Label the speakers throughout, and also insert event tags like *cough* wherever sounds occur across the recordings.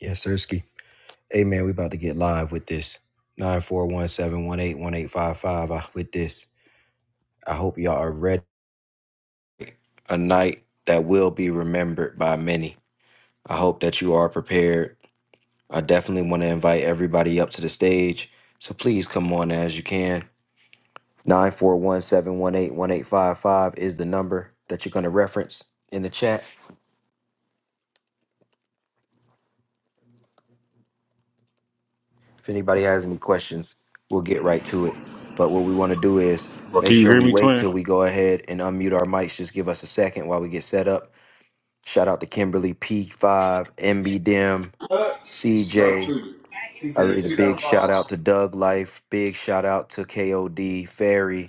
Speaker 1: Yes, Sirski. Hey, man, we about to get live with this. nine four one seven one eight one eight five five. uh, with this. I hope y'all are ready. A night that will be remembered by many. I hope that you are prepared. I definitely want to invite everybody up to the stage. So please come on as you can. Nine four one seven one eight one eight five five is the number that you're going to reference in the chat. If anybody has any questions, we'll get right to it. But what we want to do is
Speaker 2: Bro,
Speaker 1: make
Speaker 2: can you
Speaker 1: sure
Speaker 2: hear
Speaker 1: we
Speaker 2: me,
Speaker 1: wait
Speaker 2: twin?
Speaker 1: till we go ahead and unmute our mics. Just give us a second while we get set up. Shout out to Kimberly P5, MB Dim,
Speaker 3: What? No,
Speaker 1: CJ.
Speaker 3: truly. He
Speaker 1: I
Speaker 3: said if
Speaker 1: read a
Speaker 3: she got
Speaker 1: big
Speaker 3: a
Speaker 1: shout
Speaker 3: phone,
Speaker 1: out to Doug Life. Big shout out to KOD, Ferry.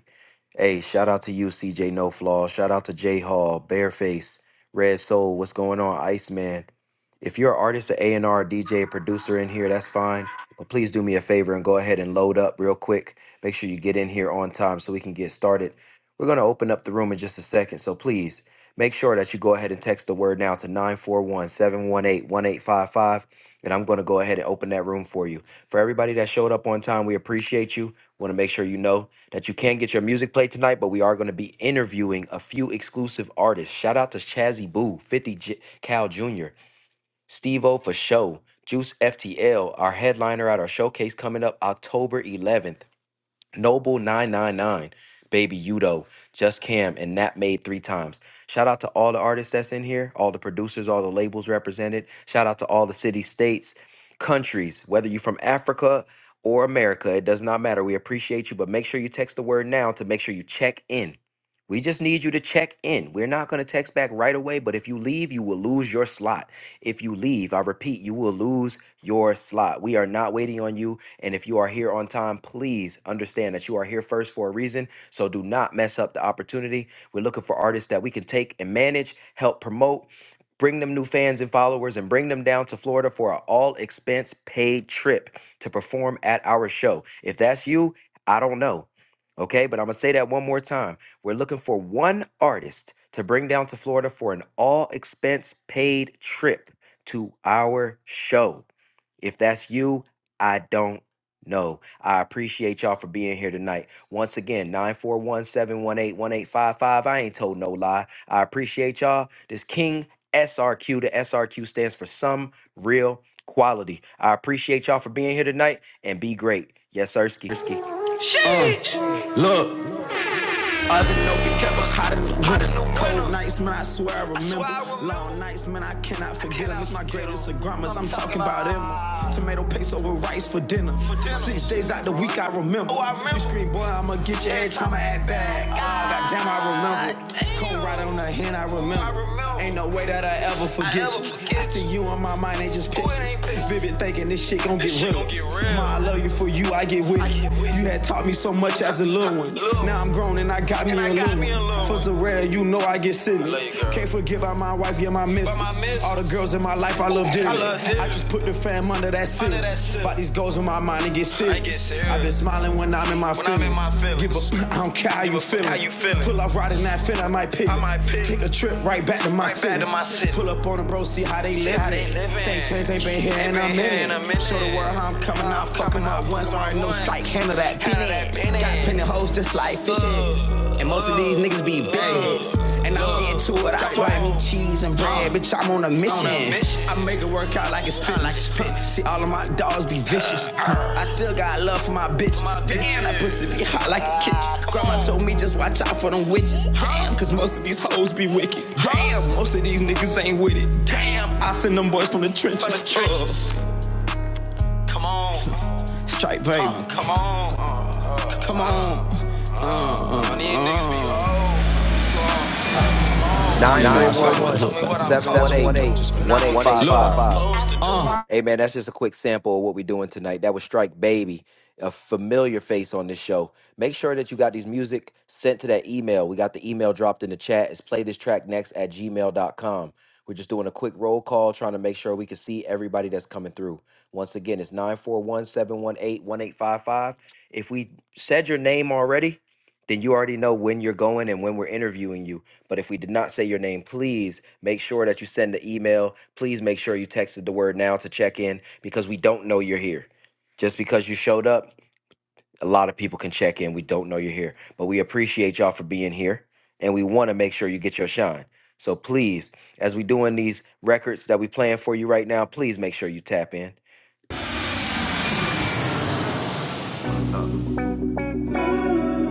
Speaker 1: Hey, shout out to you, CJ No Flaw. Shout out to J Hall, Bareface, Red Soul. What's going on, Iceman? If you're an artist, an A&R, DJ, producer in here, that's fine. But please do me a favor and go ahead and load up real quick. Make sure you get in here on time so we can get started. We're going to open up the room in just a second. So please make sure that you go ahead and text the word now to 941 718 1855, And I'm going to go ahead and open that room for you. For everybody that showed up on time, we appreciate you. Want to make sure you know that you can't get your music played tonight, but we are going to be interviewing a few exclusive artists. Shout out to Chazzy Boo, 50 J- Cal Jr., Steve O for show, Juice FTL, our headliner at our showcase coming up October 11th. Noble999, Baby Udo, Just Cam, and Nat Made three times. Shout out to all the artists that's in here, all the producers, all the labels represented. Shout out to all the cities, states, countries, whether you're from Africa or America, it does not matter. We appreciate you, but make sure you text the word now to make sure you check in. We just need you to check in. We're not going to text back right away, but if you leave, you will lose your slot. If you leave, I repeat, you will lose your slot. We are not waiting on you. And if you are here on time, please understand that you are here first for a reason. So do not mess up the opportunity. We're looking for artists that we can take and manage, help promote, bring them new fans and followers, and bring them down to Florida for an all expense paid trip to perform at our show. If that's you, I don't know. Okay, but I'm gonna say that one more time. We're looking for one artist to bring down to Florida for an all expense paid trip to our show. If that's you, I don't no, I appreciate y'all for being here tonight. Once again, 941 718 1855. I ain't told no lie. I appreciate y'all. This King SRQ, the SRQ stands for some real quality. I appreciate y'all for being here tonight and be great. Yes, Ersky.
Speaker 4: Look, other know we kept us hotter than hotter cold nights, man. I swear I remember. Long nights, man, I cannot forget them. It's my greatest of grandmas. I'm talking about them. Tomato paste over rice for dinner. Six days out the week, I remember. You scream, boy, I'ma get you every time I act back. Ah, goddamn, I remember. Come right on the hand, I remember. Ain't no way that I ever forget you. I see you on my mind, ain't just pictures. Vivid thinking this shit gon' get real. Ma, I love you for you, I get with you. You had taught me so so much as a little one. Now I'm grown and I got me, a little one. For one. so rare, you know I get silly. Can't forget about my wife, yeah, my missus. All the girls in my life, I love dearly. I just put the fam under that silly. About these goals in my mind and get serious. I've been smiling when I'm in my feelings. Give up, *laughs* I don't care how you feeling. Pull off riding that fit, I might pick. Take a trip right back to my, Right city. Pull up on them, bro, see how they living. Things change, ain't been here Ain't in a been here minute. in a minute. Show the world how I'm coming, out fucking 'em up once, already no strike, handle that business. Got plenty hoes just like fishes. And most of these niggas be bitches. And I'm getting to it, I swear I need cheese and bread. Bitch, I'm on a mission. I make it work out like it's fitness. *laughs* See, all of my dogs be vicious. I still got love for my bitches. Damn, that pussy be hot like a kitchen. Grandma told me just watch out for them witches. Damn, cause most of these hoes be wicked. Damn, most of these niggas ain't with it. Damn, I send them boys from the trenches. Uh, Come on, *laughs* Strike bravery. come on. Uh, uh, Come on. I Uh.
Speaker 1: 941 718 1855. Hey man, that's just a quick sample of what we're doing tonight. That was Strike Baby, a familiar face on this show. Make sure that you got these music sent to that email. We got the email dropped in the chat. It's play this track next at gmail dot com. We're just doing a quick roll call, trying to make sure we can see everybody that's coming through. Once again, it's 941 718 1855. If we said your name already, then you already know when you're going and when we're interviewing you. But if we did not say your name, please Make sure that you send the email. Please make sure you texted the word now to check in because we don't know you're here. Just because you showed up, a lot of people can check in. We don't know you're here, but we appreciate y'all for being here and we want to make sure you get your shine. So please, as we doing these records that we playing for you right now, please make sure you tap in.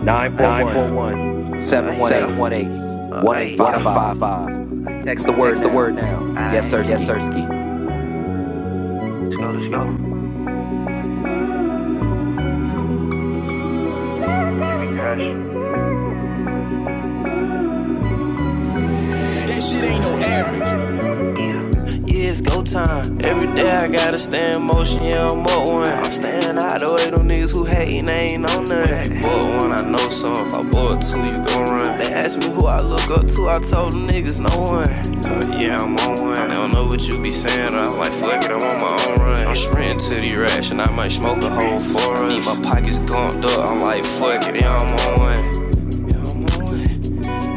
Speaker 1: 941 718 one eight
Speaker 4: Hey,
Speaker 1: five five. Text the word
Speaker 4: Text the word
Speaker 1: now.
Speaker 4: now.
Speaker 1: Yes, sir.
Speaker 4: Hey, Yes, Sirski. let's go, let's go. Give me cash. Yeah, it's go time. Every day I gotta stay in motion, yeah, I'm up one. I'm staying out the way, them niggas who hating, they ain't on nothing. If you bought one, I know some. If I bought two, you gon' run. They ask me who I look up to, I told them niggas no one. Uh, yeah, I'm on one. I don't know what you be saying, I'm like, fuck it, I'm on my own run. I'm sprinting to the rash, and I might smoke a whole forest. I need my pockets gumped up, I'm like, fuck it, yeah, I'm on one. Yeah, I'm on one.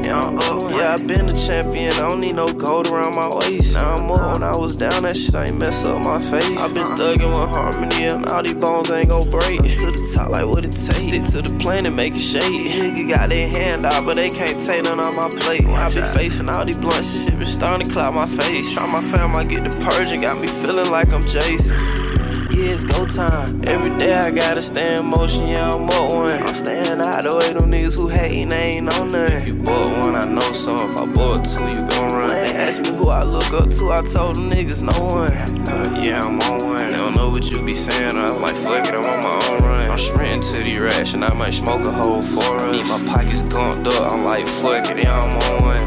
Speaker 4: Now I'm up. Yeah, I been a champion. I don't need no gold around my waist. Now I'm up. When I was down, that shit ain't mess up my face. I been thugging with harmony, and all these bones ain't gon' break. Up to the top, like what it takes. Stick to the plan and make it shake. Nigga got their hand out, but they can't take none on my plate. I been facing all these blunt shit, been starting to cloud my face. Try my fam, I get the purge, and got me feeling like I'm Jason. Yeah, it's go time. Every day I gotta stay in motion, yeah, I'm up one. I'm staying out the way, them niggas who hating, they ain't on none. If you bought one, I know some. If I bought two, you gon' run. They asked me who I look up to, I told them niggas no one. Uh, yeah, I'm on one. They don't know what you be saying, I'm like, fuck it, I'm on my own run. I'm sprinting to the rash, and I might smoke a whole for us. Need my pockets gumped up, I'm like, fuck it, yeah, I'm on one.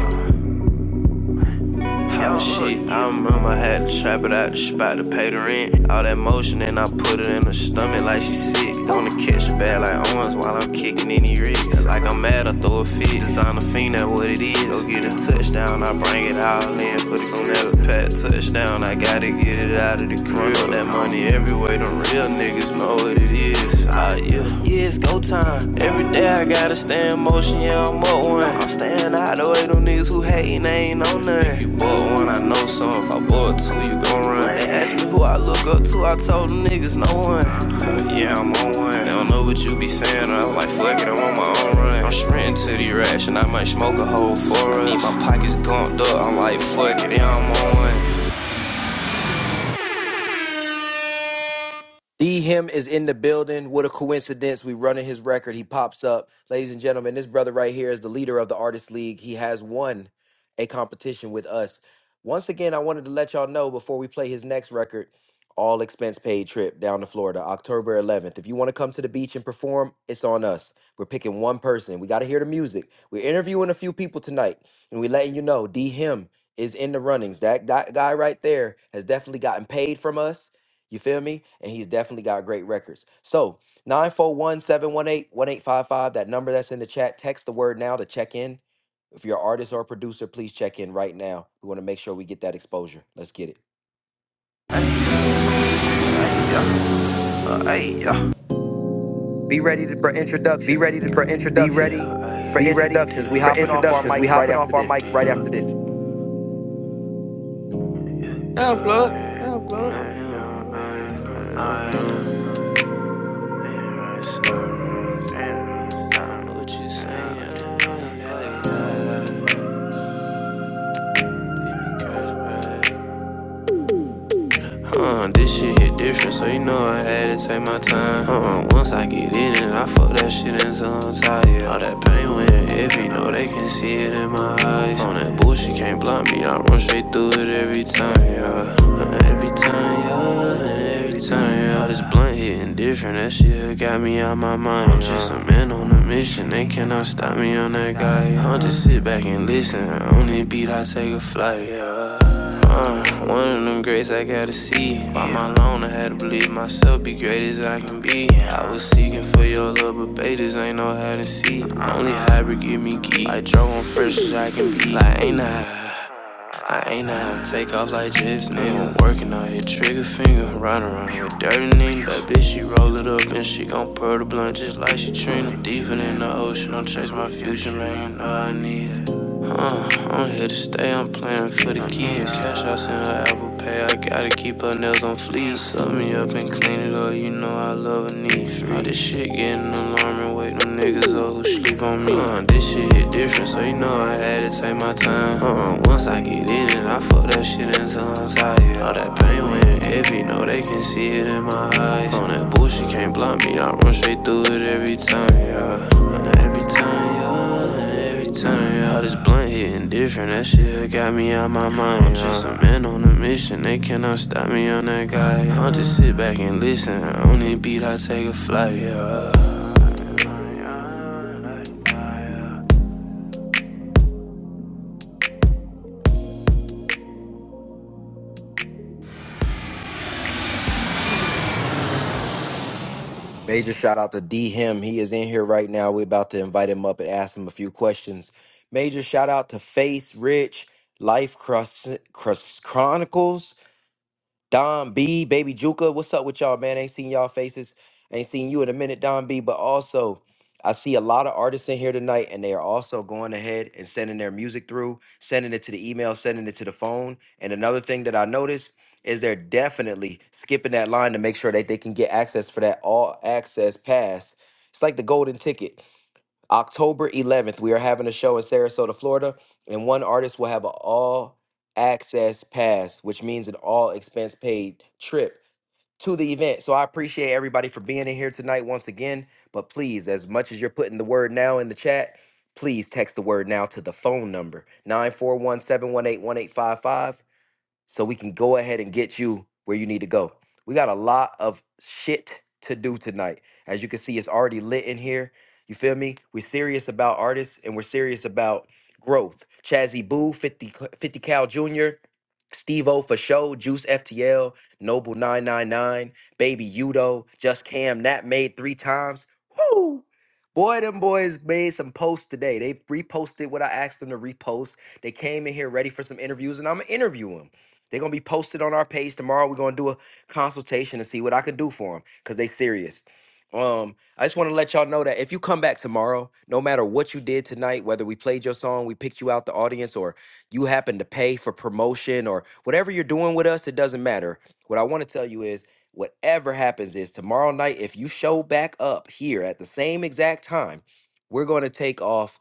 Speaker 4: Hot shit. I remember I had to trap it out the spot to pay the rent. All that motion and I put it in her stomach like she sick. Gonna catch a bad like arms while I'm kicking any rigs. Like I'm mad, I throw a fit. Design a fiend, that what it is. Go get a touchdown, I bring it all in. For soon as a pat touchdown, I gotta get it out of the crib. That money everywhere, them real niggas know what it is. It's yeah. yeah, it's go time. Every day I gotta stay in motion, yeah, I'm up one. I'm staying out the way, them niggas who hating, they ain't on none. If you bought one, I know some. If I bought two, you gon' run. They ask me who I look up to, I told them niggas no one. Uh, Yeah, I'm on one. They don't know what you be saying, I'm like, fuck it, I'm on my own run. I'm sprinting to the rash, and I might smoke a whole for us. Need my pockets gumped up, I'm like, fuck it, yeah, I'm on one.
Speaker 1: D him is in the building. What a coincidence. We running his record. He pops up. Ladies and gentlemen, this brother right here is the leader of the Artist League. He has won a competition with us. Once again, I wanted to let y'all know before we play his next record, all expense paid trip down to Florida, October 11th. If you want to come to the beach and perform, it's on us. We're picking one person. We got to hear the music. We're interviewing a few people tonight, and we're letting you know D him is in the runnings. That guy guy right there has definitely gotten paid from us you feel me? And he's definitely got great records. So nine four one seven one eight one eight five five. that number that's in the chat, text the word now to check in. If you're an artist or a producer, please check in right now. We want to make sure we get that exposure. Let's get it.
Speaker 4: Yeah, hey, yeah.
Speaker 1: Be ready to- for
Speaker 4: Be ready
Speaker 1: introductions.
Speaker 4: to- for
Speaker 1: Be
Speaker 4: introductions.
Speaker 1: ready for
Speaker 4: Be ready
Speaker 1: introductions. We
Speaker 4: for
Speaker 1: hopping off our
Speaker 4: introductions. We
Speaker 1: mic right
Speaker 4: hopping off
Speaker 1: after
Speaker 4: our
Speaker 1: this.
Speaker 4: mic right after this. Uh, this shit hit different, so you know I had to take my time. Uh, once I get in it, I fuck that shit until I'm tired. All that pain went heavy, no they can see it in my eyes. On that bullshit can't block me, I run straight through it every time, yeah. Uh, Every time, yeah, every time, yeah. All this blunt hitting different, that shit got me out my mind. I'm just a man on a mission, they cannot stop me on that guy. I'll just sit back and listen, on the beat I take a flight, yeah. Uh, one of them greats I gotta see. By my loan, I had to believe myself, be great as I can be. I was seeking for your love, but betas ain't know how to see. Only hybrid give me key. I drove on fresh as I can be. Like, ain't I? I ain't out. Take off like jets, nigga. Working out here, trigger finger, run around with dirty nigga. That bitch, she roll it up and she gon' purr the blunt just like she Trina. Deeper than the ocean, I'm chasing my future, man. You know I need it. Uh, I'm here to stay, I'm playing for the kids. Cash out in her Apple Pay, I gotta keep her nails on fleas. Suck me up and clean it up, you know I love a need free. All this shit getting alarming, wait, no niggas up who sleep on me. Uh, this shit hit different, so you know I had to take my time. Uh, once I get in it, I fuck that shit until I'm tired. All that pain went heavy, know they can see it in my eyes. On that bullshit can't block me, I run straight through it every time, yeah. Uh, Every time, yeah. Every time yeah, all this blunt hitting different, that shit got me out my mind. I'm just a man on a mission, they cannot stop me on that guy. I'll just sit back and listen. On any beat, I take a flight. Yeah.
Speaker 1: Major shout out to D him. He is in here right now. We're about to invite him up and ask him a few questions. Major shout out to Face Rich, Life Chrus- Chrus- Chronicles. Don B, Baby Juka, what's up with y'all, man? Ain't seen y'all faces. Ain't seen you in a minute, Don B. But also, I see a lot of artists in here tonight, and they are also going ahead and sending their music through, sending it to the email, sending it to the phone. And another thing that I noticed is they're definitely skipping that line to make sure that they can get access for that all access pass. It's like the golden ticket. October 11th, we are having a show in Sarasota, Florida, and one artist will have an all access pass, which means an all expense paid trip to the event. So I appreciate everybody for being in here tonight once again. But please, as much as you're putting the word now in the chat, please text the word now to the phone number 941 718 1855 so we can go ahead and get you where you need to go. We got a lot of shit to do tonight. As you can see, it's already lit in here. You feel me? We're serious about artists and we're serious about growth. Chazzy Boo, 50, Cl- 50 Cal Jr., Steve O for show, Juice FTL, Noble 999, Baby Udo, Just Cam, Nat made three times. Whoo! Boy, them boys made some posts today. They reposted what I asked them to repost. They came in here ready for some interviews, and I'm gonna interview interview them. They're gonna be posted on our page tomorrow. We're gonna do a consultation and see what I can do for them because they serious. Um, I just want to let y'all know that if you come back tomorrow, no matter what you did tonight, whether we played your song, we picked you out the audience, or you happen to pay for promotion or whatever you're doing with us, it doesn't matter. What I want to tell you is whatever happens is tomorrow night, if you show back up here at the same exact time, we're gonna take off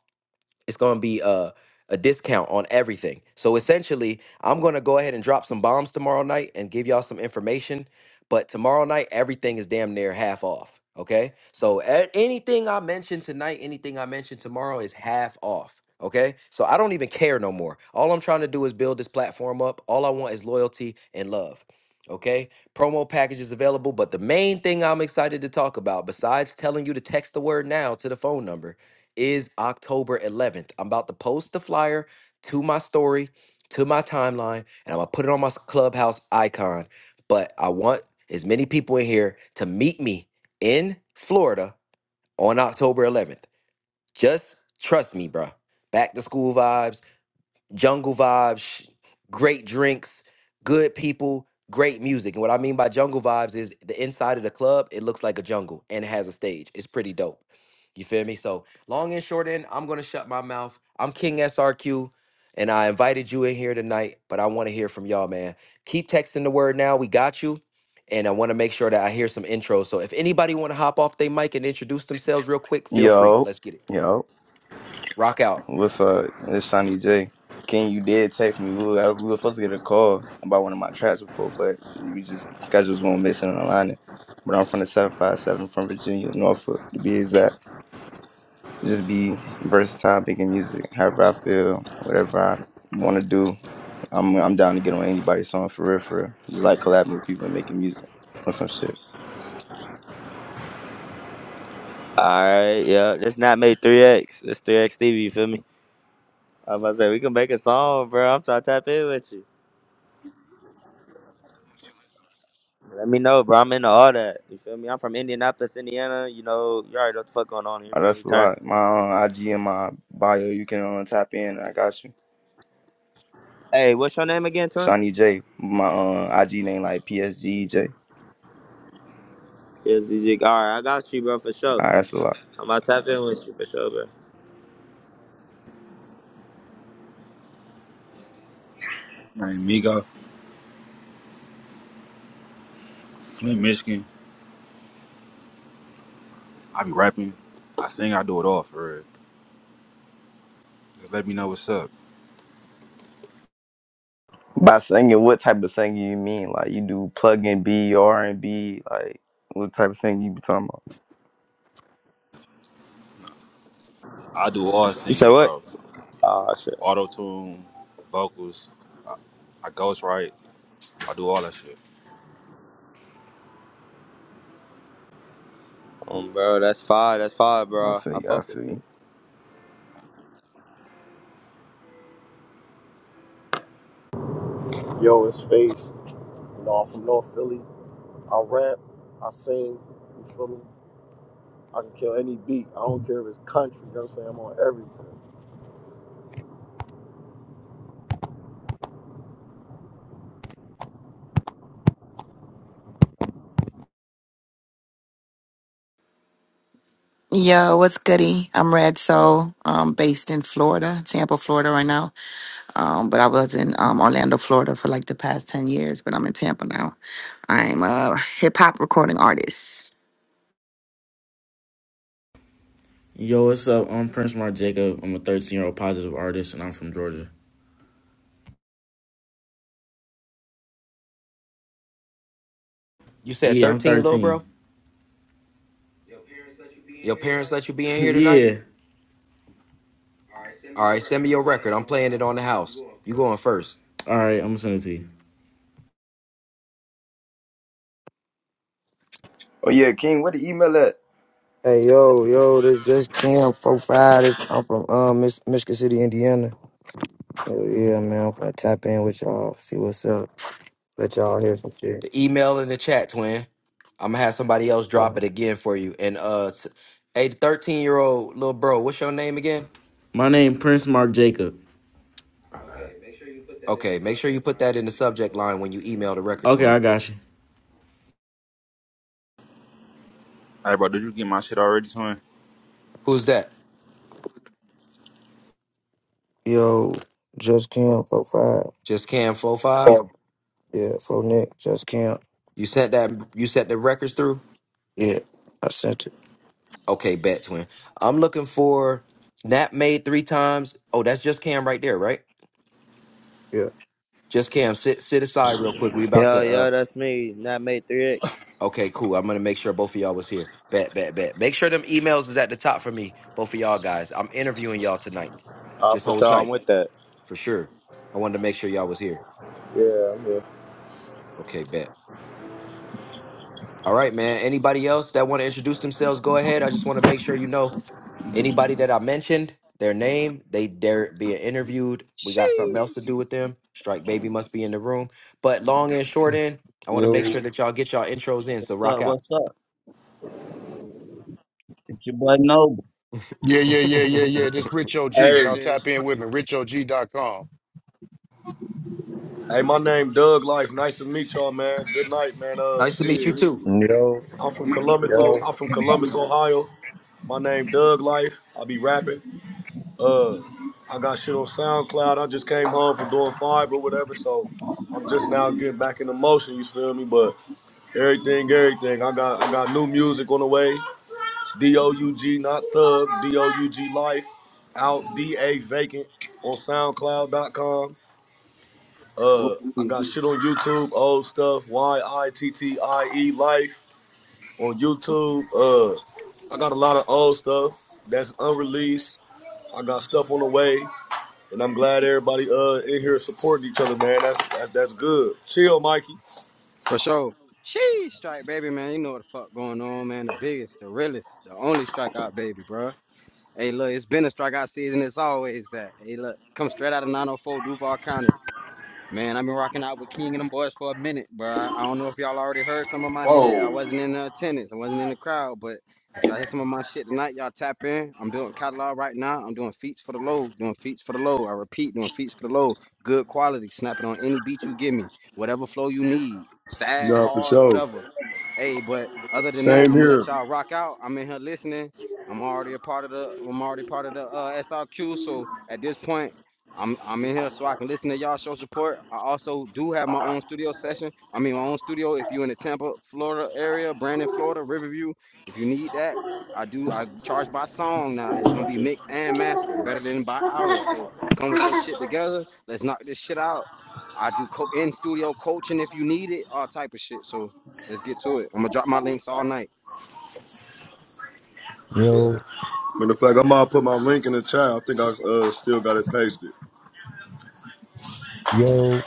Speaker 1: it's going to be a, a discount on everything. So essentially, I'm going to go ahead and drop some bombs tomorrow night and give y'all some information. But tomorrow night, everything is damn near half off. Okay. So a- anything I mention tonight, anything I mention tomorrow is half off. Okay. So I don't even care no more. All I'm trying to do is build this platform up. All I want is loyalty and love. Okay. Promo packages available. But the main thing I'm excited to talk about, besides telling you to text the word now to the phone number, is October 11th. I'm about to post the flyer to my story, to my timeline, and I'm gonna put it on my s- clubhouse icon. But I want as many people in here to meet me in Florida on October 11th. Just trust me, bruh. Back to school vibes jungle vibes, great drinks, good people, great music. And what I mean by jungle vibes is the inside of the club, it looks like a jungle and it has a stage. It's pretty dope. You feel me? So, long and short end, I'm going to shut my mouth. I'm King SRQ and I invited you in here tonight, but I want to hear from y'all, man. Keep texting the word now. We got you. And I want to make sure that I hear some intros. So, if anybody want to hop off their mic and introduce themselves real quick, feel free.
Speaker 5: Yo,
Speaker 1: Let's get it.
Speaker 5: yo,
Speaker 1: Rock out.
Speaker 5: what's up? It's Shawnee J. King, you did text me. We were, we were supposed to get a call about one of my tracks before, but we just schedules weren't missing and aligning. But I'm from the 757 from Virginia, Norfolk, to be exact. Just be versatile, making music, however I feel, whatever I want to do. I'm I'm down to get on anybody's song for real, for real. Just like collabing with people and making music or some shit.
Speaker 6: Alright, yeah. Let's not make 3X. It's 3X Stevie, you feel me? I was about to say, we can make a song, bro. I'm trying to tap in with you. Let me know, bro. I'm into all that. You feel me? I'm from Indianapolis, Indiana. You know, you already know what the fuck going on here,
Speaker 5: Oh,
Speaker 6: bro.
Speaker 5: that's
Speaker 6: We
Speaker 5: a
Speaker 6: turn.
Speaker 5: lot. My uh, IG and my bio, you can uh, tap in. I got you.
Speaker 6: Hey, what's your name again, Twin?
Speaker 5: Shawnee J. My um, IG name like PSGJ.
Speaker 6: Yeah, ZG. Alright, I got you, bro, for sure.
Speaker 5: Alright, that's a lot.
Speaker 6: I'm about to tap in with you, for sure, bro.
Speaker 2: My name Migo, Flint, Michigan. I be rapping. I sing, I do it all for real. Just let me know what's up.
Speaker 5: By singing, what type of singing you mean? Like you do plug and B, R and B, like what type of singing you be talking about?
Speaker 2: I do all
Speaker 6: You said
Speaker 2: singing,
Speaker 6: what?
Speaker 2: bro.
Speaker 6: Oh, shit.
Speaker 2: Auto tune, vocals. I ghost write. I do all that shit.
Speaker 6: Um, bro, that's fire. That's fire,
Speaker 5: I
Speaker 6: bro.
Speaker 5: feel
Speaker 6: I
Speaker 5: you, I
Speaker 6: fuck with
Speaker 5: feel
Speaker 6: it.
Speaker 5: you.
Speaker 7: Yo, it's Face. You know, I'm from North Philly. I rap, I sing, you feel me? I can kill any beat. I don't care if it's country, you know what I'm saying? I'm on everything.
Speaker 8: Yo, what's goody? I'm Red Soul, um, based in Florida, Tampa, Florida right now. Um, but I was in um, Orlando, Florida for like the past 10 years, but I'm in Tampa now. I'm a hip hop recording artist.
Speaker 9: Yo, what's up? I'm Prince Mark Jacob. I'm a 13 year old positive artist, and I'm from Georgia.
Speaker 1: You said
Speaker 9: Yeah, I'm
Speaker 1: 13, little
Speaker 9: 13.
Speaker 1: bro? Your parents let you be in
Speaker 9: *laughs*
Speaker 1: here tonight?
Speaker 9: yeah.
Speaker 1: All right, send me your record. I'm playing it on the house. You going first.
Speaker 9: All right, I'm gonna send it to you.
Speaker 5: Oh yeah, King, what the email at?
Speaker 10: Hey yo, yo, this just Cam four five. This I'm from um Mich- Michigan City, Indiana. Hell yeah, man. I'm gonna tap in with y'all, see what's up. Let y'all hear some shit.
Speaker 1: The email in the chat, twin. I'm gonna have somebody else
Speaker 10: Uh,
Speaker 1: drop it again for you. And uh s- hey, 13 year old little bro, what's your name again?
Speaker 9: My name Prince Mark Jacob.
Speaker 1: Okay, make sure you put that in the subject line when you email the record,
Speaker 9: Okay, I
Speaker 1: twin.
Speaker 9: got you.
Speaker 2: Hey, bro, did you get my shit already, twin?
Speaker 1: Who's that?
Speaker 10: yo, just Cam four five.
Speaker 1: Just Cam four five.
Speaker 10: Yeah, four Nick, just Cam.
Speaker 1: You sent that you sent the records through?
Speaker 10: Yeah, I sent it.
Speaker 1: Okay, bet, twin. I'm looking for Nap made three times. Oh, that's just Cam right there, right?
Speaker 10: Yeah.
Speaker 1: Just Cam, sit sit aside real quick. We about to
Speaker 6: Hell
Speaker 1: uh,
Speaker 6: yeah, that's me. Not made 3X.
Speaker 1: Okay, cool. I'm gonna make sure both of y'all was here. Bet, bet, bet. Make sure them emails is at the top for me, both of y'all guys. I'm interviewing y'all tonight.
Speaker 6: Oh,
Speaker 1: Just
Speaker 6: for
Speaker 1: hold
Speaker 6: sure. I'm
Speaker 1: tight
Speaker 6: with that.
Speaker 1: for sure. I wanted to make sure y'all was here.
Speaker 6: Yeah, I'm here.
Speaker 1: Okay, bet. All right, man. Anybody else that want to introduce themselves, go ahead. I just want to make sure you know anybody that I mentioned, their name, they dare being interviewed. We got something else
Speaker 11: Sheesh.
Speaker 1: to do with them. Strike baby must be in the room. But long and short
Speaker 12: What's
Speaker 1: end, I want to
Speaker 13: Yo,
Speaker 1: make sure that y'all get y'all intros in. So rock
Speaker 12: up?
Speaker 1: out.
Speaker 12: What's up? It's your boy Noble.
Speaker 14: Yeah,
Speaker 1: *laughs*
Speaker 14: yeah, yeah, yeah, yeah. This Rich OG. Y'all
Speaker 3: Hey,
Speaker 11: Biz.
Speaker 14: tap in with me. rich o g dot com.
Speaker 3: hey, my name Doug Life. Nice to meet y'all, man. Good night, man. Uh,
Speaker 1: nice to meet you
Speaker 3: shit.
Speaker 1: too.
Speaker 13: yo,
Speaker 3: I'm from Columbus, oh,
Speaker 13: yo.
Speaker 3: I'm from Columbus, Ohio. My name Doug Life. I be rapping. Uh, I got shit on SoundCloud. I just came home from doing five or whatever, so I'm just now getting back into motion. You feel me? But everything, everything. I got, I got new music on the way. D O U G, not thug. D O U G Life. Out D A vacant on SoundCloud.com. Uh, I got shit on YouTube, old stuff, Y I T T I E Life on YouTube. Uh, I got a lot of old stuff that's unreleased. I got stuff on the way, and I'm glad everybody uh in here supporting each other, man. That's that's, that's good. Chill, Mikey.
Speaker 11: For sure. Sheesh, strike baby, man. You know what the fuck going on, man. The biggest, the realest, the only strikeout baby, bro. Hey, look, it's been a strikeout season. It's always that. Hey, look, come straight out of 904 Duval County. Man, I've been rocking out with King and them boys for a minute, bro. I I don't know if y'all already heard some of my shit. I wasn't in the attendance, I wasn't in the crowd, but if y'all hear some of my shit tonight, y'all tap in. I'm building catalog right now. I'm doing feats for the low, doing feats for the low. I repeat, doing feats for the low. Good quality. Snap it on any beat you give me, whatever flow you need, sad, hard, whatever. Hey, but other than that,
Speaker 3: Same
Speaker 11: I'm gonna
Speaker 3: here.
Speaker 11: let y'all rock out. I'm in here listening. I'm already a part of the. I'm already part of the uh, SRQ. So at this point. I'm I'm in here so I can listen to y'all show support. I also do have my own studio session. I mean my own studio if you're in the Tampa, Florida area, Brandon, Florida, Riverview, if you need that. I do I charge by song now. It's gonna be mixed and mastered, better than by hour. So come with your shit together. Let's knock this shit out. I do co- in studio coaching if you need it, all type of shit. So let's get to it. I'm gonna drop my links all night.
Speaker 13: Yo,
Speaker 3: Matter of fact, I'm about to put my link in the chat. I think I uh, still got it pasted.
Speaker 13: yo,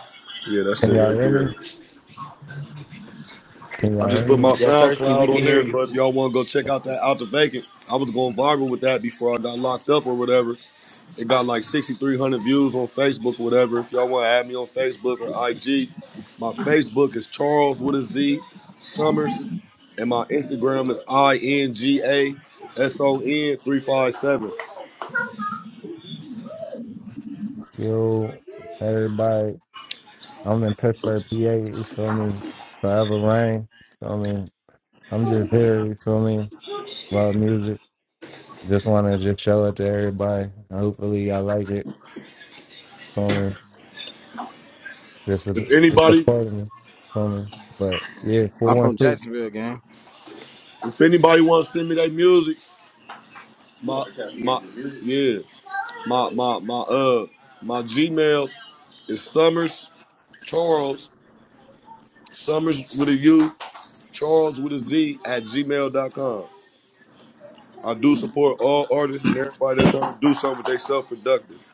Speaker 3: Yeah, that's it
Speaker 13: can y'all
Speaker 3: right
Speaker 13: hear
Speaker 3: there.
Speaker 13: me? Can
Speaker 3: I
Speaker 13: y'all hear
Speaker 3: just put
Speaker 13: me?
Speaker 3: my
Speaker 1: Yes, Sirski, we
Speaker 3: SoundCloud
Speaker 1: can
Speaker 3: on
Speaker 1: hear
Speaker 3: there, so
Speaker 1: you.
Speaker 3: if y'all want to go check out that Out the Vacant, I was going viral with that before I got locked up or whatever. It got like 6,300 views on Facebook, whatever. If y'all want to add me on Facebook or IG, my Facebook is Charles with a Z Summers, and my Instagram is I N G A S O N three five seven.
Speaker 13: Yo, everybody, I'm in Pittsburgh, PA. You feel me? Forever rain. You feel me? I'm just here. You feel me? Love music. Just want to just show it to everybody. Hopefully, y'all like it. You feel me? Just
Speaker 3: If
Speaker 13: a, it's a
Speaker 3: anybody,
Speaker 13: part of me. You feel me? But yeah,
Speaker 11: I'm from
Speaker 13: 416.
Speaker 11: Jacksonville, gang.
Speaker 3: if anybody wants to send me their music, my my yeah, my my my uh my Gmail is Summers Charles Summers with a U Charles with a Z at Gmail dot com. I do support all artists and everybody that's trying to do something with themselves productive.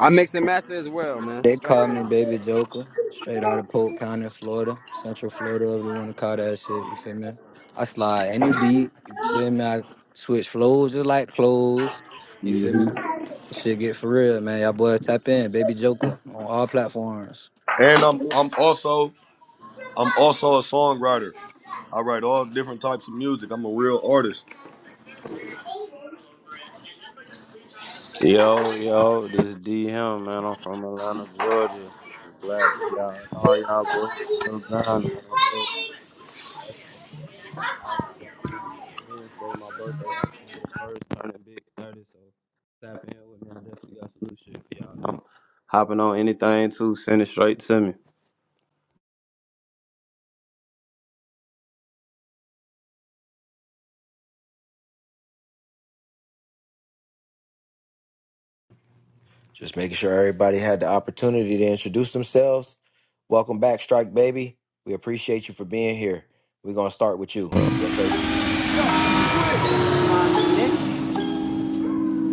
Speaker 11: I mix and master as well, man.
Speaker 15: They
Speaker 11: Strike
Speaker 15: call me
Speaker 11: baby.
Speaker 15: Baby Joker, straight out of Polk County, Florida, Central Florida, whatever you want to call that shit. You feel me? I slide any beat. You feel me? I switch flows just like clothes. You feel me? Shit get for real, man. Y'all boys tap in, Baby Joker, on all platforms.
Speaker 3: And I'm I'm also I'm also a songwriter. I write all different types of music. I'm a real artist.
Speaker 16: Yo, yo, this is D Him, man. I'm from Atlanta, Georgia. I'm glad to see y'all. All y'all boys still grinding. I love this shit. That's why I'm dropping this album goddamn Wednesday, my birthday, October the 1st, turning big 30. So tap in with me. I definitely got some new shit for y'all. I'm hopping on anything, too. Send it straight to me.
Speaker 1: Just making sure everybody had the opportunity to introduce themselves. Welcome back, Strike Baby. We appreciate you for being here. We're gonna start with you. Yes, Sirski.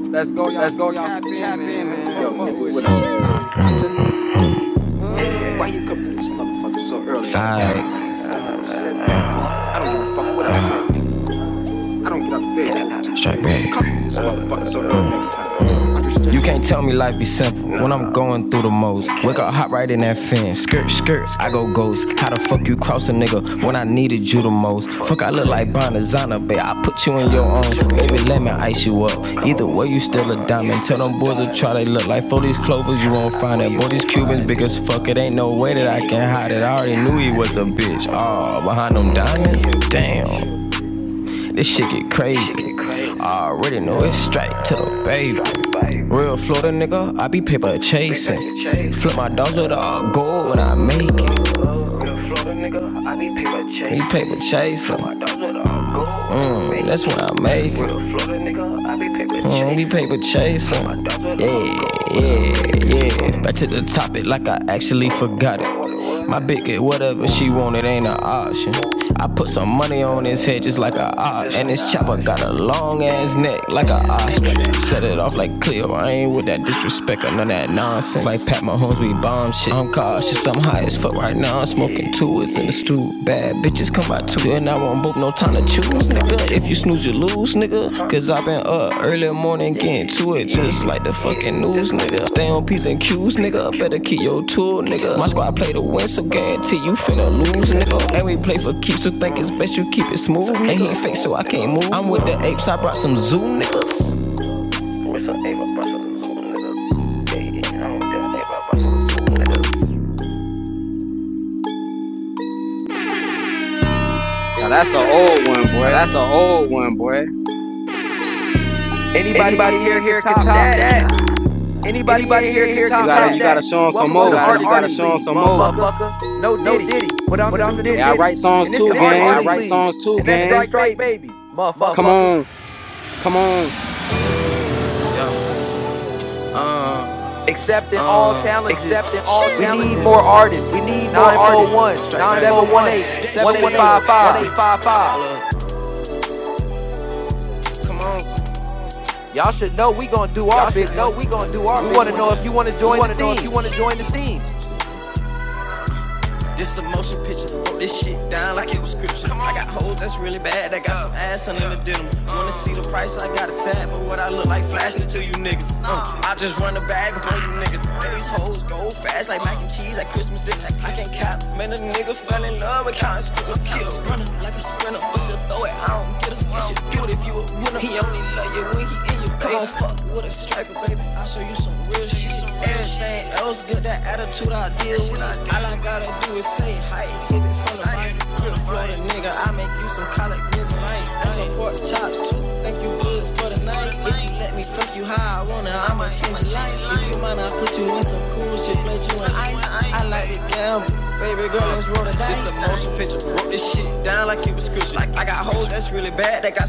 Speaker 4: Let's go,
Speaker 11: Let's go,
Speaker 4: y'all.
Speaker 11: y'all.
Speaker 4: Tap in,
Speaker 11: Tap in,
Speaker 4: man.
Speaker 11: man.
Speaker 4: Yo,
Speaker 11: Fuck
Speaker 4: nigga,
Speaker 11: with
Speaker 4: what
Speaker 11: it.
Speaker 4: up?
Speaker 11: Sheesh.
Speaker 4: Why
Speaker 11: Uh,
Speaker 4: you come to this motherfucker so early? Alright. I don't give a fuck what I say. I don't get upset. Strike back. of these motherfuckers so no You can't tell me life be simple when I'm going through the most. Wake up, hop right in that fence. Skirt, skirt, I go ghost. How the fuck you cross a nigga when I needed you the most? Fuck, I look like Bonazana, babe. I put you in your own. Baby, let me ice you up. Either way, you still a diamond. Tell them boys to try, they look like for these clovers, you won't find it. Boy, these Cubans big as fuck. It ain't no way that I can hide it. I already knew he was a bitch. Aw, oh, behind them diamonds? Damn. This shit get crazy. I already know it's straight to the baby. Real Florida nigga, I be paper chasing. Flip my dogs with all gold when I make it. We paper chaser. Mm, that's what I make. it. Mm, we paper chaser. Yeah, yeah, yeah. Back to the topic like I actually forgot it. My bitch get whatever she want, it ain't an option. I put some money on his head just like a ox. And this chopper got a long ass neck like a ostrich. Set it off like Cleo, I ain't with that disrespect or none of that nonsense nonsense. Like Pat Mahomes, we bomb shit. I'm cautious, I'm high as fuck right now. I'm smoking two, it's in the stew. Bad bitches come by two, and I won't book no time to choose, nigga. If you snooze, you lose, nigga. Cause I been up early morning getting to it, just like the fucking news, nigga. Stay on P's and Q's, nigga. Better keep your tool, nigga. My squad play to win, so guarantee you finna lose, nigga. And we play for keeps, so think it's best you keep it smooth, nigga. And he fake, so I can't move. I'm with the apes, I brought some zoo, niggas.
Speaker 11: now that's an old one, boy.
Speaker 1: Anybody
Speaker 4: Anybody
Speaker 1: in
Speaker 4: in
Speaker 1: here
Speaker 4: here
Speaker 1: can
Speaker 4: can
Speaker 1: top
Speaker 4: top
Speaker 1: that?
Speaker 4: that.
Speaker 1: Anybody in
Speaker 4: Anybody in
Speaker 1: here can
Speaker 4: here
Speaker 11: You
Speaker 4: can
Speaker 1: top
Speaker 11: gotta,
Speaker 4: top
Speaker 11: you
Speaker 1: that?
Speaker 11: gotta
Speaker 4: that.
Speaker 11: show show 'em some
Speaker 1: Welcome to
Speaker 4: Welcome to
Speaker 1: the
Speaker 11: more.
Speaker 4: gotta to the
Speaker 1: Artist
Speaker 4: Artist
Speaker 1: League,
Speaker 4: League, some more.
Speaker 1: motherfucker. No
Speaker 4: motherfucker. No
Speaker 1: Diddy,
Speaker 4: Diddy,
Speaker 1: but I'm
Speaker 4: but
Speaker 1: the
Speaker 4: I'm
Speaker 1: new
Speaker 4: the new
Speaker 11: Hey, I
Speaker 1: Diddy,
Speaker 4: Diddy.
Speaker 11: write songs
Speaker 1: and it's
Speaker 4: And
Speaker 11: too,
Speaker 1: the
Speaker 4: it's the artist league. I
Speaker 1: Artist
Speaker 11: gang.
Speaker 4: write
Speaker 1: League,
Speaker 4: League, songs too,
Speaker 1: and
Speaker 4: gang.
Speaker 1: that's
Speaker 4: and that's
Speaker 1: Strike
Speaker 4: Strike
Speaker 1: Baby,
Speaker 4: Baby,
Speaker 11: Come
Speaker 1: motherfucker.
Speaker 4: motherfucker.
Speaker 11: on.
Speaker 1: accepting all challenges.
Speaker 4: Accepting all
Speaker 1: We need more
Speaker 4: challenges. We
Speaker 1: artists.
Speaker 4: need more
Speaker 1: Nine four one
Speaker 4: artists. Nine four
Speaker 1: seven one
Speaker 4: one
Speaker 1: eight,
Speaker 4: seven
Speaker 1: one
Speaker 4: one
Speaker 1: eight
Speaker 4: eight
Speaker 1: five
Speaker 4: one eight
Speaker 1: five.
Speaker 4: five five. 718 1855.
Speaker 1: Y'all should know we going to do our
Speaker 4: Y'all
Speaker 1: big
Speaker 4: should know
Speaker 1: one.
Speaker 4: we gonna do our
Speaker 1: We
Speaker 4: big
Speaker 1: want to know if you want to
Speaker 4: one. We
Speaker 1: join the
Speaker 4: wanna know if you
Speaker 1: team.
Speaker 4: wanna join the team. This a motion picture. Wrote this shit down like it was scripture. I got hoes that's really bad. I got some ass under the denim. Wanna see the price? I got a tab, but what I look like flashing it to you niggas. Uh, I just run the bag upon you niggas. Man, these hoes go fast like mac and cheese at Christmas dinner. I can't cap. Man, a nigga fell in love with counting scribble kill. Running like a sprinter, but still throw it. I don't get him. You should do it if you a winner. He only love you when he in your Come on, fuck with a striker, baby. I'll show you some real shit. Everything else, good, that attitude I deal with. All I gotta do is say hi, hit it from the mic. You the Florida nigga, I make you some collard greens and rice. And some pork chops too. Thank you good for the night. If you let me fuck you how I wanna, I'ma change your life. If you mind, I put you in some cool shit, flood you in ice. I like to gamble. Baby girl, let's roll the dice. It's a motion picture. Wrote this shit down like it was scripture. Like I got hoes that's really bad. They got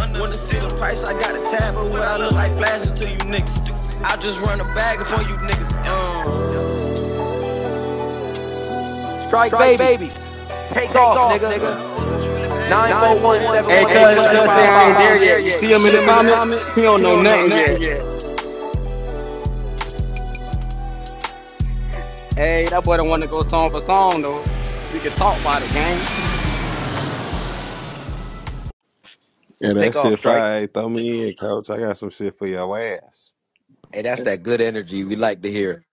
Speaker 4: under. What is I tab, but what I look like flashing to you. I just run a bag upon you.
Speaker 1: Strike
Speaker 4: Strike
Speaker 1: baby.
Speaker 4: baby.
Speaker 1: Take
Speaker 4: Take
Speaker 1: off,
Speaker 4: off,
Speaker 1: nigga.
Speaker 4: nigga.
Speaker 1: 941 seven
Speaker 4: 941
Speaker 11: Hey,
Speaker 1: one
Speaker 4: Hey,
Speaker 1: eight
Speaker 4: cuz,
Speaker 11: cuz,
Speaker 1: one eight
Speaker 4: cuz,
Speaker 11: cuz say
Speaker 1: five
Speaker 11: I ain't
Speaker 4: I
Speaker 1: five.
Speaker 11: there
Speaker 4: ain't dare
Speaker 11: yet.
Speaker 4: you
Speaker 11: You see him in the comments? He don't know
Speaker 4: or
Speaker 11: nothing
Speaker 4: nothing.
Speaker 11: yet.
Speaker 4: Hey, that boy don't want to go song for song, though. We can talk about it, gang.
Speaker 17: Yeah, that
Speaker 1: Take off,
Speaker 17: shit
Speaker 1: strike.
Speaker 17: fire. Hey, Throw me in, coach. I got some shit for your ass.
Speaker 1: Hey, that's
Speaker 18: That's
Speaker 1: that good energy we like to hear.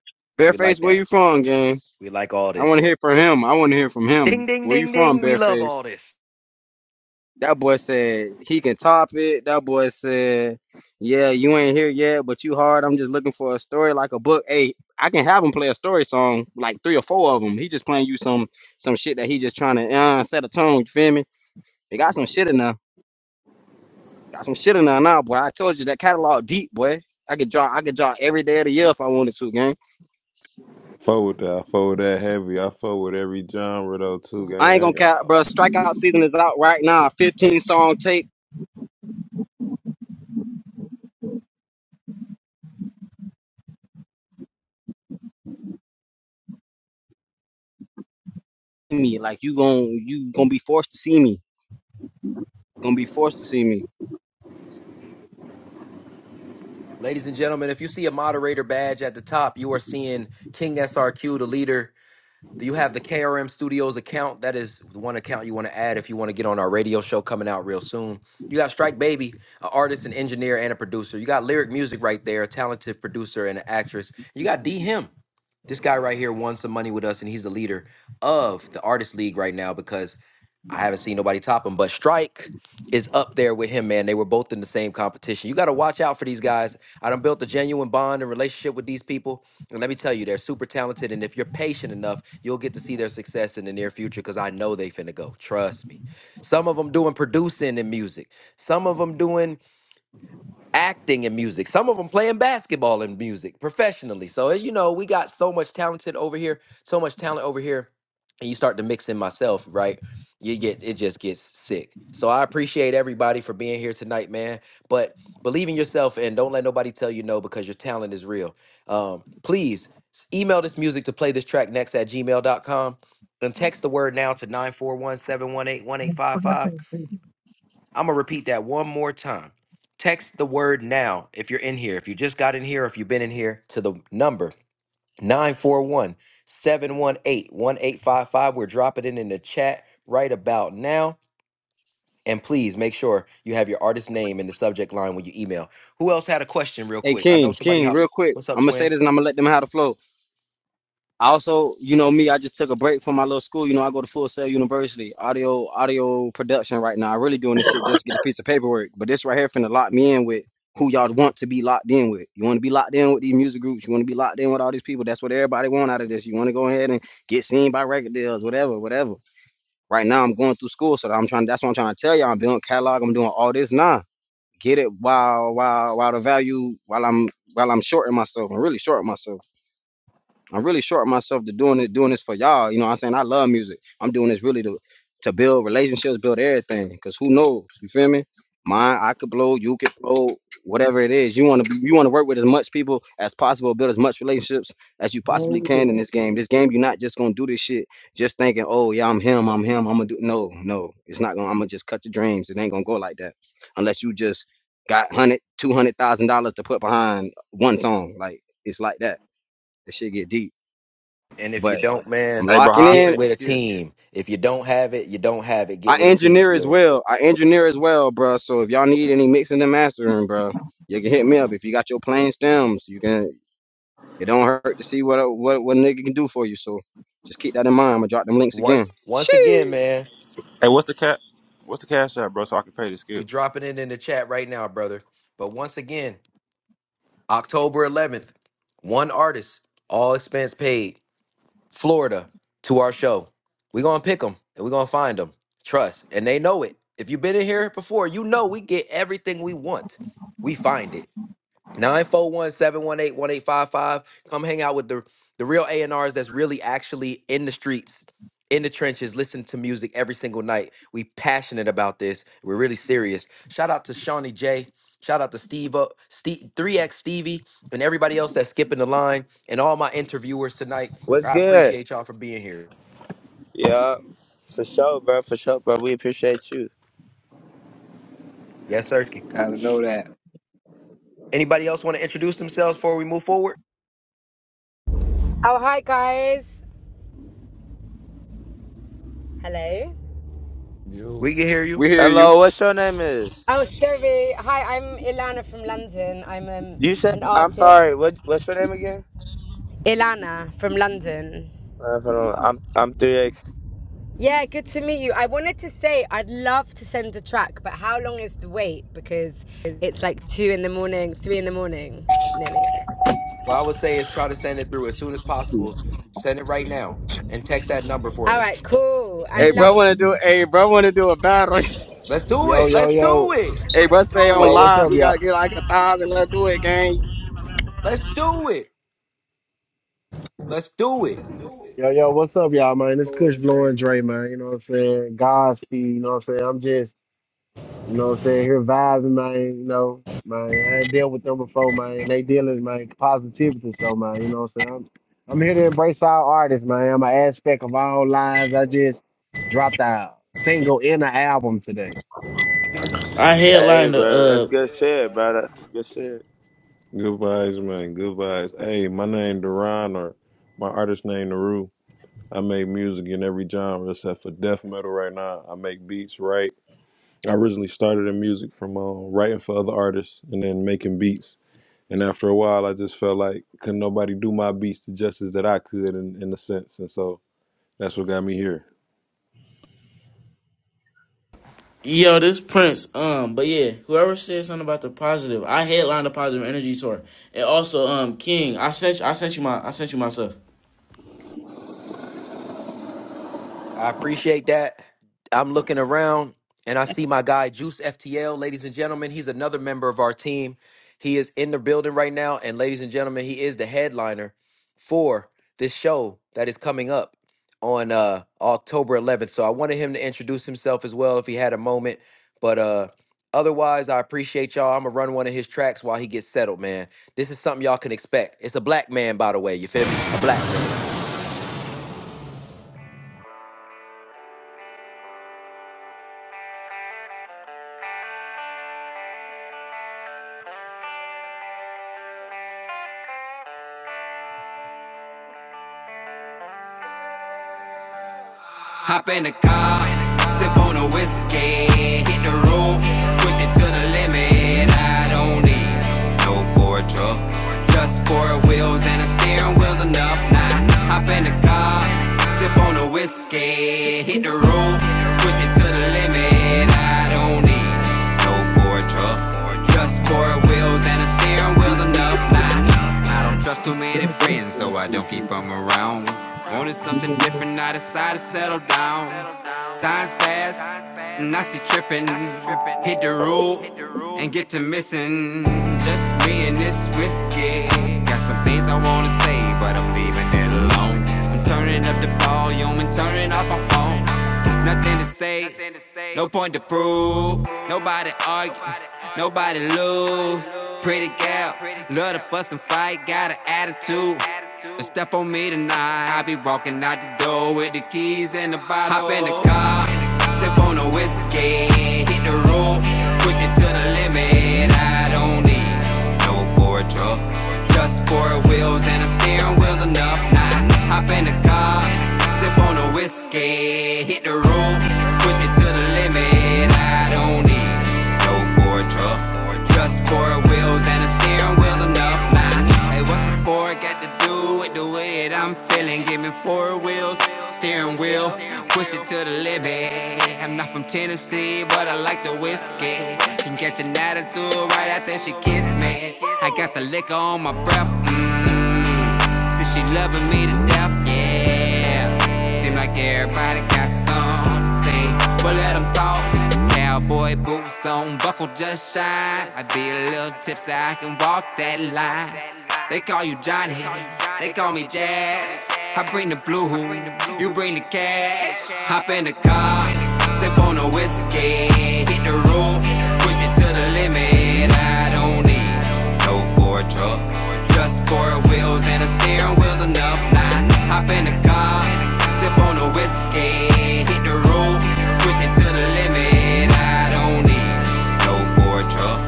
Speaker 1: We
Speaker 11: Bareface,
Speaker 1: like
Speaker 11: where
Speaker 1: that.
Speaker 11: you from, gang?
Speaker 1: We like all
Speaker 11: I
Speaker 1: this.
Speaker 11: wanna hear from him. I wanna hear from
Speaker 1: Ding,
Speaker 11: him.
Speaker 1: ding,
Speaker 11: Where you
Speaker 1: ding,
Speaker 11: from,
Speaker 1: ding. We love
Speaker 11: Bareface?
Speaker 1: all this.
Speaker 11: That boy said he can top it. That boy said, "Yeah, you ain't here yet, but you hard. I'm just looking for a story like a book." Hey, I can have him play a story song, like three or four of them. He just playing you some some shit that he just trying to uh, set a tone. You feel me? They got some shit in there. Got some shit in there now, boy. I told you that catalog deep, boy. I could draw. I could draw every day of the year if I wanted to, gang.
Speaker 17: Forward that. I forward that heavy. I forward every genre though too,
Speaker 11: I
Speaker 17: gang.
Speaker 11: ain't
Speaker 17: I
Speaker 11: gonna
Speaker 17: ain't gonna
Speaker 11: cap, bro.
Speaker 17: hold you.
Speaker 11: Strikeout season is out right now. 15 song tape me. Like you gon' you gonna be forced to see me. Gonna be forced to see me.
Speaker 1: Ladies and gentlemen, if you see a moderator badge at the top, you are seeing King SRQ, the leader Do you have the KRM Studios account? That is the one account you want to add if you want to get on our radio show coming out real soon. You got Strike Baby, an artist, an engineer, and a producer. You got Lyric Music right there, a talented producer and an actress. You got D Him. This guy right here won some money with us, and he's the leader of the Artist League right now because I haven't seen nobody top him. But Strike is up there with him, man. They were both in the same competition. You got to watch out for these guys. I done built a genuine bond and relationship with these people and let me tell you, they're super talented. And if you're patient enough, you'll get to see their success in the near future because I know they finna go. Trust me. Some of them doing producing and music. Some of them doing acting in music. Some of them playing basketball in music professionally. So as you know, we got so much talented over here, so much talent over here, and you start to mix in myself, right? You get it just gets sick. So I appreciate everybody for being here tonight, man. But believe in yourself and don't let nobody tell you no because your talent is real. Um, please s- email this music to play this track next at gmail dot com and text the word now to nine four one seven one eight one eight five five. I'm gonna repeat that one more time. Text the word now if you're in here, if you just got in here, if you've been in here to the number nine four one seven one eight, one eight five five. We're dropping it in the chat right about now. And please make sure you have your artist name in the subject line when you email. Who else had a question, real
Speaker 11: Hey
Speaker 1: quick? I know
Speaker 11: King,
Speaker 1: somebody
Speaker 11: King,
Speaker 1: hopped
Speaker 11: real
Speaker 1: up.
Speaker 11: quick.
Speaker 1: What's up,
Speaker 11: I'm gonna say
Speaker 1: twin?
Speaker 11: this and I'm gonna let them have the flow. I also, you know me, I just took a break from my little school. You know, I go to Full Sail University, audio, audio production right now. I really doing this shit just to get a piece of paperwork. But this right here finna lock me in with who y'all want to be locked in with. You want to be locked in with these music groups. You want to be locked in with all these people. That's what everybody want out of this. You want to go ahead and get seen by record deals, whatever, whatever. Right now, I'm going through school, so I'm trying. That's what I'm trying to tell y'all. I'm doing catalog. I'm doing all this now get it while while while the value while I'm while I'm shorting myself and really shorting myself. I'm really shorting myself to doing it, doing this for y'all. You know what I'm saying? I love music. I'm doing this really to to build relationships, build everything. Cause who knows? You feel me? Mine, I could blow, you could blow, whatever it is. You wanna be you wanna work with as much people as possible, build as much relationships as you
Speaker 18: all
Speaker 11: possibly
Speaker 18: it
Speaker 11: can in
Speaker 18: is.
Speaker 11: this game. This game, you're not just gonna do this shit just thinking, oh yeah, I'm him, I'm him, I'm gonna do no, no. It's not gonna I'm gonna just cut your dreams. It ain't gonna go like that. Unless you just got hundred, two hundred thousand dollars to put behind one song. Like it's like that. That shit get deep
Speaker 1: And if you
Speaker 11: but
Speaker 1: don't,
Speaker 11: I'm
Speaker 1: man,
Speaker 2: Hey, bro,
Speaker 11: locking
Speaker 2: how I
Speaker 1: get
Speaker 2: pay
Speaker 11: in.
Speaker 2: the
Speaker 1: with a
Speaker 2: skip?
Speaker 1: team. If you don't have it, you don't have it. Get
Speaker 11: I
Speaker 1: with a team,
Speaker 11: engineer as
Speaker 1: twin.
Speaker 11: well. I engineer as well, bruh. So if y'all need any mixing and mastering, bruh, you can hit me up. If you got your plain stems, you can. It don't hurt to see what a, what what a nigga can do for you. So just keep that in mind. I'm gonna drop them links
Speaker 1: Once,
Speaker 11: again.
Speaker 1: once again,
Speaker 11: Sheesh.
Speaker 1: man.
Speaker 2: Hey, what's the cat? What's the cash app, bro? So I can pay the
Speaker 1: We
Speaker 2: skip.
Speaker 1: dropping it in the chat right now, brother. But once again, October 11th, one artist, all expense paid, Florida, to our show. we going to pick them and we going to find them. Trust. And they know it. If you've been in here before, you know we get everything we want. We find it. Nine four one seven one eight one eight five five. Come hang out with the the real A&Rs that's really actually in the streets, in the trenches, listen to music every single night. We passionate about this. We're really serious. Shout out to Shawnee J. Shout out to Steve, uh, Steve 3X Stevie and everybody else that's skipping the line and all my interviewers tonight.
Speaker 6: What's
Speaker 1: I
Speaker 6: good?
Speaker 1: appreciate y'all for being here.
Speaker 6: Yeah, for sure, bro. For sure, bro. We appreciate you.
Speaker 1: Yes, sir.
Speaker 18: Gotta know that.
Speaker 1: Anybody else want to introduce themselves before we move forward?
Speaker 19: Oh, hi guys. Hello.
Speaker 13: Yo,
Speaker 1: We can hear you.
Speaker 11: We hear you.
Speaker 6: Hello, what's your name is?
Speaker 19: Oh, sorry. Hi, I'm Ilana from London. I'm um,
Speaker 6: You said
Speaker 19: an
Speaker 6: I'm
Speaker 19: artist.
Speaker 6: sorry. What what's your name again?
Speaker 19: Ilana from London.
Speaker 6: Uh, hold on, I'm I'm three X.
Speaker 19: Yeah, good to meet you. I wanted to say I'd love to send a track, but how long is the wait? Because it's like two in the morning, three in the morning, nearly.
Speaker 1: What I would say is try to send it through as soon as possible. Send it right now and text that number for
Speaker 19: All
Speaker 1: me.
Speaker 19: right, cool.
Speaker 11: Hey,
Speaker 19: I'd love
Speaker 11: bro,
Speaker 19: to.
Speaker 11: wanna do? Hey, bro, wanna do a battle?
Speaker 1: Let's do
Speaker 20: Yo,
Speaker 1: it.
Speaker 20: yo,
Speaker 1: Let's do
Speaker 20: yo,
Speaker 1: it.
Speaker 11: *laughs* hey, bro,
Speaker 1: Let's
Speaker 11: say
Speaker 1: do
Speaker 11: on
Speaker 20: yo,
Speaker 1: it.
Speaker 20: what's
Speaker 11: live,
Speaker 20: up,
Speaker 11: he gotta
Speaker 20: y'all?
Speaker 11: get like a thousand. Let's do it, gang.
Speaker 1: Let's do it. Let's do it.
Speaker 20: Yo, yo, what's up, y'all, man? It's Kush blowing Dre, man. You know what I'm saying? Godspeed, you know what I'm saying? I'm just, you know what I'm saying, here vibing, man. You know, man, I ain't dealt with them before, man. They dealing, man, positivity, so, man, you know what I'm saying? I'm, I'm here to embrace all artists, man. I'm an aspect of all lives. I just dropped a single and an album today.
Speaker 9: I
Speaker 6: Hey,
Speaker 9: headlined the
Speaker 6: bro. That's
Speaker 9: uh,
Speaker 6: good shit, bro. That's good shit.
Speaker 17: Good vibes, man. Good vibes. Hey, my name Duran or my artist name Naru. I make music in every genre except for death metal right now. I make beats, right? I originally started in music from uh, writing for other artists and then making beats. And after a while, I just felt like could nobody do my beats the justice that I could in, in a sense. And so that's what got me here.
Speaker 9: yo, this Prince. Um, but yeah, whoever said something about the positive, I headlined the positive energy tour, and also um, King. I sent you. I sent you my. I sent you myself.
Speaker 1: I appreciate that. I'm looking around and I see my guy Juice FTL, ladies and gentlemen. He's another member of our team. He is in the building right now, and ladies and gentlemen, he is the headliner for this show that is coming up on uh October 11th. So I wanted him to introduce himself as well if he had a moment. But uh otherwise, I appreciate y'all. I'm gonna run one of his tracks while he gets settled, man. This is something y'all can expect. It's a black man, by the way. You feel me? A black man.
Speaker 4: Hop in the car, sip on a whiskey, hit the road, push it to the limit. I don't need no four truck, just four wheels and a steering wheel's enough. Nah, hop in the car, sip on a whiskey, hit the road, push it to the limit. I don't need no four truck, just four wheels and a steering wheel enough. Nah, I don't trust too many friends, so I don't keep them around. Wanted something different, I decided to settle down. Times pass, and I see tripping. Hit the road and get to missing. Just me and this whiskey. Got some things I wanna say, but I'm leaving it alone on. I'm turning up the volume and turning off my phone. Nothing to say, no point to prove. Nobody argue, nobody lose. Pretty gal, love to fuss and fight, got an attitude. And step on me tonight, I be walking out the door with the keys and the bottle. Hop in the car, sip on the whiskey, hit the road, push it to the limit. I I don't need no for a truck. Just four wheels and a steering wheel's enough. Now hop in the car, sip on a whiskey, hit the road, push it to the limit. I don't need no for a truck. Just four four wheels and a steering wheel enough Nah, Hey, what's the four got to do with the way that I'm feeling? Give me four wheels, steering wheel, push it to the limit. I'm not from Tennessee, but I like the whiskey. Can get an attitude right after she kissed me. I got the liquor on my breath, mmm. Since she loving me to death, yeah yeah. Seem like everybody got something to say. Well, let 'em talk. Cowboy boots on, buckle just shine. I be a little tipsy, I can walk that line. They call you Johnny, they call me Jazz. I bring the blue, you bring the cash. Hop in the car, sip on a whiskey, hit the road, push it to the limit. I don't need no for a truck. Just four wheels and a steering wheel's enough. Now hop in the car, sip on the whiskey, hit the road, push it to the limit. I don't need no four truck.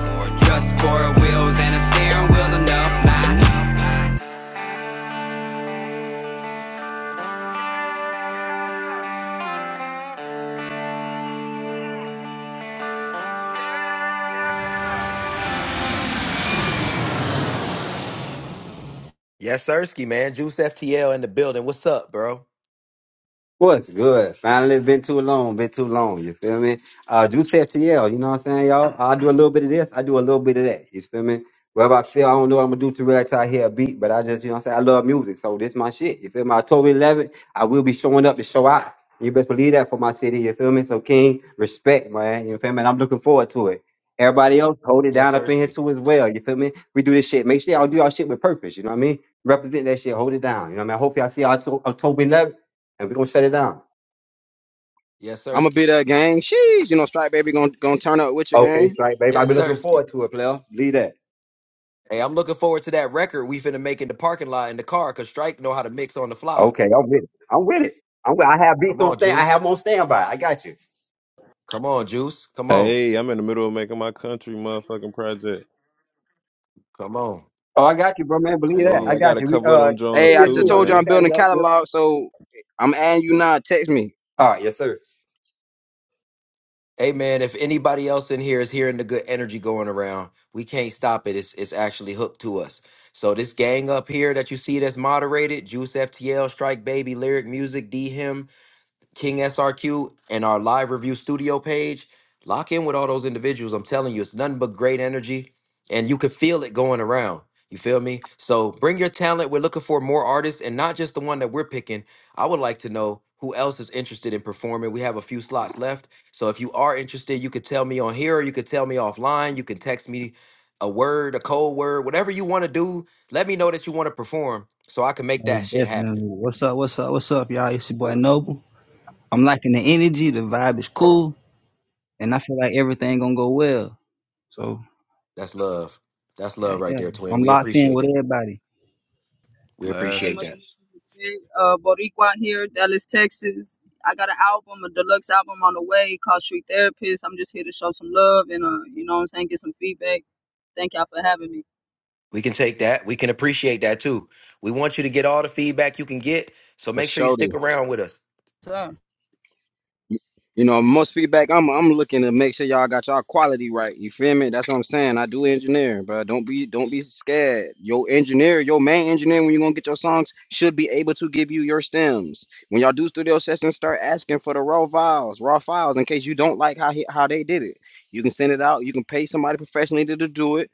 Speaker 4: Just four wheels and a steering wheel's enough. Now
Speaker 1: Yes, Sirski, man. Juice FTL in the building. What's up, bro?
Speaker 21: What's good? Finally, been too long, been too long. You feel me? Uh, do Septiel, you know what I'm saying, y'all? I do a little bit of this, I do a little bit of that. You feel me? Wherever I feel, I don't know what I'm gonna do to really till I hear a beat, but I just, you know what I'm saying, I love music, so this my shit. You feel me? October 11th, I will be showing up to show out. You best believe that for my city. You feel me? So, King, respect, man. You feel me? And I'm looking forward to it. Everybody else, hold it
Speaker 1: Yes,
Speaker 21: down up in here
Speaker 1: Sirski.
Speaker 21: too as well. You feel me? We do this shit. Make sure y'all do our shit with purpose. You know what I mean? Represent that shit. Hold it down. You know what I mean? Hopefully, I see y'all to- October 11th and we're gonna shut it down.
Speaker 1: Yes,
Speaker 11: I'ma
Speaker 1: Sirski.
Speaker 11: be that gang. Sheesh, you know, Strike Baby gonna gonna turn up with you,
Speaker 21: Okay,
Speaker 11: gang.
Speaker 21: it's right, babe. I've
Speaker 1: Yes,
Speaker 21: been looking
Speaker 1: Sirski.
Speaker 21: forward to it, player. Lead that.
Speaker 1: Hey, I'm looking forward to that record we finna make in the parking lot in the car because Strike know how to mix on the fly.
Speaker 21: Okay, I'm with it. I'm with it. I'm with, I have beats
Speaker 1: Come
Speaker 21: on
Speaker 1: on,
Speaker 21: stand. I have
Speaker 1: Juice.
Speaker 21: them on standby. I got you.
Speaker 1: Come on, Juice. Come on.
Speaker 17: Hey, I'm in the middle of making my country motherfucking project.
Speaker 1: Come on.
Speaker 21: Oh, I got you, bro, man. Believe
Speaker 1: Come
Speaker 21: that.
Speaker 17: Hey,
Speaker 21: I
Speaker 17: I
Speaker 1: on.
Speaker 17: got
Speaker 21: got
Speaker 17: a
Speaker 21: you. We
Speaker 17: couple of
Speaker 21: uh,
Speaker 17: them joints
Speaker 21: shoot
Speaker 11: Hey,
Speaker 21: me
Speaker 11: I
Speaker 21: a
Speaker 11: just
Speaker 17: too,
Speaker 21: DM.
Speaker 11: told you
Speaker 21: We'll
Speaker 11: I'm
Speaker 17: man.
Speaker 21: chat it
Speaker 11: building
Speaker 21: up. We'll...
Speaker 11: catalog, so I'm adding you now. Text me.
Speaker 21: All right, yes, sir.
Speaker 1: Hey, man, if anybody else in here is hearing the good energy going around, we can't stop it. It's, it's actually hooked to us. So this gang up here that you see that's moderated, Juice FTL, Strike Baby, Lyric Music, D Him, King SRQ and our live review studio page. Lock in with all those individuals. I'm telling you, it's nothing but great energy, and you can feel it going around. You feel me? So bring your talent. We're looking for more artists, and not just the one that we're picking. I would like to know who else is interested in performing. We have a few slots left. So if you are interested, you could tell me on here, or you could tell me offline. You can text me a word, a cold word, whatever you want to do. Let me know that you want to perform so I can make
Speaker 12: Most
Speaker 1: that shit happen.
Speaker 12: definitely. What's up? What's up? What's up, y'all? It's your boy Noble. I'm liking the energy. The vibe is cool, and I feel like everything gonna go well. So
Speaker 1: That's love. That's
Speaker 12: yeah,
Speaker 1: love right
Speaker 12: yeah.
Speaker 1: there, twin.
Speaker 12: I'm
Speaker 1: We
Speaker 12: locked in
Speaker 1: appreciate
Speaker 12: with
Speaker 1: that.
Speaker 12: everybody.
Speaker 1: We
Speaker 22: Hey,
Speaker 1: appreciate
Speaker 17: Blasting.
Speaker 22: much
Speaker 1: that.
Speaker 22: respect. Uh, Boricua here, Dallas, Texas. I got an album, a deluxe album on the way called Street Therapist. I'm just here to show some love and, uh, you know what I'm saying, get some feedback. Thank y'all for having me.
Speaker 1: We can take that. We can appreciate that too. We want you to get all the feedback you can get. So
Speaker 11: For
Speaker 1: make sure you
Speaker 11: sure.
Speaker 1: stick
Speaker 11: dude.
Speaker 1: around with us.
Speaker 22: So,
Speaker 11: You know, most feedback I'm I'm looking to make sure y'all got y'all quality right. You feel me? That's what I'm saying. I do engineering, but don't be don't be scared. Your engineer, your main engineer when you're gonna get your songs should be able to give you your stems. When y'all do studio sessions, start asking for the raw files, raw files in case you don't like how he, how they did it. You can send it out, you can pay somebody professionally to, to do it,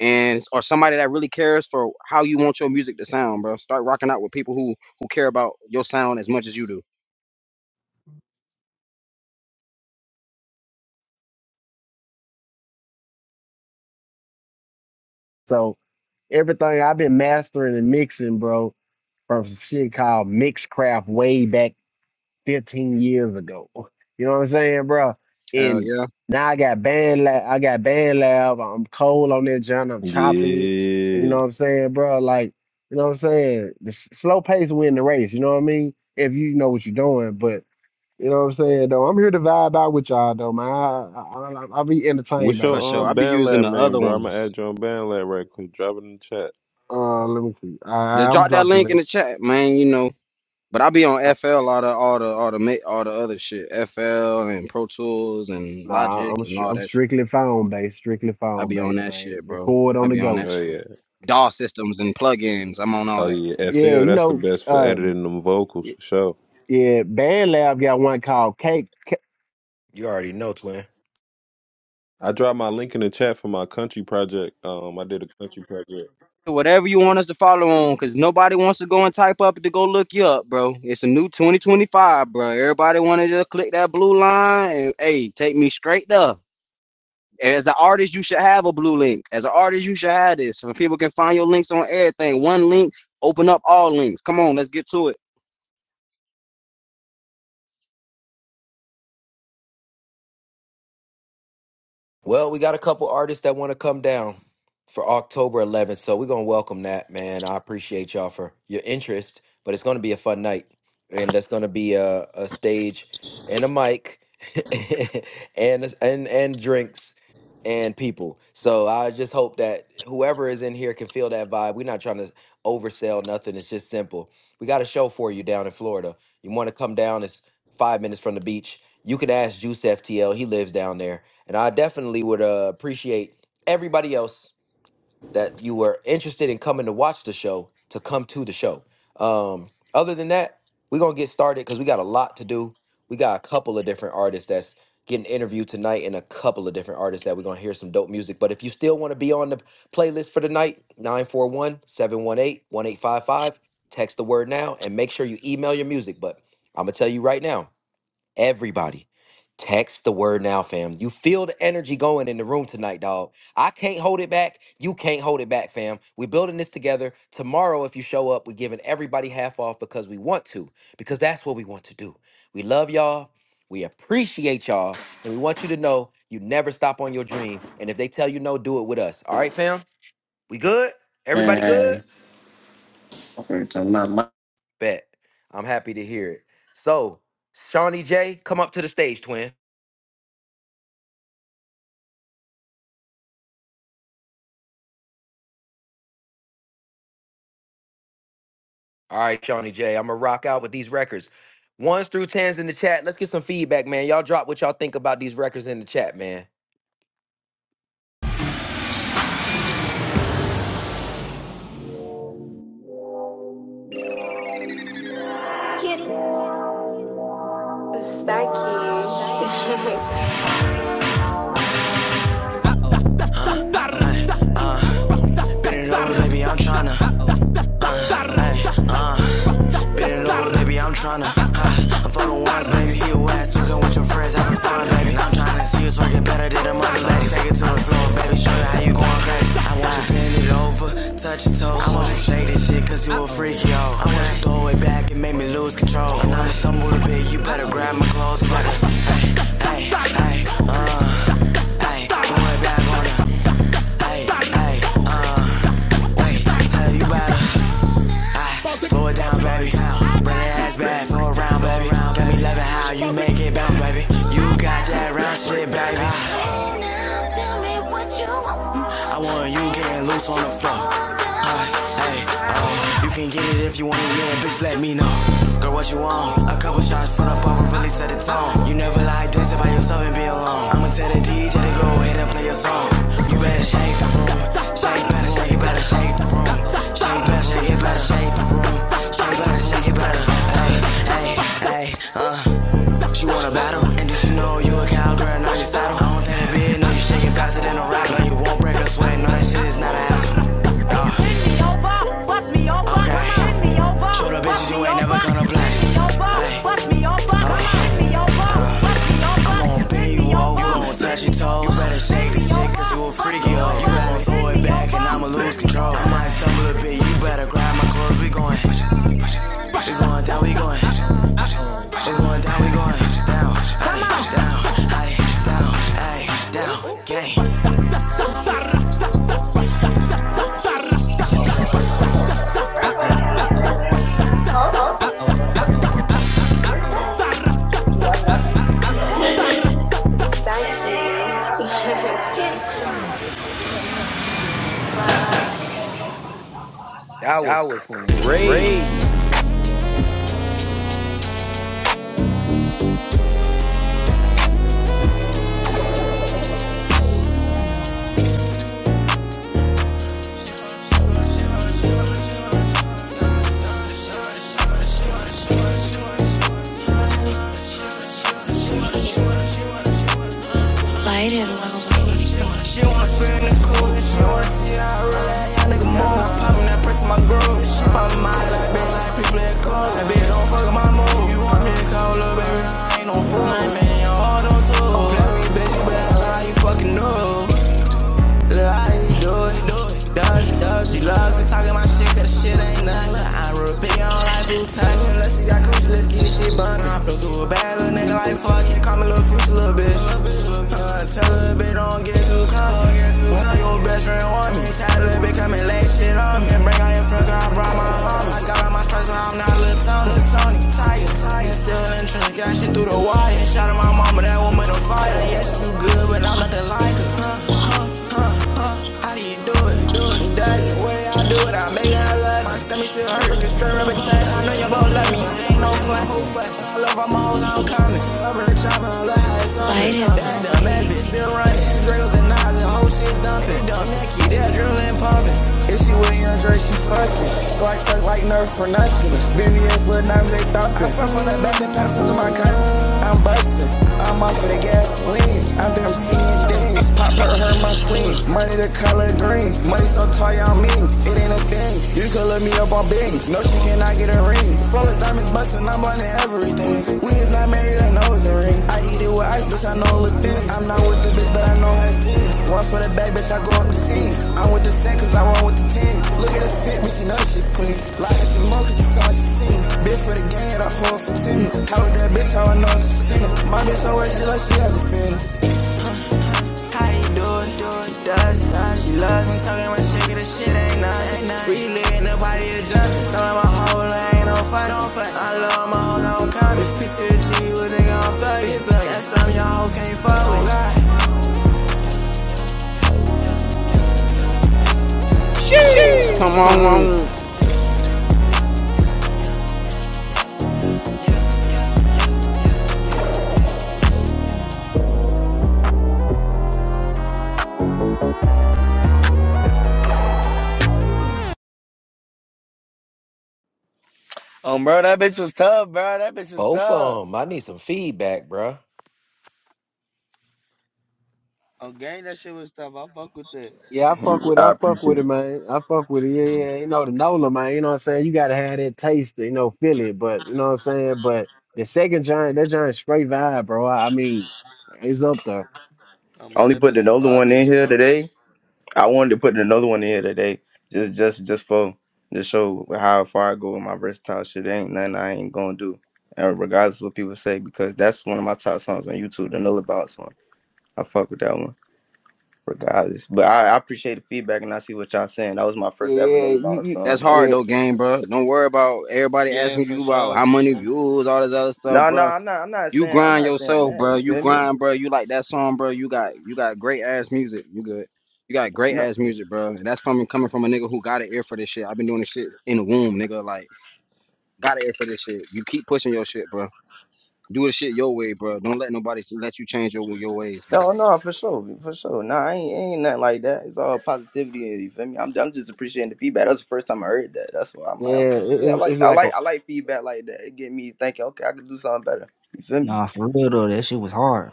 Speaker 11: and or somebody that really cares for how you want your music to sound, bro. Start rocking out with people who who care about your sound as much as you do.
Speaker 20: So, everything I've been mastering and mixing, bro, from some shit called Mixcraft way back 15 years ago. You know what I'm saying, bro?
Speaker 11: Hell
Speaker 20: And
Speaker 11: yeah.
Speaker 20: now I got band lab. I got band lab. I'm cold on that joint. I'm chopping it. You
Speaker 17: Yeah.
Speaker 20: know what I'm saying, bro? Like, you know what I'm saying? The s- slow pace win the race. You know what I mean? If you know what you're doing, but you know what I'm saying though. I'm here to vibe out with y'all though, man. I, I, I I'll be entertained
Speaker 17: What's
Speaker 20: by
Speaker 11: For
Speaker 20: this
Speaker 17: your
Speaker 20: shit
Speaker 11: sure.
Speaker 17: um
Speaker 11: I'll
Speaker 20: though.
Speaker 11: be
Speaker 17: band
Speaker 11: using
Speaker 17: lab
Speaker 11: the
Speaker 17: name,
Speaker 11: other
Speaker 17: bro? I'ma
Speaker 11: ones.
Speaker 17: add your on band lab right quick. Drop it in the chat.
Speaker 20: Uh, let me see. I,
Speaker 11: Just
Speaker 20: I'm gonna
Speaker 11: drop that
Speaker 20: drop the
Speaker 11: link in
Speaker 20: link.
Speaker 11: the chat, man, you know. But I'll be on
Speaker 20: I,
Speaker 11: FL all the all the all the ma- all the other shit. FL and Pro Tools and
Speaker 20: nah,
Speaker 11: Logic
Speaker 20: I'm
Speaker 11: and
Speaker 20: str-
Speaker 11: all
Speaker 20: I'm
Speaker 11: that shit.
Speaker 20: strictly phone based. Strictly
Speaker 11: I'll
Speaker 20: phone
Speaker 11: be on
Speaker 20: based,
Speaker 11: that
Speaker 20: man.
Speaker 11: shit, bro.
Speaker 20: Record on
Speaker 11: I'll
Speaker 20: the
Speaker 11: be on
Speaker 20: go.
Speaker 11: that
Speaker 17: Oh
Speaker 11: shit.
Speaker 17: yeah.
Speaker 11: DAW systems and plugins. I'm on all
Speaker 17: Oh
Speaker 11: that.
Speaker 17: yeah.
Speaker 20: Yeah,
Speaker 17: FL,
Speaker 20: you
Speaker 17: that's the
Speaker 20: know,
Speaker 17: best for
Speaker 20: uh,
Speaker 17: editing them vocals
Speaker 20: y-
Speaker 17: for sure.
Speaker 20: yeah, Band Lab got one called Cake. Ca-
Speaker 1: You already know, twin.
Speaker 17: I dropped my link in the chat for my country project. Um I did a country project.
Speaker 11: Whatever you want us to follow on, cause nobody wants to go and type up to go look you up, bro. It's a new 2025, bro. Everybody wanted to click that blue line and hey, take me straight there. As an artist, you should have a blue link. As an artist, you should have this. So people can find your links on everything. One link, open up all links. Come on, let's get to it.
Speaker 1: Well, we got a couple artists that want to come down for October 11th, so we're gonna welcome that, man. I appreciate y'all for your interest, but it's gonna be a fun night, and that's gonna be a, a stage and a mic *laughs* and and and drinks and people. So I just hope that whoever is in here can feel that vibe. We're not trying to oversell nothing. It's just simple. We got a show for you down in Florida. You want to come down? It's five minutes from the beach. You can ask Juice FTL. He lives down there and I definitely would uh, appreciate everybody else that you were interested in coming to watch the show to come to the show. Um, other than that, we're gonna get started because we got a lot to do. We got a couple of different artists that's getting interviewed tonight, and a couple of different artists that we're gonna hear some dope music. But if you still want to be on the playlist for tonight, nine four one seven one eight one eight five five. text the word now and make sure you email your music. But I'm gonna tell you right now. Everybody, text the word now, fam. You feel the energy going in the room tonight, dog. I can't hold it back. You can't hold it back, fam. We're building this together. Tomorrow, if you show up, we're giving everybody half off because we want to, because that's what we want to do. We love y'all. We appreciate y'all. And we want you to know you never stop on your dream. And if they tell you no, do it with us. All right, fam? We good? Everybody good?
Speaker 23: Man, I'm finna tell my
Speaker 1: Bet. I'm happy to hear it. So, Shawnee J, come up to the stage, twin. All right, Shawnee J, I'm gonna rock out with these records. Ones through tens in the chat. Let's get some feedback, man. Y'all drop what y'all think about these records in the chat, man.
Speaker 4: I'm Tryna, I'm tryna. ass talking with your friends, having fun, baby. I'm trying to see you twerking better than the mother lady. Take it to the floor, baby. Show you how you going crazy. I want you bend it over, touch your toes. I want you shake this shit, cause you a freak, yo. I want you throw it back and make me lose control. And I'ma stumble a bit, you better grab my clothes, fuck it. Wait, tell you better. I slow it down, baby. Bring that ass back for a round, baby. Got me loving how you make it bounce, baby. You got that round shit, baby. I want you getting loose on the floor. Uh, hey, uh, you can get it if you want it, yeah, bitch, let me know. Girl, what you want? A couple shots for the buffer really set the tone. You never like dancing by yourself and be alone. I'ma tell the DJ to go ahead and play your song. You better shake the room. Shake, better shake, it better shake the room. Shake, better shake, it better shake the room. Shake, better shake, it better. Hey, hey, hey, uh. You wanna battle? And just you know you a cowgirl, now your saddle. I don't think that big, no, you shaking faster than a rock. No, you won't break a sweat, no, that shit is not an hassle. Uh, okay. Show the bitches you ain't never gonna play. Hey, hey, uh. I'm gon' bend you over, you gon' touch your toes. You better shake the shit, cause you a freaky hoe. You let me pull it back and I'ma lose control. I might stumble a bit, you better grab my clothes. We going, we going down, we going, we going down, we going down, ay, down, ay, down, ay, down, gang.
Speaker 15: That's my first time in Portugal. First of all, hello, Beverly. Huh? My first time in Portugal. Really? You like it? Yeah. *laughs* and then on top of that, her she her feet is on girl.
Speaker 1: That
Speaker 4: That
Speaker 1: was
Speaker 4: was crazy.
Speaker 1: crazy.
Speaker 4: Light it low. If she with young Dre, she fuckin' Glock tuck like Nerf for nothing. VVS, lil diamonds, they thumping. I fell from the back, and passed to my cousin. I'm bustin'. I'm off of the gas to lean. I think I'm seeing things. Pop her, hurt my spleen. Money the color green. Money so tall, y'all mean. It ain't a thing. You could look me up on Bing. No, she cannot get a ring. Flawless diamonds, bustin', I'm on everything. We is not married, I know it's a ring. I eat it with ice, bitch, I know it look thin. I'm not with the bitch, but I know her sins. One for the bag, bitch, I go up the scenes. I'm with the set, cause I want with the team. Look at the fit, bitch, you know she clean. Like that shit more, cause it's all she seen. Bit for the game, I hold for ten. How with that bitch, how I know she seen it. My bitch always just like she has a fin. How you do it, do it, does it, does it, she loves it. Talking my shit, the shit ain't nothing. We live in the body of justice. Telling my whole life, ain't no fuss. I love my hoes, I don't count it. Speak to the G, little nigga, I'm thugging. That's something y'all hoes can't fuck with.
Speaker 11: Sheesh, come on.
Speaker 6: Oh, bro, that bitch was tough, bro. That bitch was
Speaker 1: Both
Speaker 6: tough.
Speaker 1: of them. I need some feedback, bruh.
Speaker 6: Oh, gang, that shit was tough. I fuck with that.
Speaker 20: Yeah, I fuck
Speaker 5: *laughs*
Speaker 20: with,
Speaker 5: I
Speaker 20: I fuck with
Speaker 5: appreciate
Speaker 20: it,
Speaker 5: it.
Speaker 20: man. I fuck with it. Yeah, yeah. You know the Nola, man. You know what I'm saying? You gotta have that taste, to, you know, feel it. But you know what I'm saying? But the second giant, that giant straight vibe, bro. I, I mean, it's up there.
Speaker 6: Oh,
Speaker 5: I
Speaker 6: bro,
Speaker 5: only
Speaker 6: that
Speaker 5: put
Speaker 6: bitch was
Speaker 5: another one
Speaker 6: vibey
Speaker 5: in
Speaker 6: as
Speaker 5: here
Speaker 6: fuck.
Speaker 5: today. I wanted to put another one in here today. Just just just for to show how far I go with my versatile shit. There ain't nothing I ain't gonna do. And regardless of what people say, because that's one of my top songs on YouTube, the Null Bounce one. I fuck with that one. regardless. But I, I appreciate the feedback and I see what y'all saying. That was my
Speaker 20: Yeah,
Speaker 5: first ever
Speaker 20: yeah,
Speaker 5: Nigga
Speaker 20: you,
Speaker 5: Boss
Speaker 20: you,
Speaker 5: song
Speaker 11: That's
Speaker 5: again.
Speaker 11: hard
Speaker 20: yeah,
Speaker 11: though, game, bro. Don't worry about everybody
Speaker 6: Yeah,
Speaker 11: asking
Speaker 6: for
Speaker 11: you about
Speaker 6: sure,
Speaker 11: how
Speaker 6: for
Speaker 11: many
Speaker 6: sure.
Speaker 11: views, all this other stuff,
Speaker 5: No, no,
Speaker 11: bro.
Speaker 5: I'm not I'm not
Speaker 11: You
Speaker 5: saying I'm
Speaker 11: grind
Speaker 5: not saying
Speaker 11: yourself,
Speaker 5: that.
Speaker 11: bro.
Speaker 5: You
Speaker 11: You
Speaker 5: feel me?
Speaker 11: grind, bro. You like that song, bro. You got you got great ass music. You good. You got great
Speaker 5: No.
Speaker 11: ass music, bro. And that's from coming from a nigga who got an ear for this shit. I've been doing this shit in the womb, nigga. Like, got an ear for this shit. You keep pushing your shit, bro. Do the shit your way, bro. Don't let nobody let you change your your ways, bro.
Speaker 5: No, no, for sure. For sure. No, I ain't ain't nothing like that. It's all positivity you feel me? I'm I'm just appreciating the feedback. That's the first time I heard that. That's why I'm
Speaker 20: yeah.
Speaker 5: like, okay,
Speaker 20: It,
Speaker 5: yeah, I
Speaker 20: it, it's
Speaker 5: like I
Speaker 20: like a,
Speaker 5: like I like feedback like that. It get me thinking, okay, I could do something better. You feel me?
Speaker 12: Nah, for real though, that shit was hard.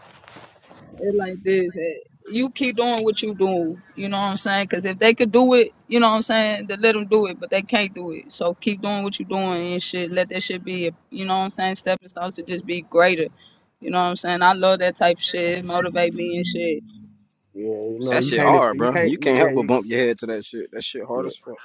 Speaker 22: it like this. eh, you keep doing what you do, you know what I'm saying? Because if they could do it, you know what I'm saying, then let them do it, but they can't do it. So keep doing what you're doing and shit. Let that shit be, a, you know what I'm saying, stepping stones to just be greater. You know what I'm saying? I love that type of shit. It motivate me and shit.
Speaker 20: yeah, you
Speaker 22: Shit,
Speaker 20: know,
Speaker 11: That
Speaker 20: you
Speaker 11: shit
Speaker 22: it
Speaker 20: can't, ex-
Speaker 11: hard,
Speaker 22: motivate
Speaker 20: you
Speaker 11: bro.
Speaker 22: me.
Speaker 20: can't,
Speaker 11: You can't
Speaker 20: yeah,
Speaker 11: help but
Speaker 20: you,
Speaker 11: bump your head to that shit. That shit hard
Speaker 20: yeah.
Speaker 11: as fuck.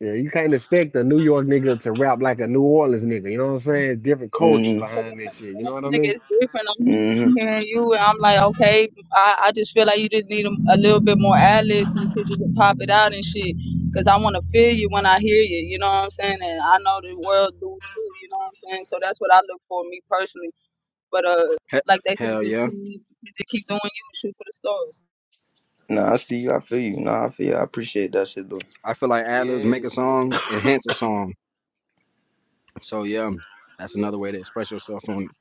Speaker 20: Yeah, you can't expect a New York nigga to rap like a New Orleans nigga. You know what I'm saying? Different cultures
Speaker 5: Mm-hmm.
Speaker 20: behind this shit. You know what I mean?
Speaker 22: Nigga, it's different. I'm hearing,
Speaker 5: Mm-hmm.
Speaker 22: I'm hearing you, and I'm like, okay, I, I just feel like you just need a, a little bit more ad lib and shit, just to pop it out and shit. Cause I want to feel you when I hear you, you know what I'm saying? And I know the world do too, you know what I'm saying? So that's what I look for, me personally. But uh,
Speaker 11: He-
Speaker 22: like they can
Speaker 11: hell
Speaker 22: just
Speaker 11: yeah.
Speaker 22: keep, just keep doing you, shoot for the stars.
Speaker 5: No, I see you, I feel you. No, I feel you. I appreciate that shit though.
Speaker 11: I feel like ad libs
Speaker 6: Yeah.
Speaker 11: make a song, enhance a song. So yeah, that's another way to express yourself on it.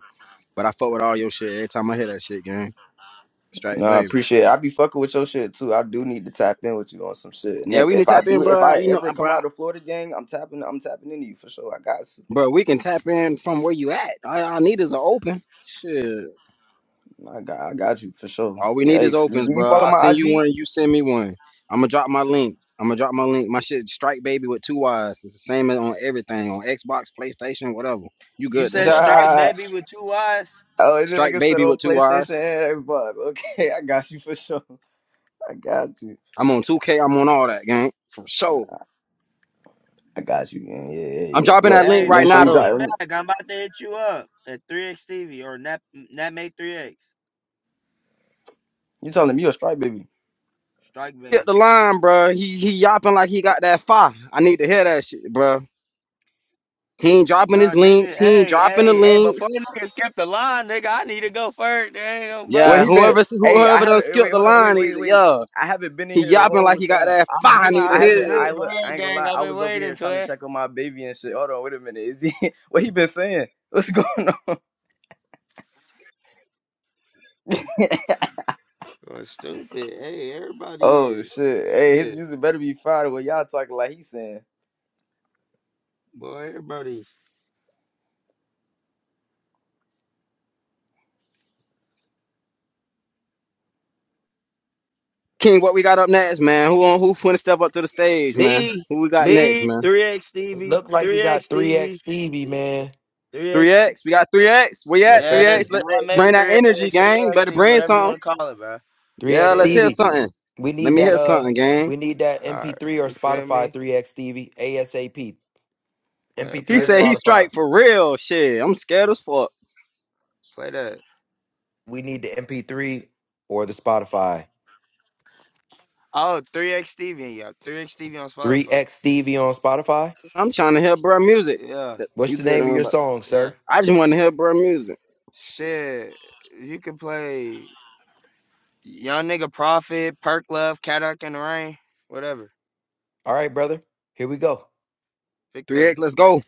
Speaker 11: But I fuck with all your shit every time I hear that shit, gang. Straight
Speaker 5: Nah, I
Speaker 11: baby.
Speaker 5: appreciate it. I be fucking with your shit too. I do need to tap in with you on some shit. And
Speaker 11: Yeah,
Speaker 5: if,
Speaker 11: we need
Speaker 5: if
Speaker 11: to
Speaker 5: I
Speaker 11: tap
Speaker 5: do
Speaker 11: in,
Speaker 5: if
Speaker 11: bro.
Speaker 5: I
Speaker 11: You know,
Speaker 5: ever come
Speaker 11: bro.
Speaker 5: out of Florida gang, I'm tapping I'm tapping into you for sure. I got you.
Speaker 11: Bro, we can tap in from where you at. All I need is an open. Shit.
Speaker 5: I got I got you for sure.
Speaker 11: All we
Speaker 5: Yeah,
Speaker 11: need
Speaker 5: hey,
Speaker 11: is opens,
Speaker 5: do you
Speaker 11: bro.
Speaker 5: follow
Speaker 11: I'll
Speaker 5: my
Speaker 11: send you
Speaker 5: IG?
Speaker 11: one. You send me one. I'm gonna drop my link. I'm gonna drop my link. My shit, Strike Baby with two Y's. It's the same as on everything on Xbox, PlayStation, whatever. You
Speaker 6: You
Speaker 11: good
Speaker 5: *laughs*
Speaker 11: though,
Speaker 6: said
Speaker 11: bro?
Speaker 6: strike
Speaker 5: Duh.
Speaker 6: baby with two eyes.
Speaker 5: Oh, this
Speaker 11: Strike
Speaker 5: nigga said
Speaker 11: Baby
Speaker 5: on
Speaker 11: with two
Speaker 5: PlayStation
Speaker 11: Y's.
Speaker 5: and Xbox. *laughs* Okay, I got you for sure. I got you.
Speaker 11: I'm on 2K. I'm on all that, gang, for sure.
Speaker 5: I got you. gang. Yeah,
Speaker 11: I'm
Speaker 5: yeah, yeah.
Speaker 11: dropping that
Speaker 5: Look,
Speaker 11: link
Speaker 6: Hey,
Speaker 11: right
Speaker 5: make sure
Speaker 11: now
Speaker 5: you
Speaker 6: follow
Speaker 11: though.
Speaker 6: me back.
Speaker 5: drive.
Speaker 6: I'm about to hit you up at 3x Stevie or Nat Natmate 3x.
Speaker 5: You telling me you a strike baby?
Speaker 6: Strike
Speaker 11: Get
Speaker 6: baby.
Speaker 11: the line, bro. He he yapping like he got that fire. I need to hear that shit, bro. He ain't
Speaker 6: Hey,
Speaker 11: dropping
Speaker 6: bro,
Speaker 11: his
Speaker 6: nigga,
Speaker 11: links. He ain't
Speaker 6: hey,
Speaker 11: dropping the
Speaker 6: hey, hey, before
Speaker 11: links.
Speaker 6: nigga skip the line, nigga, I need to go first. Damn,
Speaker 5: Well,
Speaker 11: Yeah,
Speaker 5: he
Speaker 6: bro.
Speaker 5: been.
Speaker 11: whoever
Speaker 5: Hey, I
Speaker 11: whoever done
Speaker 5: haven't.
Speaker 11: skipped
Speaker 5: Wait,
Speaker 11: the
Speaker 5: hold on. Wait,
Speaker 11: line
Speaker 5: wait,
Speaker 11: either.
Speaker 5: wait.
Speaker 11: Yeah.
Speaker 5: I haven't been in
Speaker 11: He
Speaker 5: here the
Speaker 11: yapping like
Speaker 5: whole
Speaker 11: he got
Speaker 5: time.
Speaker 11: that
Speaker 6: I've
Speaker 11: fire
Speaker 6: been,
Speaker 11: need
Speaker 6: I've
Speaker 5: I
Speaker 11: to
Speaker 6: been
Speaker 5: haven't.
Speaker 6: sent the
Speaker 5: I,
Speaker 11: head.
Speaker 5: wa- I
Speaker 6: bird
Speaker 5: ain't gonna
Speaker 6: gang.
Speaker 5: lie.
Speaker 6: I've
Speaker 5: I
Speaker 6: been
Speaker 5: was over
Speaker 6: waiting,
Speaker 5: here trying to
Speaker 6: twin.
Speaker 5: check on my baby and shit. Hold on, wait a minute. Is he? *laughs* What he been saying? What's going on? *laughs*
Speaker 6: Oh, stupid. Hey, everybody
Speaker 5: oh
Speaker 6: is.
Speaker 5: shit! Hey, his
Speaker 6: Shit,
Speaker 5: music better be fire. What y'all talking like? He saying.
Speaker 6: boy, everybody.
Speaker 11: King, what we got up next, man? Who on who finna step up to the stage, man?
Speaker 6: Me,
Speaker 11: Who we got next,
Speaker 6: me,
Speaker 11: man?
Speaker 6: 3x
Speaker 1: It
Speaker 6: Stevie,
Speaker 1: looked like we
Speaker 6: 3x
Speaker 1: got 3X
Speaker 6: Stevie,
Speaker 1: Stevie, man.
Speaker 6: 3x.
Speaker 11: 3X. We got 3X. We
Speaker 1: Yes,
Speaker 11: at 3X.
Speaker 1: sir,ski.
Speaker 6: Yes,
Speaker 11: Let that
Speaker 6: Natmate
Speaker 11: bring that
Speaker 6: 3x,
Speaker 11: energy, gang.
Speaker 6: 3x
Speaker 11: Better
Speaker 6: Stevie,
Speaker 11: bring
Speaker 6: whatever you
Speaker 11: something.
Speaker 6: want to call it, bro.
Speaker 1: 3X
Speaker 11: Yeah, let's
Speaker 6: Yeah.
Speaker 11: hear
Speaker 1: Stevie.
Speaker 11: something.
Speaker 1: We
Speaker 11: Let
Speaker 1: need
Speaker 11: me
Speaker 1: that
Speaker 11: hear
Speaker 1: uh
Speaker 11: something, gang.
Speaker 1: we need that
Speaker 6: All right,
Speaker 1: MP3 or
Speaker 6: you feel
Speaker 1: Spotify
Speaker 6: me?
Speaker 1: 3X Stevie. ASAP.
Speaker 6: Yeah,
Speaker 1: MP3
Speaker 11: He
Speaker 6: play
Speaker 1: or
Speaker 11: said
Speaker 6: that.
Speaker 11: he
Speaker 1: Spotify.
Speaker 11: strike for real. Shit. I'm scared as fuck.
Speaker 6: Play that.
Speaker 1: We need the MP3 or the Spotify.
Speaker 6: Oh, three x Steven, yeah. 3X Steven on Spotify.
Speaker 1: 3X Stevie on Spotify.
Speaker 11: I'm trying to hear bruh music.
Speaker 6: Yeah,
Speaker 11: Th-
Speaker 1: What's
Speaker 11: You
Speaker 1: the
Speaker 11: good
Speaker 1: name of
Speaker 11: on
Speaker 1: your song,
Speaker 6: yeah.
Speaker 1: sir?
Speaker 11: I just want to hear bruh music.
Speaker 6: Shit, you can play Young Nigga Profit, Perk Love, Cat Out in the Rain, whatever.
Speaker 1: All right, brother. Here we go.
Speaker 6: Pick
Speaker 11: 3X,
Speaker 6: that.
Speaker 11: let's go.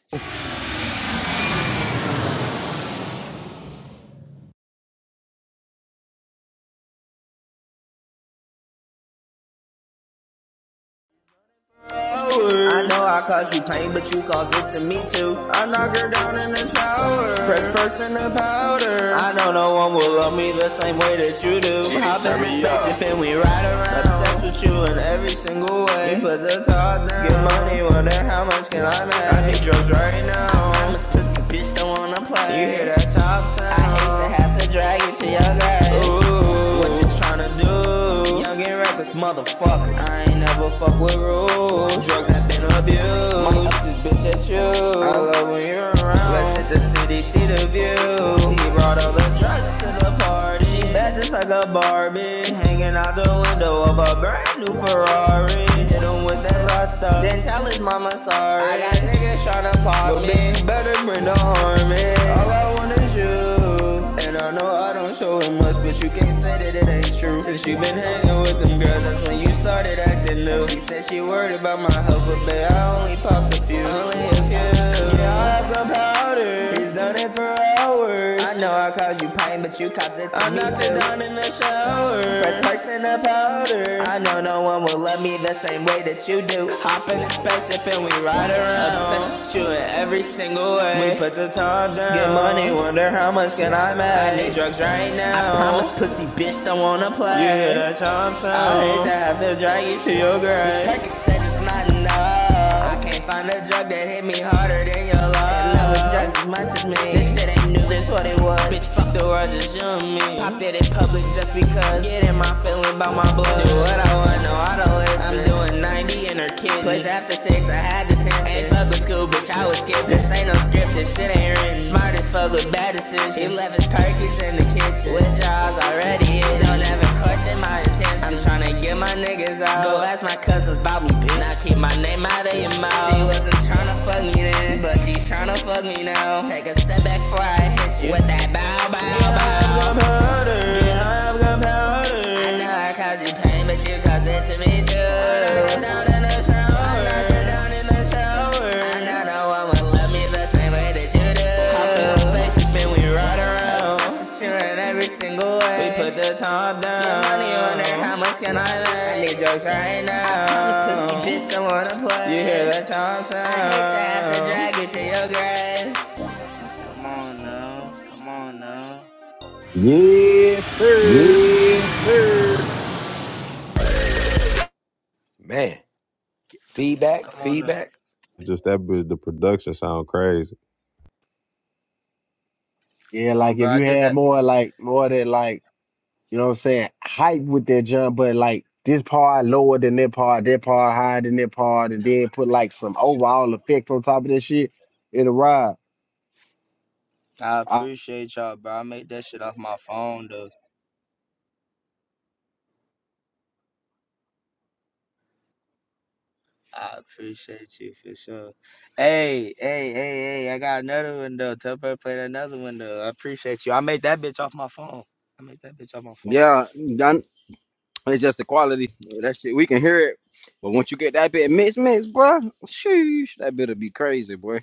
Speaker 4: I know I caused you pain, but you caused it to me too. I knock her down in the shower, press perks in the powder. I know no one will love me the same way that you do. Kitty, I've been me up. and we ride around, obsessed with you and ooh, you top down. Get money, wonder how much can I make? I need drugs right now. I'm now. pussy bitch, don't wanna play. You hear that top sound? I hate to have to drag you to your grave. Ooh, what you tryna do? Young and reckless motherfucker. I ain't never fuck with rules. Drugs have been Might abused. Might up this bitch at you. I love when you're around. Let's hit the city, see the view. He brought all the drugs to the a party. She bad just like a Barbie. Hanging out the window of a brand new Ferrari. Hit him with that rasta. Then tell his mama sorry. I got niggas tryna pop me. but Bitch, better bring the army. All I want is you. And I know I don't show it much, but you can't say that it ain't true. Since you been hanging with them girls, that's when you started acting new. She said she worried about my health, but babe, I only pop a few. Only a few. Yeah, I have the powder. He's done it for hours. I know I caused you pain, but you caused it to I'm me knocked too. it down in the shower. First person to powder. I know no one will love me the same way that you do. Hop in the spaceship and we ride around. Obsessed with you in every single way. We put the top down. Get money, wonder how much can I make? I need drugs right now. I promise, pussy bitch, don't wanna play. You play. hear that chomp sound? I hate to have to drag you to your grave. Text message me Pop that in public just because. Getting my feeling about my blood. Do what I want, no auto listen. I'm doing 90 in her kid. Place after six, I had the tension. Ain't public school, bitch, I was skipping. This ain't no script, this shit ain't written. Smart as fuck with bad decisions. He left his turkeys in the kitchen. With jaws already in. Don't ever question my intentions. I'm tryna get my niggas off. I keep tryna fuck me before I hit you. With that bow, bow, bow. I know I caused you pain, but you caused it to me too. No, no, no no one will love me the same way that you do. Chewing every single drag it to your grave.
Speaker 6: Come on now.
Speaker 17: Yes, sir.
Speaker 1: Man,
Speaker 6: Dude, Hey,
Speaker 1: feedback,
Speaker 6: come on now.
Speaker 1: feedback.
Speaker 17: Just that bit the production sound crazy.
Speaker 20: Yeah,
Speaker 6: Um,
Speaker 20: like
Speaker 6: bro,
Speaker 20: if
Speaker 6: I
Speaker 20: you
Speaker 6: did
Speaker 20: had
Speaker 6: that.
Speaker 20: more like more of that like you know what I'm saying, hype with that jump, but like this part lower than that part, that part higher than that part, and then put like some overall effects on top of that shit, it'll ride.
Speaker 6: I
Speaker 20: I,
Speaker 6: appreciate y'all, bro. I made that shit off my phone, though. I appreciate you for sure. Hey, hey, hey, hey, I got another window. Tell her to play that another window. I appreciate you. I made that bitch off my phone. I made that bitch off my phone.
Speaker 11: Yeah, done. It's just the quality. That shit, we can hear it. But once you get that bit mixed, mixed, bro, sheesh, that bit'll be crazy, boy.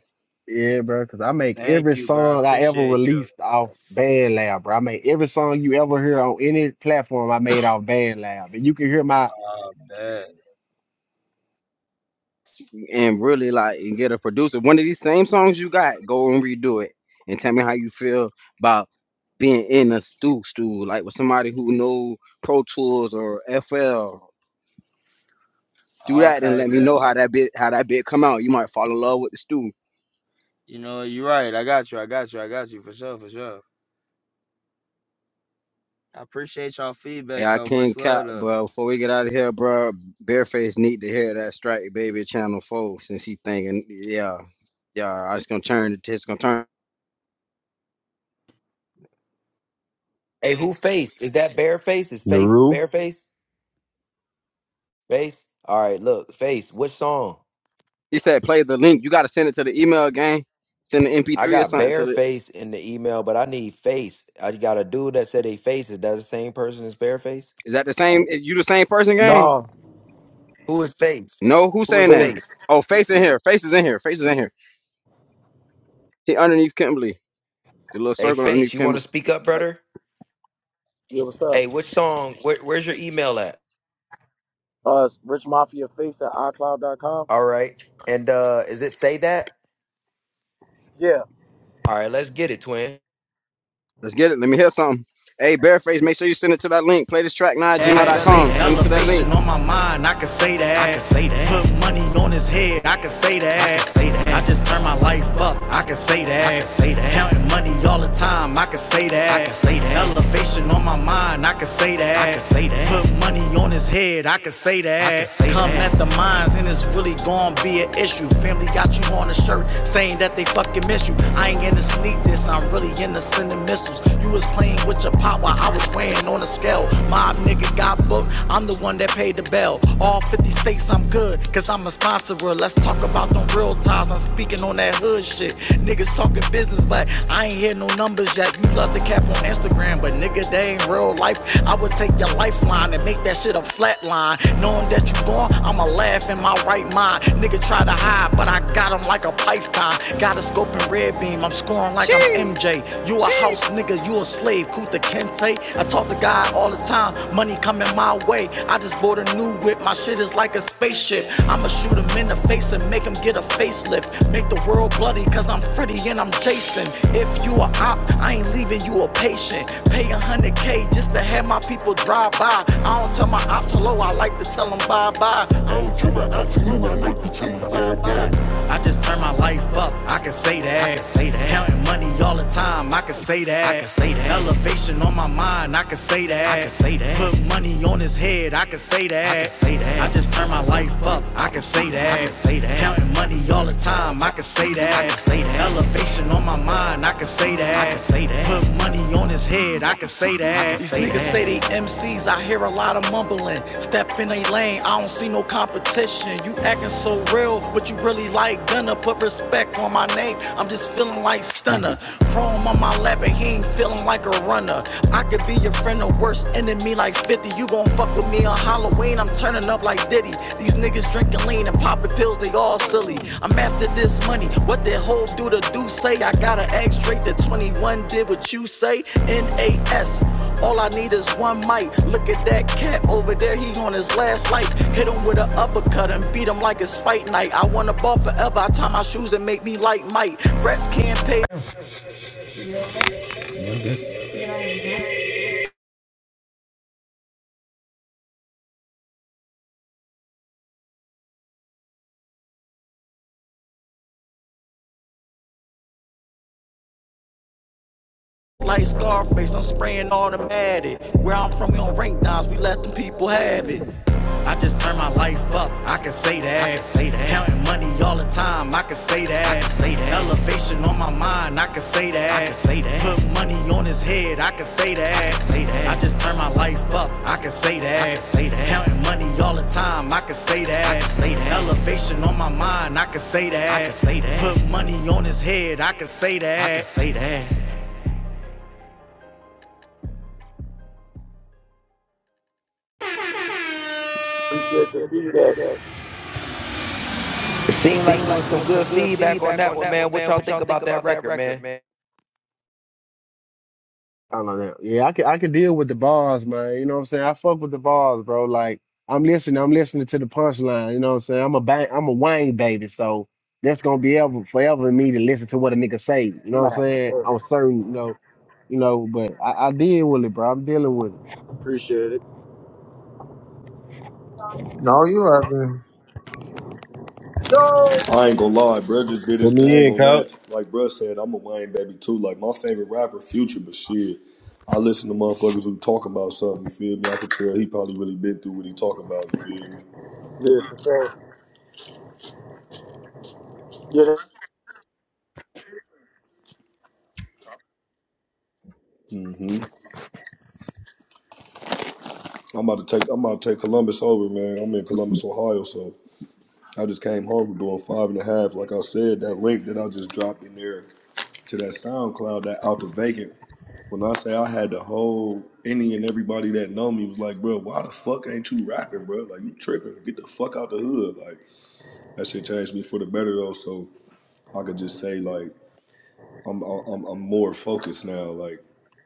Speaker 20: yeah, bro, cause I make
Speaker 6: Thank
Speaker 20: every
Speaker 6: you, bro. I
Speaker 20: song I ever
Speaker 6: appreciate you.
Speaker 20: released off BandLab, bro. I make every song you ever hear on any platform I made off BandLab, and you can hear my
Speaker 6: Oh, bet.
Speaker 11: And really, like, and get a producer. One of these same songs you got, go and redo it. And tell me how you feel about being in a stew, stew, like with somebody who know Pro Tools or FL. Do that and
Speaker 6: Okay,
Speaker 11: let me
Speaker 6: bet.
Speaker 11: know how that bit, how that bit come out. You might fall in love with the stew.
Speaker 6: You know, you're right. I got you. I got you. I got you for sure, for sure. I appreciate y'all feedback
Speaker 11: Yeah, I
Speaker 6: though. Much
Speaker 11: can't cap,
Speaker 6: love though.
Speaker 11: bro. Before we get out of here, bro, Bareface need to hear that Strike Baby Channel 4 since he thinking, yeah, yeah, I just gonna turn it, just gonna turn.
Speaker 1: Hey, who face? Is that bare face? Is face
Speaker 17: Naru,
Speaker 1: bare face? Face? All right, look, face. Which song?
Speaker 11: He said, play the link. You gotta send it to the email, gang. Send the
Speaker 1: I
Speaker 11: MP3 or
Speaker 1: got
Speaker 11: something to
Speaker 1: bare
Speaker 11: the.
Speaker 1: face in the email, but I need face. I got a dude that said a face. Is that the same person as bare face?
Speaker 11: Is that the same? Is you the same person, gang?
Speaker 7: Nah,
Speaker 1: Who is face?
Speaker 11: No, who's
Speaker 1: Who
Speaker 11: saying
Speaker 1: is
Speaker 11: that?
Speaker 7: Face.
Speaker 1: face?
Speaker 11: Oh, Face in here. Face is in here. Face is in here. He underneath Kimberly. The little
Speaker 1: Hey,
Speaker 11: circle
Speaker 1: face.
Speaker 11: underneath
Speaker 1: You want to
Speaker 11: Kimberly.
Speaker 1: speak up,
Speaker 11: Like,
Speaker 1: brother?
Speaker 7: Yeah, what's
Speaker 1: Hey,
Speaker 7: up?
Speaker 1: which song? Where, where's your email at?
Speaker 7: Uh, it's Rich Mafia Face at iCloud. dot Com.
Speaker 1: All right. And uh is it say that?
Speaker 7: Yeah,
Speaker 1: All right, let's get it, twin.
Speaker 11: let's get it. Let me hear something. Hey, Bareface, make sure you send it to that link. Play this track now at
Speaker 4: I can say
Speaker 11: gmail.com.
Speaker 4: that
Speaker 11: Send it to that
Speaker 4: elevation
Speaker 11: link.
Speaker 4: on my mind, I can say that. I can say that. Put money on his head, I can say that. I can say that. I just turn my life up, I can say that. I can say that. Counting money all the time, I can say that. I can say that. Elevation on my mind, I can say that. I can say that. Put money on his head, I can say that. I can say Come that. at the mines and it's really gon' be an issue. Family got you on a shirt saying that they fucking miss you. I ain't in the sneak this, I'm really in the sending missiles. You was playing playing with your pot while I was weighing on a scale. Mob nigga got booked, I'm the one that paid the bell. All 50 states, I'm good, cause I'm a sponsorer. Let's talk about them real ties, I'm speaking on that hood shit. Niggas talking business, but I ain't hear no numbers yet. You love the cap on Instagram, but nigga, they ain't real life. I would take your lifeline and make that shit a flat line. Knowing that you gone, I'ma laugh in my right mind. Nigga try to hide, but I got him like a python. Got a scope and red beam, game. I'm scoring like I'm
Speaker 11: Sheesh.
Speaker 4: MJ. You a house nigga, you a slave. Kuta Kente. I talk to God all the time. Money coming my way. I just bought a new whip. My shit is like a spaceship. I'ma shoot him in the face and make him get a facelift. Make the world bloody, cause I'm Freddy and I'm Jason. If you a op, I ain't leaving you a patient. Pay a hundred K just to have my people drive by. I don't tell my ops hello, I like to tell them bye bye. I don't tell my ops hello, I like to tell them bye bye. I just turn my life up. I can say that. I can say that. Counting money all the time. I can say that. I can say that. Elevation on my mind. I can say that. I can say that. Put money on his head. I can say that. I can say that. I just turn my life up. I can say that. I can say that. Counting money all the time. I can say say that. I can say that. Elevation on my mind, I can say that. I can say that. Put money on his head, I can say that. I can These say niggas that. say they MCs, I hear a lot of mumbling. Step in a lane, I don't see no competition. You acting so real, but you really like gonna put respect on my name. I'm like stunner, chrome on my lap and he ain't feeling like a runner. I could be your friend or worst enemy like 50. You gon' fuck with me on Halloween, I'm turning up like Diddy. These niggas drinking lean and popping pills, they all silly. I'm after this money, what that hoe do the do say? I got an X straight that 21 did what you say. NAS, all I need is one, my shoes and make me like Mike. Rex can't pay Like Scarface, I'm spraying automatic. Where I'm from, we don't rank downs. we let them people have it. I just turn my life up, I can say that. I can say that. Counting money all the time, I can say that. I can say that. Elevation on my mind, I can say that. I can say that. Put money on his head, I can say that. I can say that. I just turn my life up, I can say that. I can say that. Counting money all the time, I can say that. I can say that. Elevation on my mind, I can say that. I can say that. Put money on his head, I can say that. I can say that.
Speaker 7: appreciate the feedback.
Speaker 1: It
Speaker 4: It
Speaker 1: seemed like
Speaker 4: seemed
Speaker 1: it
Speaker 4: like
Speaker 1: was
Speaker 4: it
Speaker 1: some
Speaker 4: was
Speaker 1: good
Speaker 4: some good
Speaker 1: feedback on
Speaker 4: feedback
Speaker 1: that
Speaker 4: on
Speaker 1: one,
Speaker 4: that
Speaker 1: man.
Speaker 4: one,
Speaker 1: What
Speaker 4: man.
Speaker 1: y'all
Speaker 4: What y'all
Speaker 1: think
Speaker 4: think
Speaker 1: about that
Speaker 4: about that
Speaker 1: record, man?
Speaker 4: record, man?
Speaker 20: I don't know. Yeah, I can I can deal with the bars, man. You know what I'm saying? I fuck with the bars, bro. Like I'm listening, I'm listening to the punchline. You know what I'm saying? I'm a bang, I'm a Wayne baby, so that's gonna be ever forever me to listen to what a nigga say. You know what I'm
Speaker 7: Nah,
Speaker 20: saying?
Speaker 7: yeah,
Speaker 20: I'm certain, you know, you know. But I, I deal with it, bro. I'm dealing with it.
Speaker 7: appreciate it.
Speaker 24: No, you haven't.
Speaker 3: I ain't gonna lie, bro. Just did his
Speaker 17: put
Speaker 3: thing
Speaker 17: me in,
Speaker 3: on
Speaker 17: coach.
Speaker 3: that. Like bruh said, I'm a Wayne baby too. Like my favorite rapper, Future, but shit, I listen to motherfuckers who talking about something. You feel me? I could tell he probably really been through what he talking about. You feel me?
Speaker 7: Yeah, for sure. Yeah,
Speaker 3: Mm-hmm. I'm about to take. I'm about to take Columbus over, man. I'm in Columbus, Ohio, so I just came home from doing five and a half. Like I said, that link that I just dropped in there to that SoundCloud, that out the vacant When I say I had the whole any and everybody that know me was like, bro, why the fuck ain't you rapping, bro? Like you tripping? Get the fuck out the hood. Like that shit changed me for the better though. So I could just say like I'm I'm I'm more focused now. Like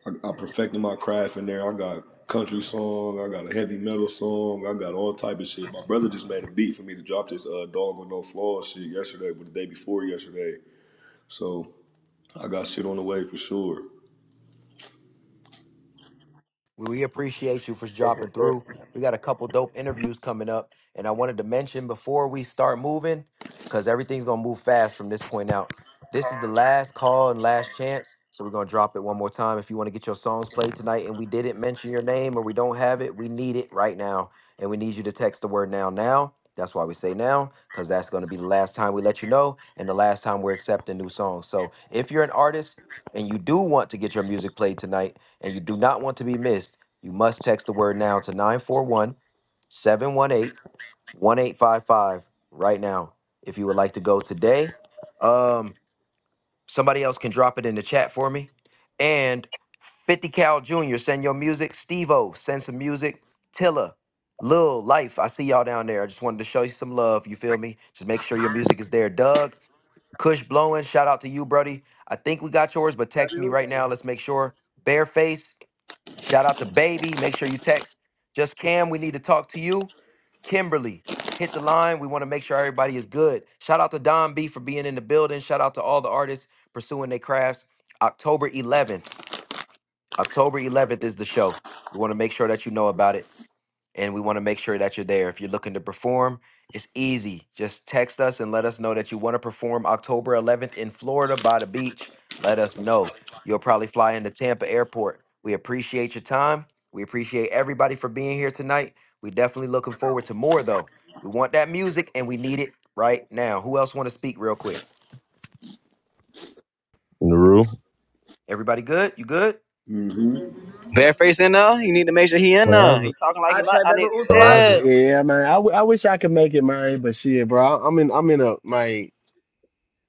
Speaker 3: I, I perfected my craft in there. I got country song. I got a heavy metal song. I got all type of shit. My brother just made a beat for me to drop this uh, dog with no flaws shit yesterday, but the day before yesterday. So I got shit on the way for sure.
Speaker 1: We, we appreciate you for
Speaker 7: that's
Speaker 1: dropping
Speaker 7: for
Speaker 1: through.
Speaker 7: sure.
Speaker 1: We got a couple dope interviews coming up. And I wanted to mention before we start moving, because everything's going to move fast from this point out. This is the last call and last chance. So we're going to drop it one more time. If you want to get your songs played tonight and we didn't mention your name or we don't have it, we need it right now. And we need you to text the word now, now. That's why we say now, because that's going to be the last time we let you know and the last time we're accepting new songs. So if you're an artist and you do want to get your music played tonight, and you do not want to be missed, you must text the word now to 941, 718 1855 right now if you would like to go today. Um, somebody else can drop it in the chat for me. And 50 Cal Jr., send your music. Steve O, send some music. Tilla, Lil, Life, I see y'all down there. I just wanted to show you some love. You feel me? Just make sure your music is there. Doug, Kush Blowing, shout out to you, Brody. I think we got yours, but text
Speaker 24: Baby
Speaker 1: me right
Speaker 24: Uto.
Speaker 1: now. Let's make sure. Bareface, Shout out to Baby. Make sure you text just Cam. We need to talk to you. Kimberly, hit the line. We want to make sure everybody is good. Shout out to Don B for being in the building. Shout out to all the artists pursuing their crafts. October 11th. October 11th is the show. We want to make sure that you know about it and we want to make sure that you're there. If you're looking to perform, it's easy. Just text us and let us know that you want to perform October 11th in Florida by the beach. Let us know. You'll probably fly into Tampa Airport. We appreciate your time. We appreciate everybody for being here tonight. We definitely looking forward to more though. We want that music and we need it right now. Who else want to speak real quick?
Speaker 17: Naru.
Speaker 1: Everybody good? You good?
Speaker 3: mm hmm
Speaker 11: Bareface in there. You need to make sure he in there.
Speaker 13: forever,
Speaker 11: He talking like he
Speaker 24: I
Speaker 11: like.
Speaker 24: play
Speaker 11: I need to
Speaker 24: Baby Uto
Speaker 11: say
Speaker 13: forever,
Speaker 11: it.
Speaker 24: after.
Speaker 20: Yeah, man. I, w- I wish I could make it, man. But shit, bro. I, I'm in I'm in a my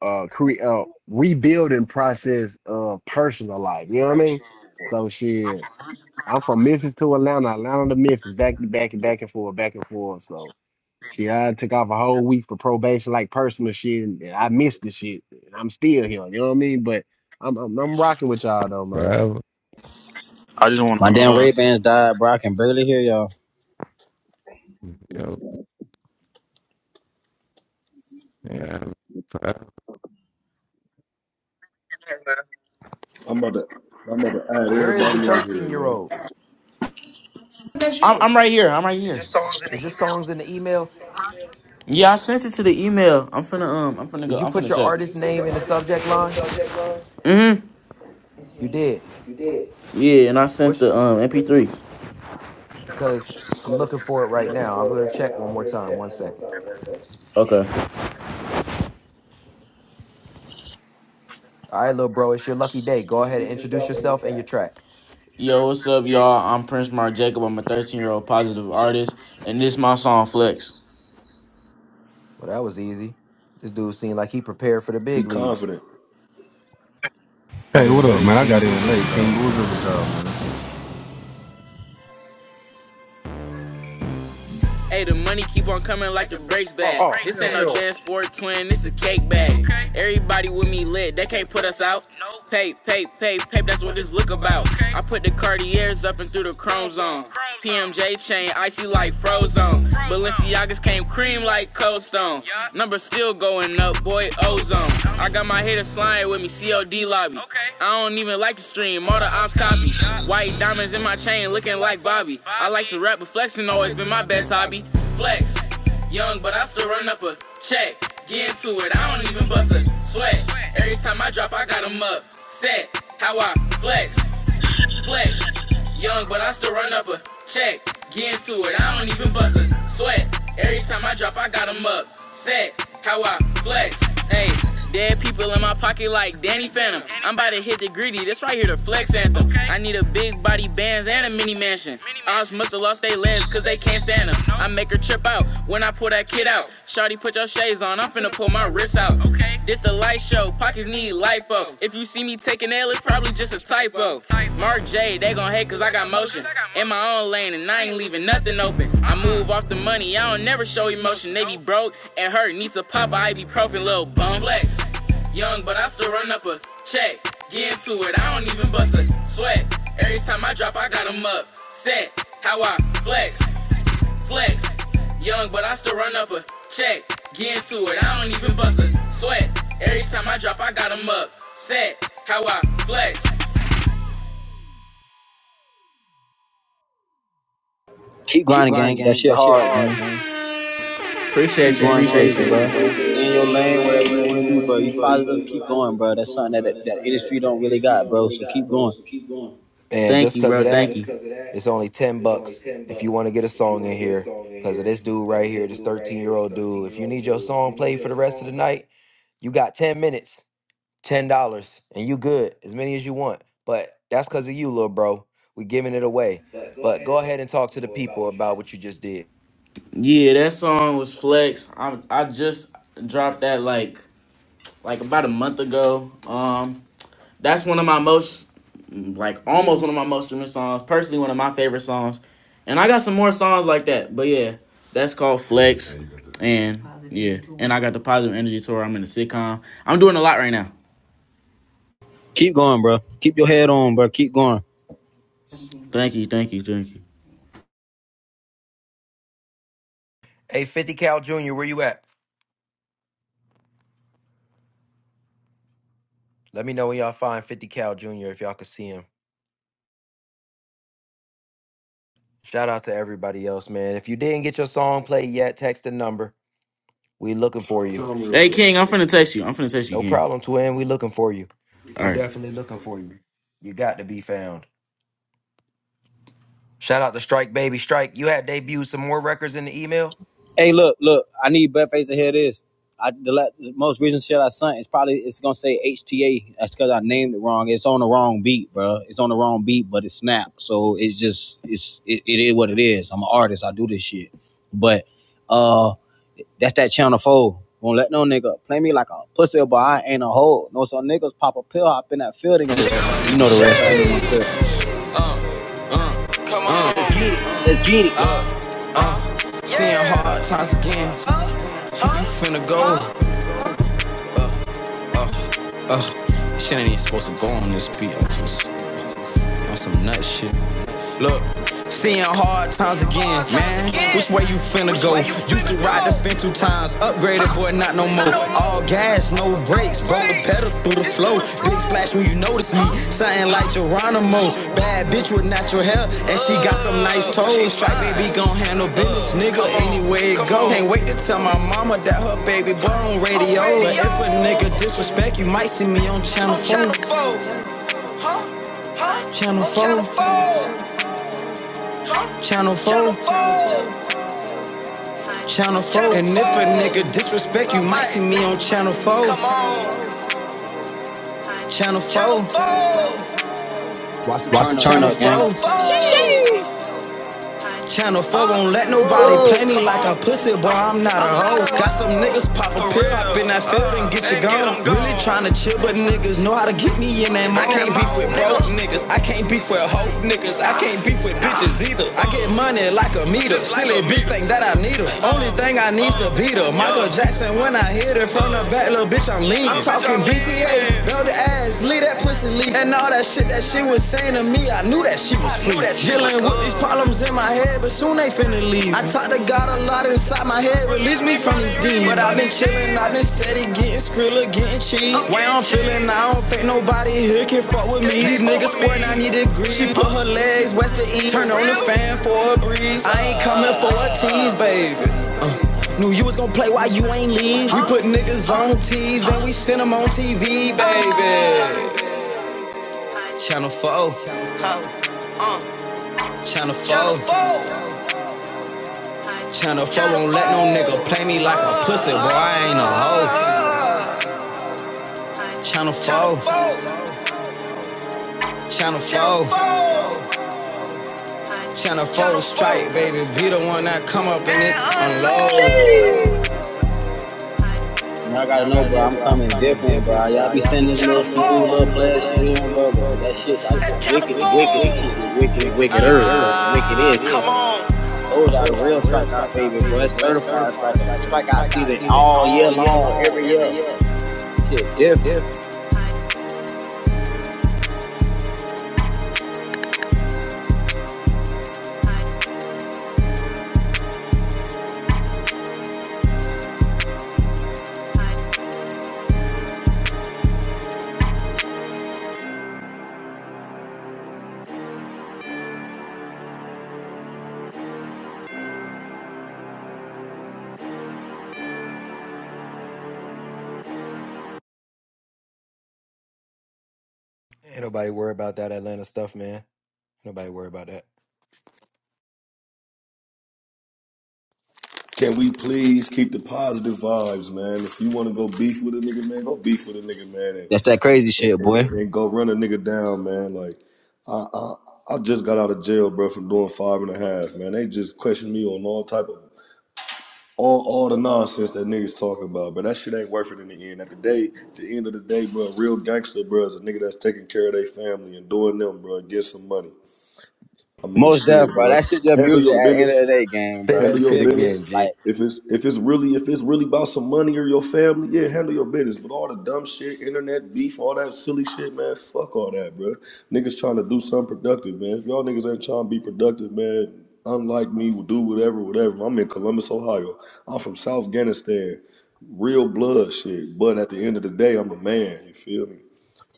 Speaker 20: uh cre uh rebuilding process of personal life. You know what I mean? So shit. I'm from Memphis to Atlanta, Atlanta to Memphis, back to back and back and forth, back and forth. So she I took off a whole week for probation, like personal shit, and and I missed the shit. And I'm still here. You know what I mean? But I'm I'm, I'm rocking with y'all though, man.
Speaker 13: forever.
Speaker 2: I just wanna
Speaker 11: My damn
Speaker 2: uh.
Speaker 11: Ray Bans died, bro. I can barely hear y'all.
Speaker 13: Yo, yeah, forever.
Speaker 3: I'm about to I'm about to add
Speaker 1: Where is the
Speaker 3: everybody on here, man.
Speaker 1: 13-year-old?
Speaker 9: I'm, I'm right here. I'm right here.
Speaker 1: Is your songs in the email?
Speaker 9: Yeah, I sent it to the email. I'm finna um. I'm finna
Speaker 1: Did
Speaker 9: go.
Speaker 1: you
Speaker 9: I'm
Speaker 1: put
Speaker 9: finna
Speaker 1: your
Speaker 9: check. Did you
Speaker 1: artist
Speaker 9: put
Speaker 1: name
Speaker 9: your
Speaker 1: in the
Speaker 9: artist name
Speaker 1: subject
Speaker 9: in the
Speaker 1: line?
Speaker 9: subject, line? Mm-hmm.
Speaker 1: You did.
Speaker 9: Yeah, and I sent the um MP3.
Speaker 1: because I'm looking for it right now. I'm going to check one more time. One second.
Speaker 9: Okay.
Speaker 1: All right, little bro, it's your lucky day. Go ahead and introduce yourself and your track.
Speaker 9: Yo, what's up, y'all? I'm Prince Mark Jacob. I'm a 13 year old positive artist, and this is my song Flex.
Speaker 1: Well, that was easy. This dude seemed like he prepared for the
Speaker 3: He
Speaker 1: big leagues.
Speaker 3: confident.
Speaker 25: Hey,
Speaker 1: Yes,
Speaker 25: what
Speaker 1: sir.
Speaker 25: up, man? I got in late. King, but what's up with y'all, man?
Speaker 4: Hey, the money keep on coming like the brakes bag.
Speaker 26: Oh
Speaker 4: This ain't no
Speaker 26: hell
Speaker 4: Jan Sport twin, this a cake bag. Everybody with me lit, they can't put us out. Pay, pay, pay, pay, that's what this look about. I put the Cartiers up and through the chrome zone. PMJ chain, icy like Frozone. Balenciagas came cream like Cold Stone. Numbers still going up, boy, ozone. I got my haters sliding with me, COD lobby. I don't even like the stream, all the ops copy. White diamonds in my chain lobby. Flex, young, but I still run up a check. Get into it, I don't even bust a sweat. Every time I drop, I got 'em up. Set, how I flex, flex. Young, but I still run up a check. Get into it, I don't even bust a sweat. Every time I drop, I got 'em up. Set, how I flex, ayy. Dead people in my pocket like Danny Phantom. I'm about to hit the grid out. Navy beats a pop, I be profin' little bum.
Speaker 11: Keep grinding, gang. That shit hard, gang. Keep
Speaker 9: Appreciate you,
Speaker 11: going
Speaker 9: appreciate
Speaker 11: crazy,
Speaker 9: you.
Speaker 11: bro. Stay in your lane, whatever you want to do, bro. You positive, keep going, bro.
Speaker 9: keep
Speaker 11: That's something
Speaker 9: going,
Speaker 11: that,
Speaker 9: bro.
Speaker 11: that
Speaker 9: That's
Speaker 11: that
Speaker 9: something
Speaker 11: industry
Speaker 9: that
Speaker 11: don't
Speaker 9: that
Speaker 11: really
Speaker 9: industry
Speaker 11: got,
Speaker 9: don't
Speaker 11: bro.
Speaker 9: really
Speaker 11: So
Speaker 9: got,
Speaker 11: keep
Speaker 9: bro.
Speaker 11: going.
Speaker 9: So keep going.
Speaker 1: And
Speaker 9: Thank
Speaker 1: just
Speaker 9: you,
Speaker 1: because
Speaker 9: bro.
Speaker 1: of
Speaker 9: Yeah, Thank
Speaker 1: that,
Speaker 9: you.
Speaker 1: it's only 10 bucks if you want to get a song in here. Because of this dude right here, this 13 year old dude. If you need your song played for the rest of the night, you got 10 minutes. ten dollars and you good as many as you want but that's because of you little bro we giving it away but go ahead and talk to the people about what you just did
Speaker 9: Yeah, that song was Flex. I I just dropped that like like about a month ago. Um, that's one of my most like almost one of my most streaming songs. Personally, one of my favorite songs, and I got some more songs like that. But yeah, that's called Flex, Yeah, and yeah, and I got the Positive Energy Tour. I'm in the sitcom. I'm doing a lot right now.
Speaker 11: Keep going, bro. Keep your head on, bro. Keep going.
Speaker 9: Thank you, thank you, thank you.
Speaker 1: hey 50 cal jr where you at let me know when y'all find 50 cal jr if y'all could see him shout out to everybody else man if you didn't get your song played yet text the number we looking for you
Speaker 9: Hey King, I'm finna text you. I'm finna text you,
Speaker 1: no
Speaker 9: King.
Speaker 1: problem twin we looking for you
Speaker 9: All
Speaker 1: we
Speaker 9: right,
Speaker 1: definitely looking for you you got to be found shout out to strike baby strike you had debuted some more records in the email
Speaker 11: Hey, look, look. I need Buttface to hear this. I the, la- the most recent shit I sent is probably it's gonna say HTA. That's because I named it wrong. It's on the wrong beat, bro. It's on the wrong beat, but it's snap. So it's just it's it, it is what it is. I'm an artist. I do this shit. But uh, that's that channel four. Won't let no nigga play me like a pussy, but I ain't a hoe. No, some niggas pop a pill, hop in that field and get you. You know the rest. I ain't even gonna trip. Let's get it.
Speaker 4: All gas, no brakes, bro. The pedal through the flow. Big splash when you notice me. Something like Geronimo. Bad bitch with natural hair, and she got some nice toes. Strike baby gon' handle business, nigga. Anywhere it go. Can't wait to tell my mama that her baby boy on radio. But if a nigga disrespect, you might see me on channel four, channel four, channel four, channel four. And if a nigga disrespect, you might see me on channel four, channel four,
Speaker 11: Watch the turn
Speaker 4: channel
Speaker 11: up, gang.
Speaker 4: four,
Speaker 11: Sheesh.
Speaker 4: Channel 4 won't let nobody play me
Speaker 11: Ugh.
Speaker 4: like I'm pussy, boy. I'm not a hoe. Got some niggas pop a pill up in that field and get you gone. Really tryna chill, but niggas know how to get me in that mode. I can't beef with broke niggas. I can't beef with hoe niggas. I can't beef with bitches either. I get money like a meter. Silly bitch think that I need her. Only thing I need's to beat her. Michael Jackson when I hit her from the back, Bitch, I'm lean. I'm talking BTA. Belt the ass, leave that pussy leave. And all that shit that she was saying to me, I knew that she was free. Dealing with these problems in my head, but soon they finna leave. I talk to God a lot inside my head, release me from this demon. But I've been chillin', I've been steady, getting skrilla, getting cheese. Way I'm feeling, I don't think nobody here can fuck with me. These niggas square 90 degrees. She put her lead, turn on the fan for a breeze. I ain't channel 4, channel 4. Before won't let no nigga play me like a pussy, boy. I ain't a hoe. Channel 4, Channel 4, Channel 4 strike, baby. Be the one that come up in it, unload.
Speaker 11: Man, I gotta know, bro. I'm coming different, bro. Y'all be sending this
Speaker 4: Channel
Speaker 11: little
Speaker 4: four, channel
Speaker 11: smooth
Speaker 4: all be
Speaker 11: little
Speaker 4: sending them little, them little
Speaker 11: player shit
Speaker 4: flash
Speaker 11: in, bro.
Speaker 4: news,
Speaker 11: But that shit gotta get wicked and wicked. This shit get wicked and wickeder, boy. The wickedest, bro. Told y'all the real
Speaker 4: the real
Speaker 11: strikeout, baby,
Speaker 4: strikeout
Speaker 11: boy. That's
Speaker 4: fever, bll It's
Speaker 11: certified
Speaker 4: certified
Speaker 11: strike a strikeout
Speaker 4: strikeout,
Speaker 11: season
Speaker 4: strikeout fever
Speaker 11: all year
Speaker 4: all year
Speaker 11: long, every
Speaker 4: long, every
Speaker 11: year.
Speaker 4: year.
Speaker 11: Shit different.
Speaker 1: ain't nobody worry about that atlanta stuff man Nobody worry about that.
Speaker 3: Can we please keep the positive vibes, man? If you want to go beef with a nigga, man, go beef with a nigga, man,
Speaker 11: That's that
Speaker 3: and,
Speaker 11: crazy
Speaker 3: and,
Speaker 11: shit, boy.
Speaker 3: and go run a nigga down, man. Like I, I I just got out of jail, bro, from doing five and a half, man. They just questioned me on all type of all all the nonsense that niggas talking about, but that shit ain't worth it in the end. At the day, the end of the day, bro, a real gangster, bro, is a nigga that's taking care of their family and doing them, bro, and get some money. I mean,
Speaker 11: Most
Speaker 3: shit,
Speaker 11: deaf, bro.
Speaker 3: bro.
Speaker 11: That shit just
Speaker 3: Handle
Speaker 11: music
Speaker 3: your
Speaker 11: at the end
Speaker 3: business.
Speaker 11: of the day, gang,
Speaker 1: Say
Speaker 11: bro.
Speaker 3: Handle
Speaker 11: You
Speaker 1: that
Speaker 3: your
Speaker 1: shit
Speaker 11: feel me?
Speaker 3: business.
Speaker 1: again,
Speaker 11: Like.
Speaker 1: Jit.
Speaker 3: If it's if it's really if it's really about some money or your family, yeah, handle your business. But all the dumb shit, internet beef, all that silly shit, man, fuck all that, bro. Niggas trying to do something productive, man. If y'all niggas ain't trying to be productive, man, unlike me, will do whatever, whatever. I'm in Columbus, Ohio. I'm from South Afghanistan. Real blood shit. But at the end of the day, I'm a man. You feel me?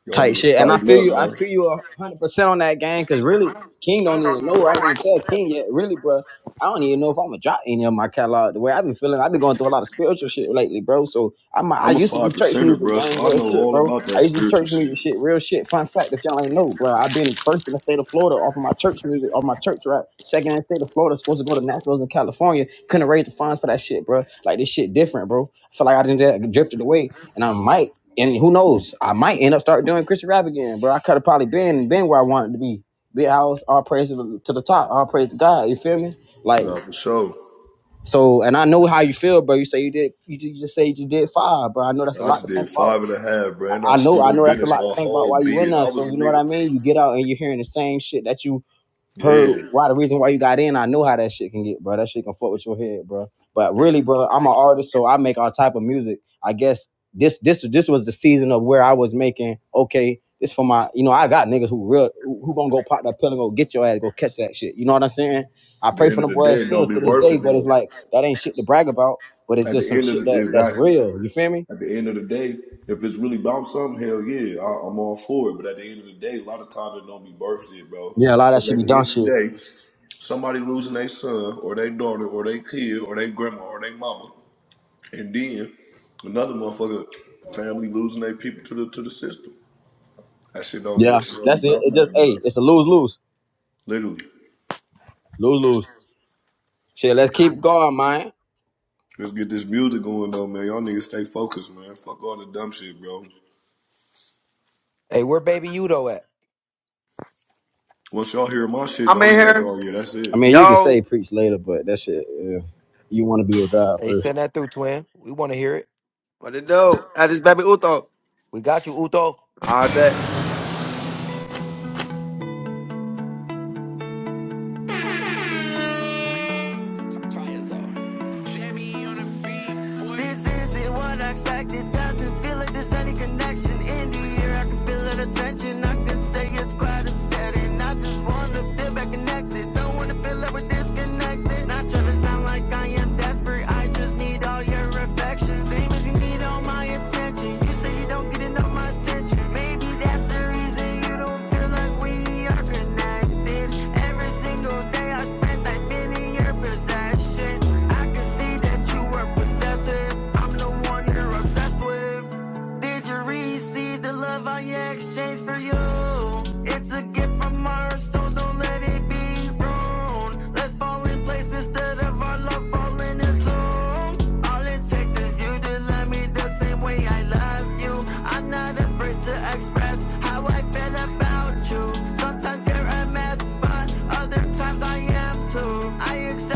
Speaker 3: Y'all
Speaker 11: type shit.
Speaker 3: niggas
Speaker 11: And I
Speaker 3: tighten
Speaker 11: feel
Speaker 3: up,
Speaker 11: you. I
Speaker 3: man.
Speaker 11: feel you a hundred percent on that game because really, King don't even know. I ain't even tell King yet. Really, bro, I don't even know if I'm gonna drop any of my catalog. The way I've been feeling, I've been going through a lot of spiritual shit lately, bro. So I'm. I
Speaker 3: I'm a
Speaker 11: used to
Speaker 3: five
Speaker 11: do church
Speaker 3: percenter,
Speaker 11: music,
Speaker 3: bro,
Speaker 11: gang,
Speaker 3: so I
Speaker 11: real
Speaker 3: know
Speaker 11: shit,
Speaker 3: all
Speaker 11: bro.
Speaker 3: about that
Speaker 11: I used to do
Speaker 3: spiritual
Speaker 11: church music,
Speaker 3: shit.
Speaker 11: shit, real shit. Fun fact, if y'all ain't know, bro, I've been first in the state of Florida off of my church music, off my church rap. Second in the state of Florida, supposed to go to Nationals in California. Couldn't raise the funds for that shit, bro. Like this shit different, bro. I feel like I didn't drifted away, and I might and who knows? I might end up start doing Christian rap again, bro. I could have probably been been where I wanted to be. Big house, all praise to the, to the top, all praise to God. You feel me? Like
Speaker 3: Nah, for sure.
Speaker 11: so, and I know how you feel, bro. You say you did, you just, you just say you just did five, bro. I know that's a
Speaker 3: I
Speaker 11: lot
Speaker 3: just
Speaker 11: to think
Speaker 3: did
Speaker 11: about.
Speaker 3: five and a half, bro, and I
Speaker 11: I know,
Speaker 3: stood
Speaker 11: I
Speaker 3: on
Speaker 11: know that's a
Speaker 3: business
Speaker 11: lot to
Speaker 3: my
Speaker 11: think about
Speaker 3: whole
Speaker 11: while you in
Speaker 3: being.
Speaker 11: there.
Speaker 3: I was
Speaker 11: So
Speaker 3: a
Speaker 11: you know what
Speaker 3: nigga.
Speaker 11: I mean? You get out and you're hearing the same shit that you heard
Speaker 3: Yeah.
Speaker 11: why the reason why you got in. I know how that shit can get, bro. That shit can fuck with your head, bro. But really, bro, I'm an artist, so I make all type of music. I guess this this this was the season of where I was making okay. This for my, you know, I got niggas who real who who gonna go pop that pill and go get your ass, go catch that shit. You know what I'm saying? I
Speaker 3: At the
Speaker 11: pray
Speaker 3: end
Speaker 11: for
Speaker 3: of
Speaker 11: the
Speaker 3: the
Speaker 11: boys
Speaker 3: day, it
Speaker 11: still
Speaker 3: don't be
Speaker 11: to this
Speaker 3: worth it
Speaker 11: day, but it's
Speaker 3: though.
Speaker 11: like that ain't shit to brag about. But it's
Speaker 3: At
Speaker 11: just
Speaker 3: the
Speaker 11: some
Speaker 3: end of
Speaker 11: shit
Speaker 3: the
Speaker 11: that that's
Speaker 3: exactly.
Speaker 11: real. You feel me?
Speaker 3: At the end of the day, if it's really about something, hell yeah, I, I'm all for it. But at the end of the day, a lot of times it don't be worth it, bro.
Speaker 11: Yeah, a lot of that
Speaker 3: Because
Speaker 11: should
Speaker 3: at
Speaker 11: be
Speaker 3: the
Speaker 11: done
Speaker 3: end of
Speaker 11: shit.
Speaker 3: the day, somebody losing their son or their daughter or their kid or their grandma or their mama And then another motherfucker family losing their people to the to the system. That shit don't be
Speaker 11: Yeah,
Speaker 3: that shit don't be
Speaker 11: that's it.
Speaker 3: about
Speaker 11: It just
Speaker 3: nothing, bro.
Speaker 11: hey, it's a lose lose,
Speaker 3: Literally.
Speaker 11: lose lose. Shit, let's keep going, man.
Speaker 3: Let's get this music going though, man. Y'all niggas stay focused, man. Fuck all the dumb shit, bro.
Speaker 1: Hey, where baby Udo at?
Speaker 3: Once y'all hear my shit,
Speaker 24: I'm
Speaker 3: y'all
Speaker 24: in
Speaker 3: gonna be like,
Speaker 24: here.
Speaker 3: oh yeah, that's
Speaker 11: I
Speaker 3: it.
Speaker 11: mean, you can say
Speaker 24: Yo,
Speaker 11: preach later, but that shit, yeah, you want to be with God
Speaker 1: Hey,
Speaker 11: first.
Speaker 1: send that through, twin. We want to hear it.
Speaker 24: what it do? That is baby Uto.
Speaker 1: We got you, Uto.
Speaker 24: I bet.
Speaker 4: There's any connection in the air. I can feel the tension. I can say it's quite upsetting. I just wanna feel back connected. Don't wanna feel like we're disconnected. Not trying to sound like I am desperate. I just need all your affection. Same as you need all my attention. You say you don't get enough my attention. Maybe that's the reason you don't feel like we are connected. Every single day I spent, I've been in your possession. I can work possessive. I'm the one you're obsessed with. See the love I exchange for you. Let it be ruined. My love falling into all in the same way I love you. I'm not afraid to express. I accept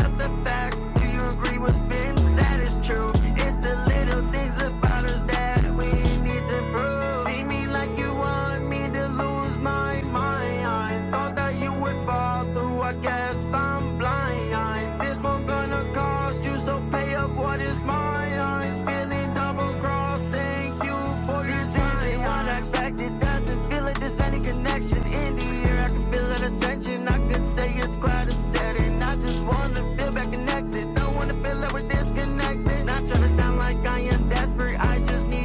Speaker 4: me to lose my mind. I Thought that you would fall through. I guess I'm blind. This one gonna call, so pay up what is mine. Thank you for this isn't what I expected. Doesn't feel like there's any connection in the air. I can feel that attention. I could say it's quite upsetting. I just wanna feel back connected. Don't wanna feel like we're disconnected. Not trying to sound like I am desperate. I just need.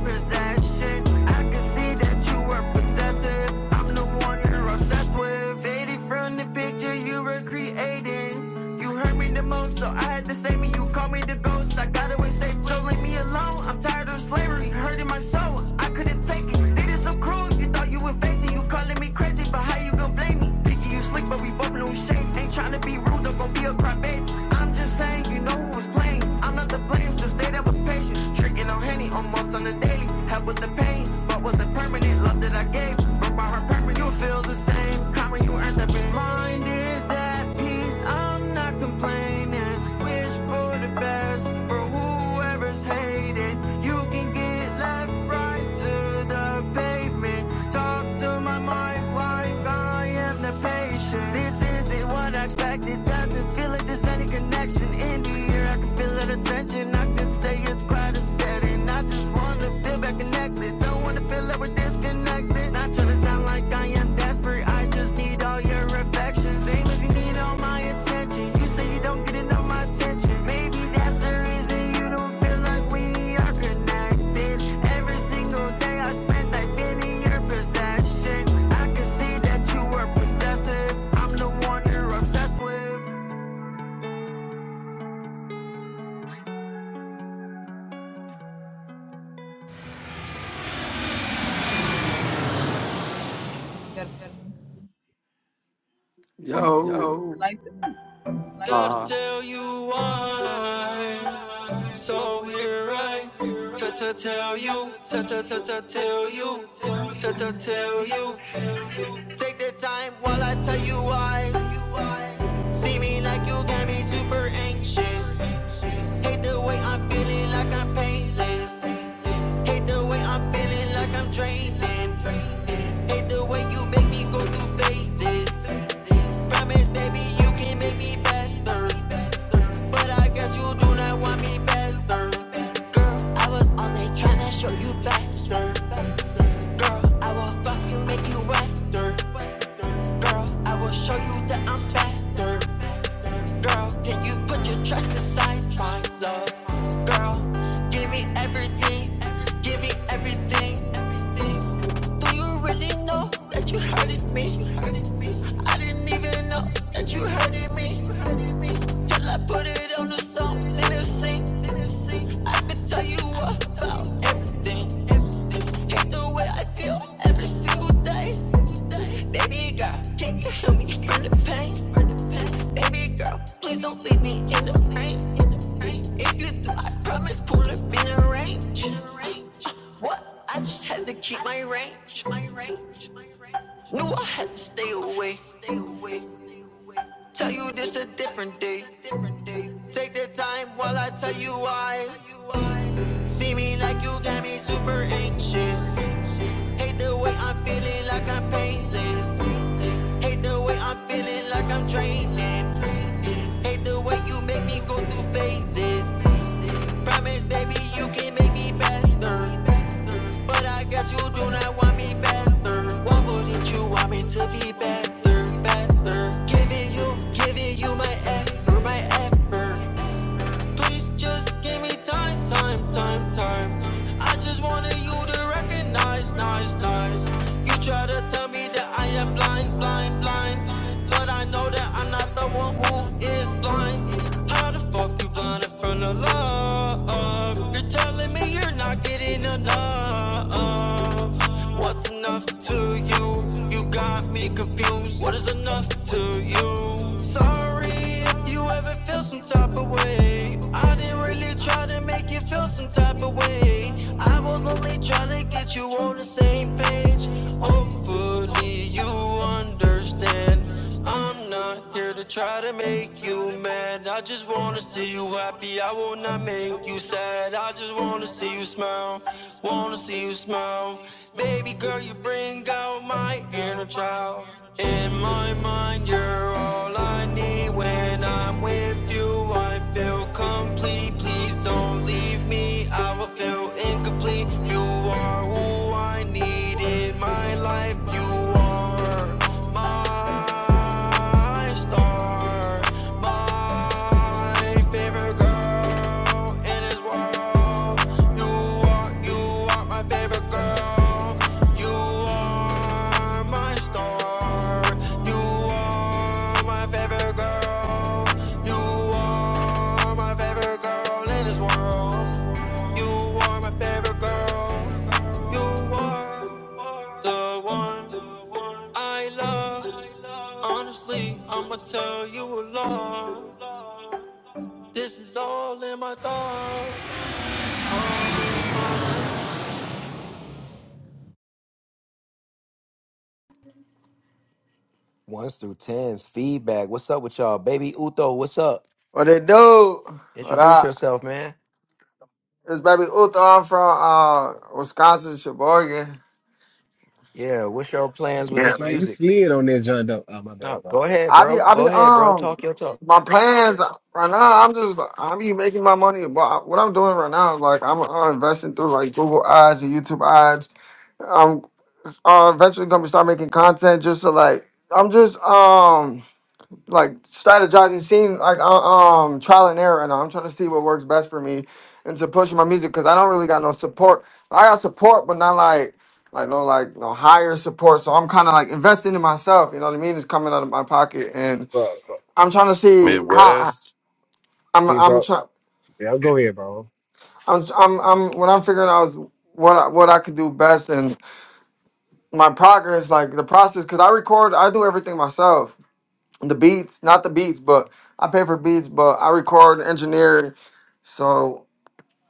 Speaker 4: your possession. I can see that you were possessive. I'm the one you're obsessed with. Faded from the picture you were creating. You hurt me the most, so I had to save me. You call me the ghost. I got away safe, so leave me alone. I'm tired of slavery, hurting my soul. I couldn't take it. They did so cruel. You thought you would face it. You how you gon' blame me? Picky, you slick, but we both know shade. Ain't tryna be rude, don't gon' be a crybaby. I'm just saying, you know who was playing. I'm not the blame, just stay there with patience. Tricking on Henny, almost on the daily. Help with the pain, but wasn't permanent. Love that I gave, broke by her permanent. You feel the same. Karma, you end up in mind is at peace, I'm not complaining. Wish for the best for whoever's hating. You can get left right to the pavement. Talk to my mic like I am the patient. This isn't what I expected. Doesn't feel like there's any connection. Maybe That's the reason you don't know what you obsessed with.
Speaker 22: Yeah, that's
Speaker 24: Yo.
Speaker 22: what life to me.
Speaker 24: Uh,
Speaker 4: Gotta Uh, tell you why. So we're right here I t- t- tell you, t- t- t- t- tell you, t- t- tell you. Take the time while I tell you why. See me like you got me super anxious. Hate the way I'm feeling like I'm painless. Hate the way I'm feeling like I'm draining. Hate the way you make me go through phases. Promise, baby, you can make me better. But I guess you do not want me better. Girl, I was on it trying to show you back. Girl, I will fuck you, make you wet. Girl, I will show you that I'm fat. Girl, can you put your trust aside, my love? Girl, give me everything, give me everything, everything. Do you really know that you hurted me? I didn't even know that you hurted me. Till I put it on the song, then it sing, I could tell you about everything. Hate the way I feel every single day. Baby girl, can you heal me from the pain? Baby girl, please don't leave me in the rain. If you do, I promise pull up in the range. Uh, What? I just had to keep my range. My range. Knew I had to stay away. Stay away. Stay away. Tell you this a different day. Take the time while I tell you why. See me like you got me super anxious. Hate the way I'm feeling like I'm painless. Hate the way I'm feeling like I'm draining. Hate the way you make me go through phases. Promise, baby, you can make me better. But I guess you do not want me better. Why wouldn't you want me to be better, better? Giving you, giving you my effort, my effort. Please just give me time, time, time, time. I just wanted you to recognize, nice, nice. You try to tell me that I am blind, blind, blind. Lord, I know that I'm not the one who is blind. How the fuck you blinded from the love? You're telling me you're not getting enough. What's enough to you? You got me confused. What is enough to you? Sorry if you ever feel some type of way. I didn't really try to make you feel some type of way. I was only trying to get you on the same page. Hopefully, you understand. I'm not here to try to make you mad. I just wanna see you happy. I will not make you sad. I just wanna see you smile. Wanna see you smile. Baby girl, you bring out my inner child. In my mind, you're all I need. When I'm with you, I feel complete. Please don't leave me, I will feel incomplete. You are who I need in my life. You are my star, my favorite girl in this world. You are, you are my favorite girl. my store. You're my favorite girl. You are my favorite girl in this world. You are my favorite girl. The one I love. Honestly, I'ma tell you a lie. This is all in my thoughts.
Speaker 1: Ones through tens, feedback. What's up with y'all? Baby Uto, what's up?
Speaker 24: what it do? What
Speaker 1: Introduce
Speaker 24: up?
Speaker 1: yourself, man.
Speaker 24: It's baby Uto. I'm from uh Wisconsin, Sheboygan.
Speaker 1: Yeah, what's your plans with
Speaker 20: Yeah,
Speaker 24: Yeah.
Speaker 1: this
Speaker 20: man, you
Speaker 1: music?
Speaker 20: slid on that joint though. Oh my
Speaker 1: No,
Speaker 20: bad, bro.
Speaker 1: go ahead,
Speaker 24: I be
Speaker 1: bro.
Speaker 24: I
Speaker 1: Go
Speaker 24: be
Speaker 1: ahead, bro.
Speaker 24: um
Speaker 1: Talk your talk.
Speaker 24: my plans right now. I'm just I be making my money. But what I'm doing right now is like I'm uh, investing through like Google ads and YouTube ads. uh, eventually gonna start making content just to like I'm just um like strategizing, seeing like uh, um trial and error, right now. I'm trying to see what works best for me and to push my music because I don't really got no support. I got support, but not like like no like no higher support. So I'm kind of like investing in myself. You know what I mean? It's coming out of my pocket, and
Speaker 20: Bro, bro.
Speaker 24: I'm trying to see how I,
Speaker 27: Midwest,
Speaker 24: I'm
Speaker 20: See,
Speaker 24: I'm
Speaker 20: bro.
Speaker 24: trying.
Speaker 20: Yeah, go ahead, bro.
Speaker 24: I'm, I'm, I'm, what I'm figuring out is what I, what I could do best and my progress, like the process, because I record, I do everything myself. the beats, not the beats, but I pay for beats, but I record and engineer. So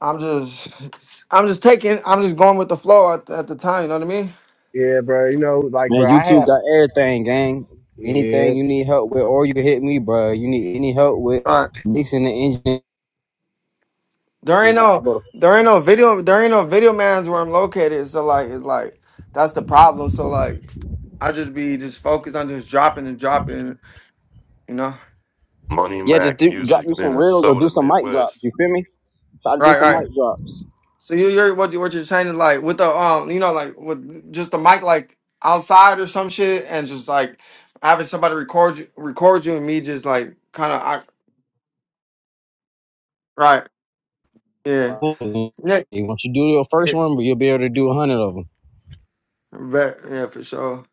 Speaker 24: I'm just, I'm just taking, I'm just going with the flow at, at the time. You know what I mean?
Speaker 20: Yeah, bro. You know, like
Speaker 11: Man,
Speaker 20: bro, I
Speaker 11: YouTube
Speaker 20: have
Speaker 11: got everything, gang.
Speaker 20: yeah,
Speaker 11: Anything you need help with, or you can hit me, bro. You need any help with
Speaker 24: Right.
Speaker 11: mixing the engine?
Speaker 24: There ain't
Speaker 11: I I
Speaker 20: see,
Speaker 24: no,
Speaker 11: go to,
Speaker 24: there ain't no video, there ain't no video man's where I'm located. So like, it's like that's the problem. So like, I just be just focused on just dropping and dropping. You know?
Speaker 27: Money
Speaker 11: yeah, just
Speaker 27: Mac,
Speaker 11: do, drop
Speaker 27: music,
Speaker 11: you some reels or do
Speaker 27: Minnesota,
Speaker 11: some mic drops.
Speaker 27: Midwest.
Speaker 11: You feel me? Try to do
Speaker 24: Right.
Speaker 11: some
Speaker 24: Right.
Speaker 11: mic drops.
Speaker 24: So you, you're what you what you're saying is like with the um you know like with just the mic like outside or some shit and just like having somebody record you record you and me just like kind of I right yeah
Speaker 11: Hey,
Speaker 24: yeah
Speaker 11: Once you do your first
Speaker 24: yeah
Speaker 11: one, you'll be able to do a hundred of them.
Speaker 24: Bet, yeah, for sure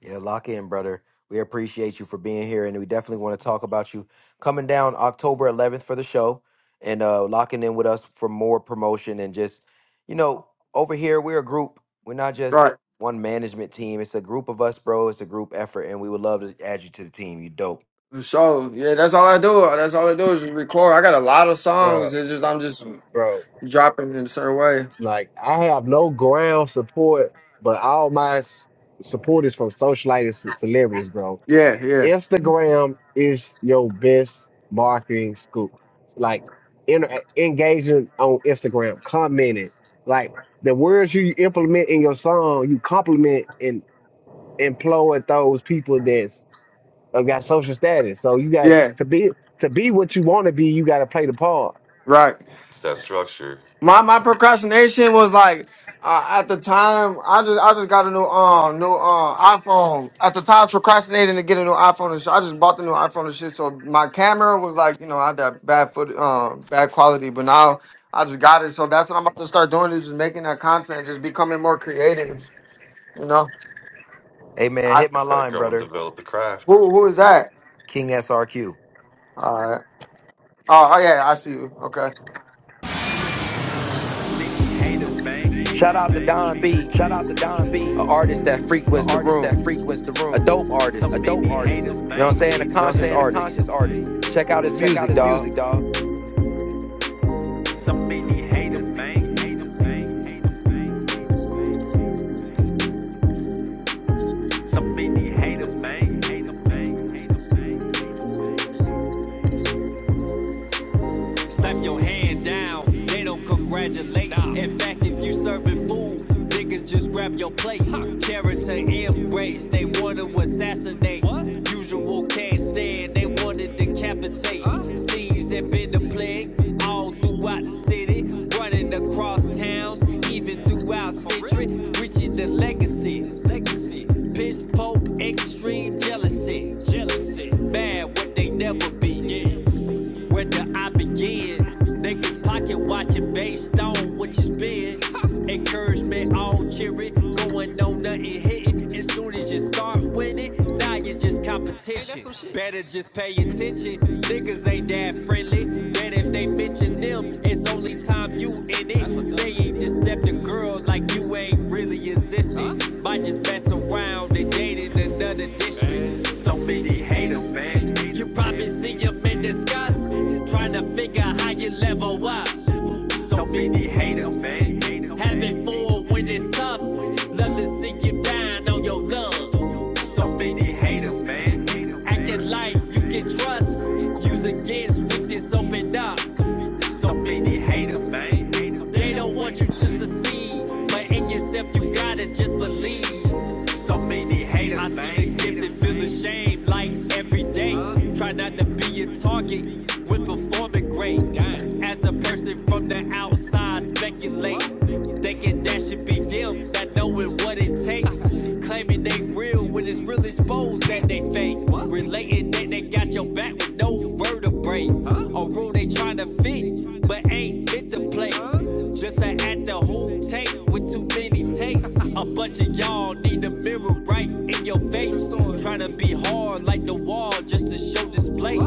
Speaker 1: Yeah, lock in, brother. We appreciate you for being here, and we definitely want to talk about you coming down October 11th for the show and uh, locking in with us for more promotion and just, you know, over here we're a group. We're not just
Speaker 24: right
Speaker 1: one management team. It's a group of us, bro. It's a group effort, and we would love to add you to the team. You dope.
Speaker 24: for sure yeah that's all I do that's all I do is record I got a lot of songs
Speaker 20: bro,
Speaker 24: it's just I'm just
Speaker 20: bro.
Speaker 24: dropping in a certain way
Speaker 20: Like I have no ground support, but all my s- support is from socialites and celebrities, bro.
Speaker 24: yeah yeah
Speaker 20: Instagram is your best marketing scoop. Like inter- engaging on Instagram, commenting, like the words you implement in your song, you compliment and employ those people that's have got social status. So you got
Speaker 24: yeah
Speaker 20: to be to be what you want to be. You got to play the part.
Speaker 24: right
Speaker 27: It's that structure.
Speaker 24: My my procrastination was like uh, at the time I just I just got a new um new uh iPhone. At the time, I was procrastinating to get a new iPhone and shit. I just bought the new iPhone and shit. So my camera was like you know I had that bad foot um bad quality, but now I just got it. So that's what I'm about to start doing is just making that content, just becoming more creative. You know,
Speaker 1: Hey, man,
Speaker 24: I,
Speaker 1: hit my
Speaker 27: Got to
Speaker 1: line,
Speaker 27: grow and
Speaker 1: brother.
Speaker 27: develop the craft.
Speaker 24: who who is that?
Speaker 1: King SRQ.
Speaker 24: All right. Oh, oh yeah, I see you. Okay.
Speaker 1: Shout out to Don B,
Speaker 4: Shout out to Don B,
Speaker 1: a
Speaker 4: an
Speaker 1: artist that frequents the
Speaker 4: artist
Speaker 1: room,
Speaker 4: that frequents the
Speaker 1: a
Speaker 4: room.
Speaker 1: dope artist.
Speaker 4: a dope artist,
Speaker 1: You know what I'm saying? A
Speaker 4: you know what I'm
Speaker 1: conscious
Speaker 4: saying? A
Speaker 1: artist.
Speaker 4: conscious artist.
Speaker 1: Check out his
Speaker 4: Check out
Speaker 1: music,
Speaker 4: his
Speaker 1: dog.
Speaker 4: music, dog. Hate him. Slap your hand down, they don't congratulate. In fact, if you serving food, niggas just grab your plate. Character embrace, they wanna assassinate. Usual can't stand, they wanna decapitate. Seems that been the plague all throughout the city, running across towns, even throughout Citrus, reaching the legacy. Legacy, piss poor, extreme jealousy. Yeah, based on encouragement, all cheery. That's competition. Hey, that's shit. Just pay. That's around. They dated another district. Man. So many haters, man. You probably see them in disgust. Trying to hate. Have it fine on your lung. Haters, man. Get life, you get trust. Use against with this open up. So man. They don't you to Feel ashamed like day. Try not to be a target when performing great. As a person from the outside, speculate. Thinking that should be them, not knowing what it takes. Claiming they real when it's real exposed that they fake. Relating that they got your back with no vertebrae. A rule they trying to fit, but ain't fit to play. Just an at the hoop tape with too many takes. A bunch of y'all need to face. Trying to be hard like the wall just to show display.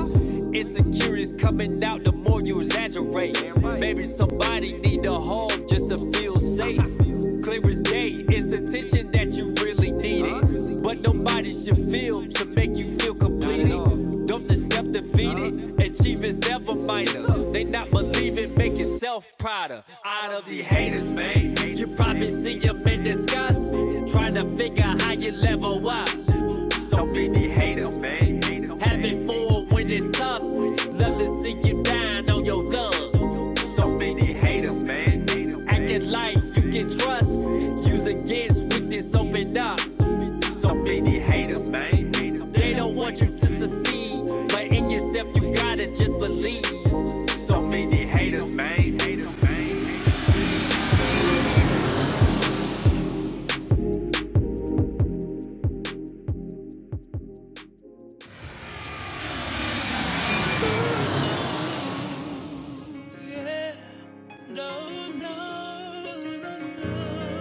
Speaker 4: Insecurities coming out the mortuary. Maybe somebody need a home just to feel safe. Clear as day, it's attention that you really needed. But nobody should feel to make you feel completed. Don't accept defeated, achieve his self. So play in yourself, you got so many.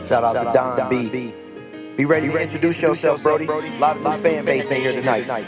Speaker 1: Shout out
Speaker 4: Shout
Speaker 1: to
Speaker 4: out to
Speaker 1: Don
Speaker 4: Don
Speaker 1: B.
Speaker 4: B.
Speaker 1: Be ready
Speaker 4: Be
Speaker 1: to
Speaker 4: ready to
Speaker 1: introduce
Speaker 4: introduce
Speaker 1: yourself,
Speaker 4: yourself,
Speaker 1: Brody.
Speaker 4: Brody.
Speaker 1: A lot of new
Speaker 4: Live new
Speaker 1: fan
Speaker 4: fan
Speaker 1: base in
Speaker 4: base
Speaker 1: here
Speaker 4: in here
Speaker 1: tonight.
Speaker 4: tonight.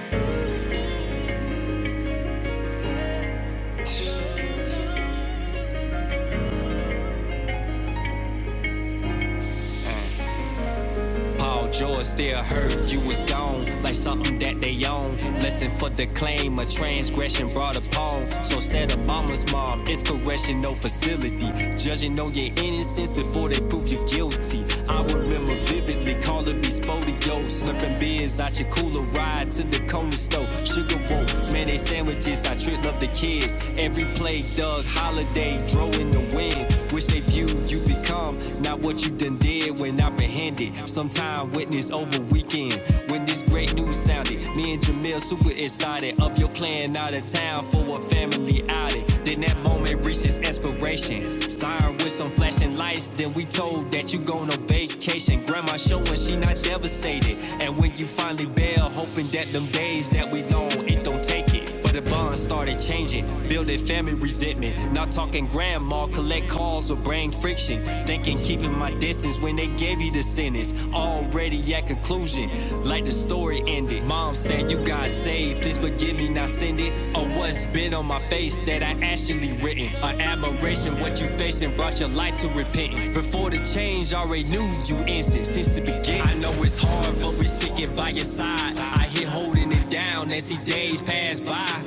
Speaker 4: Paul George still hurt, you was gone, like something that they own. Lesson for the claim, a transgression brought upon. So said Obama's mom, it's correction, no facility. Judging on your innocence before they prove you guilty. I remember vividly calling me Spodio, slurping beers out your cooler, ride to the corner store. Sugar roll, mayonnaise sandwiches, I tripped up the kids. Every play, Doug Holiday, drove in the wind. Which they viewed you become, not what you done did when apprehended. Sometime witness over weekend when this great news sounded. Me and Jamil super excited of your plan out of town for a family outing. Then that moment reaches expiration. Siren with some flashing lights. Then we told that you going on vacation. Grandma showing she not devastated. And when you finally bail, hoping that them days that we long it don't take it. But the bond started changing. Building family resentment. Not talking grandma, collect calls or brain friction. Thinking keeping my distance when they gave you the sentence. Already at conclusion, like the story ended. Mom said, You got saved, this forgive me, not send it. Or what's been on my face that I actually written. An admiration, what you facing brought your life to repentance. Before the change, already knew you innocent since the beginning. I know it's hard, but we sticking by your side. I hear holding it down as he days pass by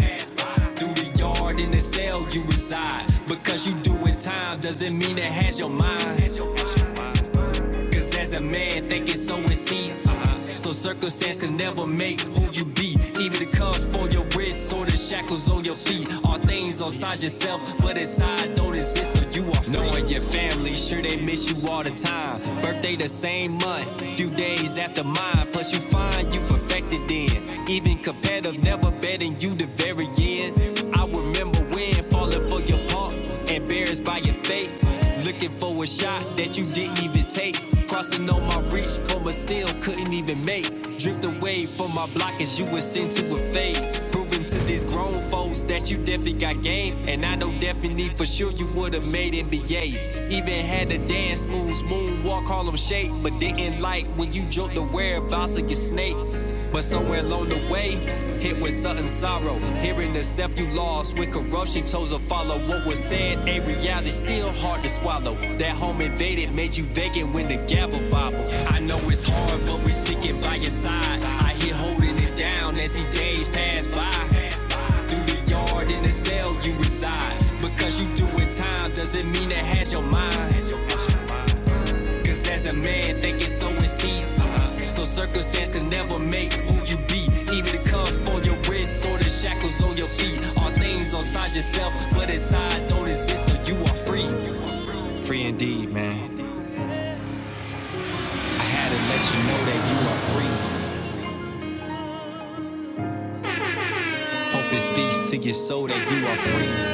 Speaker 4: through the yard in the cell you reside. Because you doing time doesn't mean it has your mind. Cause as a man, think it's so and see. So circumstance can never make who you be. Even the cuff on your wrist or the shackle feet are things inside yourself, but inside so you are free. Knowing your family, sure they miss you all the time. Birthday the same month, few days after mine. Plus, you find you perfected then. Even competitive, never betting you the very end. I remember when falling for your punk, embarrassed by your fate. Looking for a shot that you didn't even take. Crossing on my reach from a still couldn't even make. Drift away from my block as you were sent to a fade. Proving to these grown folks that you definitely got game. And I know definitely for sure you would have made NBA. Even had a dance Walk Harlem shape, but didn't like when you joked the whereabouts of your snake. But somewhere along the way, hit with sudden sorrow. Hearing the self you lost with corruption chose to follow what was said. A reality still hard to swallow. That home invaded made you vacant when the gavel bobbled. I know it's hard, but we are sticking by your side. I hear holding it down as these days pass by. Through the yard in the cell, you because you do not done. Think it's so and So circumstance can never make who you be. Even the cuff on your wrist or the shackles on your feet. All things itself. Indeed, man. Hope it speaks to your soul that you are free.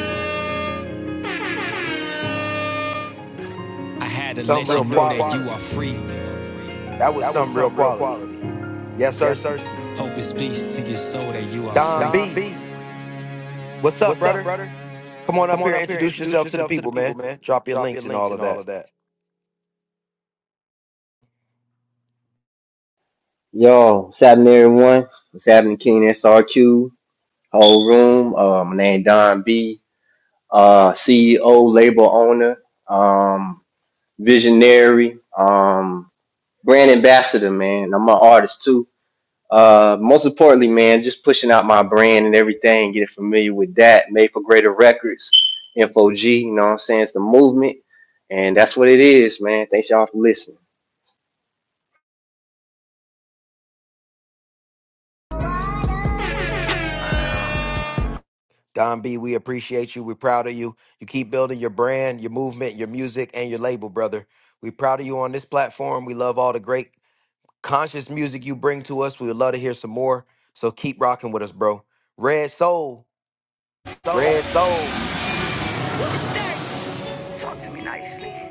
Speaker 4: I had to let
Speaker 1: Some real
Speaker 4: some you know real that quality.
Speaker 1: quality.
Speaker 4: you are
Speaker 1: That
Speaker 4: free.
Speaker 1: was
Speaker 4: That was
Speaker 1: some real
Speaker 4: some real
Speaker 1: quality.
Speaker 4: quality.
Speaker 1: Yes,
Speaker 4: Yes, sir.
Speaker 1: Ersky.
Speaker 4: Hope it speaks to your soul that you are free.
Speaker 1: Don
Speaker 4: Don
Speaker 1: B.
Speaker 4: B,
Speaker 1: What's up,
Speaker 4: what's up,
Speaker 1: brother?
Speaker 4: brother?
Speaker 1: Come on
Speaker 4: Come
Speaker 1: up here
Speaker 4: on
Speaker 1: and
Speaker 4: up here, and
Speaker 1: introduce
Speaker 4: introduce
Speaker 1: yourself to the
Speaker 4: yourself to the
Speaker 1: people,
Speaker 4: people,
Speaker 1: man.
Speaker 4: man.
Speaker 1: Drop your
Speaker 4: Drop your
Speaker 1: links and
Speaker 4: links
Speaker 1: all
Speaker 4: and
Speaker 1: of
Speaker 4: all of
Speaker 1: that.
Speaker 4: that.
Speaker 28: Yo, what's happening, everyone? What's happening, King SRQ, whole room? Uh, my name Don B, uh, CEO, label owner, um, visionary, um, brand ambassador, man. I'm an artist too. Uh, most importantly, man, just pushing out my brand and everything, getting familiar with that. Made for Greater Records, Info G, you know what I'm saying? It's the movement, and that's what it is, man. Thanks y'all for listening.
Speaker 1: Don B, we appreciate you. We're proud of you. You keep building your brand, your movement, your music, and your label, brother. We're proud of you on this platform. We love all the great conscious music you bring to us. We would love to hear some more. So keep rocking with us, bro. Red Soul,
Speaker 4: So,
Speaker 1: Red Soul.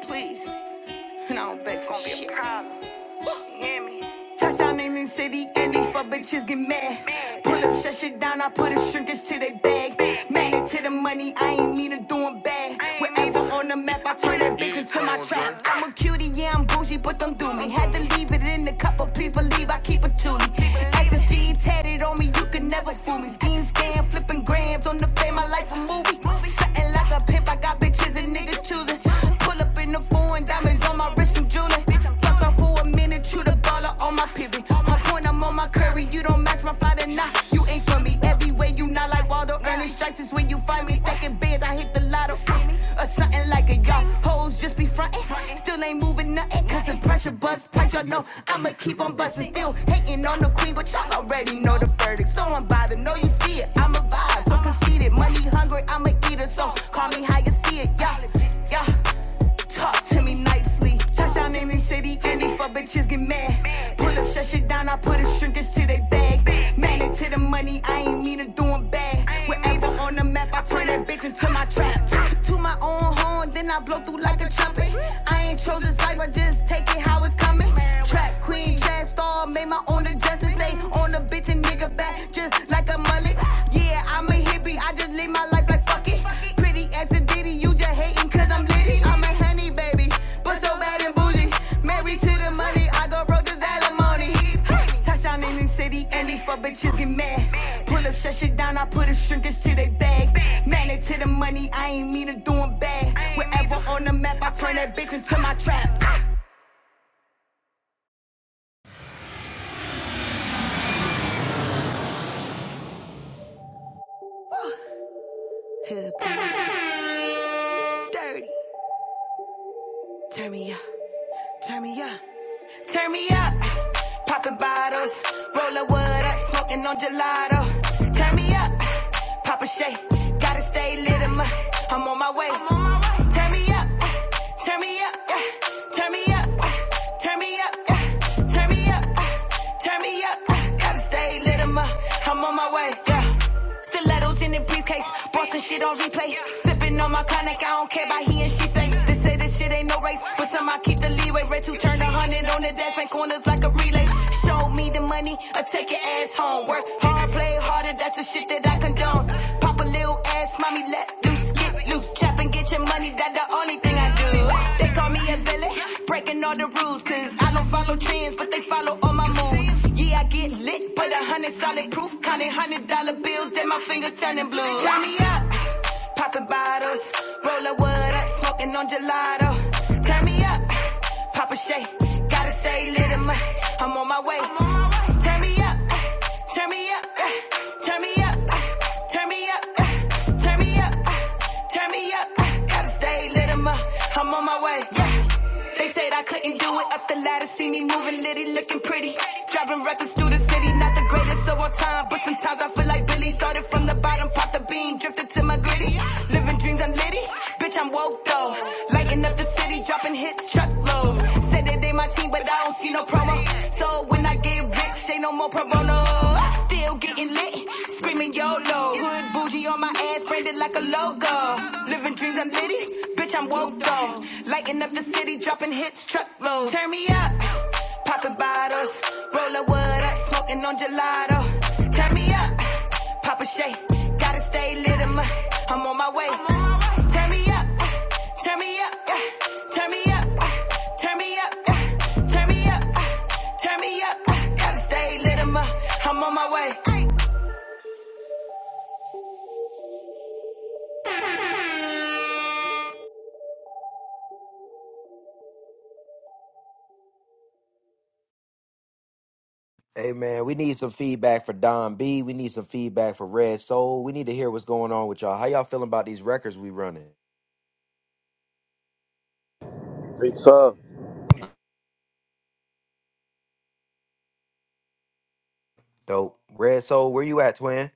Speaker 4: Please, but it's gonna be a problem. Touchdown in the city, Indy for bitches get mad. Pull up, shut shit down, I put a shrinkage to their bag. Man, to the money, I ain't mean to doing bad. Wherever on the map, I turn that bitch into my trap. I'm a cutie, yeah, I'm bougie, but them do me. Had to leave it in the cup but please believe I keep it tootie. Access G tatted on me, you can never fool me. Scheme, scam, flipping grams on the fame, my life a movie. Hunting like a pimp, I got bitches and niggas choosing. Pull up in the foreign diamonds on my wrist, and jewelry. Fuck off for a minute, chew the baller on my pivot. My point, I'm on my curry. You don't match my father, nah. You ain't for me. Everywhere you not like Waldo. Earning stripes is when you find me. Stacking beds, I hit the lotto. ah, Or something like a y'all. Hoes just be frontin'. Still ain't moving nothing. Cause the pressure buzz price, y'all know. I'ma keep on bustin' queen, but y'all already know the verdict. So I'm bothered, know you see it. I'm a vibe, so conceited. Money hungry, I'm a eater, so call me how you see it. Yeah, yeah. Talk to me nicely. Touchdown in the city, and these fuck bitches get mad. Pull up, shut shit down, I put a shrinkage to their bag. Man, into the money, I ain't mean to doing bad. Wherever on the map, I turn that bitch into my trap. To my own horn, then I blow through like a trumpet. I ain't tryna just on me, Queen bitch and nigga back just like a mullet. Yeah, I'm a hippie, I just live my life like fuck it. Pretty as a ditty, you just hating cause I'm litty. I'm a honey baby, but so bad and bougie. Married to the money, I go broke this alimony. *laughs* Touchdown in the city, and these fuck bitches get mad. Pull up, shut shit down, I put a shrinkage to they bag. To the money, mean a bad trap. Dirty, turn me up, turn me up. Turn me up, poppin' bottles, rollin' wood up, smoking on gelato. Turn me up, Papa Shay, gotta stay lit. i I'm on my way. I'm on my way. Turn me up, turn me up, turn me up, turn me up, turn me up, turn me up, gotta stay lit. I'm, I'm on my way. Yeah stilettos in the briefcase. Bought shit on replay. Sipping on my cognac, I don't care about he and she say. They say this shit ain't no race, but some I keep the leeway. Red two turn a hundred on the dash, make corners like a relay. Show me the money, I take your ass home. Work hard, play harder, that's the shit that I condone. Pop a little ass, mommy, let loose, get loose, cap up and get your money, that's the only thing I do. They call me a villain, breaking all the rules, cause I don't follow trends, but they follow all my moves. Yeah, I get lit, but a hundred solid proof, counting hundred dollar bills, then my fingers turning blue. Turn me up, popping bottles, rollin' wood up, smoking on gelato. Turn me up, pop a Shay, gotta stay lit, I'm, I'm on my way. Turn me up, turn me up, turn me up turn me up, uh, turn me up, uh, turn me up. Uh, gotta stay lit 'em up. I'm on my way. Yeah. They said I couldn't do it up the ladder. See me moving litty, looking pretty. Driving records through the city, not the greatest of all time, but sometimes I feel like Billy. Started from the bottom, popped the bean, drifted to my gritty. Living dreams. I'm I'm litty, bitch, I'm woke though. Lighting up the city, dropping hits, truckloads. Said that they my team, but I don't see no promo. So when I get rich, ain't no more pro bono. Still getting lit, screaming YOLO. Hood bougie on my ass, branded like a logo. Living dreams, I'm litty, bitch, I'm woke though. Lighting up the city, dropping hits, truckloads. Turn me up, popping bottles, roll up wood up, smoking on gelato. Turn me up. Papa Shay, gotta stay lit. I'm, uh, I'm on my way. Turn me up, uh, turn me up, uh, turn me up, uh, turn me up, uh, turn me up, uh, turn me up. uh, Gotta stay lit. I'm, uh, I'm on my way.
Speaker 1: Hey man, we need some feedback for Don B. We need some feedback for Red Soul. We need to hear what's going on with y'all. How y'all feeling about these records we running?
Speaker 7: Big tough.
Speaker 1: Dope. Red Soul, where you at, twin?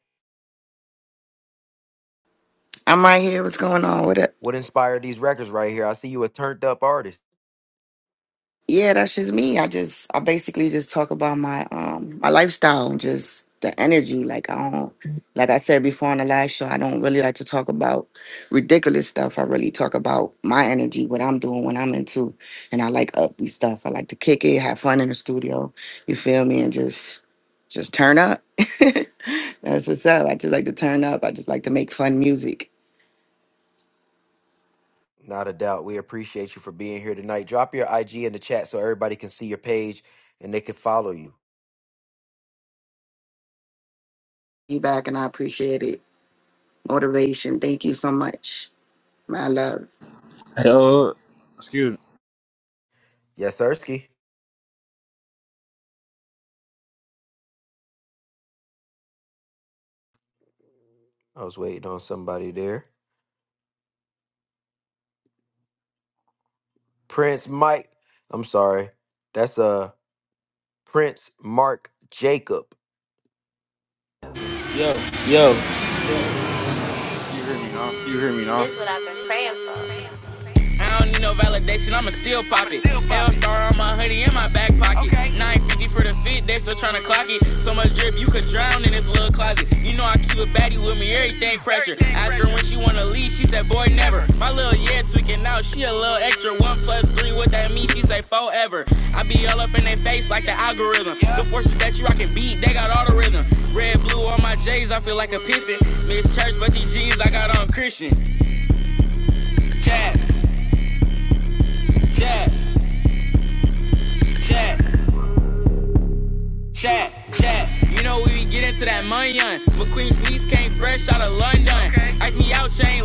Speaker 8: I'm right here. What's going on? What up?
Speaker 1: What inspired these records right here? I see you a turned up artist.
Speaker 8: Yeah, that's just me. I just I basically just talk about my um my lifestyle and just the energy. Like I don't like I said before on the last show, I don't really like to talk about ridiculous stuff. I really talk about my energy, what I'm doing, what I'm into. And I like upbeat stuff. I like to kick it, have fun in the studio. You feel me? And just just turn up. *laughs* That's what's up. I just like to turn up. I just like to make fun music.
Speaker 1: Not a doubt. We appreciate you for being here tonight. Drop your IG in the chat so everybody can see your page and they can follow you.
Speaker 8: You back and I appreciate it. Motivation. Thank you so much. My love.
Speaker 2: Hey, uh, excuse me.
Speaker 1: Yes, Ersky. I was waiting on somebody there. Prince Mike. I'm sorry. That's uh Prince Mark Jacob.
Speaker 9: yo,
Speaker 2: Can you hear me now?
Speaker 4: This is what I've been praying for. Pop it. 950 for the 50. So much drip, you could drown in this little closet. You know I keep a baddie with me, everything precious. That boy never. My little yeah tweaking out. She a little extra. One plus three, what that mean? She say forever. I be all up in their face like the algorithm. The forces that you I can beat, they young. Sneeze not friend done. Ice me out, chain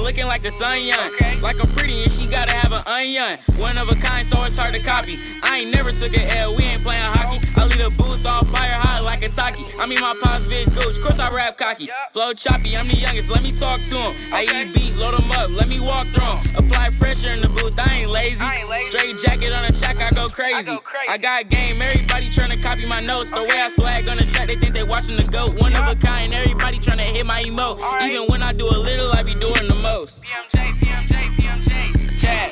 Speaker 4: Okay. Like a pretty and she gotta have an onion. One of a kind, so it's hard to copy. I ain't never took a L, we ain't playing hockey. I leave the booth all fire hot like a talkie. I mean my pops positive gooch, course I rap cocky. Flow choppy, I'm the youngest, let me talk to him. I eat beats, load them up, let me walk through 'em. Apply pressure in the booth, I ain't lazy. Straight jacket on a track, I go crazy. I got game, everybody tryna copy my notes. The way I swag on the track, they think they watching the goat. One of a kind, everybody tryna hit my emote. Even when I do a little, I be doing the most. Chat,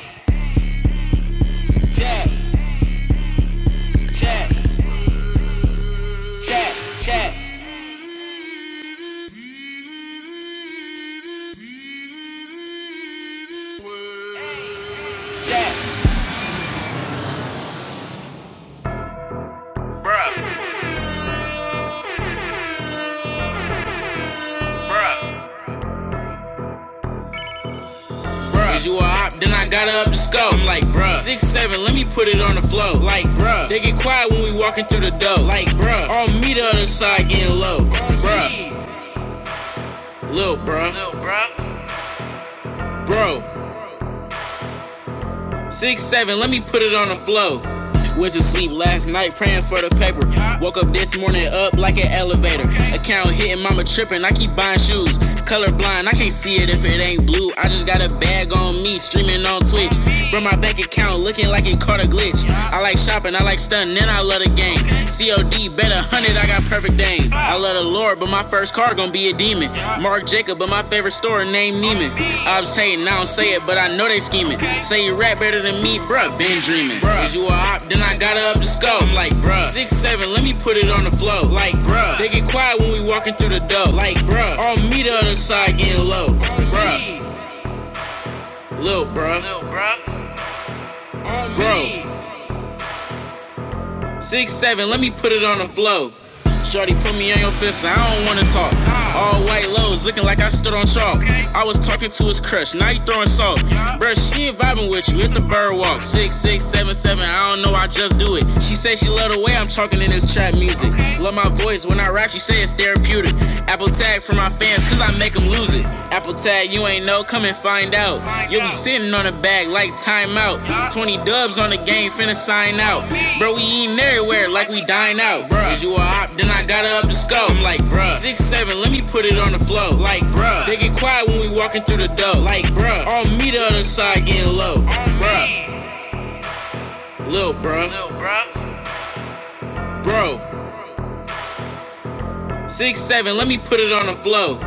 Speaker 4: bruh. Is you a op? Then I gotta up the scope. I'm like, bruh. Six seven, let me put it on the flow. Like, bruh. They get quiet when we walking through the door. Like, bruh. On me the other side getting low. Bruh. Lil, bruh. Bro, Six seven, let me put it on the flow. Went to sleep last night praying for the paper. Woke up this morning up like an elevator. Account hitting, mama tripping. I keep buying shoes. Colorblind, I can't see it if it ain't blue. I just got a bag on me, streaming on Twitch. Bro, my bank account looking like it caught a glitch. I like shopping, I like stunting, and I love the game. COD, bet a hundred I got perfect aim. I love the Lord, but my first car gonna be a demon. Mark Jacob, but my favorite store named Neiman. I'm saying, I don't say it, but I know they scheming. Say you rap better than me, bruh, been dreaming. Cause you a op? Then I gotta up the scope. I'm like, bruh, six seven, let me put it on the flow. Like, bruh, they get quiet when we walking through the door. Like, bruh, on me the other side getting low. Bruh, lil' bruh, bro. Six seven, let me put it on the flow. Shorty put me on your fist, I don't wanna talk. All white lows, looking like I stood on chalk. I was talking to his crush, now you throwing salt. Bruh, she ain't vibing with you, hit the bird walk. Six six seven seven, I don't know, I just do it. She say she love the way I'm talking in this trap music. Love my voice when I rap, she say it's therapeutic. Apple tag for my fans, if I make 'em lose it. Apple tag, you ain't know, come and find out. You'll be sitting on a bag like timeout. 20 dubs on the game, finna sign out. Bro, we eating everywhere like we dine out. Cause you a op, then I gotta up the scope. I'm like, bruh. 6-7, let me put it on the flow. Like, bruh. They get quiet when we walking through the door. Like, bruh. On me the other side getting low. Bruh. Lil, bruh. Bro. 6-7, let me put it on the flow.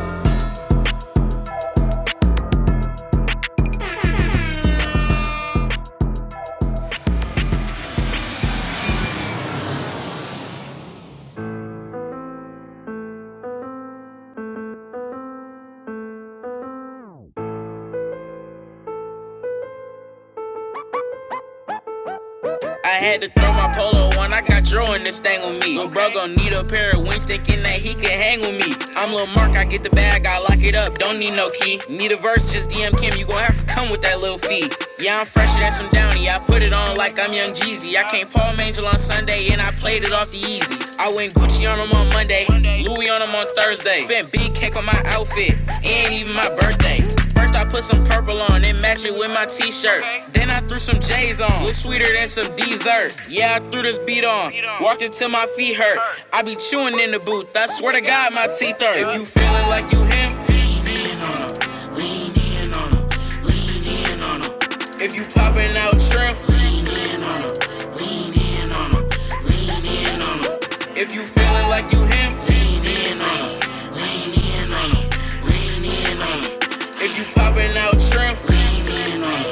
Speaker 4: I had to throw my polo on, I got Dro in this thing with me. Lil' bro gon' need a pair of wings, thinking that he can hang with me. I'm Lil' Mark, I get the bag, I lock it up, don't need no key. Need a verse, just DM Kim, you gon' have to come with that little fee. Yeah, I'm fresher than some Downy, I put it on like I'm Young Jeezy. I came Paul Mangel on Sunday, and I played it off the easies. I went Gucci on him on Monday, Louis on him on Thursday. Spent big cake on my outfit, it ain't even my birthday. First I put some purple on, then match it with my t-shirt. Okay. Then I threw some J's on, look sweeter than some dessert. Yeah, I threw this beat on, beat on. walked until my feet hurt. hurt. I be chewing in the booth, I swear to God my teeth hurt. If you feeling like you him, lean in on him, lean in on him, lean in on him. If you popping out shrimp, lean in on him, lean in on him, lean in on him. If you feeling like you him, lean in on him, lean in on him, lean in on him. If you poppin' out shrimp, lean in on on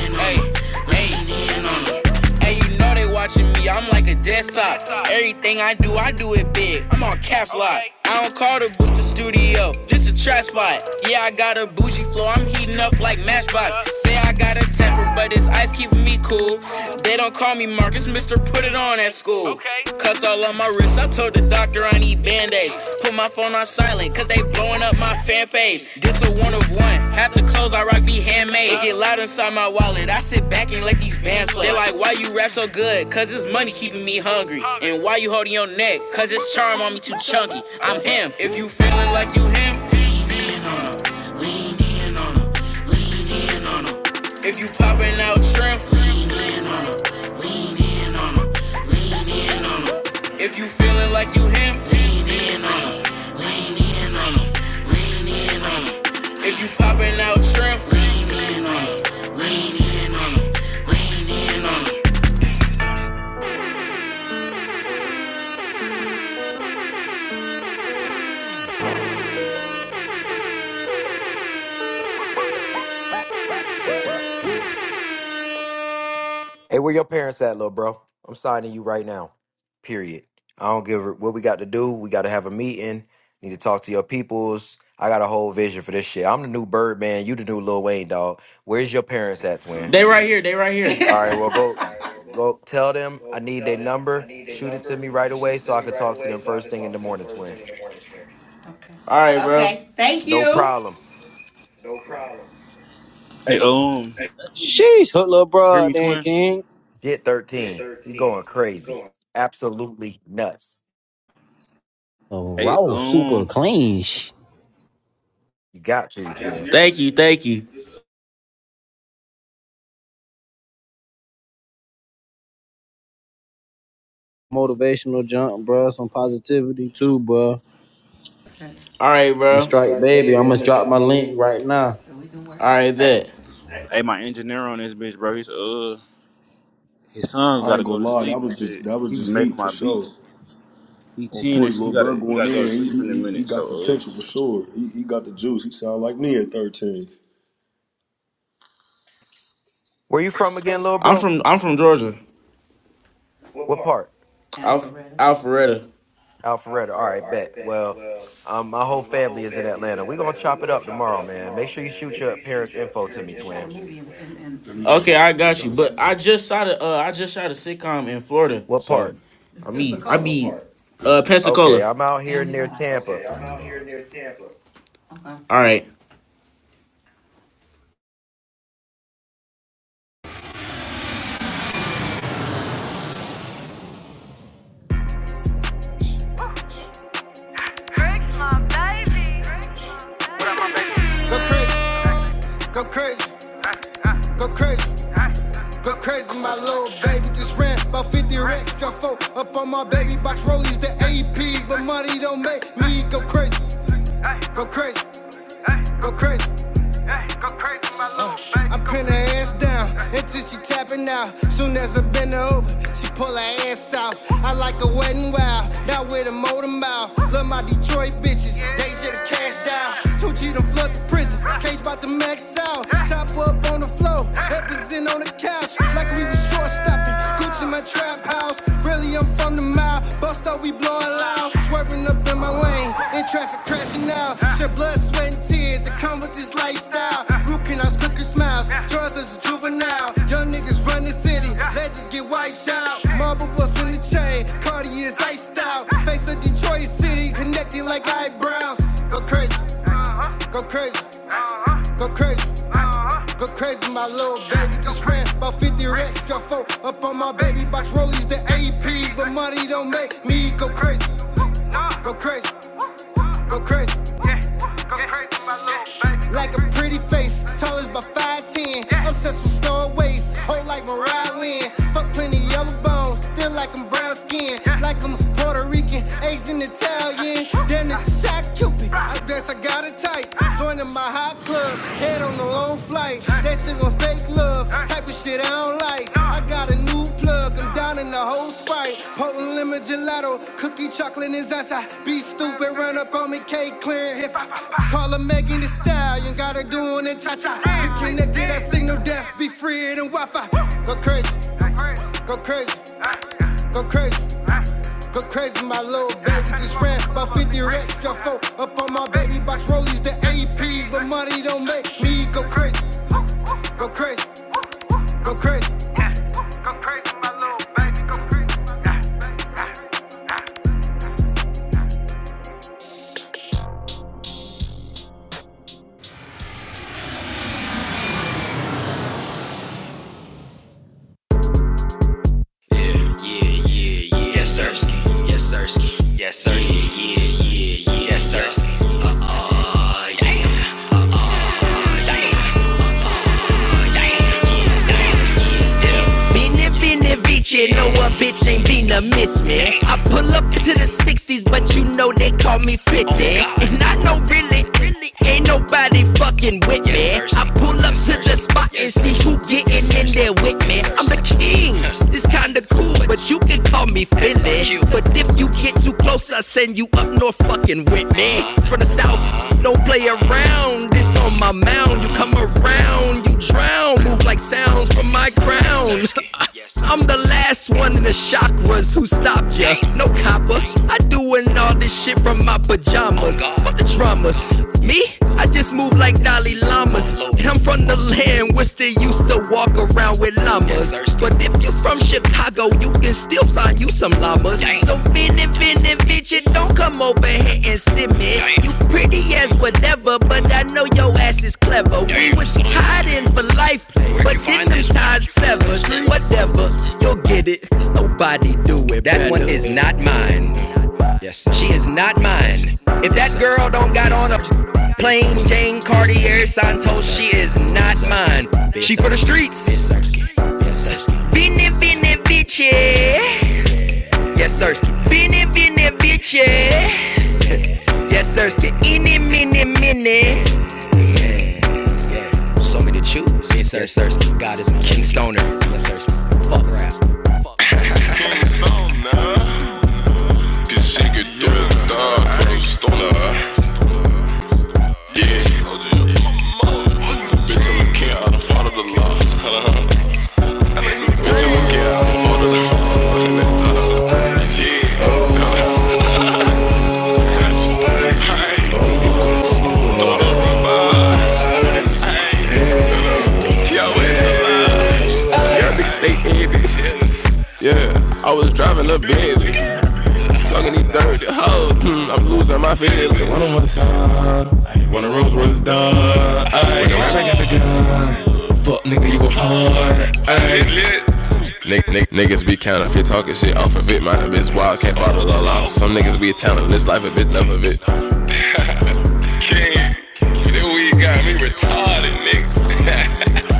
Speaker 4: 'em. Hey, hey, lean on Hey, you know they watching me. I'm like a desktop. Everything I do, I do it big. I'm on caps lock. I don't call the booth the studio. This a trap spot. Yeah, I got a bougie flow. I'm heating up like Matchbox. Say I got a temper, but it's ice keeping me cool. They don't call me Marcus, Mister. Put it on at school. Cuss all on my wrist. I told the doctor I need band-aids. Put my phone on silent. Cause they blowing up my fan page. This a one of one. Half the clothes I rock be handmade. It get loud inside my wallet. I sit back and let these bands play. They like, why you rap so good? Cause it's money keeping me hungry. And why you holding your neck? Cause it's charm on me too chunky. I'm him. If you feeling like you him, lean in on him. Lean in on him. Lean in on him. If you popping out shrimp, lean in on him. Lean in on him. If you feeling like you him, in on 'em, lean in on 'em. If you popping out shrimp, Lean in on on 'em, lean in on on 'em, lean in on on 'em.
Speaker 1: Hey, where your parents at, little bro? I'm signing you right now. Period. I don't give a what we got to do. We got to have a meeting. Need to talk to your peoples. I got a whole vision for this shit. I'm the new Birdman. You the new Lil Wayne, dog. Where's your parents at, twin?
Speaker 9: they right here, they right here.
Speaker 1: All
Speaker 9: *laughs*
Speaker 1: right, well go go tell them I need their number. Shoot it to me right away so I can talk to them first thing in the morning, twin.
Speaker 9: All right, bro.
Speaker 1: No problem.
Speaker 2: Hey, um,
Speaker 11: Sheesh, hook little
Speaker 2: you hear
Speaker 11: broad,
Speaker 2: me,
Speaker 11: then
Speaker 2: twin?
Speaker 11: king.
Speaker 1: Get 13. You going crazy. Absolutely nuts.
Speaker 11: Oh,
Speaker 2: Hey,
Speaker 11: raw, super
Speaker 2: um,
Speaker 11: clean. sh-
Speaker 1: You got to, twin.
Speaker 9: Thank you, thank you.
Speaker 11: Motivational jump, bro. Some positivity too, bro.
Speaker 9: All right,
Speaker 11: The
Speaker 9: bro.
Speaker 11: Strike
Speaker 9: Strike
Speaker 11: Baby. I
Speaker 9: baby, I'm
Speaker 11: must
Speaker 9: gonna
Speaker 11: drop
Speaker 9: drop
Speaker 11: my
Speaker 9: my
Speaker 11: link
Speaker 9: link
Speaker 11: right
Speaker 9: right now.
Speaker 11: now.
Speaker 9: All right,
Speaker 2: hey,
Speaker 9: that.
Speaker 2: hey my engineer on this bitch, bro. He's uh. His son
Speaker 3: I
Speaker 2: gotta
Speaker 3: ain't
Speaker 2: go
Speaker 3: gonna
Speaker 2: to
Speaker 3: lie, that
Speaker 2: sleep and
Speaker 3: was just
Speaker 2: shit.
Speaker 3: that was
Speaker 2: He be
Speaker 3: just heat
Speaker 2: making
Speaker 3: for
Speaker 2: my
Speaker 3: sure.
Speaker 2: beats. He
Speaker 3: On
Speaker 2: ten and
Speaker 3: forty,
Speaker 2: shit. He
Speaker 3: little bro
Speaker 2: gotta he
Speaker 3: going
Speaker 2: gotta
Speaker 3: in,
Speaker 2: go to
Speaker 3: he,
Speaker 2: sleep
Speaker 3: he,
Speaker 2: in a
Speaker 3: he
Speaker 2: minute.
Speaker 3: got
Speaker 2: So
Speaker 3: potential for
Speaker 2: uh.
Speaker 3: sure. He, he got the juice. He sound like me at thirteen.
Speaker 1: Where you from again, little
Speaker 9: I'm
Speaker 1: bro?
Speaker 9: from I'm from Georgia.
Speaker 1: What part?
Speaker 9: Alph- Alpharetta.
Speaker 1: Alpharetta. All right, bet. Well, um, my whole family is in Atlanta. We're gonna chop it up tomorrow, man. Make sure you shoot your parents' info to me, twin.
Speaker 9: Okay, I got you. But I just shot a uh, I just shot a sitcom in Florida,
Speaker 1: What
Speaker 9: so
Speaker 1: part?
Speaker 9: I mean I be uh
Speaker 1: Okay,
Speaker 9: Pensacola.
Speaker 1: I'm out here near Tampa.
Speaker 9: All right,
Speaker 4: Bricks, my baby. Bricks, my baby. The Prince Go crazy. Go crazy. Go crazy, my little baby just ran about 50 racks. Drop four up on my baby box rollies, the AP, but money don't make me go crazy. Go crazy. Go crazy. go crazy, my little baby. I pin her ass down until she tapping out. Soon as I bend her over, she pull her ass out. I like a wet and wild, not with a motor mouth my Detroit bitches. Days of the cash down. Two G done flood the prisons. Cage about the max out. Chop up on the floor. Heavens in on the couch. Like we was short stopping. Gucci my trap house. Really, I'm from the mile. Bust up, we blowin' loud. Swerving up in my lane. In traffic crashing out. Shed blood, sweat, and tears that come with this lifestyle. Root canals, crooked smiles. Drugs as a juvenile. Young niggas run the city. Legends get wiped out. Marble bust in the chain. Cardi is iced out style. Face of Detroit City, connecting like eyebrows. Go crazy, go crazy, go crazy, go crazy. My little baby just ran about 50 racks. Drop four up on my baby box rollies, the AP. But money don't make me go crazy, go crazy, go crazy. go crazy. My little baby, Like a pretty face, tall as my 5'10. Obsessed with store waist, hold like Mariah Lynn. Fuck plenty yellow bones, still like I'm brown skin, like I'm Puerto Rican, Asian, Italian. Then it's a shot Cupid. I guess I got a type. Joining my hot club, head on a long flight. That shit gon' fake love, type of shit I don't like. I got a new plug, I'm down in the whole sprite. Potent lemon gelato, cookie chocolate is ice. I be stupid, run up on me, cake clearing. If I call her Megan the Stallion, got her doing it cha cha. Get connected, I signal death, be free and Wi Fi. Go crazy, go crazy, go crazy. Go crazy, my little baby just ran by 50 racks. Drop four up on my baby box rollies, the AP. But money don't make me go crazy, go crazy, go crazy. Genvina, mid to the six, it with that. And I know really, really ain't nobody fucking with me. I pull up to the spot and see who getting in there with me. I'm the king. This kinda cool, but you can call me Philly. But if you get too close, I send you up north fucking with me. From the south, don't play around. This on my mound. You come around, you drown. Move like sounds from my crown. *laughs* I'm the last one in the chakras who stopped ya. No copper, I doing all this shit from my pajamas. Fuck the dramas. Me? I just move like Dalai Lamas. And I'm from the land where still used to walk around with llamas. But if you from Chicago, you can still find you some llamas. Dang. So finna, finna, bitch, it don't come over here and sit me. Dang. You pretty as whatever, but I know your ass is clever. Dang. We was tied in for life, where but then them ties severed. Whatever, you'll get it. Nobody do it. That better. one is not mine. She is not mine. If that girl don't got on a plain Jane Cartier Santos, she is not mine. She for the streets. Finna, finna, bitch, yeah. Yes, sirski. Vini, vini, vici. Yes, sirski. Ini, mini, mini. Want me to choose? Yes, sir. Yes, sirski. God is my king stoner. Yes, sirski. King stoner. This nigga through the thug, through stoner. Yeah, she told you. motherfucker. bitch, I'm a king, I done fought up the law. Bitch, I'm a king, I done fought up the law. Yeah. Yo, it's you niggas stay in this Yeah, I was driving a Bentley. Talking these dirty hoes, hmm, I'm losing my feelings. One on one son, one of Rose was done. Ay, when I got the gun, fuck nigga, you a hard. Ay, Nick, nick, niggas be counterfeit, talking shit off of it. My bitch wild, can't bottle all out. Some niggas be talentless, life a bitch, love of it. King, you know we got me retarded, niggas. *laughs*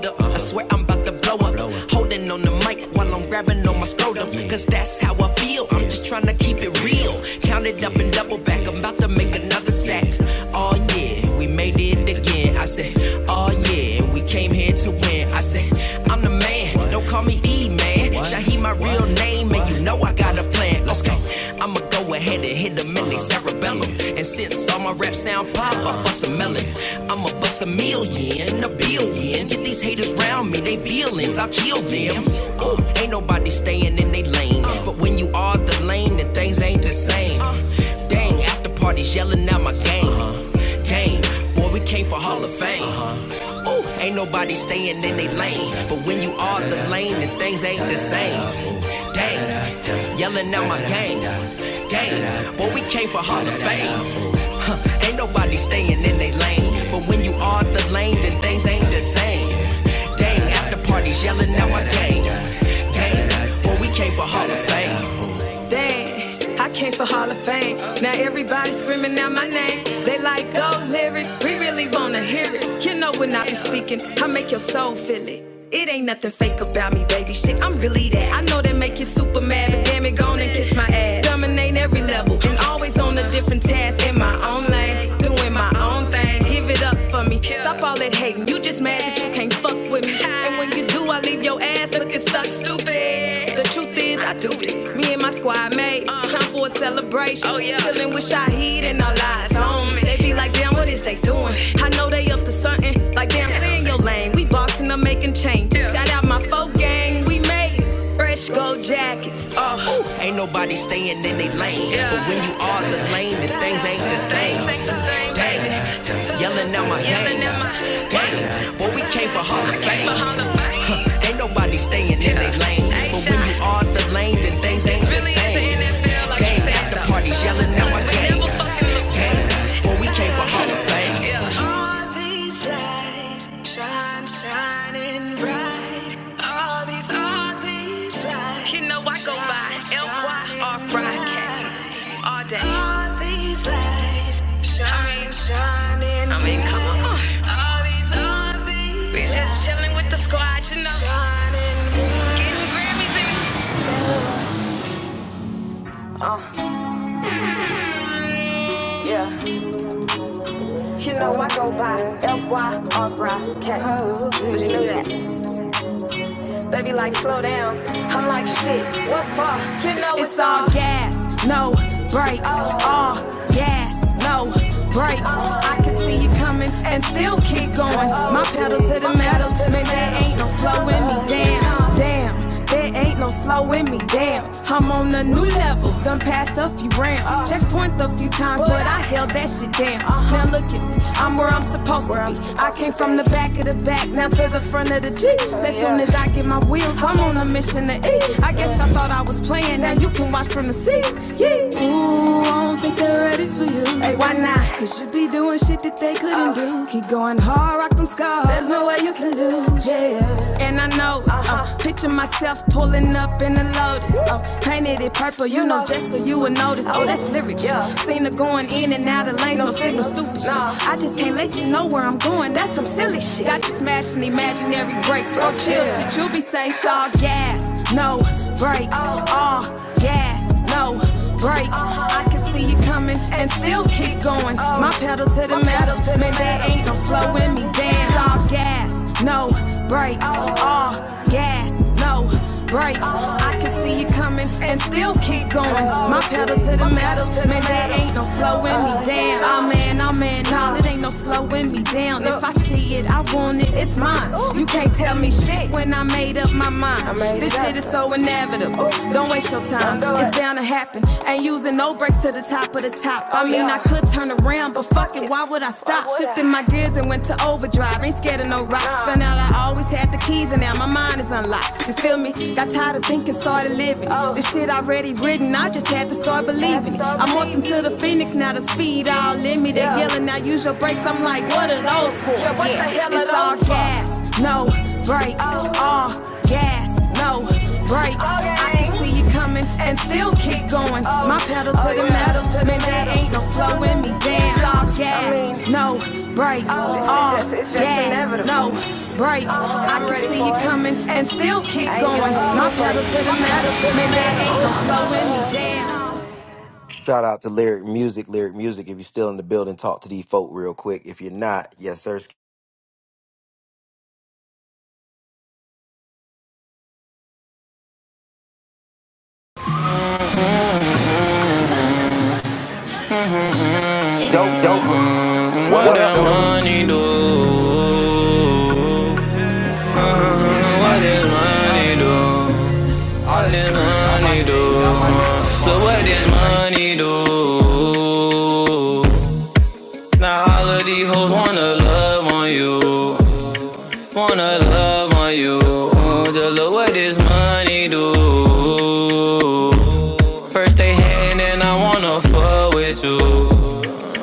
Speaker 4: I swear I'm blow up. While I'm grabbing on my scrotum, cause that heel, I'm just keep it real. Count it up and double back, I'm about to make another sack. Oh yeah, we made it again. I said, oh yeah, we came here to win. I said, I'm the man, what? don't call me E man. Shaheed my what? real name, what? and you know I got a plan. Okay, I'ma go ahead and hit them in their cerebellum. And since all my raps sound pop, I bust a melody. I'ma bust a million, a billion. Get these haters round me, they feelings, I'll kill them. Ooh, ain't nobody staying in they lane. But when you are the lane, then things ain't the same. Dang, after parties yelling out my game. Game, boy, we came for Hall of Fame. Ooh, it. I came for Hall of Fame. Now everybody screaming out my name. They like go lyric. We really wanna hear it. You know when I be speaking, I make your soul feel it. It ain't nothing fake about me, baby. Shit, I'm really that. I know they make you super mad, but damn it, gone and kiss my ass. Dominate every level and always on a different task in my own lane, doing my own thing. Give it up for me. Stop all that hating. You just mad that you can't fuck with me. And when you do, I leave your ass looking stuck stupid. The truth is, I do this. Me and my squad mate. Uh, Time for a celebration. Oh, yeah. Filling with Shaheed and our eyes on me. They be like, damn, what is they doing? I know they up to something. Like, damn, stay in your lane. We bossing up, making changes. Yeah. Shout out my folk gang. We made fresh gold jackets. Oh, uh, and then they lame. Yeah. But when you Ain't the same, Dang, yelling out my face, they staying in it. out the lane, then things ain't the Really is the same. NFL, like you Game said, after though. parties yelling out my We game. never fucking look Yeah, we came for Hall of Fame. Yeah. All these lights shine, shining bright. All these, all these lights. You know I go by L-Y-R broadcast all day. All these lights shine, shining bright. I mean, come on. bright. All these, all these We just chilling with the squad, you know. shining You know I go by F-Y-R-I-K. But you know that. They be like, slow down. I'm like, shit, what for? You know it's, It's all gas, no brakes. Oh. All gas, no brakes. Oh. I can see you coming and still keep going. My pedal to the metal, man, there ain't no slowing me down. Damn, there ain't no slowing me down. I'm on a new level, done passed a few rounds. Checkpoint a few times, but I held that shit down. Now look at me, I'm where I'm supposed to be. I came from the back of the back, now to the front of the jeep. As soon as I get my wheels, I'm on a mission to eat. I guess y'all thought I was playing, now you can watch from the seats. Yeah. Ooh, I don't think they're ready for you. Hey, why not? Cause you be doing shit doing shit that they couldn't uh, do. Keep going hard, rock them scars. There's no way you can lose. Yeah. And I know it. Uh-huh. Oh, picture myself pulling up in a Lotus. Oh, painted it purple, you know, just so you would notice. Oh, that's lyrics. Yeah, Seen her going in and out of lanes, no signal, stupid shit. I just can't let you know where I'm going. That's some silly shit. Got you smashing imaginary brakes. Oh, chill shit. You be safe. all gas, no brakes. All gas, no brakes. I can see see you coming and still keep going. My pedal to the metal, man, there ain't no flow me. down. all gas, no brakes, all gas, no brakes. I can see you coming and still keep going. My pedal to the metal, man, there ain't no slowing me. down. oh man, oh man, nah, it ain't no slowing me down. If I see it, I want it, it's mine. You can't tell me shit when I made up my mind. This shit is so inevitable. Don't waste your time, it's bound to happen. Ain't using no I mean, I could take it, why would I stop? Shifting my drive, no rocks. Found out I always had the keys, and now my mind is unlocked. You feel me? Got tired of thinking, started living. This shit already written, I just had to start believing it. I'm walking to the Phoenix, now the speed all in me. They yelling, now use your brakes. I'm like, what are those for? Yeah, it's all gas, no brakes. All gas, no brakes. I can see coming and still keep going. My pedal to the metal, man, there ain't no slowing me down. It's all gas, no brakes, all gas, no brakes. I can see you coming and still keep going. My pedal to the metal, man, there ain't no slowing me down.
Speaker 1: Shout out to Lyric Music, Lyric Music. If you're still in the building, talk to these folk real quick. If you're not, yes, sir.
Speaker 4: Yo,
Speaker 1: Joker,
Speaker 4: What,
Speaker 1: what up,
Speaker 4: that
Speaker 1: Joker?
Speaker 4: money do? Uh-huh. What this money do? All this money do. So what this money do? Now all of these hoes wanna love on you. Wanna love on you. Oh, Just look what this money do. First they hand and I wanna fuck with you.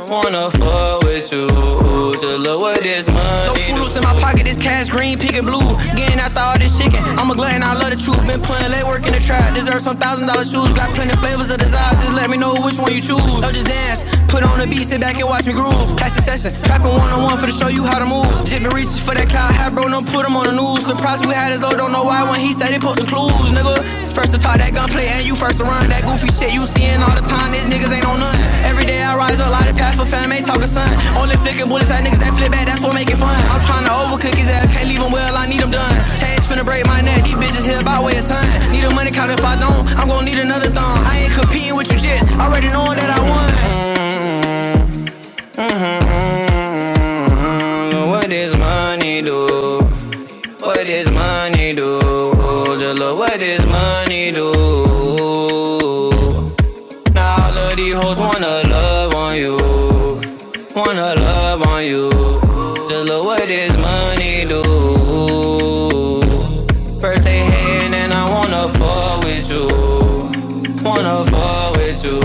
Speaker 4: Wanna fuck with you. Oh, Just look what this money No do. fruit loops in my pocket, this cash green, pink and blue. Getting after all this chicken. I'm a glutton, I love the truth. Been putting late work in the trap. Deserve some thousand dollar shoes. Got plenty flavors of desire. Just let me know which one you choose. Don't just dance, Put on the beat, sit back and watch me groove. Pass the session, trapping one on one for to show you how to move. Jibbin reaches for that cloud hat, bro, don't put him on the news. Surprised we had his low, don't know why when he started posting clues, nigga. First to talk that gunplay and you first to run that goofy shit you seeing all the time. These niggas ain't on none. Every day I rise up, lot of path for fam, ain't talking sun, Only flicking bullets at niggas that flip back, that's what make it fun. I'm trying to overcook his ass, can't leave him well, I need him done. Chains finna break my neck, these bitches here by way of time. Need a money count if I don't, I'm gon' need another thumb. I ain't competing with you, just already knowing that I won. know what this money do? What this money do? Oh, Jalo, what this money do? Now all of these hoes wanna love on you, wanna love on you. Jalo, what this money do? First they hating and I wanna fuck with you, wanna fuck with you.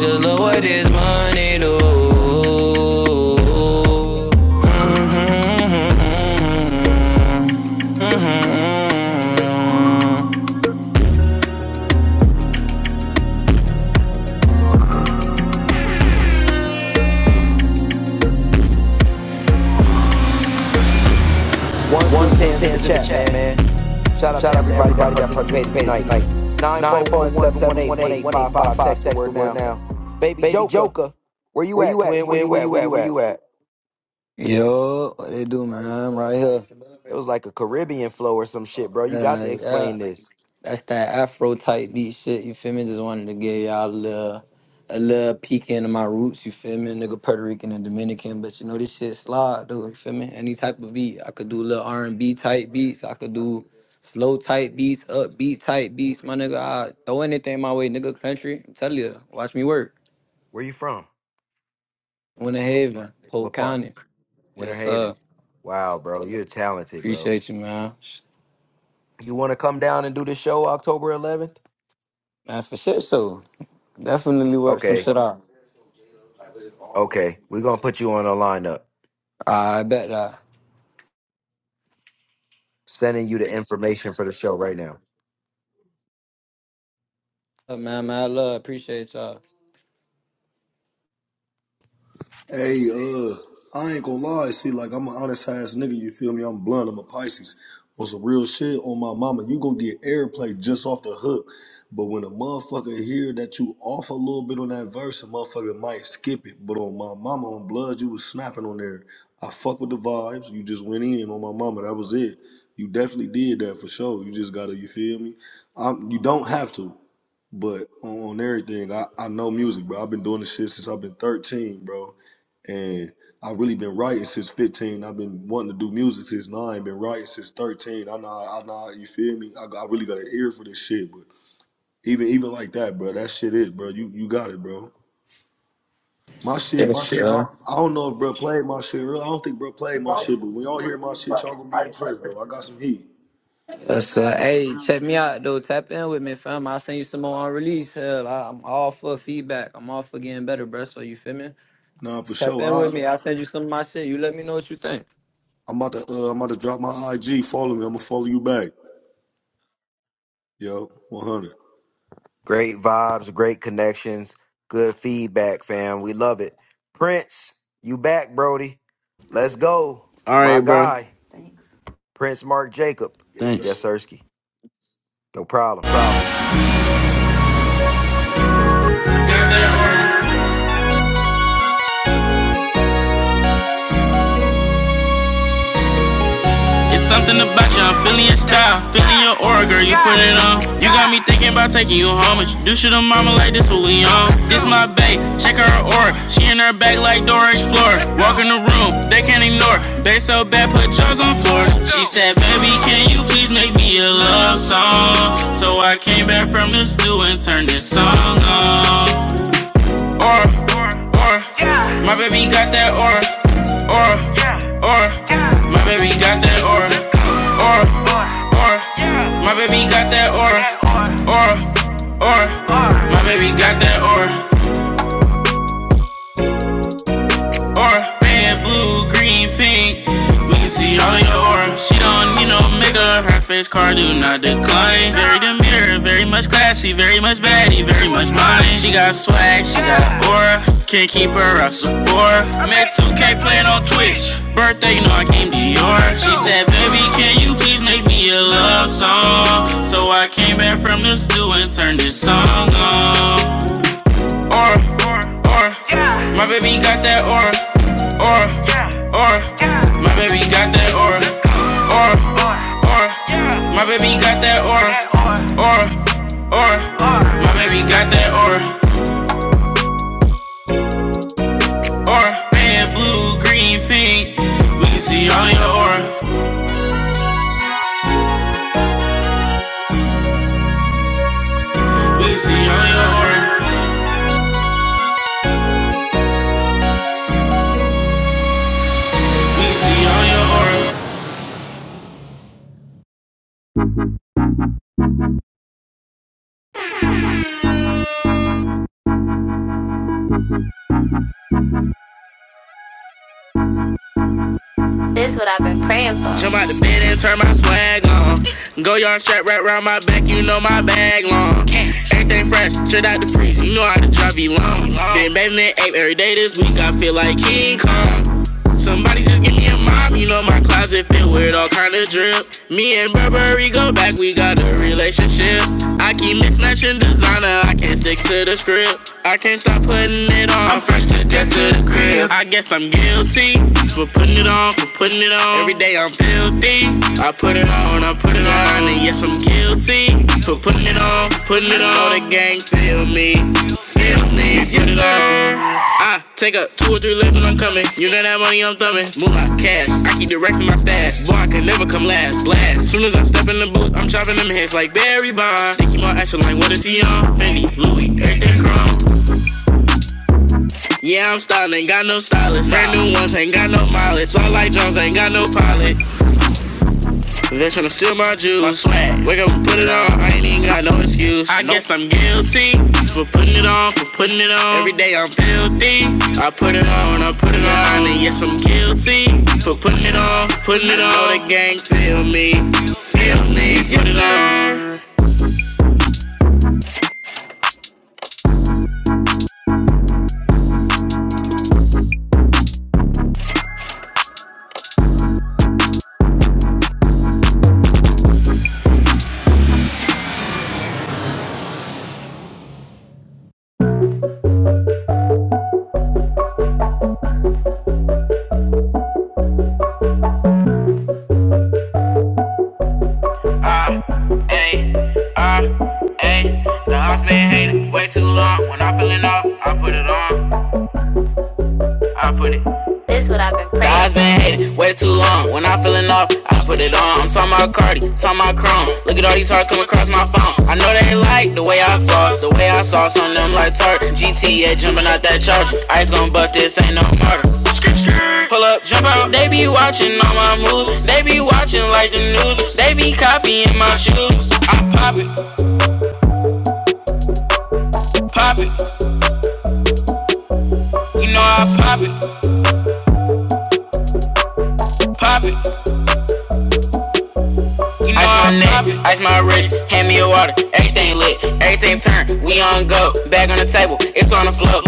Speaker 4: Just look what this money do. Mm-hmm.
Speaker 1: Ones
Speaker 4: One
Speaker 1: through
Speaker 4: through
Speaker 1: tens in the
Speaker 4: tens in the
Speaker 1: chat,
Speaker 4: chat,
Speaker 1: man.
Speaker 4: man.
Speaker 1: Shout out to
Speaker 4: Shout out to
Speaker 1: everybody that
Speaker 4: everybody that
Speaker 1: participated
Speaker 4: participated
Speaker 1: tonight.
Speaker 4: tonight.
Speaker 1: Nine
Speaker 4: Nine
Speaker 1: four
Speaker 4: four
Speaker 1: one
Speaker 4: one
Speaker 1: seven one
Speaker 4: seven
Speaker 1: eight
Speaker 4: one
Speaker 1: one
Speaker 4: eight
Speaker 1: eight
Speaker 4: one eight
Speaker 1: five
Speaker 4: five
Speaker 1: five.
Speaker 4: five.
Speaker 1: Text the
Speaker 4: Text the
Speaker 1: word
Speaker 4: word
Speaker 1: now.
Speaker 4: now.
Speaker 1: Baby
Speaker 4: Baby
Speaker 1: Joker,
Speaker 4: Joker,
Speaker 1: where you
Speaker 4: where
Speaker 1: at,
Speaker 4: you at,
Speaker 1: twin? Where
Speaker 4: twin?
Speaker 1: you
Speaker 4: Where
Speaker 1: at?
Speaker 4: you
Speaker 1: Where
Speaker 4: at?
Speaker 1: you
Speaker 4: Where
Speaker 1: at?
Speaker 4: you at?
Speaker 15: Yo, what they do, man? I'm right here.
Speaker 1: It was like a Caribbean flow or some shit, bro. You got to
Speaker 15: Uh, yeah,
Speaker 1: explain this.
Speaker 15: that's that Afro type beat shit. You feel me? Just wanted to give y'all a little, a little peek into my roots. You feel me? Nigga, Puerto Rican and Dominican, but you know this shit slide, though. You feel me? Any type of beat, I could do little R and B type beats. I could do slow type beats, upbeat type beats. My nigga, I throw anything my way, nigga. Country, I'm telling you, watch me work.
Speaker 1: Where you from?
Speaker 15: Winter Haven, Polk
Speaker 1: What part?
Speaker 15: County.
Speaker 1: Winter
Speaker 15: Yes, sir.
Speaker 1: Haven. Wow, bro, you're talented, bro.
Speaker 15: Appreciate you, man.
Speaker 1: You want to come down and do the show October 11th?
Speaker 15: Man, for shit, so definitely work some
Speaker 1: Okay,
Speaker 15: shit out.
Speaker 1: okay. We're gonna put you on a lineup.
Speaker 15: I bet that. Uh,
Speaker 1: Sending you the information for the show right now.
Speaker 15: Man, man, I love, appreciate y'all.
Speaker 3: Hey, uh, I ain't gonna lie. See, like I'm an honest ass nigga. You feel me? I'm blunt. I'm a Pisces. On some real shit on my mama, you gonna get airplay just off the hook. But when a motherfucker hear that you off a little bit on that verse, a motherfucker might skip it. But on my mama, on blood, you was snapping on there. I fuck with the vibes. You just went in on my mama. That was it. You definitely did that for sure. You just gotta, you feel me? Um, you don't have to. But on, on everything, I, I know music, bro. I've been doing this shit since I've been 13, bro. And I've really been writing since 15. I've been wanting to do music since nine, been writing since 13. I know, I know, you feel me? I, I really got an ear for this shit, but even even like that, bro, that shit is, bro. You you got it, bro. My shit, my
Speaker 15: Yes,
Speaker 3: shit, I,
Speaker 15: sir.
Speaker 3: don't- I don't know if bro played my shit. Really, I don't think bro played my shit, but when y'all hear my shit, y'all gonna be impressed, bro. I got some heat.
Speaker 15: Yes, sir. Hey, check me out though. Tap in with me, fam. I'll send you some more on release. Hell, I, I'm all for feedback. I'm all for getting better, bro. So you feel me?
Speaker 3: Nah, for
Speaker 15: Tap
Speaker 3: sure.
Speaker 15: in
Speaker 3: I,
Speaker 15: with me. I'll send you some of my shit. You let me know what you think.
Speaker 3: I'm about to, uh, I'm about to drop my IG. Follow me. I'm gonna follow you back. Yo, 100.
Speaker 1: Great vibes, great connections, good feedback, fam. We love it. Prince, you back, Brody? Let's go,
Speaker 9: all
Speaker 1: my
Speaker 9: right, bro.
Speaker 1: guy, Prince Mark Jacob.
Speaker 9: Thanks.
Speaker 1: Yes, Ersky. No problem.
Speaker 4: It's something about you, I'm feeling your style, feeling your aura, girl, you put it on. You got me thinking about taking you home, and you do shit on mama like this, what we on. This my bae, check her aura, she in her bag like Dora Explorer. Walk in the room, they can't ignore. Bae so bad, put jaws on floor. She said, baby, can you please make me a love song? So I came back from the stew and turned this song on aura, aura. My baby got that aura, aura, aura. My baby got that aura, aura, aura. My baby got that aura, aura, aura. My baby got that aura. aura. Red, blue, green, pink. We can see all in your aura. She don't need no makeup. Her face card do not decline. Very demure, very much classy, very much baddie, very much mine. She got swag, she got aura. Can't keep her out Sephora. Met 2K playing on Twitch. Birthday, you know I came to yours. She said, baby, can you please make me a love song? So I came back from the stew and turned this song on aura, aura. My baby got that aura, aura, aura. My baby got that aura, aura, aura. My baby got that aura, aura, aura. My baby got that aura, aura. Red, blue, green, pink. We can see all your aura. We can see all your aura. We can see all your aura. Jump out the bed and turn my swag on. Go yard strap right round my back, you know my bag long. Everything fresh, straight out the freezer, you know how to drop you long. Been bathing in ape every day this week, I feel like King Kong. Somebody just get me a mop, you know my closet filled with all kind of drip. Me and Burberry go back, we got a relationship. I keep mismatching designer, I can't stick to the script. I can't stop putting it on. I'm fresh to death to the crib. I guess I'm guilty for putting it on, for putting it on. Every day I'm filthy. I put it on, I put it on, and yes I'm guilty for putting it on, for putting it on. the gang feel me. Yes, sir. I take up two or three left and I'm coming. You know that money I'm thumbing. Move my cash. I keep directing my stash. Boy, I can never come last. Blast. Soon as I step in the booth, I'm chopping them heads like Barry Bond. They keep on asking like, what is he on? Fendi, Louis, everything chrome. Yeah, I'm styling, ain't got no stylist. Brand new ones, ain't got no mileage. All like Jones, ain't got no pilot. They tryna steal my juice. My swag. Wake up and put it on. I ain't even got no excuse. I nope. guess I'm guilty for putting it on, for putting it on. Every day I'm filthy. I put it on, I put it on. And yes, I'm guilty for putting it on, putting it on. The gang feel me, feel me. Put it on. Ah, ayy, ah, ayy. The house been hating way too long. When I feeling up, I put it on. I put it. This what I've been praying. God's been hating way too long. When I'm feeling off, I put it on. I'm talking about Cardi, talking about Chrome. Look at all these hearts coming across my phone. I know they like the way I floss, the way I sauce on them like tart. GTA jumping out that charger. Ice gon' bust this, ain't no murder. Skit, skit. Pull up, jump out. They be watching all my moves. They be watching like the news. They be copying my shoes. I pop it, pop it. You know I pop it, pop it. Ice my neck, ice my wrist, hand me a water. Everything lit, everything turn. We on go, bag on the table, it's on the floor.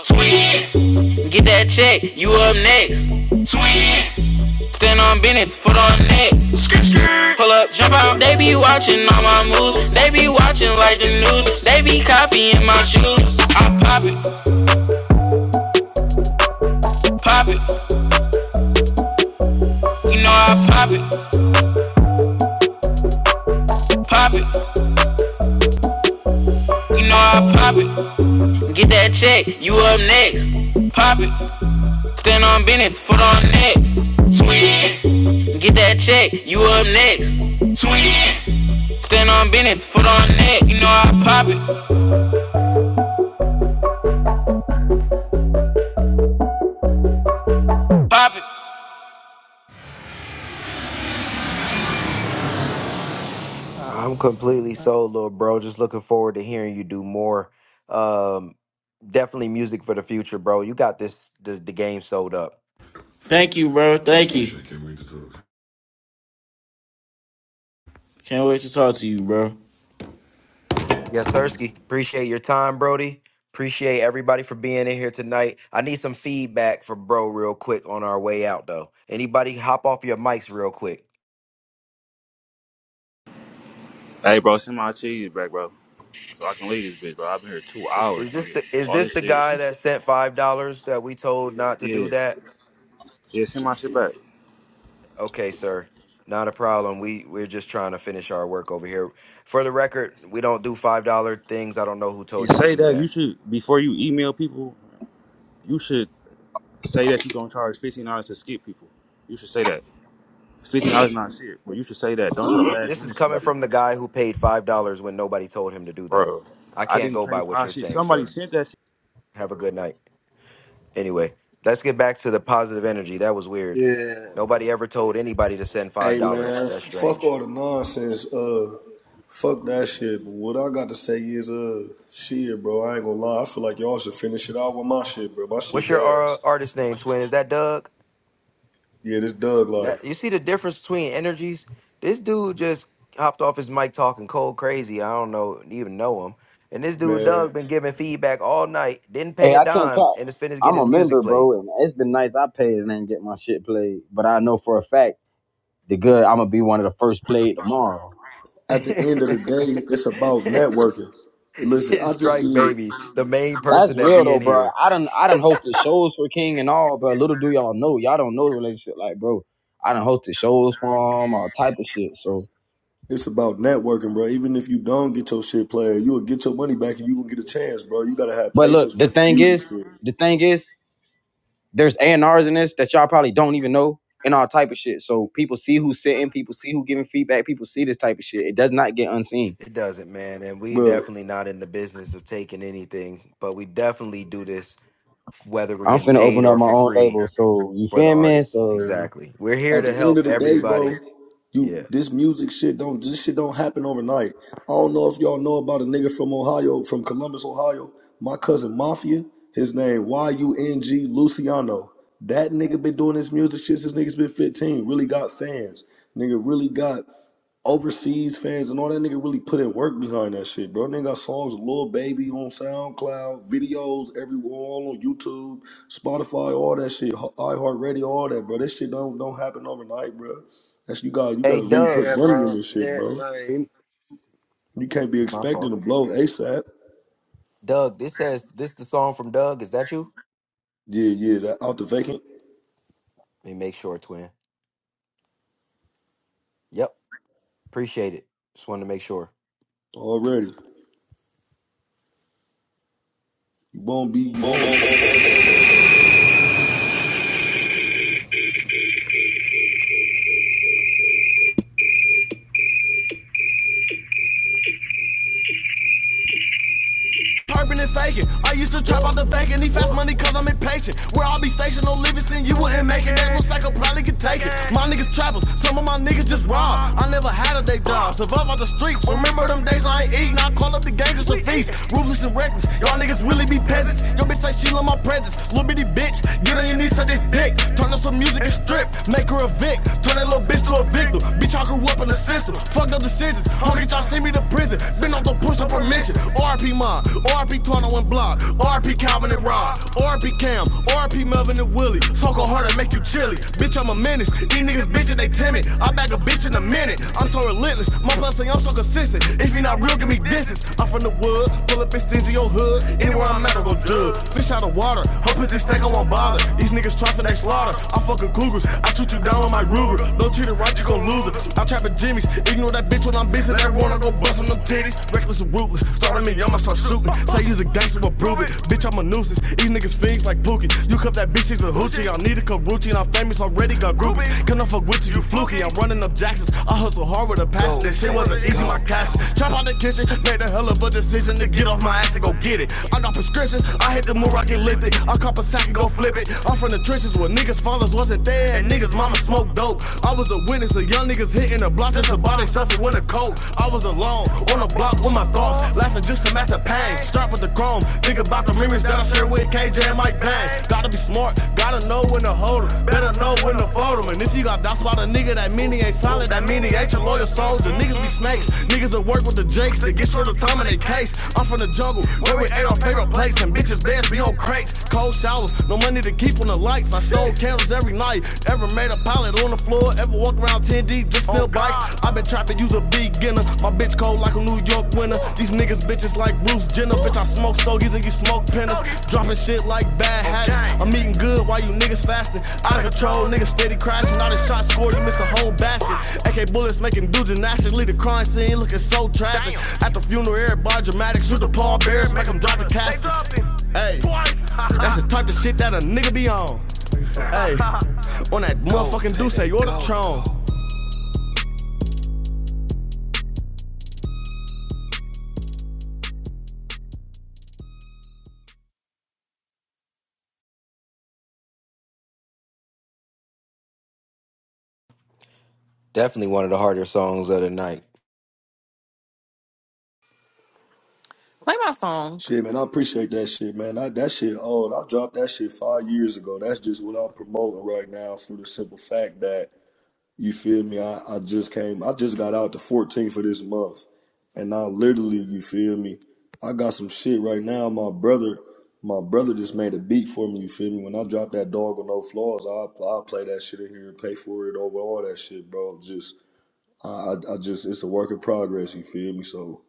Speaker 4: Swing, get that check, you up next. Swing, stand on business, foot on neck. Skr, skr. Pull up, jump out, they be watching all my moves. They be watching like the news, they be copying my shoes. I pop it, pop it, you know I pop it, pop it, you know I pop it. Get that check, you up next. Pop it. Stand on business, foot on neck. Twin. Get that check, you up next. Twin. Stand on business, foot on neck. You know I pop it, pop it.
Speaker 1: I'm completely sold, little bro. Just looking forward to hearing you do more. Um, definitely music for the future, bro. You got this, this the game sold up.
Speaker 9: Thank you, bro. Thank you. Can't wait to talk to you, bro.
Speaker 1: Yes, Sirski. Appreciate your time, Brody. Appreciate everybody for being in here tonight. I need some feedback for bro real quick on our way out though. Anybody hop off your mics real quick.
Speaker 2: Hey bro, send my cheese back, bro. So I can leave this bitch, bro. I've been here two
Speaker 1: I-
Speaker 2: hours,
Speaker 1: Is this
Speaker 2: nigga.
Speaker 1: the, is
Speaker 2: All
Speaker 1: this
Speaker 2: this
Speaker 1: the
Speaker 2: shit.
Speaker 1: guy that sent five dollars that we told not to do
Speaker 2: Yeah.
Speaker 1: that?
Speaker 2: Yeah, send my shit back.
Speaker 1: Okay, sir. Not a problem. We we're just trying to finish our work over here. For the record, we don't do five dollar things. I don't know who
Speaker 2: And
Speaker 1: told you to
Speaker 2: say
Speaker 1: do
Speaker 2: that
Speaker 1: that.
Speaker 2: you should before you email people, you should say that you gonna charge fifteen dollars to skip people. You should say that. Fifteen dollars not shit, but you should say that. Don't try to
Speaker 1: It,
Speaker 2: last
Speaker 1: this is
Speaker 2: minute
Speaker 1: coming
Speaker 2: somebody.
Speaker 1: from the guy who paid five dollars when nobody told him to do that.
Speaker 2: Bro,
Speaker 1: I
Speaker 2: I
Speaker 1: can't
Speaker 2: didn't
Speaker 1: go
Speaker 2: pay
Speaker 1: by what
Speaker 2: five
Speaker 1: you're
Speaker 2: shit.
Speaker 1: saying,
Speaker 2: Somebody
Speaker 1: sir.
Speaker 2: sent that shit.
Speaker 1: Have a good night. Anyway, let's get back to the positive energy. That was weird.
Speaker 20: Yeah,
Speaker 1: Nobody ever told anybody to send five
Speaker 3: Hey
Speaker 1: dollars.
Speaker 3: man,
Speaker 1: That's
Speaker 3: f- fuck
Speaker 1: strange.
Speaker 3: all the nonsense. Uh, fuck that shit. But what I got to say is, uh, shit, bro. I ain't gonna lie. I feel like y'all should finish it out with my shit, bro. My shit
Speaker 1: What's your
Speaker 3: gas.
Speaker 1: uh, artist name, twin? Is that Doug?
Speaker 3: Yeah, this Doug
Speaker 1: That
Speaker 3: life,
Speaker 1: you see the difference between energies. This dude just hopped off his mic talking cold crazy. I don't know even know him. And this dude
Speaker 3: man.
Speaker 1: Doug been giving feedback all night. Didn't pay
Speaker 11: Hey,
Speaker 1: a
Speaker 11: I can't
Speaker 1: dime,
Speaker 11: cop.
Speaker 1: and is finished get
Speaker 11: I'm
Speaker 1: his
Speaker 11: a
Speaker 1: music
Speaker 11: member,
Speaker 1: played.
Speaker 11: bro, and it's been nice. I paid and didn't get my shit played, but I know for a fact the good. I'm gonna be one of the first played tomorrow.
Speaker 1: *laughs*
Speaker 3: At the end of the day, it's about
Speaker 1: it's,
Speaker 3: networking. Listen, I
Speaker 1: it's
Speaker 3: just
Speaker 1: Strike
Speaker 3: did.
Speaker 1: Baby, the main
Speaker 11: That's
Speaker 1: person that
Speaker 11: real
Speaker 1: be
Speaker 11: though,
Speaker 1: in
Speaker 11: bro.
Speaker 1: here.
Speaker 11: I done I done hosted shows for King and all, bro. Little do y'all know, y'all don't know the relationship, like, bro. I done hosted shows for him, all type of shit. So,
Speaker 3: It's about networking, bro. Even if you don't get your shit played, you'll get your money back, and you gonna get a chance, bro. You gotta have
Speaker 11: but look,
Speaker 3: patience
Speaker 11: the
Speaker 3: with this
Speaker 11: thing
Speaker 3: music
Speaker 11: is,
Speaker 3: shit,
Speaker 11: the thing is, There's A&Rs in this that y'all probably don't even know and all type of shit. So people see who's sitting, people see who giving feedback, people see this type of shit. It does not get unseen.
Speaker 1: It doesn't, man. And we
Speaker 3: bro.
Speaker 1: definitely not in the business of taking anything, but we definitely do this whether we're
Speaker 11: I'm
Speaker 1: getting
Speaker 11: finna
Speaker 1: paid
Speaker 11: open up
Speaker 1: or
Speaker 11: my
Speaker 1: for
Speaker 11: own
Speaker 1: free
Speaker 11: label, so you
Speaker 1: for the
Speaker 11: feel me?
Speaker 1: artists.
Speaker 11: So
Speaker 1: Exactly. We're here
Speaker 3: At
Speaker 1: to
Speaker 3: the end
Speaker 1: help
Speaker 3: of the day, bro,
Speaker 1: everybody.
Speaker 3: you
Speaker 1: Yeah.
Speaker 3: this music shit don't this shit don't happen overnight. I don't know if y'all know about a nigga from Ohio, from Columbus, Ohio. My cousin Mafia, his name Y U N G Luciano. That nigga been doing this music shit since niggas been 15. Really got fans. Nigga really got overseas fans and all that nigga really put in work behind that shit, bro. Nigga got songs, with Lil Baby on SoundCloud, videos everywhere, all on YouTube, Spotify, all that shit, iHeartRadio, all that, bro. This shit don't don't happen overnight, bro. That's you got you
Speaker 1: Hey
Speaker 3: gotta really
Speaker 1: Doug.
Speaker 20: yeah,
Speaker 3: put money in
Speaker 20: bro.
Speaker 3: this shit,
Speaker 20: Yeah,
Speaker 3: bro.
Speaker 20: man.
Speaker 3: You can't be
Speaker 1: My
Speaker 3: expecting
Speaker 1: fault.
Speaker 3: to blow ASAP.
Speaker 1: Doug, this says this the song from Doug. Is that you?
Speaker 3: Yeah, yeah, that out the vacant
Speaker 1: Let me make sure, twin. Yep. Appreciate it. Just wanted to make sure.
Speaker 3: already. You won't be, you won't.
Speaker 4: Turpin' and faking. I used to trap out the fake and he fast money cause I'm impatient. Where I be stationed, no living sin, you wouldn't make it. That little psycho probably could take it. My niggas trappers, some of my niggas just robbed. I never had a day job, survive on the streets. Remember them days I ain't eating, I call up the gang just to feast. Ruthless and reckless, y'all niggas really be peasants. Yo bitch say she love my presence, little bitty bitch. Get on your knees, suck this dick. Turn on some music and strip, make her a vic. Turn that little bitch to a victim. Bitch, I grew up in the system, fucked up decisions. I'll get y'all see me to prison. Been on the push up a mission. RP Mod, RP Torno and Block, RP Calvin and Rod, RP Cam, RP Melvin and Willie. So go hard to make you chilly. Bitch, I'm a menace. These niggas bitches, they timid. I back a bitch in a minute. I'm so relentless. My plus say I'm so consistent. If you not real, give me distance. I'm from the wood, pull up and stingy your hood. Anywhere I'm at, I go dub. Fish out of water, her pussy stack, I won't bother. These niggas trustin' they slaughter. I fuckin' cougars, I shoot you down with my Ruger. No cheater, right? You go. I trap at Jimmy's, ignore that bitch, I go buddies. Reckless and wood. It's like pushing off famous already got groupies. Couldn't fuck with you, you fluky. I'm running up Jacksons. I hustle hard with a passion. This shit wasn't easy, my cash. Trap out the kitchen, made a hell of a decision to get off my ass and go get it. I got prescriptions, I hit the moon, I get lifted. I cop a sack and go flip it. I'm from the trenches where niggas' fathers wasn't dope. I was a witness of young niggas hitting the block just to buy the coat. My thoughts are with that mic. Gotta be smart, gotta Better know when to fold 'em. And if you got doubts about a nigga, that meaning ain't solid. That meaning ain't your loyal soldier. Niggas be snakes. Niggas that work with the jakes. They get short of time in their case. I'm from the jungle, where we ate our favorite plates. And bitches' beds be on crates. Cold showers, no money to keep on the lights. I stole candles every night. Ever made a pilot on the floor. Ever walked around 10 deep, just steal bikes. i been trapped to use a beginner. My bitch Cold like a New York winter. These niggas bitches like Bruce Jenner. Bitch, I smoke stogies and you smoke penners. Dropping shit like bad habits. I'm eating good while you niggas fasting. Out of control, niggas steady crashing. All the shots scored, you missed the whole basket. AK bullets making do gymnastics. Leave the crime scene looking so tragic. At the funeral, everybody dramatic. Shoot the pallbearers, make them drop the casket. Hey, that's the type of shit that a nigga be on. Hey, *laughs* on that motherfucking Duce, you're the tron.
Speaker 1: Definitely one of the harder songs of the night.
Speaker 29: Play my song.
Speaker 3: Shit, man, I appreciate that shit, man. I, that shit old. I dropped that shit five years ago. That's just what I'm promoting right now for the simple fact that You feel me? I, I just came, I just got out the 14th of this month. And I literally, you feel me? I got some shit right now. My brother, my brother just made a beat for me, you feel me? When I drop that dog with no flaws, I i play that shit in here and pay for it over all that shit, bro. Just I, I I just it's a work in progress, you feel me? So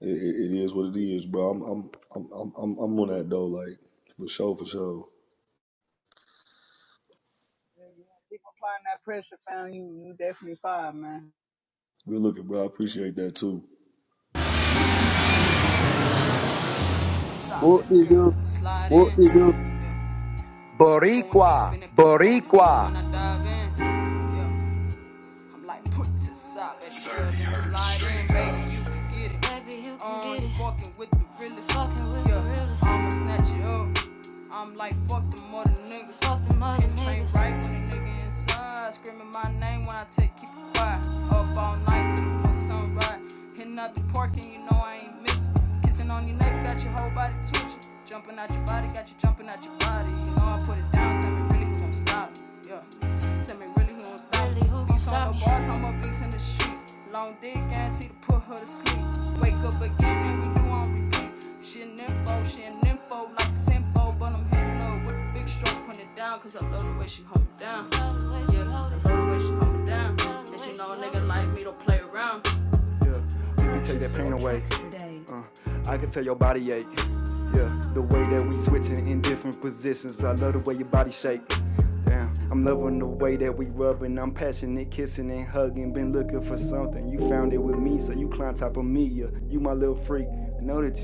Speaker 3: it, it, it is what it is, bro. I'm I'm I'm I'm I'm I'm on that though, like for sure, for sure.
Speaker 22: Yeah, yeah. Keep applying that pressure, found you. You definitely fine, man.
Speaker 3: Good looking, bro. I appreciate that too.
Speaker 30: Whoop-de-doo.
Speaker 4: What is your Going deep
Speaker 1: Boricua.
Speaker 4: in it. Boricua. Baby, you um, can get it. Fucking with yeah. gorillas. Um, niggas Fuck them other niggas. right though, we put it down, cause I love the way she hold me down. Yeah, I love the way she hold me down. And she know a nigga like me don't play around. The way your body shake, I'm loving the way that we rubbing. I'm passionate, kissing and hugging. Been looking for something, you found it with me, so you climb top of me. Yeah. You my little freak, know the taste,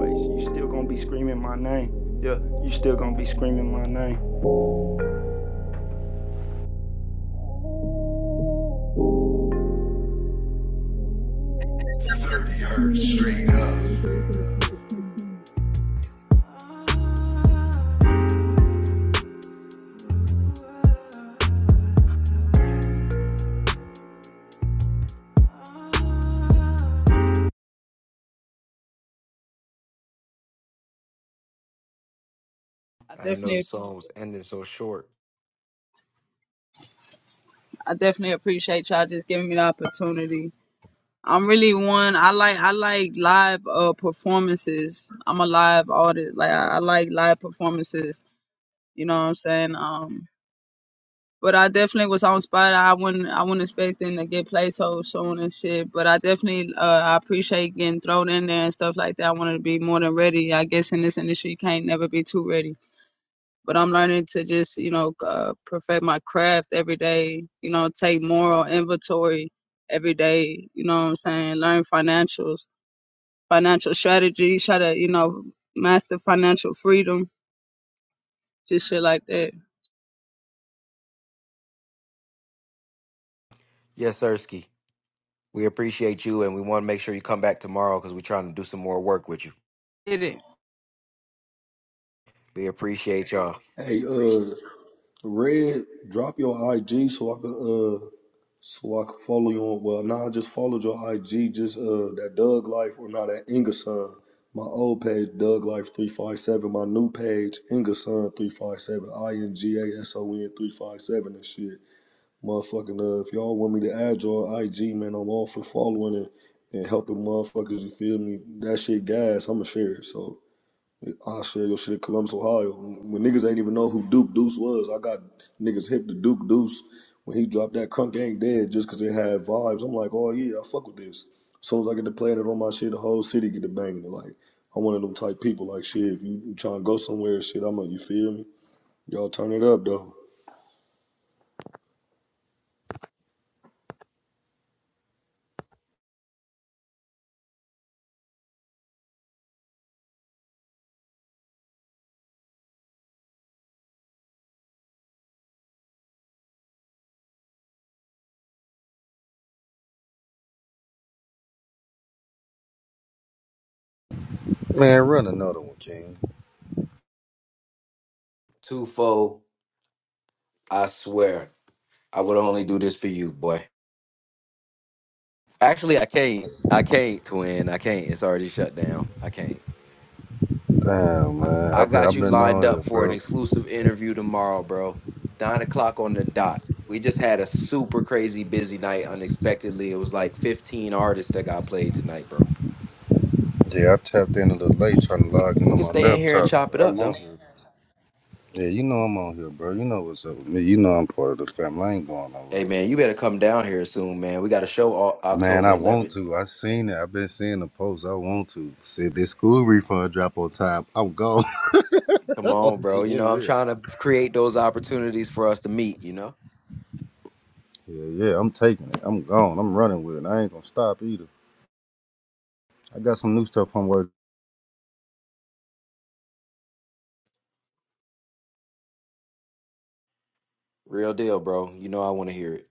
Speaker 4: your name.
Speaker 22: Community, I
Speaker 1: I didn't know the
Speaker 22: definitely appreciate
Speaker 1: song was
Speaker 22: it.
Speaker 1: ending so short.
Speaker 22: I definitely appreciate y'all just giving me the opportunity. I'm really one. I like I like live uh performances. I'm a live artist. Like I, I like live performances. You know what I'm saying? Um, but I definitely was on spot. I wouldn't I wouldn't expect them to get played so soon and shit. But I definitely uh I appreciate getting thrown in there and stuff like that. I wanted to be more than ready. I guess in this industry you can't never be too ready but I'm learning to just, you know, uh, perfect my craft every day, you know, take moral inventory every day, you know what I'm saying? Learn financials, financial strategies, try to, you know, master financial freedom, just shit like that.
Speaker 1: Yes, Ersky. We appreciate you, and we want to make sure you come back tomorrow because we're trying to do some more work with you.
Speaker 22: Get it.
Speaker 1: We appreciate y'all.
Speaker 3: Hey, uh, Red, drop your IG so I could uh so I could follow you on. Well, nah, I just followed your IG. Just uh that Doug Life or not that Ingerson. My old page Doug Life three five seven. My new page Ingerson three five seven. I N G A S O N three five seven and shit. Motherfucking uh, if y'all want me to add your IG, man, I'm all for following and and helping motherfuckers. You feel me? That shit, guys. I'ma share it. So. I share your shit in Columbus, Ohio. When niggas ain't even know who Duke Deuce was, I got niggas hip to Duke Deuce. When he dropped that Crunk Ain't Dead just because it had vibes, I'm like, oh yeah, I fuck with this. As soon as I get to playing it on my shit, the whole city get to banging it. Like, I'm one of them type people, like, shit, if you trying to go somewhere, shit, I'm like, you feel me? Y'all turn it up, though.
Speaker 25: Man, run another one, King.
Speaker 1: Twofold, I swear, I would only do this for you, boy. Actually, I can't. I can't, twin. I can't. It's already shut down. I can't.
Speaker 25: Damn,
Speaker 1: I,
Speaker 25: man.
Speaker 1: I
Speaker 25: I've been
Speaker 1: got
Speaker 25: I've
Speaker 1: you
Speaker 25: been
Speaker 1: lined
Speaker 25: on
Speaker 1: up
Speaker 25: here,
Speaker 1: for an
Speaker 25: bro.
Speaker 1: exclusive interview tomorrow, bro. Nine o'clock on the dot. We just had a super crazy busy night unexpectedly. It was like 15 artists that got played tonight, bro.
Speaker 25: Yeah, I tapped in a little late trying to
Speaker 1: We
Speaker 25: log in
Speaker 1: we
Speaker 25: on
Speaker 1: can
Speaker 25: my
Speaker 1: stay in here and
Speaker 25: laptop,
Speaker 1: chop it
Speaker 25: but I'm
Speaker 1: up though.
Speaker 25: on here. Yeah, you know I'm on here, bro. You know what's up with me. You know I'm part of the family. I ain't going
Speaker 1: Hey
Speaker 25: nowhere.
Speaker 1: man, you better come down here soon, man. We got a show o-
Speaker 25: Man, I
Speaker 1: October
Speaker 25: want
Speaker 1: 11th.
Speaker 25: to. I seen it. I've been seeing the posts. I want to. See this school refund drop on time. I'm gone. *laughs*
Speaker 1: Come on,
Speaker 25: I'm
Speaker 1: bro. You know
Speaker 25: being
Speaker 1: I'm
Speaker 25: real.
Speaker 1: trying to create those opportunities for us to meet. You know,
Speaker 25: Yeah, yeah, I'm taking it. I'm gone. I'm running with it. I ain't gonna stop either. I got some new stuff I'm working.
Speaker 1: real deal, bro. You know I want to hear it.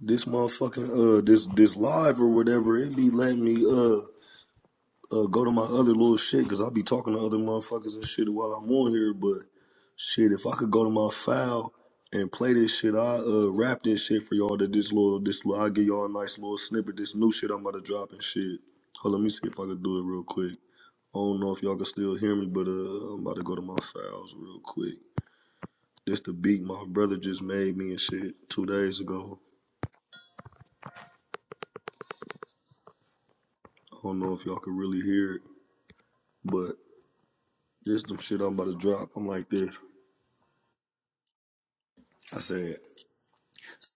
Speaker 3: This motherfucking, uh, this, this live or whatever, it be letting me, uh. uh, go to my other little shit because I be talking to other motherfuckers and shit while I'm on here. But shit, if I could go to my file and play this shit, I uh, rap this shit for y'all. That this little, this little, I give y'all a nice little snippet. This new shit I'm about to drop and shit. Hold on, let me see if I could do it real quick. I don't know if y'all can still hear me, but uh, I'm about to go to my files real quick. This the beat my brother just made me and shit two days ago. I don't know if y'all could really hear it, but this some shit I'm about to drop. I'm like this. I said.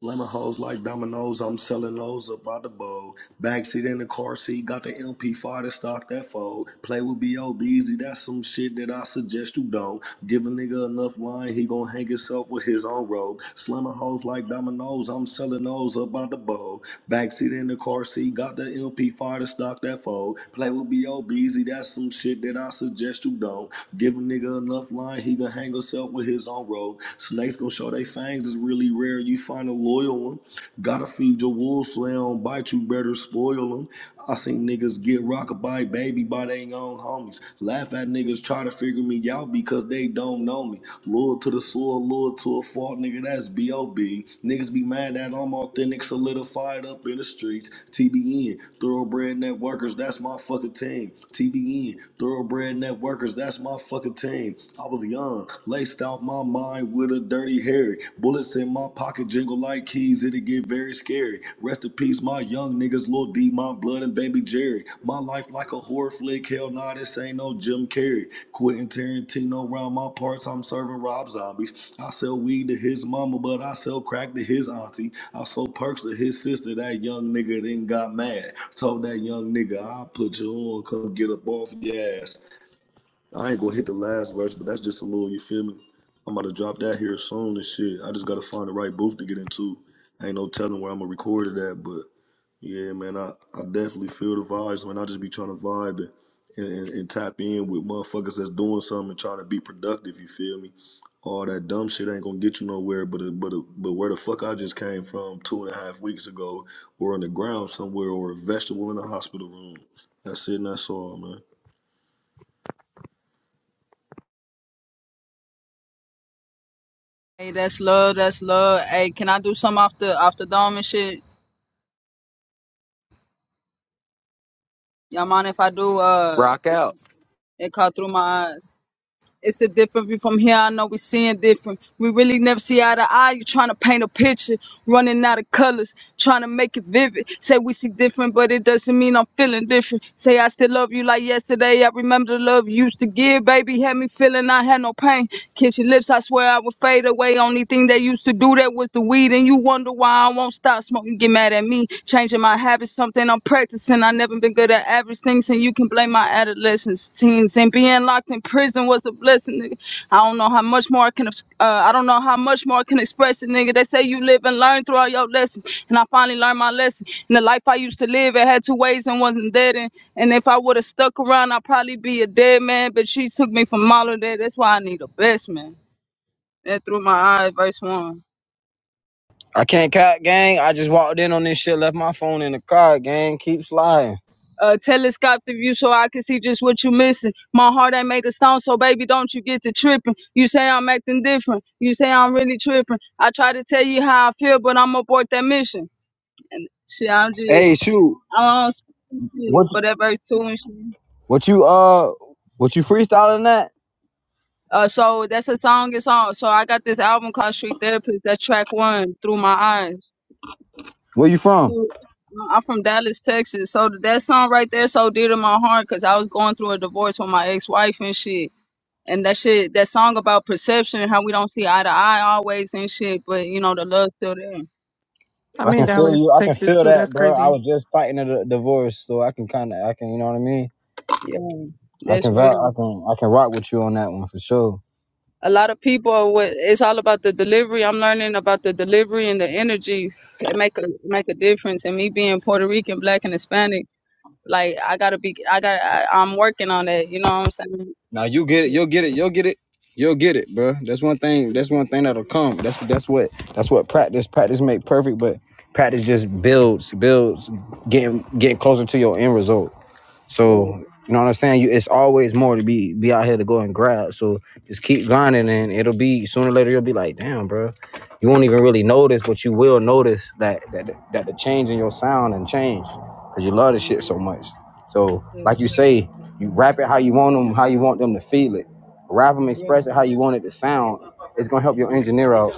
Speaker 3: Lemon hoes like dominoes, I'm selling those up by the bowl. Backseat in the car seat, got the MP5 to stock that fold. Play with B.O. Beezy, that's some shit that I suggest you don't. Give a nigga enough wine, he gon' hang himself with his own robe. Slimmer hoes like dominoes, I'm selling those up by the bowl. Backseat in the car seat, got the MP5 to stock that fold. Play with B.O. Beezy, that's some shit that I suggest you don't. Give a nigga enough line, he gon' hang himself with his own robe. Snake snakes gonna show they fangs. It's really rare you find a loyal one. Gotta feed your wolves so they don't bite you. Better spoil them. I seen niggas get rocked by baby by they own homies. Laugh at niggas try to figure me out because they don't know me. Loyal to the soil, loyal to a fault, nigga. That's B.O.B. Niggas be mad that I'm authentic, solidified up in the streets. TBN, thoroughbred networkers, that's my fucking team. TBN, thoroughbred networkers, that's my fucking team. I was was young. Laced out my mind with a dirty Harry. Bullets in my pocket jingle like keys, it'd get very scary. Rest in peace, my young niggas, Lil D, my blood, and baby Jerry. My life like a horror flick, hell nah, this ain't no Jim Carrey. Quentin Tarantino round my parts, I'm serving Rob Zombies. I sell weed to his mama, but I sell crack to his auntie. I sold perks to his sister, that young nigga then got mad. Told that young nigga, I'll put you on, come get up off your ass. I ain't gonna hit the last verse, but that's just a little, you feel me? I'm about to drop that here soon and shit. I just gotta find the right booth to get into. Ain't no telling where I'm gonna record it at, but yeah, man, I, I definitely feel the vibes, man. I just be trying to vibe and, and, and, and tap in with motherfuckers that's doing something and trying to be productive, you feel me? All that dumb shit ain't gonna get you nowhere, but a, but a, but where the fuck I just came from two and a half weeks ago, or on the ground somewhere, or a vegetable in a hospital room. That's it, and that's all, man.
Speaker 22: Hey, that's love, that's love. Hey, can I do something off the off the dome and shit? Y'all mind if I do uh
Speaker 1: Rock out.
Speaker 22: it caught through my eyes. It's a different from here. I know we seeing different. We really never see eye to eye. You trying to paint a picture, running out of colors, trying to make it vivid. Say we see different, but it doesn't mean I'm feeling different. Say I still love you like yesterday. I remember the love you used to give, baby. Had me feeling I had no pain. Kiss your lips, I swear I would fade away. Only thing they used to do that was the weed, and you wonder why I won't stop smoking. Get mad at me, changing my habit something I'm practicing. I never been good at average things, and you can blame my adolescence, teens, and being locked in prison was a blessing. Nigga. I don't know how much more I can. ex- Uh, I don't know how much more I can express it, nigga. They say you live and learn through all your lessons, and I finally learned my lesson. And the life I used to live, it had two ways and wasn't dead. And, and if I would have stuck around, I'd probably be a dead man. But she took me from all of that. That's why I need a best man. That through my eyes, verse one.
Speaker 11: I can't cut, gang. I just walked in on this shit, left my phone in the car, gang. Keep sliding.
Speaker 22: a telescopic view so I can see just what you missing. My heart ain't made of stone, so baby, don't you get to tripping. You say I'm acting different. You say I'm really tripping. I try to tell you how I feel, but I'm abort that mission. And shit, I'm just,
Speaker 11: Hey, shoot,
Speaker 22: I don't
Speaker 11: what
Speaker 22: speak, but that verse two and shit.
Speaker 11: what you uh what you freestyling that?
Speaker 22: Uh, so that's a song. It's on. So I got this album called Street Therapist. That's track one, Through My Eyes.
Speaker 11: Where you from?
Speaker 22: So, I'm from Dallas, Texas. So that song right there, so dear to my heart, cause I was going through a divorce with my ex-wife and shit and that shit, that song about perception, how we don't see eye to eye always and shit, but you know the love's still there.
Speaker 29: I'm
Speaker 11: I
Speaker 29: in
Speaker 11: can
Speaker 22: That's
Speaker 11: feel
Speaker 29: Dallas,
Speaker 11: you. I can
Speaker 29: Texas
Speaker 11: feel
Speaker 29: too.
Speaker 11: that,
Speaker 29: That's
Speaker 11: bro. I
Speaker 29: crazy.
Speaker 11: was just fighting a d- divorce, so I can kind of, I can, you know what I mean.
Speaker 22: yeah,
Speaker 11: I
Speaker 22: that's
Speaker 11: can,
Speaker 22: real.
Speaker 11: I can, I can rock with you on that one for sure.
Speaker 22: A lot of people, are what it's all about the delivery. I'm learning about the delivery and the energy. It make a make a difference. And me being Puerto Rican, black, and Hispanic, like I gotta be, I got, to I'm working on that. You know what I'm saying?
Speaker 11: Now you get it. You'll get it. You'll get it. You'll get it, bro. That's one thing. That's one thing that'll come. That's that's what that's what practice practice make perfect. But practice just builds builds getting getting closer to your end result.
Speaker 22: Yeah.
Speaker 11: So you know what I'm saying? You, it's always more to be be out here to go and grab. So just keep grinding, and it'll be sooner or later you'll be like, damn, bro, you won't even really notice, but you will notice that that that the change in your sound and change because you love this shit so much. So like you
Speaker 22: Yeah.
Speaker 11: say, you rap it how you want them, how you want them to feel it. Rap them, express it how you want it to sound. It's gonna help your
Speaker 22: Yeah.
Speaker 11: engineer out.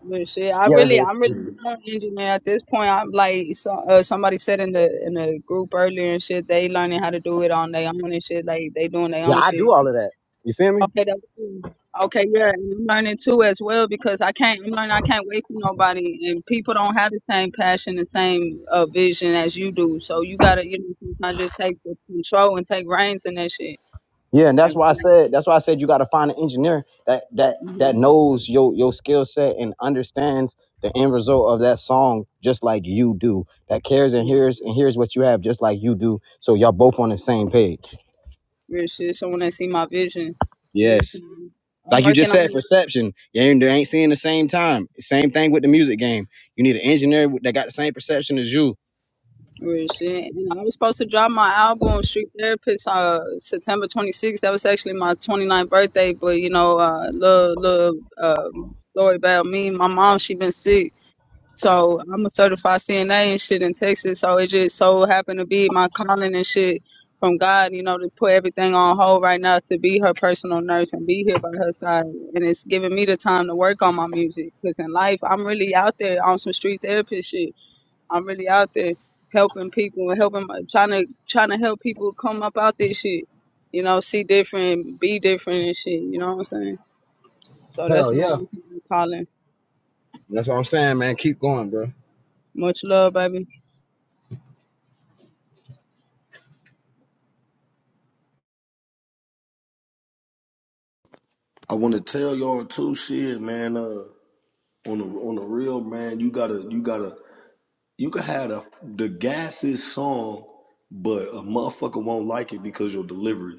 Speaker 22: But shit, I
Speaker 11: Yeah,
Speaker 22: really,
Speaker 11: that
Speaker 22: I'm
Speaker 11: is.
Speaker 22: really not engineer at this point. I'm like, so, uh, somebody said in the in the group earlier and shit, they learning how to do it on their own and shit. Like they doing their
Speaker 11: yeah,
Speaker 22: own
Speaker 11: I do
Speaker 22: shit.
Speaker 11: all of that. You feel me?
Speaker 22: Okay, that's cool. Okay, yeah, and I'm learning too as well because I can't. I'm learning. I can't wait for nobody, and people don't have the same passion, the same uh, vision as you do. So you gotta, you know, sometimes just take the control and take reins in that shit.
Speaker 11: Yeah, and that's
Speaker 22: And
Speaker 11: why I said that's why I said you got to find an engineer that that
Speaker 22: mm-hmm,
Speaker 11: that knows your your skill set and understands the end result of that song just like you do. That cares and
Speaker 22: yeah,
Speaker 11: hears and hears what you have just like you do. So y'all both on the same page.
Speaker 22: real shit. Someone that see my vision.
Speaker 11: Yes.
Speaker 22: I'm
Speaker 11: Like you
Speaker 22: working
Speaker 11: just
Speaker 22: on
Speaker 11: said,
Speaker 22: it.
Speaker 11: perception. You ain't, they ain't seeing the same time. Same thing with the music game. You need an engineer that got the same perception as you.
Speaker 22: Real shit. And I was supposed to drop my album Street Therapist uh September 26th. That was actually my 29th birthday, but you know, uh little little um story about me, my mom, she been sick. So I'm a certified CNA and shit in Texas. So it just so happened to be my calling and shit from God, you know, to put everything on hold right now to be her personal nurse and be here by her side. And it's giving me the time to work on my music. Because in life, I'm really out there on some street therapist shit. I'm really out there helping people and helping trying to trying to help people come up out this shit. You know, see different, be different and shit. You know what I'm saying? So that's
Speaker 11: Hell
Speaker 22: my
Speaker 11: yeah.
Speaker 22: calling.
Speaker 11: That's what I'm saying, man. Keep going, bro.
Speaker 22: Much love, baby.
Speaker 3: I want to tell y'all too, shit, man. Uh, on the on the real, man, you gotta you gotta you can have the the gassiest song, but a motherfucker won't like it because your delivery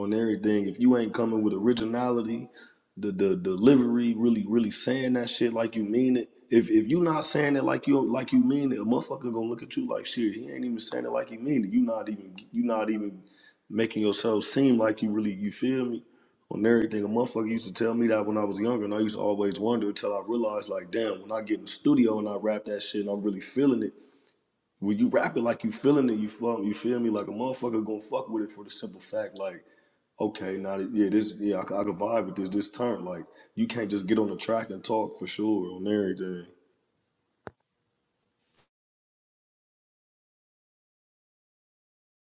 Speaker 3: on everything. If you ain't coming with originality, the the delivery really really saying that shit like you mean it. If if you not saying it like you like you mean it, a motherfucker gonna look at you like shit. He ain't even saying it like he mean it. You not even you not even making yourself seem like you really you feel me on everything. A motherfucker used to tell me that when I was younger, and I used to always wonder until I realized like damn, when I get in the studio and I rap that shit, and I'm really feeling it. When you rap it like you feeling it, you feel, you feel me? Like a motherfucker gonna fuck with it for the simple fact, like, okay, now that, yeah, this, yeah, I, c- I can vibe with this, this turn. Like, you can't just get on the track and talk for sure on everything.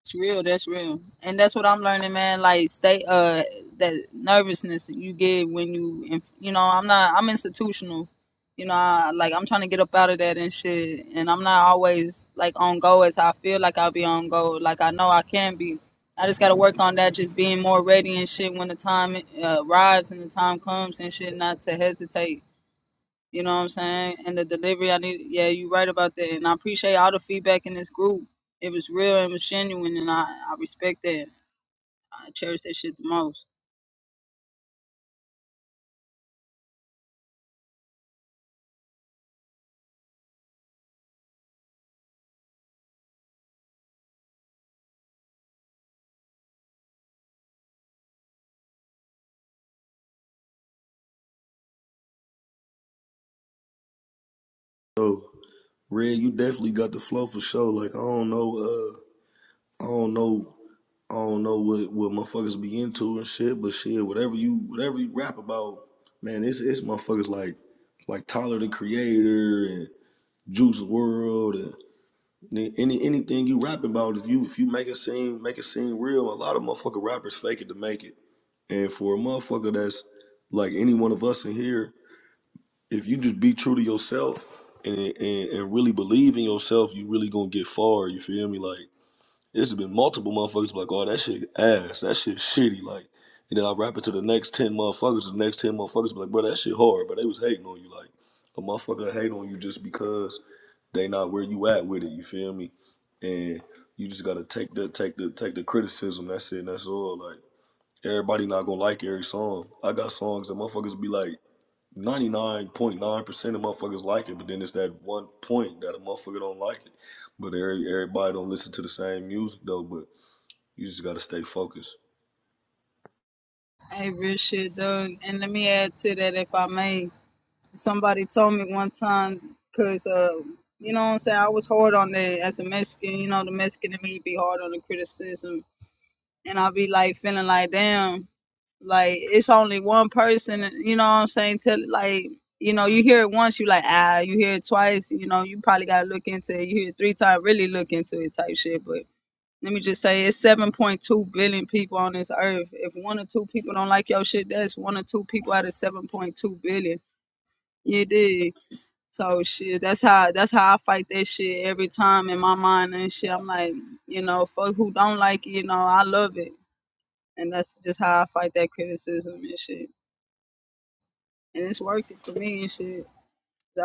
Speaker 22: It's real. That's real, and that's what I'm learning, man. Like, stay uh that nervousness you get when you, inf- you know, I'm not. I'm institutional. You know, I, like I'm trying to get up out of that and shit, and I'm not always like on go as I feel like I'll be on go. Like I know I can be. I just gotta work on that, just being more ready and shit when the time uh, arrives and the time comes and shit, not to hesitate you know what I'm saying? And the delivery, I need. Yeah, you right about that. And I appreciate all the feedback in this group. It was real and it was genuine, and I I respect that. I cherish that shit the most.
Speaker 3: So, Red, you definitely got the flow for sure. Like, I don't know, uh, I don't know, I don't know what what motherfuckers be into and shit, but shit, whatever you whatever you rap about, man, it's it's motherfuckers like like Tyler the Creator and Juice World Any anything you rapping about, if you if you make it seem make it seem real, a lot of motherfucking rappers fake it to make it. And for a motherfucker that's like any one of us in here, if you just be true to yourself and and, and really believe in yourself, you really gonna get far. You feel me? Like this has been multiple motherfuckers be like, oh, that shit ass. That shit shitty. Like, and then I rap it to the next 10 motherfuckers. and The next 10 motherfuckers be like, bro, that shit hard. But they was hating on you. Like, a motherfucker hate on you just because they not where you at with it. You feel me? And you just gotta take the take the take the criticism. That's it. and That's all. Like everybody not gonna like every song. I got songs that motherfuckers be like, 99.9% of motherfuckers like it, but then it's that one point that a motherfucker don't like it. But every, everybody don't listen to the same music though, but you just gotta stay focused.
Speaker 22: Hey, real shit, Doug. And let me add to that, if I may. Somebody told me one time, cause uh, you know what I'm saying. I was hard on that as a Mexican. You know, the Mexican in me be hard on the criticism and I'll be like feeling like damn, like it's only one person, you know what I'm saying? Tell like you know, you hear it once, you like ah, you hear it twice, you know, you probably gotta look into it. You hear it three times, really look into it type shit. But let me just say, it's seven point two billion people on this earth. If one or two people don't like your shit, that's one or two people out of seven point two billion. You dig? So shit, that's how that's how I fight that shit every time in my mind and shit. I'm like, you know, fuck who don't like it, you know, I love it and that's just how I fight that criticism and shit. And it's worked it for me and shit.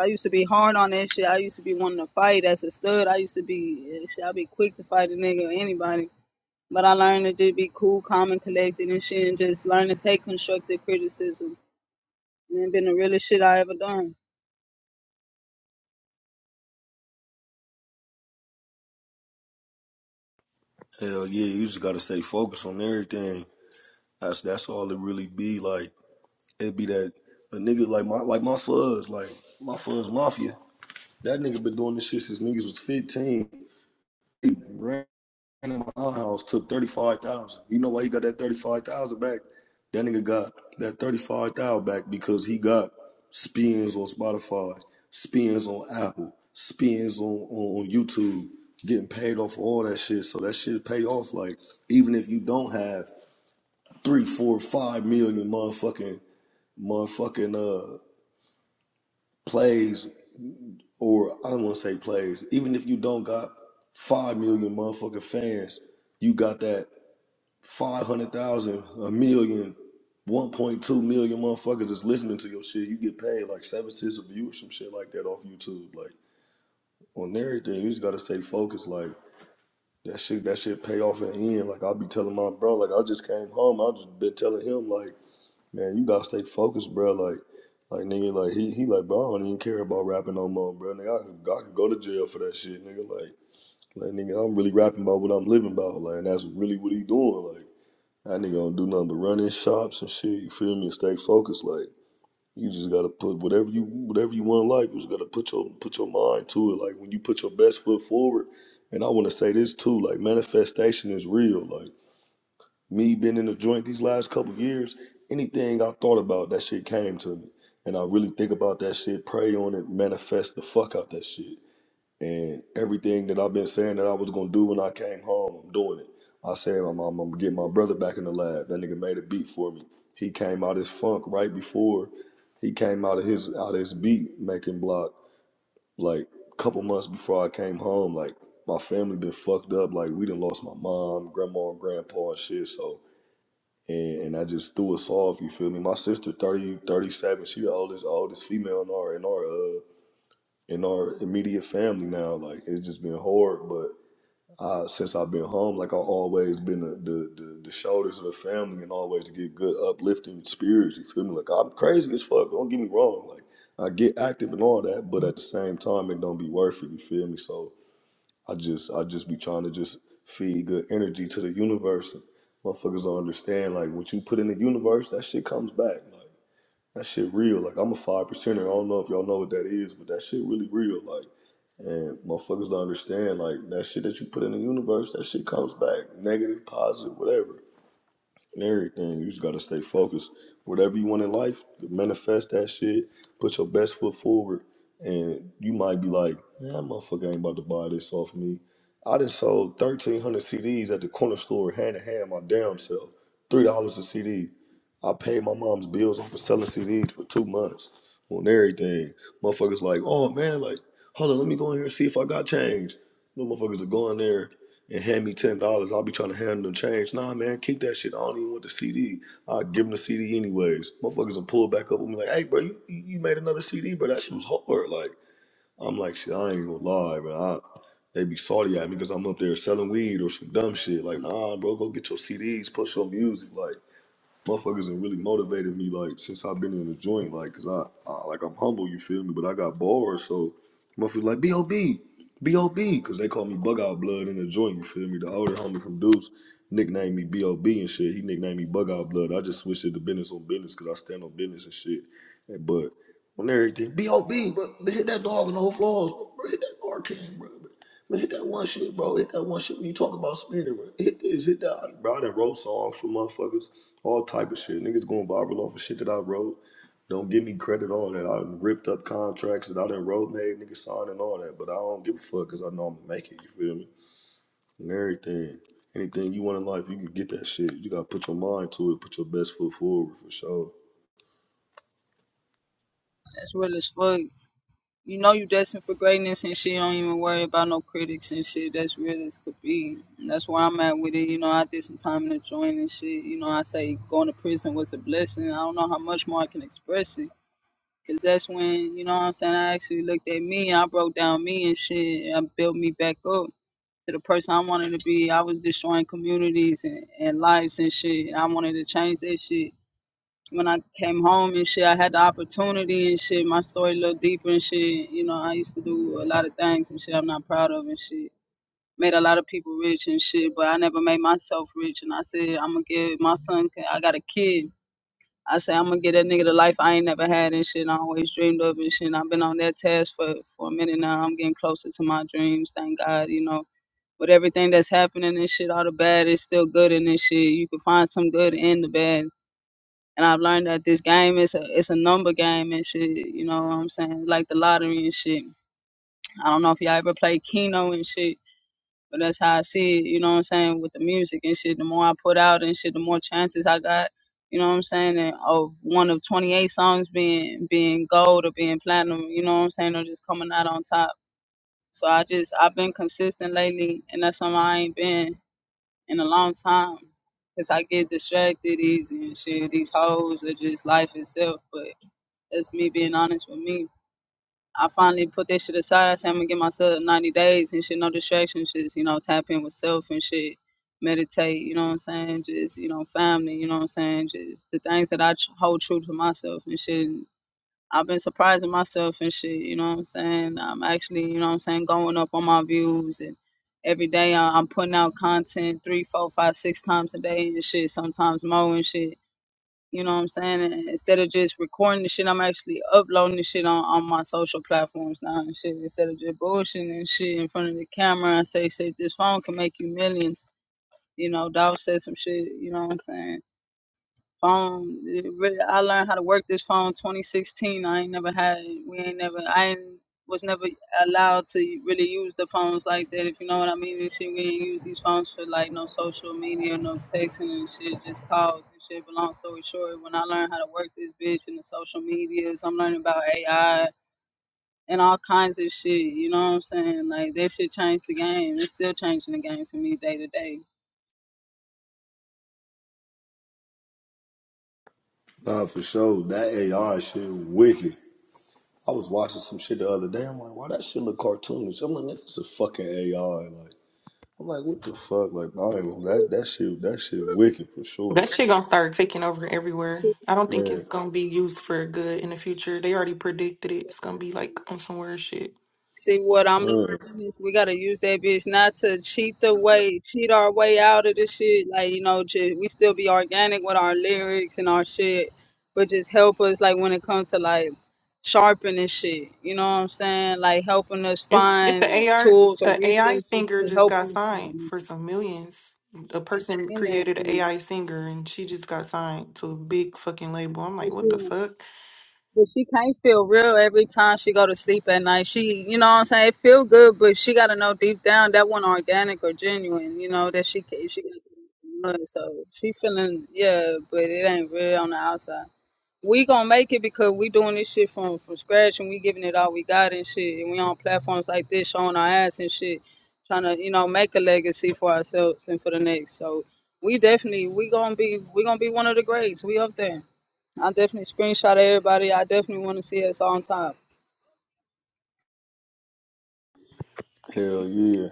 Speaker 22: I used to be hard on that shit. I used to be wanting to fight as a stud. I used to be eh, shit. I'd be quick to fight a nigga or anybody. But I learned to just be cool, calm, and collected and shit, and just learn to take constructive criticism. And it's been the realest shit I ever done.
Speaker 3: Hell yeah, you just gotta stay focused on everything. That's that's all it really be. Like it be that a nigga like my like my fuzz, like my fuzz mafia. That nigga been doing this shit since niggas was fifteen. He ran in my house took thirty five thousand. You know why he got that thirty five thousand back? That nigga got that thirty five thousand back because he got spins on Spotify, spins on Apple, spins on, on, on YouTube, getting paid off all that shit. So that shit pay off. Like even if you don't have three, four, five million motherfucking motherfucking uh plays or I don't want to say plays. Even if you don't got five million motherfucking fans, you got that. 500,000, a million, one point two million motherfuckers is listening to your shit. You get paid like seven cents a view or some shit like that off YouTube. Like on everything, you just gotta stay focused. Like that shit, that shit pay off in the end. Like I'll be telling my bro, like I just came home. I just been telling him, like, man, you gotta stay focused, bro. Like, like nigga, like he he like, bro, I don't even care about rapping no more, bro. Nigga, I could, I could go to jail for that shit, nigga. Like, like nigga, I'm really rapping about what I'm living about. Like, and that's really what he doing. Like. That nigga don't do nothing but run in shops and shit. You feel me? And stay focused. Like you just gotta put whatever you whatever you want in life. You just gotta put your put your mind to it. Like when you put your best foot forward. And I want to say this too. Like manifestation is real. Like me being in the joint these last couple years, anything I thought about, that shit came to me. And I really think about that shit, pray on it, manifest the fuck out that shit. And everything that I've been saying that I was gonna do when I came home, I'm doing it. I said I'm, I'm, I'm gonna get my brother back in the lab. That nigga made a beat for me. He came out his funk right before he came out of his out of his beat making block like a couple months before I came home. Like my family been fucked up. Like we done lost my mom, grandma, and grandpa and shit. So and, and I just threw us off. You feel me? My sister, 30, 37. she the oldest oldest female in our in our uh in our immediate family now. Like it's just been hard, but uh, since I've been home, like I've always been the, the the the shoulders of the family and always get good uplifting spirits. You feel me? Like I'm crazy as fuck. Don't get me wrong. Like I get active and all that, but at the same time, it don't be worth it. You feel me? So I just I just be trying to just feed good energy to the universe. And Motherfuckers don't understand. Like what you put in the universe, that shit comes back. Like that shit real. Like I'm a five percenter. I don't know if y'all know what that is, but that shit really real. Like and motherfuckers don't understand, like, that shit that you put in the universe, that shit comes back, negative, positive, whatever and everything. You just gotta stay focused. Whatever you want in life, manifest that shit. Put your best foot forward, and you might be like, "Man, that motherfucker ain't about to buy this off me." I done sold thirteen hundred CDs at the corner store, hand to hand, my damn self, three dollars a CD. I paid my mom's bills off for selling CDs for two months on everything. Motherfuckers like, "Oh man, like, hold on, let me go in here and see if I got change." Them motherfuckers are going there and hand me ten dollars, I'll be trying to hand them change. Nah, man, keep that shit. I don't even want the CD. I give them the CD anyways. Motherfuckers will pull back up and be like, "Hey, bro, you, you made another CD, bro. That shit was hard." Like, I'm like, shit, I ain't gonna lie, man. I, they be salty at me because I'm up there selling weed or some dumb shit. Like, nah, bro, go get your CDs, push your music, like motherfuckers and really motivated me like since I've been in the joint, like, cause I, I like I'm humble, you feel me, but I got bars, so motherfuckers like B.O.B. B.O.B. Cause they call me Bug Out Blood in the joint, you feel me? The older homie from Deuce nicknamed me B.O.B. and shit. He nicknamed me Bug Out Blood. I just switched it to business on business cause I stand on business and shit. But on everything. B.O.B., bro. hit that dog on the whole floors, bro. Hit that arcane, bro. Man, hit that one shit, bro. Hit that one shit when you talk about spinning, bro. Hit this, hit that. Bro, I done wrote songs for motherfuckers. All type of shit. Niggas going viral off of shit that I wrote. Don't give me credit on that. I done ripped up contracts that I done wrote, made niggas sign and all that. But I don't give a fuck because I know I'm going to make it. You feel me? And everything. Anything you want in life, you can get that shit. You got to put your mind to it. Put your best foot forward for sure.
Speaker 22: That's real as fuck. You know you destined for greatness and shit. You don't even worry about no critics and shit. That's real as could be. And that's where I'm at with it. You know, I did some time in the joint and shit. You know, I say going to prison was a blessing. I don't know how much more I can express it. Cause that's when, you know what I'm saying, I actually looked at me and I broke down me and shit and I built me back up to the person I wanted to be. I was destroying communities and, and lives and shit. And I wanted to change that shit when I came home and shit, I had the opportunity and shit. My story a little deeper and shit. You know, I used to do a lot of things and shit I'm not proud of and shit. Made a lot of people rich and shit, but I never made myself rich. And I said, I'm gonna give my son, I got a kid. I said, I'm gonna get that nigga the life I ain't never had and shit. I always dreamed of and shit. And I've been on that task for, for a minute now. I'm getting closer to my dreams, thank God, you know. With everything that's happening and shit, all the bad is still good in this shit. You can find some good in the bad and I've learned that this game is a it's a number game and shit. You know what I'm saying? Like the lottery and shit. I don't know if y'all ever played Keno and shit, but that's how I see it. You know what I'm saying? With the music and shit, the more I put out and shit, the more chances I got. You know what I'm saying? And of one of 28 songs being being gold or being platinum. You know what I'm saying? Or just coming out on top. So I just I've been consistent lately, and that's something I ain't been in a long time. Cause I get distracted easy and shit. These hoes are just life itself. but. That's me being honest with me. I finally put that shit aside. I said, I'm gonna give myself 90 days and shit, no distractions, just, you know, tap in with self and shit, meditate, you know what I'm saying? Just, you know, family, you know what I'm saying? Just the things that I tr- hold true to myself and shit. I've been surprising myself and shit, you know what I'm saying? I'm actually, you know what I'm saying, going up on my views and every day I- I'm putting out content three, four, five, six times a day and shit, sometimes more and shit you know what I'm saying? And instead of just recording the shit, I'm actually uploading the shit on, on my social platforms now and shit. Instead of just bullshitting and shit in front of the camera, I say, "Say this phone can make you millions. You know, Dolph said some shit, you know what I'm saying? phone. It really, I learned how to work this phone 2016. I ain't never had. We ain't never. I ain't, was never allowed to really use the phones like that. If you know what I mean. And shit, we ain't use these phones for like no social media, no texting and shit. Just calls and shit. But long story short, when I learned how to work this bitch and the social medias, I'm learning about AI. And all kinds of shit, you know what I'm saying? Like that shit changed the game. It's still changing the game for me day to day.
Speaker 3: Nah, for sure. That AI shit wicked. I was watching some shit the other day. I'm like, why that shit look cartoonish? I'm like, man, this is fucking AI. Like, I'm like, what the fuck? Like, I ain't gonna, that that shit that shit wicked for sure,
Speaker 29: That shit gonna start taking over everywhere. I don't think
Speaker 3: man.
Speaker 29: it's gonna be used for good in the future. They already predicted it. It's gonna be like on some weird shit.
Speaker 22: See what I'm learning
Speaker 3: Man,
Speaker 22: is we gotta use that bitch not to cheat the way, cheat our way out of this shit. Like you know, ju- we still be organic with our lyrics and our shit, but just help us like when it comes to like sharpening shit. You know what I'm saying? Like helping us
Speaker 29: It's it's
Speaker 22: find
Speaker 29: a AR
Speaker 22: tools or
Speaker 29: AI
Speaker 22: resources
Speaker 29: singer
Speaker 22: to
Speaker 29: just
Speaker 22: help
Speaker 29: got
Speaker 22: us like,
Speaker 29: signed for some millions. A person
Speaker 22: in that
Speaker 29: created an AI singer and she just got signed to a big fucking label. I'm like, what the
Speaker 22: shit.
Speaker 29: fuck?
Speaker 22: But she can't feel real every time she go to sleep at night. She, you know what I'm saying? It feel good, but she got to know deep down that one organic or genuine, you know, that she ca- she got to know. So she feeling, yeah, but it ain't real on the outside. We gonna make it because we doing this shit from, from scratch and we giving it all we got and shit. And we on platforms like this showing our ass and shit, trying to, you know, make a legacy for ourselves and for the next. So we definitely, we gonna be, we gonna be one of the greats. We up there. I definitely screenshot everybody. I definitely want to see us on time.
Speaker 3: hell
Speaker 29: Period.
Speaker 3: yeah.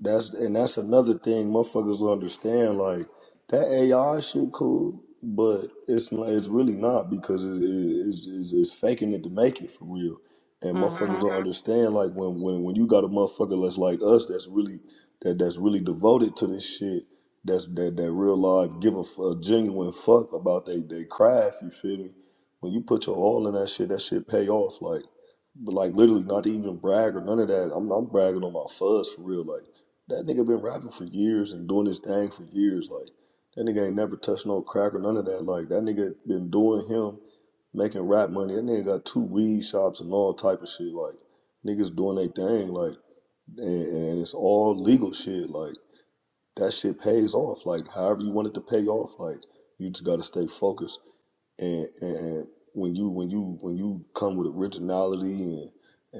Speaker 3: That's and that's another thing motherfuckers don't understand. Like that AI shit, cool, but it's not, it's really not because it, it, it's, it's it's faking it to make it for real. And motherfuckers
Speaker 29: Mm-hmm.
Speaker 3: will hmm understand like when when when you got a motherfucker that's like us that's really that that's really devoted to this shit. That's that that real life give a, f- a genuine fuck about they they craft. You feel me? When you put your all in that shit, that shit pay off. Like. But like literally, not to even brag or none of that. I'm I'm bragging on my fuzz for real. Like that nigga been rapping for years and doing his thing for years. Like that nigga ain't never touched no crack or none of that. Like that nigga been doing him, making rap money. That nigga got two weed shops and all type of shit. Like niggas doing their thing. Like and, and it's all legal shit. Like that shit pays off. Like however you want it to pay off. Like you just gotta stay focused and, and and when you when you when you come with originality and,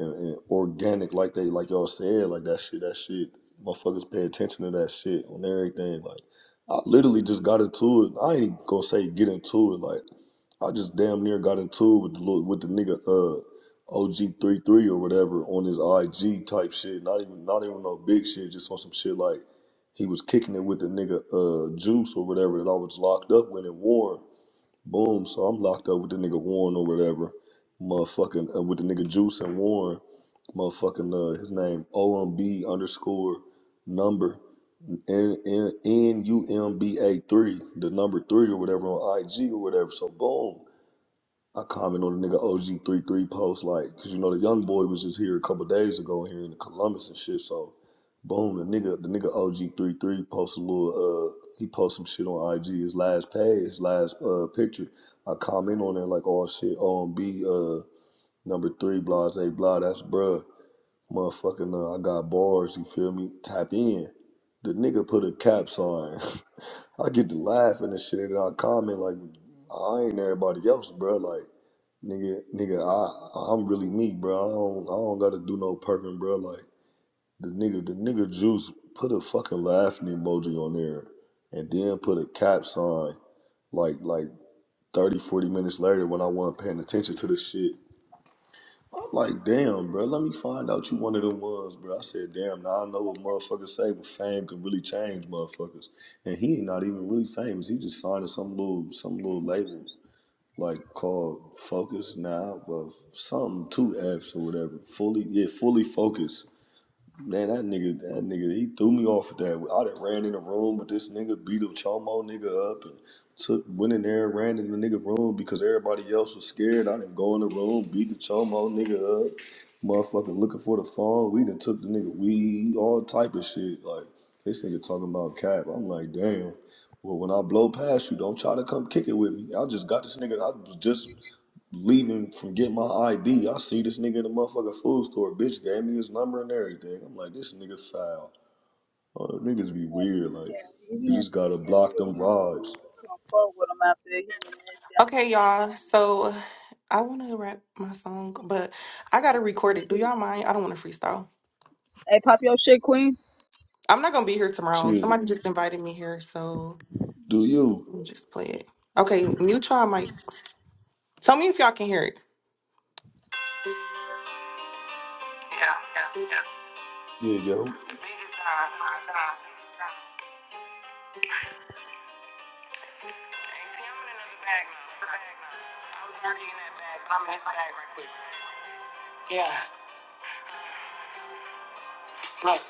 Speaker 3: and, and organic like they like y'all said like that shit that shit motherfuckers pay attention to that shit on everything like I literally just got into it I ain't even gonna say get into it like I just damn near got into it with the little, with the nigga uh OG33 or whatever on his IG type shit not even not even no big shit just on some shit like he was kicking it with the nigga uh Juice or whatever that I was locked up with and Warren Boom. So I'm locked up with the nigga Warren or whatever. Motherfucking uh, with the nigga Juice and Warren. Motherfucking uh, his name OMB underscore number N N N U M B A three, the number three or whatever on IG or whatever. So boom. I comment on the nigga OG33 post, like, cause you know the young boy was just here a couple days ago here in Columbus and shit. So, boom, the nigga, the nigga OG33 posted a little, uh, he posted some shit on IG. His last page, his last uh picture. I comment on there like, oh shit, OMB, uh, number three, blase, blah, that's bruh, motherfucking, uh, I got bars. You feel me? Tap in. The nigga put a cap sign. *laughs* I get to laughing and shit, and I comment like, I ain't everybody else, bruh, Like. Nigga, nigga, I I'm really me, bro. I don't I don't gotta do no perking, bro. Like the nigga, the nigga juice put a fucking laughing emoji on there, and then put a cap sign. Like like 30, 40 minutes later, when I wasn't paying attention to this shit, I'm like, damn, bro. Let me find out you one of them ones, bro. I said, damn. Now I know what motherfuckers say, but fame can really change motherfuckers. And he ain't not even really famous. He just signed to some little some little label like called Focus now, but something two Fs or whatever. Fully, yeah, fully focused. Man, that nigga, that nigga, he threw me off with that. I done ran in the room with this nigga, beat a chomo nigga up, and took went in there, and ran in the nigga room because everybody else was scared. I didn't go in the room, beat the chomo nigga up, motherfucker looking for the phone. We done took the nigga weed, all type of shit. Like this nigga talking about cap. I'm like, damn. Well, when I blow past you, don't try to come kick it with me. I just got this nigga. I was just leaving from get my ID. I see this nigga in the motherfucking food store. Bitch gave me his number and everything. I'm like, this nigga foul. Oh, niggas be weird. Like,
Speaker 22: Yeah,
Speaker 3: you
Speaker 22: even
Speaker 3: just gotta block them vibes.
Speaker 22: if I come forward with them after they hear
Speaker 29: Okay, y'all. So I want to rap my song, but I got to record it. Do
Speaker 22: that.
Speaker 29: y'all mind? I don't want to freestyle.
Speaker 22: Hey, pop your shit, Queen.
Speaker 29: I'm not going to be here tomorrow.
Speaker 3: Shit,
Speaker 29: Somebody just invited me here, so
Speaker 3: do you?
Speaker 29: let me just play it. Okay, mute y'all mic. Tell me if y'all can hear it. Yeah,
Speaker 3: Yeah, yo.
Speaker 29: the biggest time, my time. Hey, see, I'm in another bag now. Bag now. I was already in that bag, but I'm in this bag right quick. Yeah, look.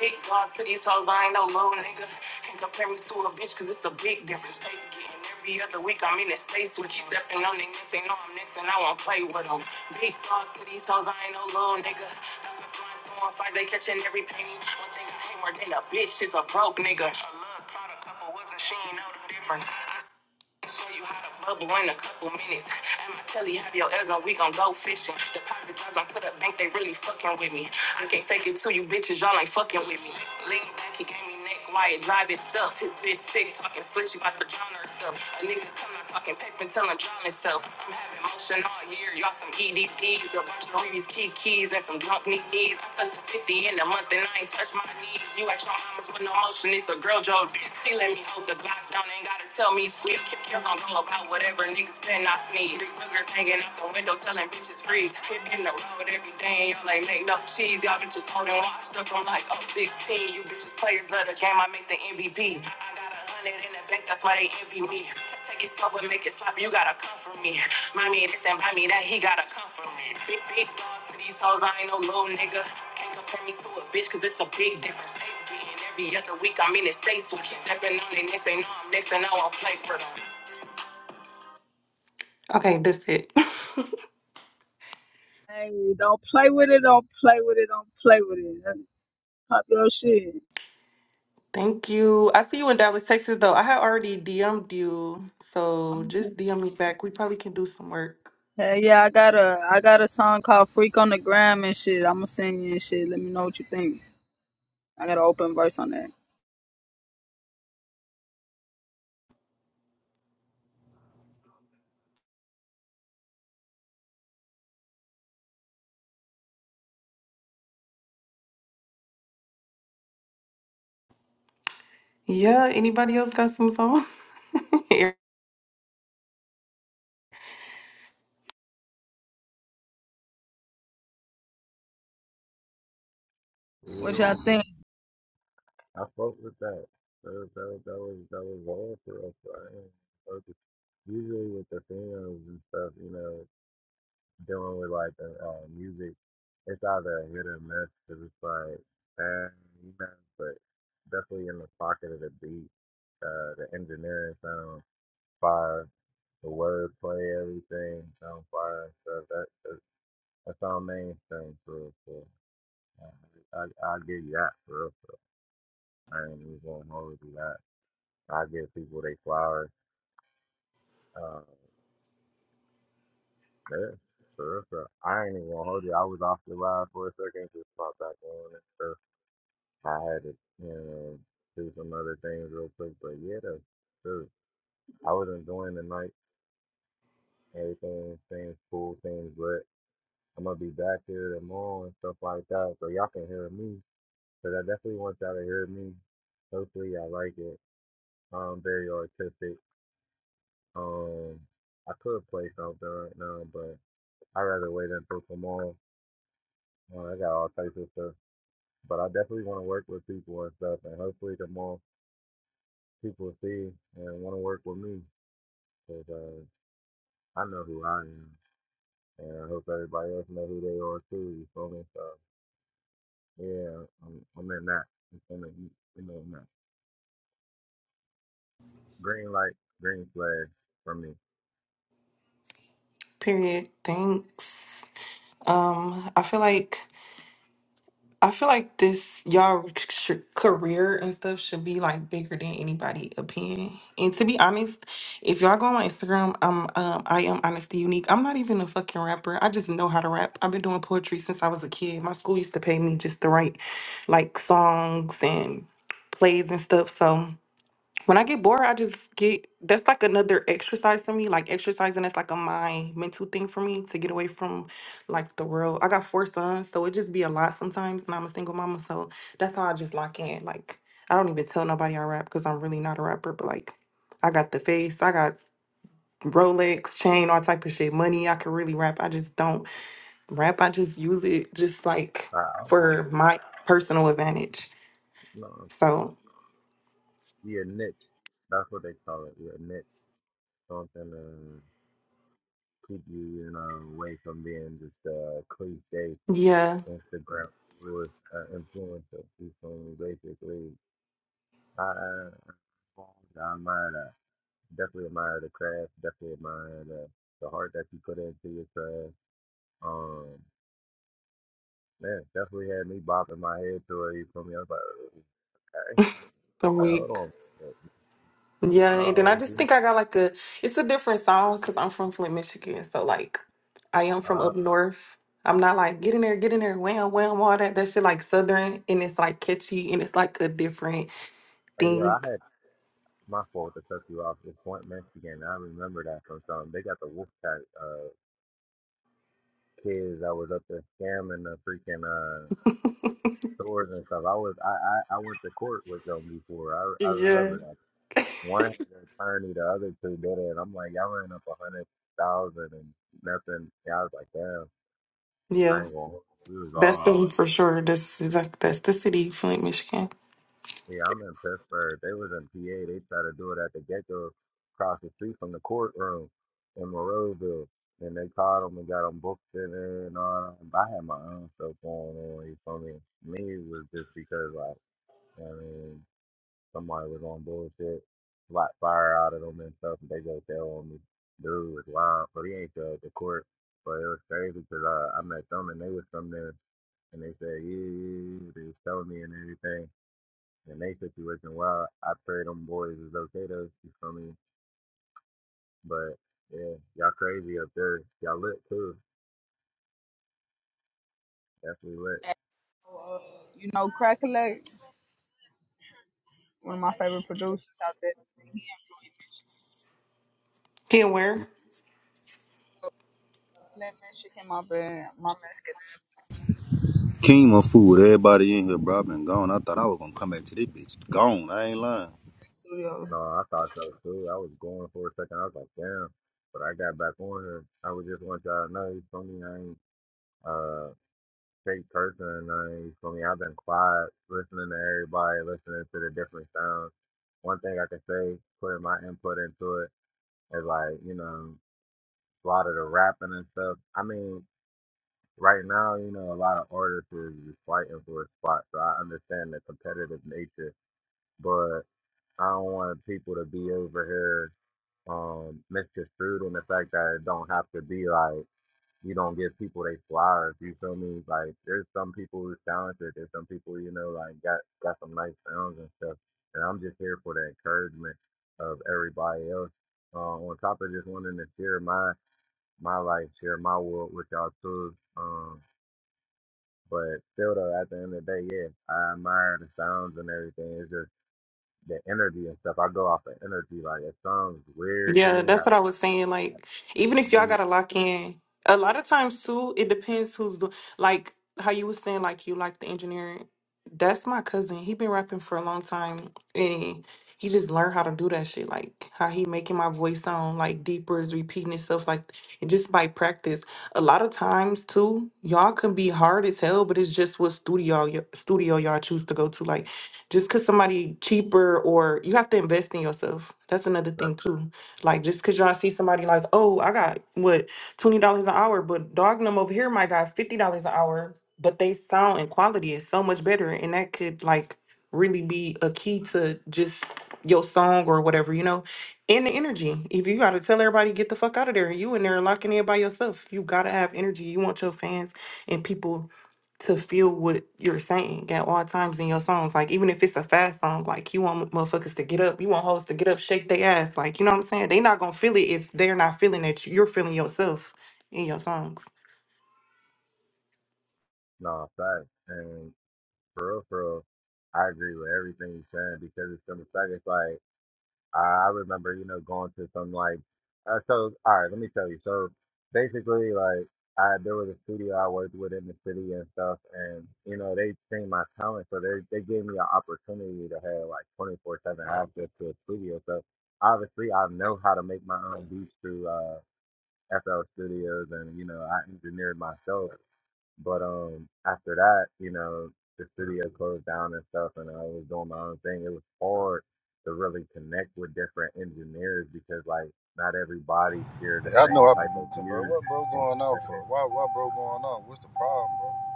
Speaker 29: Big block to these hoes, I ain't no low nigga. Can't compare me to a bitch, cause it's a big difference. Pay getting every other week, I'm in the space with you. Stepping on niggas, they know I'm next and I won't play with them. Big block to these hoes, I ain't no low nigga. Nothing flying, throwing fight, they catching every penny. One thing I hate more than a bitch is a broke nigga. A little product, couple with a she ain't know the difference. Show you how to bubble in a couple minutes. And my telly have your eggs on, we gon' go fishing. Deposit jobs onto the bank, they really fucking with me. I can't fake it to you bitches, y'all ain't fucking with me. Lean back, he gave me neck, why it drive it stuff. His bitch sick, talking slick, she about to drown herself. A nigga come not talking paper till I'm myself. I'm having motion all year. Y'all some EDPs, a bunch of Reeves key keys, and some drunk knee knees. I took the 50 in a month and I ain't touched my knees. You at your mama's with no motion. It's a girl joke. T let me hold the glass down. Ain't gotta tell me sweet. Kick kills on go about whatever niggas pen I sneeze. Three boogers hanging out the window telling bitches freeze. Hit in the road every day. Y'all ain't make no cheese. Y'all bitches holding watch stuff. I'm like, oh, 16. You bitches players love the game. I make the MVP. got a hundred in the bank, that's why they envy me. Take it slow, but make it slap, you gotta come for me. Mommy, this and buy that, he gotta come for me. Big, big dog to these hoes, I ain't no little nigga. Can't compare me to a bitch, cause it's a big difference. They be beating every other week, I'm in the States with you. Stepping on their neck, they know I'm next, and I won't play for them. Okay, that's it. *laughs*
Speaker 22: Hey, don't play with it. Don't play with it. Don't play with it. Hey, Pop your shit.
Speaker 29: Thank you. I see you in Dallas, Texas, though. I had already DM'd you, so
Speaker 22: I'm
Speaker 29: just DM me back. We probably can do some work.
Speaker 22: Hey, yeah, I got a I got a song called "Freak on the Gram" and shit. I'ma sing you and shit. Let me know what you think. I got an open verse on that.
Speaker 29: Yeah, anybody else got some song? *laughs*
Speaker 22: What y'all
Speaker 13: Yo.
Speaker 22: think?
Speaker 13: I fuck with that. That was that was that was, that was hard for us, right? But the- Usually with the films and stuff, you know, dealing with like the uh, music, it's either a hit or miss because it's like, eh, you know, but definitely in the pocket of the beat, uh, the engineering sound fire, the wordplay, everything sound fire. and stuff. that, that that's our main thing for for. uh, I I give you that for real. for real. I ain't even gonna hold you that. I give people they flowers. Uh, yeah, sure, sure. I ain't even gonna hold you. I was off the ride for a second, just popped back on and stuff. I had to, you know, do some other things real quick, but yeah, though, sure. I was enjoying the night, everything, things cool, things lit. I'm gonna be back here tomorrow and stuff like that, so y'all can hear me. Cause I definitely want y'all to hear me. Hopefully y'all like it. I'm very artistic. Um, I could play something right now, but. i rather wait and until tomorrow. Uh, I got all types of stuff. But I definitely want to work with people and stuff. And hopefully, the more people see and want to work with me, 'cause uh, I know who I am. And I hope everybody else know who they are too. You feel me? So, yeah, I'm, I'm in that. You feel me? You you know, in that. Green light, green flag for me.
Speaker 29: Period. Thanks. Um, I feel like I feel like this y'all sh- career and stuff should be like bigger than anybody opinion. And to be honest, if y'all go on my Instagram, um, um, I am honestly unique. I'm not even a fucking rapper. I just know how to rap. I've been doing poetry since I was a kid. My school used to pay me just to write like songs and plays and stuff. So. When I get bored, I just get that's like another exercise to me. Like exercising is like a mind mental thing for me to get away from like the world. I got four sons, so it just be a lot sometimes, and I'm a single mama, so that's how I just lock in. Like I don't even tell nobody I rap because I'm really not a rapper, but like I got the face, I got Rolex, chain, all type of shit, money. I could really rap. I just don't rap. I just use it just like
Speaker 13: I, I'm a,
Speaker 29: for my personal advantage.
Speaker 13: you know,
Speaker 29: So
Speaker 13: be a niche. That's what they call it. You're a niche. Something to keep you, you know, away from being just a cliche
Speaker 29: yeah,
Speaker 13: Instagram was an influencer who can basically I, I I I admire that. Definitely admire the craft. Definitely admire the, the heart that you put into your craft. Um, man, definitely had me bopping my head to it. You feel me? I was like, okay,
Speaker 29: the
Speaker 13: like hold
Speaker 29: week.
Speaker 13: on, Like,
Speaker 29: Yeah, and then I
Speaker 13: no,
Speaker 29: just
Speaker 13: OMG.
Speaker 29: think I got like a it's a different song because I'm from Flint, Michigan. So like I am from
Speaker 13: Uh,
Speaker 29: up north. I'm not like get in there, get in there, wham, wham, all that. That shit like southern and it's like catchy and it's like a different
Speaker 13: hey, yeah, I
Speaker 29: thing.
Speaker 13: had my fault to cut you off. This point Mexican, I remember that from something. They got the Wolfpack uh kids that was up there scamming the freaking uh. stores and stuff. I was I, I, I went to court with them before. I I
Speaker 29: Yeah.
Speaker 13: remember that. One had an attorney, the other two did it. I'm like, y'all ran up a hundred thousand and nothing. Yeah, I was like, damn, I
Speaker 29: Yeah.
Speaker 13: ain't gonna. hold you." We was
Speaker 29: That's
Speaker 13: all
Speaker 29: the
Speaker 13: in.
Speaker 29: one for sure. That's exactly that's the city, Flint, Michigan.
Speaker 13: Yeah, I'm in Pittsburgh. They was in PA. They tried to do it at the get across the street from the courtroom in Monroeville. And they caught them and got them booked in there and all that. But I had my own stuff going on. You feel me? Me it was just because like. I mean, Somebody was on bullshit, flat fire out of them and stuff, and they just tell me, dude was lying, but he ain't at the court. But it was crazy 'cause uh, I met them and they was from there, and they said, yeah, yeah, yeah," they was telling me and everything. And they situation, wild." I pray them boys is okay though, you feel me? But yeah, y'all crazy up there. Y'all lit too. Definitely lit.
Speaker 22: Uh, You know, crackle. one of my favorite producers out there. He
Speaker 29: Can where?
Speaker 13: You-
Speaker 22: employed me. Let that shit came up in my Mexican
Speaker 25: King my food, everybody in here, bro. I've been gone. I thought I was gonna come back to this bitch. Gone. I ain't lying.
Speaker 22: studio.
Speaker 13: No, I thought so too. I was going for a second. I was like, damn. But I got back on her. I was just want y'all to know, you feel me? I ain't. uh. Jake Person and I, you me? I've been quiet, listening to everybody, listening to the different sounds. One thing I can say, putting my input into it, is like, you know, a lot of the rapping and stuff. I mean, right now, you know, a lot of artists is just fighting for a spot, so I understand the competitive nature, but I don't want people to be over here um misconstrued in the fact that it don't have to be like you don't give people they flowers. You feel me? Like there's some people who's talented. There's some people you know like got got some nice sounds and stuff. And I'm just here for the encouragement of everybody else. Uh, on top of just wanting to share my my life, share my world with y'all too. Um, but still though, at the end of the day, yeah, I admire the sounds and everything. It's just the energy and stuff. I go off the energy. Like it sounds weird to
Speaker 29: Yeah,
Speaker 13: me.
Speaker 29: that's
Speaker 13: I
Speaker 29: what I was saying. Like, even if y'all gotta lock in, a lot of times too, it depends who's do like how you was saying, like you like the engineering. That's my cousin. He been rapping for a long time, and he just learned how to do that shit. Like how he making my voice sound like deeper is repeating itself, like and just by practice. A lot of times too, y'all can be hard as hell, but it's just what studio y- studio y'all choose to go to. Like just cause somebody cheaper or you have to invest in yourself. That's another thing too like just cause y'all see somebody like, oh, I got what twenty dollars an hour, but dog them over here might got fifty dollars an hour, but they sound and quality is so much better, and that could like really be a key to just your song or whatever, you know, and the energy. If you gotta tell everybody get the fuck out of there, and you in there locking in by yourself, you gotta have energy. You want your fans and people to feel what you're saying at all times in your songs. Like even if it's a fast song, like you want motherfuckers to get up, you want hoes to get up, shake their ass. Like you know what I'm saying? They not gonna feel it if they're not feeling that you're feeling yourself in your songs.
Speaker 13: no, facts. And For real, for real. I agree with everything you said because it's gonna suck. It's like I I remember, you know, going to some like uh, so. All right, let me tell you. So basically, like I there was a studio I worked with in the city and stuff, and you know they seen my talent, so they they gave me an opportunity to have like twenty four seven access to a studio. So obviously, I know how to make my own beats through uh, FL Studios, and you know I engineered myself. But um, after that, you know, the studio closed down and stuff, and I was doing my own thing. It was hard to really connect with different engineers because like not everybody shared
Speaker 25: Hey,
Speaker 13: the
Speaker 25: I know
Speaker 13: same
Speaker 25: I've
Speaker 13: type
Speaker 25: been
Speaker 13: of
Speaker 25: missing, bro.
Speaker 13: views.
Speaker 25: What bro
Speaker 13: And
Speaker 25: going on for? Why why bro going on? What's the problem,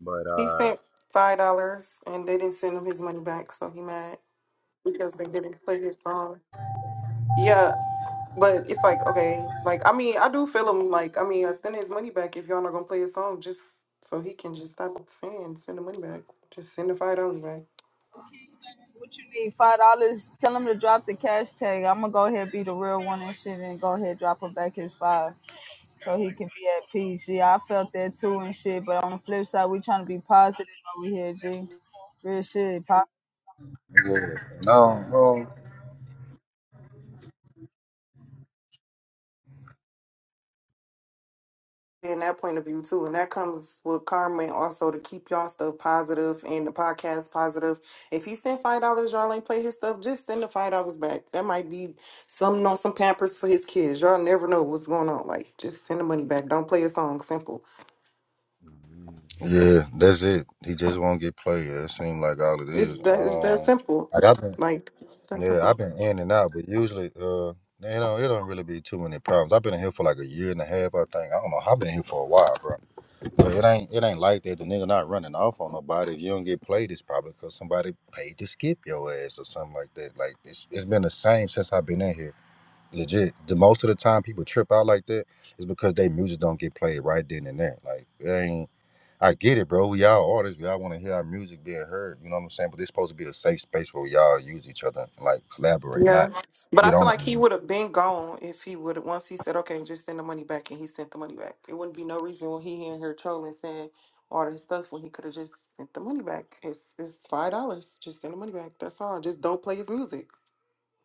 Speaker 13: but
Speaker 29: He
Speaker 13: uh,
Speaker 29: sent five dollars and they didn't send him his money back, so he mad because they didn't play his song. Yeah, but it's like okay, like I mean I do feel him. Like I mean I send his money back if y'all not gonna play his song, just so he can just stop saying send the money back. Just send the five dollars back.
Speaker 22: What you need? Five dollars. Tell him to drop the cash tag. I'm gonna go ahead be the real one and shit, and go ahead drop him back his five, so he can be at peace. Yeah, I felt that too and shit. But on the flip side, we trying to be positive over here, G. Real shit. Positive
Speaker 25: bro? Yeah. No, no.
Speaker 29: in that point of view too. And that comes with karma and also to keep y'all stuff positive and the podcast positive. If he sent five dollars, y'all ain't play his stuff, just send the five dollars back. That might be something on some pampers for his kids. Y'all never know what's going on. Like just send the money back. Don't play a song. Simple.
Speaker 13: mm,
Speaker 25: Yeah, that's it. He just won't get played. It seems like all it is.
Speaker 29: It's that it's that
Speaker 25: Um
Speaker 29: simple.
Speaker 25: like I've been
Speaker 29: Like it's that
Speaker 25: yeah, I've
Speaker 29: simple.
Speaker 25: been in and out, but usually uh you know, it don't really be too many problems. I've been in here for like a year and a half, I think. I don't know. I've been here for a while, bro. But it ain't it ain't like that. The nigga not running off on nobody. If you don't get played, it's probably because somebody paid to skip your ass or something like that. Like it's it's been the same since I've been in here. Legit. The most of the time people trip out like that is because they music don't get played right then and there. Like it ain't. I get it, bro. We all artists. We all want to hear our music being heard. You know what I'm saying? But this supposed to be a safe space where we all use each other and like collaborate,
Speaker 29: Yeah.
Speaker 25: not
Speaker 29: But I
Speaker 25: get
Speaker 29: feel
Speaker 25: on
Speaker 29: like he
Speaker 25: it.
Speaker 29: would have been gone if he would have once he said, Okay, just send the money back and he sent the money back. It wouldn't be no reason when he in here trolling saying all this stuff when he could have just sent the money back. It's it's five dollars. Just send the money back. That's all. Just don't play his music.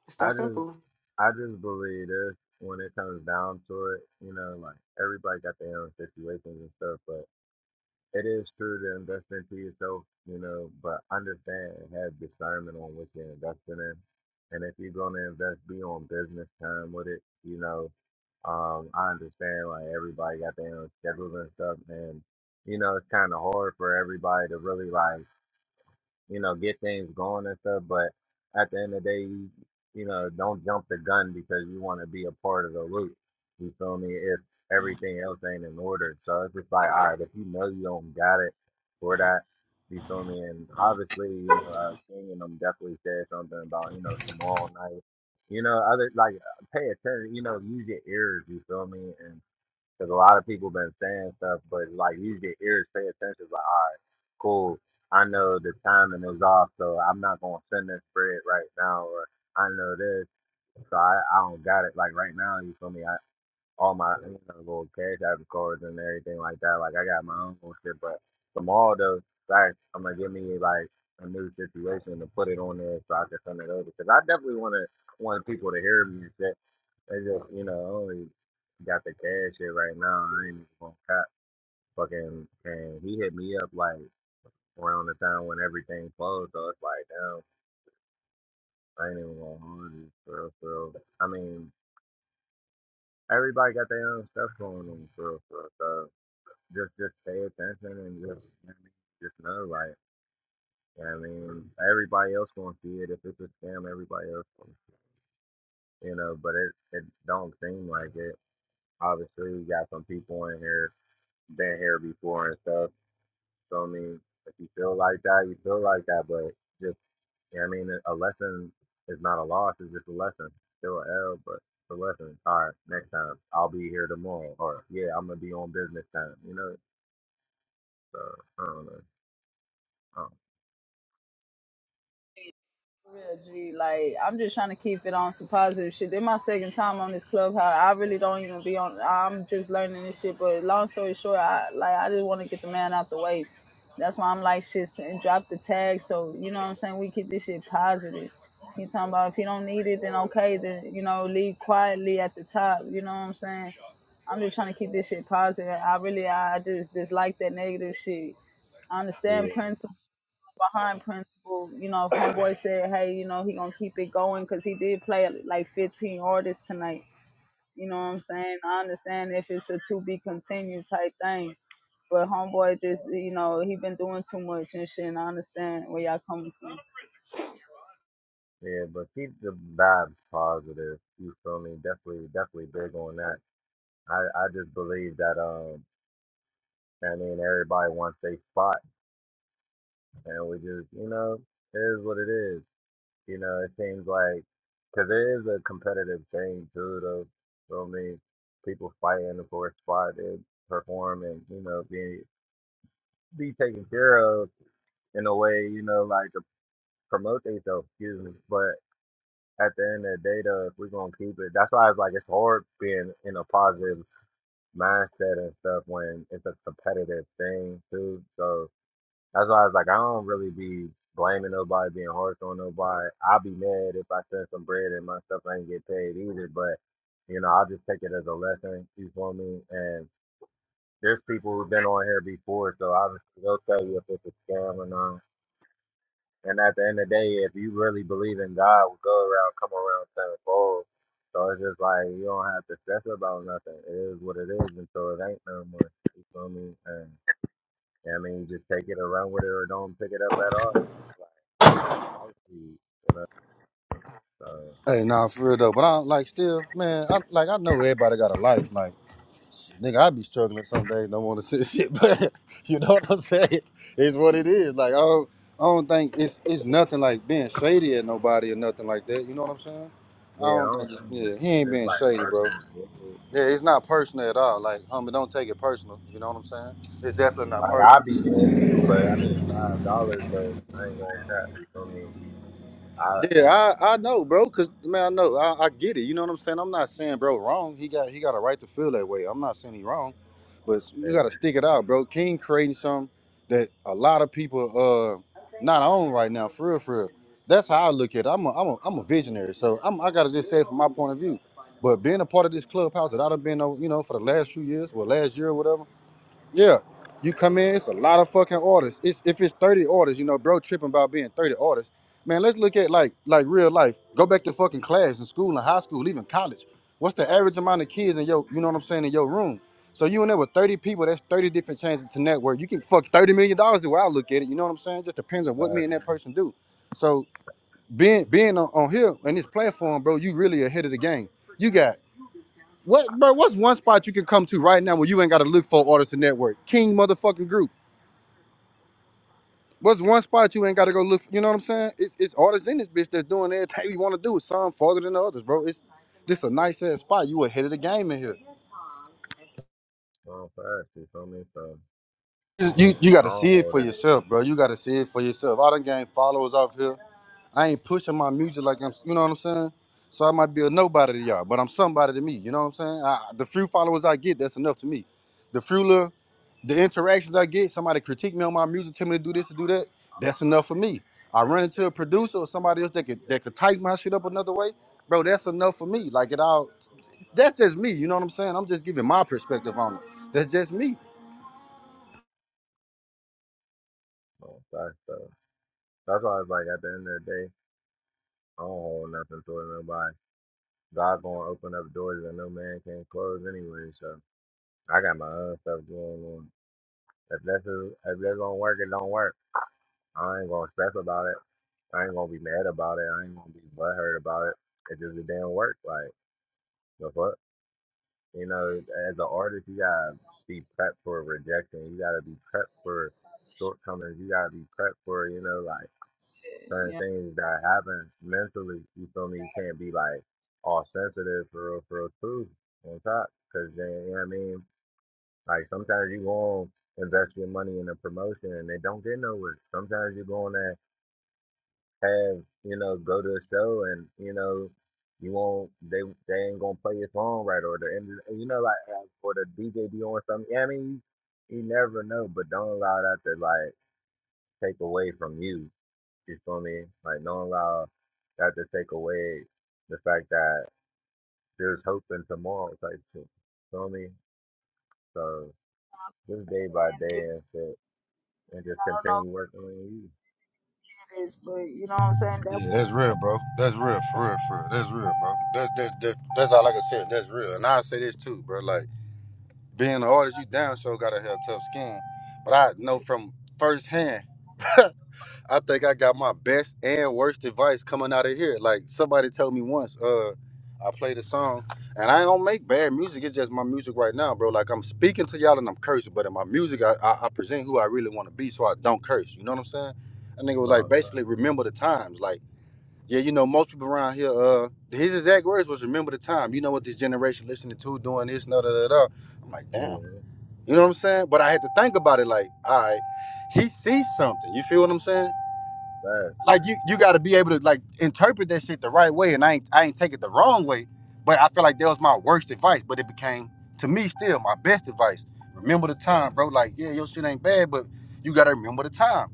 Speaker 29: It's
Speaker 13: I
Speaker 29: that
Speaker 13: just
Speaker 29: simple.
Speaker 13: I just believe this when it comes down to it. You know, like everybody got their own situations and stuff, but. It is true to invest into yourself, you know, but understand and have discernment on what you're investing in. And if you're going to invest, be on business time with it. You know, um, I understand like everybody got their own schedules and stuff, and you know, it's kind of hard for everybody to really like you know, get things going and stuff. But at the end of the day, you, you know, don't jump the gun because you want to be a part of the loop. You feel me? If everything else ain't in order, so it's just like, all right, if you know you don't got it for that, you feel me? And obviously, you know, uh, King and them definitely said something about you know tomorrow night. You know, other like pay attention. You know, use your ears. You feel me? And. Because a lot of people been saying stuff, but like you get ears pay attention. Like, all right, cool. I know the timing is off, so I'm not gonna send this spread right now. Or I know this, so I, I don't got it. Like right now, you feel me? all my you know, little cash app cards and everything like that. Like I got my own little shit, but from all those facts, I'm gonna give me like a new situation to put it on there so I can send it over. Cause I definitely want to want people to hear me and shit. They just you know I only got the cash shit right now. I ain't even gonna cap Fucking and he hit me up like around the time when everything closed. So it's like damn, I ain't even gonna hold you for real. For real. I mean everybody got their own stuff going on for real. For real. So just just pay attention and just you know, what I mean, just know like you know what I mean everybody else gonna see it if it's a scam everybody else gonna- you know but it it don't seem like it obviously you got some people in here been here before and stuff so I mean if you feel like that you feel like that but just you know what I mean a lesson is not a loss it's just a lesson still a L but it's a lesson all right next time I'll be here tomorrow or yeah I'm gonna be on business time you know so I don't know. I don't
Speaker 22: Real G, like I'm just trying to keep it on some positive shit. This my second time on this clubhouse. I really don't even be on. I'm just learning this shit. But long story short, I like I just want to get the man out the way. That's why I'm like shit and drop the tag. So you know what I'm saying. We keep this shit positive. He talking about if he don't need it, then okay, then you know leave quietly at the top. You know what I'm saying. I'm just trying to keep this shit positive. I really I just dislike that negative shit. I
Speaker 13: know.
Speaker 22: understand principle behind principal you know if homeboy said hey you know he gonna keep it going because he did play like 15 artists tonight you know what i'm saying i understand if it's a to be continued type thing but homeboy just you know he been doing too much and shit and i understand where y'all coming from
Speaker 13: Yeah, but keep the vibes positive. You feel me? Definitely, definitely big on that. I, I just believe that um, I mean, everybody wants their spot, and we just, you know, it is what it is. You know, it seems like because it is a competitive thing too. Though, so many people fighting for a spot to perform and you know be be taken care of in a way. You know, like to promote themselves. Excuse me, but. at the end of the day though, if we're gonna keep it, that's why it's like it's hard being in a positive mindset and stuff when it's a competitive thing too. So that's why it's like, I don't really be blaming nobody, being harsh on nobody. I'll be mad if I send some bread and my stuff ain't get paid either, but you know, I'll just take it as a lesson, you feel me? And there's people who've been on here before, so obviously they'll tell you if it's a scam or not and at the end of the day, if you really believe in God, will go around, come around tenfold. So it's just like you don't have to stress about nothing. It is what it is until it ain't no more. You feel me? And yeah, I mean, just take it around with it or don't pick it up at all. It's Like that's life, to you you know. So
Speaker 25: Hey, nah, for real though. But I like still, man. I like I know everybody got a life. Like. Nigga, I be struggling some days. Don't want to sit shit, *laughs* but you know what I'm saying. It's what it is. Like I don't, I don't think it's it's nothing like being shady at nobody or nothing like that. You know what I'm saying? I
Speaker 13: yeah, I
Speaker 25: don't think.
Speaker 13: don't
Speaker 25: it's-
Speaker 13: think
Speaker 25: Yeah,
Speaker 13: it's,
Speaker 25: he ain't
Speaker 13: it's
Speaker 25: being
Speaker 13: like
Speaker 25: shady, bro.
Speaker 13: personal shit.
Speaker 25: Yeah, it's not personal at all. Like, homie, don't take it personal. You know what I'm saying? It's definitely not
Speaker 13: Like
Speaker 25: personal.
Speaker 13: I'd be mad too, but I mean, five dollars though, I ain't gonna cap. You feel me? I
Speaker 25: Yeah, I, I know, bro. Cause man, I know, I, I get it. You know what I'm saying? I'm not saying bro wrong. He got he got a right to feel that way. I'm not saying he wrong, but you gotta
Speaker 13: yeah,
Speaker 25: stick it out, bro. King creating something that a lot of people uh not on right now, for real, for real. That's how I look at it. I'm a I'm a, I'm a visionary, so I'm I gotta just say it from my point of view. But being a part of this clubhouse that I've been on, you know, for the last few years, well, last year or whatever. Yeah. You come in, it's a lot of fucking orders. It's if it's 30 orders, you know, bro tripping about being 30 orders. Man, let's look at like like real life. Go back to fucking class in school and high school, even college. What's the average amount of kids in your, you know what I'm saying, in your room? So you in there with 30 people, that's 30 different chances to network. You can fuck 30 million dollars the way I look at it. You know what I'm saying? It just depends on what me and that person do. So being being on, on here and this platform, bro, you really ahead of the game. You got. What, bro? What's one spot you can come to right now where you ain't got to look for artists and network? King motherfucking group. What's one spot you ain't got to go look? For, you know what I'm saying? It's it's artists in this bitch that's doing everything you want to do. Some farther than the others, bro. It's this a nice ass spot. You ahead of the game in here.
Speaker 13: five, five, you feel me? So.
Speaker 25: you you got
Speaker 13: I
Speaker 25: to
Speaker 13: don't
Speaker 25: see it
Speaker 13: hold
Speaker 25: for
Speaker 13: it.
Speaker 25: yourself, bro. You got to see it for yourself. I done gained followers off here. I ain't pushing my music like I'm, you know what I'm saying? So I might be a nobody to y'all, but I'm somebody to me. You know what I'm saying? I, the few followers I get, that's enough to me. The few little, the interactions I get, somebody critique me on my music, tell me to do this, to do that, that's enough for me. I run into a producer or somebody else that could that could type my shit up another way, bro. That's enough for me. Like it all, that's just me. You know what I'm saying? I'm just giving my perspective on it. That's just me.
Speaker 13: Oh, that's so. That's why it's like, at the end of the day, I don't hold nothing for nobody. God gonna open up doors that no man can close anyway. So I got my own stuff going on. If that's a, if that's gonna work, it don't work. I ain't gonna stress about it. I ain't gonna be mad about it. I ain't gonna be butthurt about it. It just it didn't work. Like the fuck, you know. As an artist, you gotta be prepped for rejection. You gotta be prepped for shortcomings. You gotta be prepped for you know like. certain
Speaker 22: yeah
Speaker 13: things that happen mentally, you feel me, you can't be like all sensitive for real, for real too on top. Cause then, you know what I mean? Like sometimes you go on, invest your money in a promotion and they don't get nowhere. Sometimes you go on and have, you know, go to a show and, you know, you won't, they they ain't gonna play your song right or the end, you know, like, uh, or the DJ be on something. Yeah, I mean, you, you never know, but don't allow that to like take away from you. You feel me? Like don't allow that to take away the fact that there's hope in tomorrow type shit. Feel me? So just day by
Speaker 22: and
Speaker 13: day
Speaker 22: it,
Speaker 13: and shit, and just
Speaker 22: i don't know
Speaker 13: continue working on you.
Speaker 22: what it is but you know what i'm saying That
Speaker 25: Yeah, that's real, bro. That's real, for real, for real. That's real, bro. That's that's that's, that's all I can say. That's real. And I say this too, bro. Like being an artist, you damn sure gotta have tough skin. But I know from firsthand, *laughs* I think I got my best and worst advice coming out of here. Like somebody told me once, uh, I played a song, and I don't make bad music. It's just my music right now, bro. Like I'm speaking to y'all and I'm cursing, but in my music, I I, I present who I really want to be, so I don't curse. You know what I'm saying? That nigga was like,
Speaker 13: No,
Speaker 25: basically, remember the times, like. Yeah, you know, most people around here, uh, his exact words was remember the time. You know what this generation listening to, doing this, and da da da. da." I'm like, damn.
Speaker 13: sorry.
Speaker 25: You know what I'm saying? But I had to think about it like, all right, he sees something. You feel what I'm saying?
Speaker 13: mm-hmm.
Speaker 25: Like you you gotta be able to like interpret that shit the right way. And I ain't I ain't take it the wrong way. But I feel like that was my worst advice. But it became to me still my best advice. Remember the time, bro. Like, yeah, your shit ain't bad, but you gotta remember the time.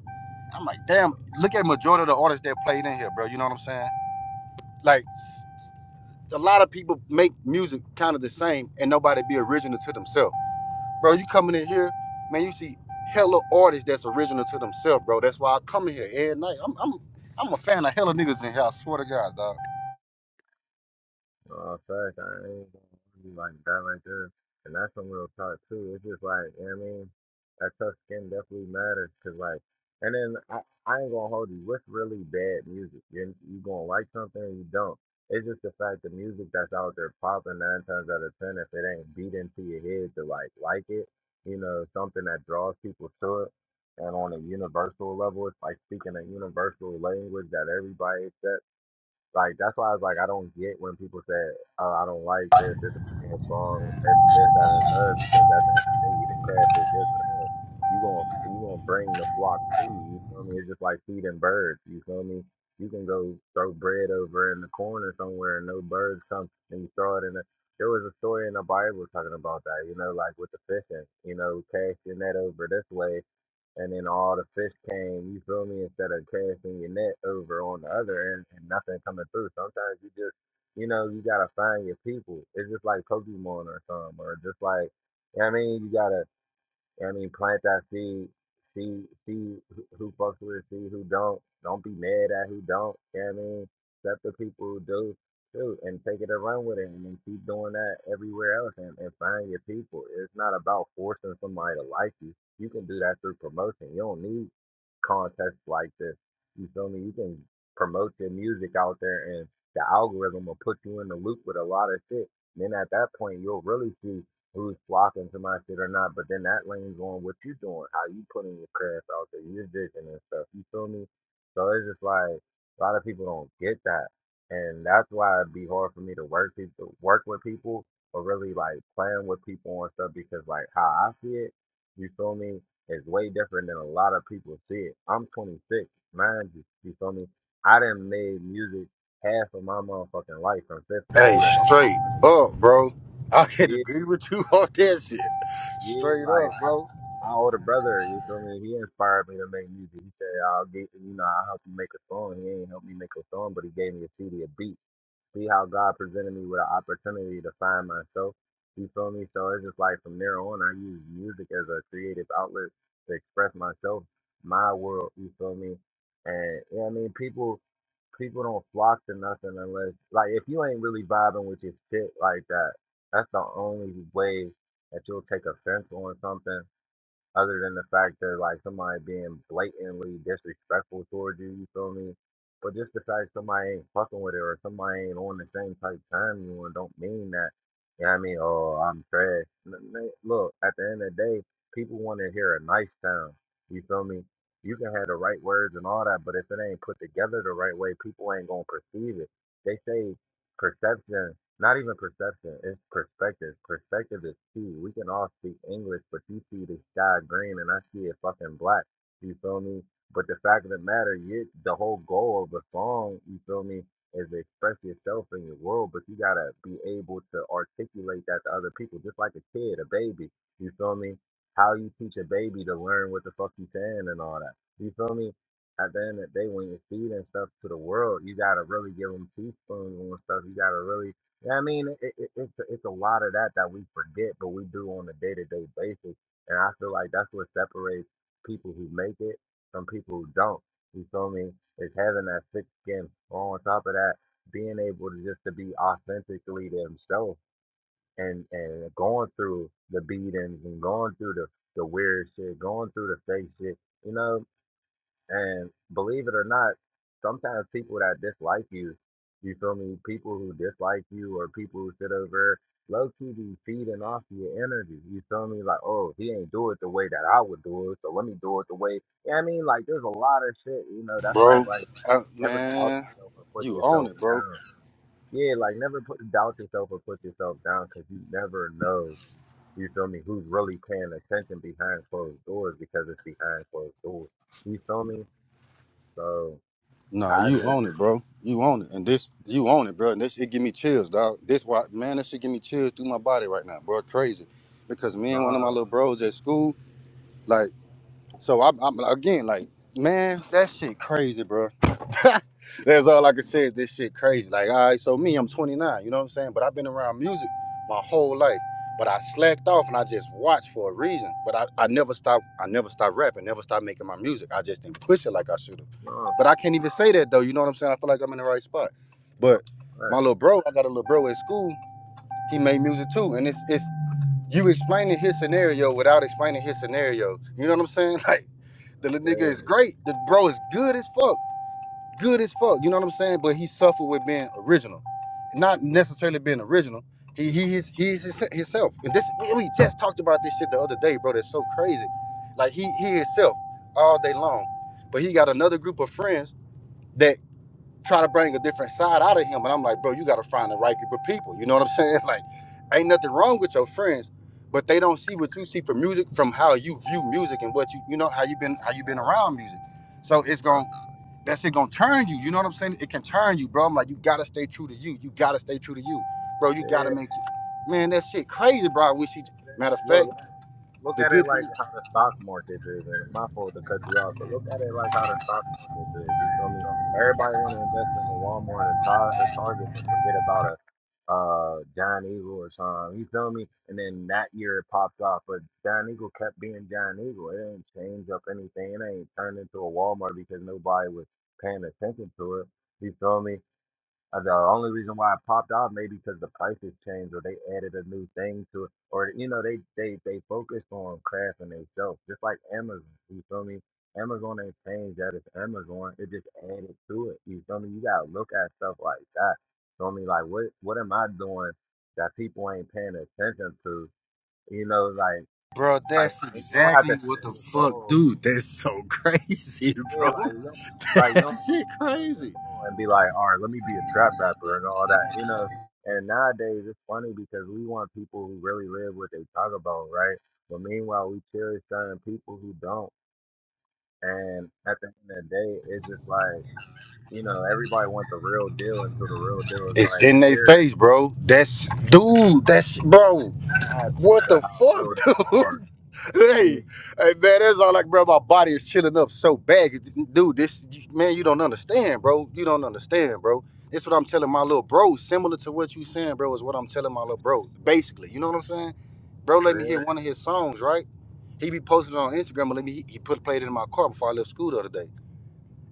Speaker 25: I'm like, damn, look at majority of the artists that played in here, bro. You know what I'm saying? Like a lot of people make music kind of the same and nobody be original to themselves. Bro, you coming in here, man, you see hella artists that's original to themselves, bro. That's why I come in here every night. I'm I'm I'm a fan of hella niggas in here, I swear to God, dog.
Speaker 13: Uh, fact, I ain't gonna be like that right there. And that's some real talk too. It's just like, you know what I mean? That tough skin definitely matters because, like, and then I, I ain't gonna hold you. What's really bad music? You, you gonna like something or you don't. It's just the fact the music that's out there popping nine times out of ten, if it ain't beat into your head to like like it, you know, something that draws people to it. And on a universal level, it's like speaking a universal language that everybody accepts like that's why I was like, I don't get when people say, "Oh, I don't like this. This is a song. It's this, that, and the third. Because at the end of the day, your craft is your craft. You gonna you gonna bring the flock to you. You feel me? It's just like feeding birds. You feel me? You can go throw bread over in the corner somewhere, and no birds come, and you throw it in. The, there was a story in the Bible talking about that. You know, like with the fishing. You know, cast your net over this way and then all the fish came, you feel me, instead of casting your net over on the other end and nothing coming through. Sometimes you just, you know, you gotta find your people. It's just like Pokemon or something, or just like, you know what I mean? You gotta I mean, plant that seed. See, see who who fucks with, it, see who don't. Don't be mad at who don't. You know what I mean, accept the people who do too, and take it and run with it, and then keep doing that everywhere else, and, and find your people. It's not about forcing somebody to like you. You can do that through promotion. You don't need Contests like this. You feel me? You can promote your music out there and the algorithm will put you in the loop with a lot of shit. then at that point you'll really see who's flocking to my shit or not. But then that leans on what you doing, how you putting your craft out there, your vision and stuff. You feel me? So it's just like a lot of people don't get that. And that's why it'd be hard for me to work people work with people or really like playing with people and stuff because like how I see it, you feel me? Is way different than a lot of people see it. I'm 26, mind you. You feel me? I done made music half of my motherfucking life from fifth
Speaker 25: Hey,
Speaker 13: grade With my
Speaker 25: straight
Speaker 13: brother,
Speaker 25: up, bro. I can
Speaker 13: yeah,
Speaker 25: agree with you *laughs* on that shit.
Speaker 13: yeah,
Speaker 25: Straight up,
Speaker 13: like I,
Speaker 25: bro.
Speaker 13: my older brother. You feel me? He inspired me to make music. He said, "I'll get you know, I'll help you make a song." He ain't helped me make a song, but he gave me a CD, a beat. See how God presented me with an opportunity to find myself. You feel me? So it's just like from there on, I use music as a creative outlet to express myself, my world. You feel me? And you know what I mean, people people don't flock to nothing unless like if you ain't really vibing with your shit like that, that's the only way that you'll take offense on something other than the fact that like somebody being blatantly disrespectful towards you, you feel me? But just the fact somebody ain't fucking with it or somebody ain't on the same type time you and don't mean that, you know what I mean? Oh, I'm trash. N- n- Look, at the end of the day, people want to hear a nice sound. You feel me? You can have the right words and all that, but if it ain't put together the right way, people ain't gonna perceive it. They say perception. Not even perception, it's perspective. Perspective is key. We can all speak English, but you see the sky green and I see it fucking black. You feel me? But the fact of the matter, you, the whole goal of a song, you feel me, is to express yourself in your world, but you gotta be able to articulate that to other people, just like a kid, a baby. You feel me? How you teach a baby to learn what the fuck you saying and all that. You feel me? at the end of the day, when you're feeding stuff to the world, you gotta really give them teaspoons and stuff. You gotta really yeah, I mean, it, it, it's it's a lot of that that we forget, but we do on a day to day basis, and I feel like that's what separates people who make it from people who don't. You feel me? Is having that thick skin. On top of that, being able to just to be authentically themselves and and going through the beatings and going through the the weird shit, going through the fake shit. You know, and believe it or not, sometimes people that dislike you, you feel me, people who dislike you or people who sit over low key be feeding off your energy. You feel me? Like, oh, he ain't do it the way that I would do it, so let me do it the way you I mean, like there's a lot of shit, you know, that's why I was
Speaker 25: Bro,
Speaker 13: like,
Speaker 25: I,
Speaker 13: never doubt
Speaker 25: man,
Speaker 13: yourself or put
Speaker 25: you own
Speaker 13: yourself
Speaker 25: it, bro.
Speaker 13: down. Yeah, like never put doubt yourself or put yourself down because you never know, you feel me, who's really paying attention behind closed doors because it's behind closed doors. You feel me? So
Speaker 25: Nah,
Speaker 13: I
Speaker 25: you
Speaker 13: just
Speaker 25: own it, bro. You own it, and this you own it, bro. And this it give me chills, dog. This why, man, this shit give me chills through my body right now, bro. Crazy, because me and one of my
Speaker 13: nah
Speaker 25: little bros at school, like. So I'm, I'm again like, man, that shit crazy, bro. *laughs* That's all I can say is this shit crazy. Like, all right, so me, I'm 29, you know what I'm saying? But I've been around music my whole life. But I slacked off and I just watched for a reason. But I, I never stopped, I never stopped rapping, never stopped making my music. I just didn't push it like I should have.
Speaker 13: nah
Speaker 25: But I can't even say that though, you know what I'm saying? I feel like I'm in the right spot. But my
Speaker 13: nah.
Speaker 25: little bro, I got a little bro at school, he made music too. And it's it's you explaining his scenario without explaining his scenario. You know what I'm saying? *laughs* Like the
Speaker 13: That's
Speaker 25: little nigga is
Speaker 13: crazy.
Speaker 25: great. The bro is good as fuck. Good as fuck. You know what I'm saying? But he suffered with being original. Not necessarily being original. He he is he is his, himself. And this we, we just talked about this shit the other day, bro. That's so crazy. Like he he himself all day long. But he got another group of friends that try to bring a different side out of him. And I'm like, bro, you got to find the right group of people. You know what I'm *laughs* saying? Like, ain't nothing wrong with your friends, but they don't see what you see from music, from how you view music and what you, you know, how you been, how you been
Speaker 13: Nah,
Speaker 25: around music. So it's
Speaker 13: nah,
Speaker 25: going, that shit going to turn you. You know what I'm saying? It can turn you, bro. I'm like, you got to stay true to you. You got to stay true to you, bro. You got to
Speaker 13: yeah.
Speaker 25: make it. Man, that shit crazy, bro. I wish you, matter of fact,
Speaker 13: Look look
Speaker 25: the
Speaker 13: at it
Speaker 25: good
Speaker 13: like
Speaker 25: thing,
Speaker 13: how the stock market is, and my fault to cut you off, but look at it like how the stock market is. You feel me? Everybody want to invest in the Walmart and Tar- or Target, but forget about a uh John Eagle or something. You feel me? And then that year it popped off, but John Eagle kept being John Eagle. It ain't changed up anything. It ain't turned into a Walmart because nobody was paying attention to it. You feel me? Uh, The only reason why it popped off maybe because the prices changed or they added a new thing to it or you know they they they focused on crafting themselves just like Amazon. You feel me? Amazon ain't changed that it's Amazon. It just added to it. You feel me? You gotta look at stuff like that. Feel me? Like what what am I doing that people ain't paying attention to? You know, like
Speaker 25: bro,
Speaker 13: like
Speaker 25: that's
Speaker 13: and you don't have
Speaker 25: exactly
Speaker 13: to
Speaker 25: what
Speaker 13: sell
Speaker 25: the
Speaker 13: your
Speaker 25: fuck,
Speaker 13: soul
Speaker 25: dude. That's so *laughs* crazy,
Speaker 13: yeah,
Speaker 25: bro.
Speaker 13: like you don't, like you
Speaker 25: That
Speaker 13: don't have
Speaker 25: shit
Speaker 13: to sell your
Speaker 25: crazy.
Speaker 13: soul and be like, all right, let me be a trap rapper and all that, you know. And nowadays it's funny because we want people who really live what they talk about, right? But meanwhile, we cherish certain people who don't. And at the end of the day, it's just like you know, everybody wants the real deal until the real deal is
Speaker 25: It's
Speaker 13: right
Speaker 25: in their
Speaker 13: there.
Speaker 25: face, bro. That's dude. That's bro.
Speaker 13: As
Speaker 25: What
Speaker 13: to
Speaker 25: the
Speaker 13: how real they
Speaker 25: fuck, *laughs*
Speaker 13: are,
Speaker 25: dude?
Speaker 13: you know what I mean?
Speaker 25: hey, hey, man. That's all like, bro. My body is chilling up so bad, 'cause, dude. This man, you don't understand, bro. You don't understand, bro. That's what I'm telling my little bro. Similar to what you saying, bro, is what I'm telling my little bro. Basically, you know what I'm saying, bro. Let me hear
Speaker 13: Yeah,
Speaker 25: one of his songs, right? He be posting it on Instagram, and let me. He, he put played it in my car before I left school the other day.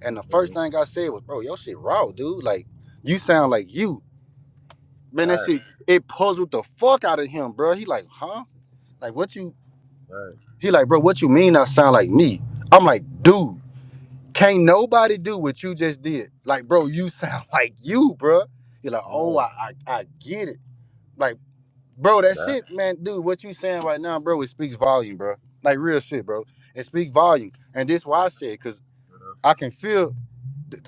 Speaker 25: And the first
Speaker 13: mm,
Speaker 25: thing I said was, bro, your shit raw, dude. Like you sound like you. Man, that
Speaker 13: fact,
Speaker 25: shit it puzzled the fuck out of him, bro. He like, huh? Like what you?
Speaker 13: fact,
Speaker 25: He like, bro, what you mean? I sound like me? I'm like, dude, can't nobody do what you just did. Like, bro, you sound *laughs* like you, bro. He like, oh,
Speaker 13: yeah,
Speaker 25: I, I, I get it. Like, bro, that
Speaker 13: that,
Speaker 25: shit, man, dude, what you saying right now, bro? It speaks volume, bro. Like real shit, bro. It speaks volume, and this why I said, cause I can feel,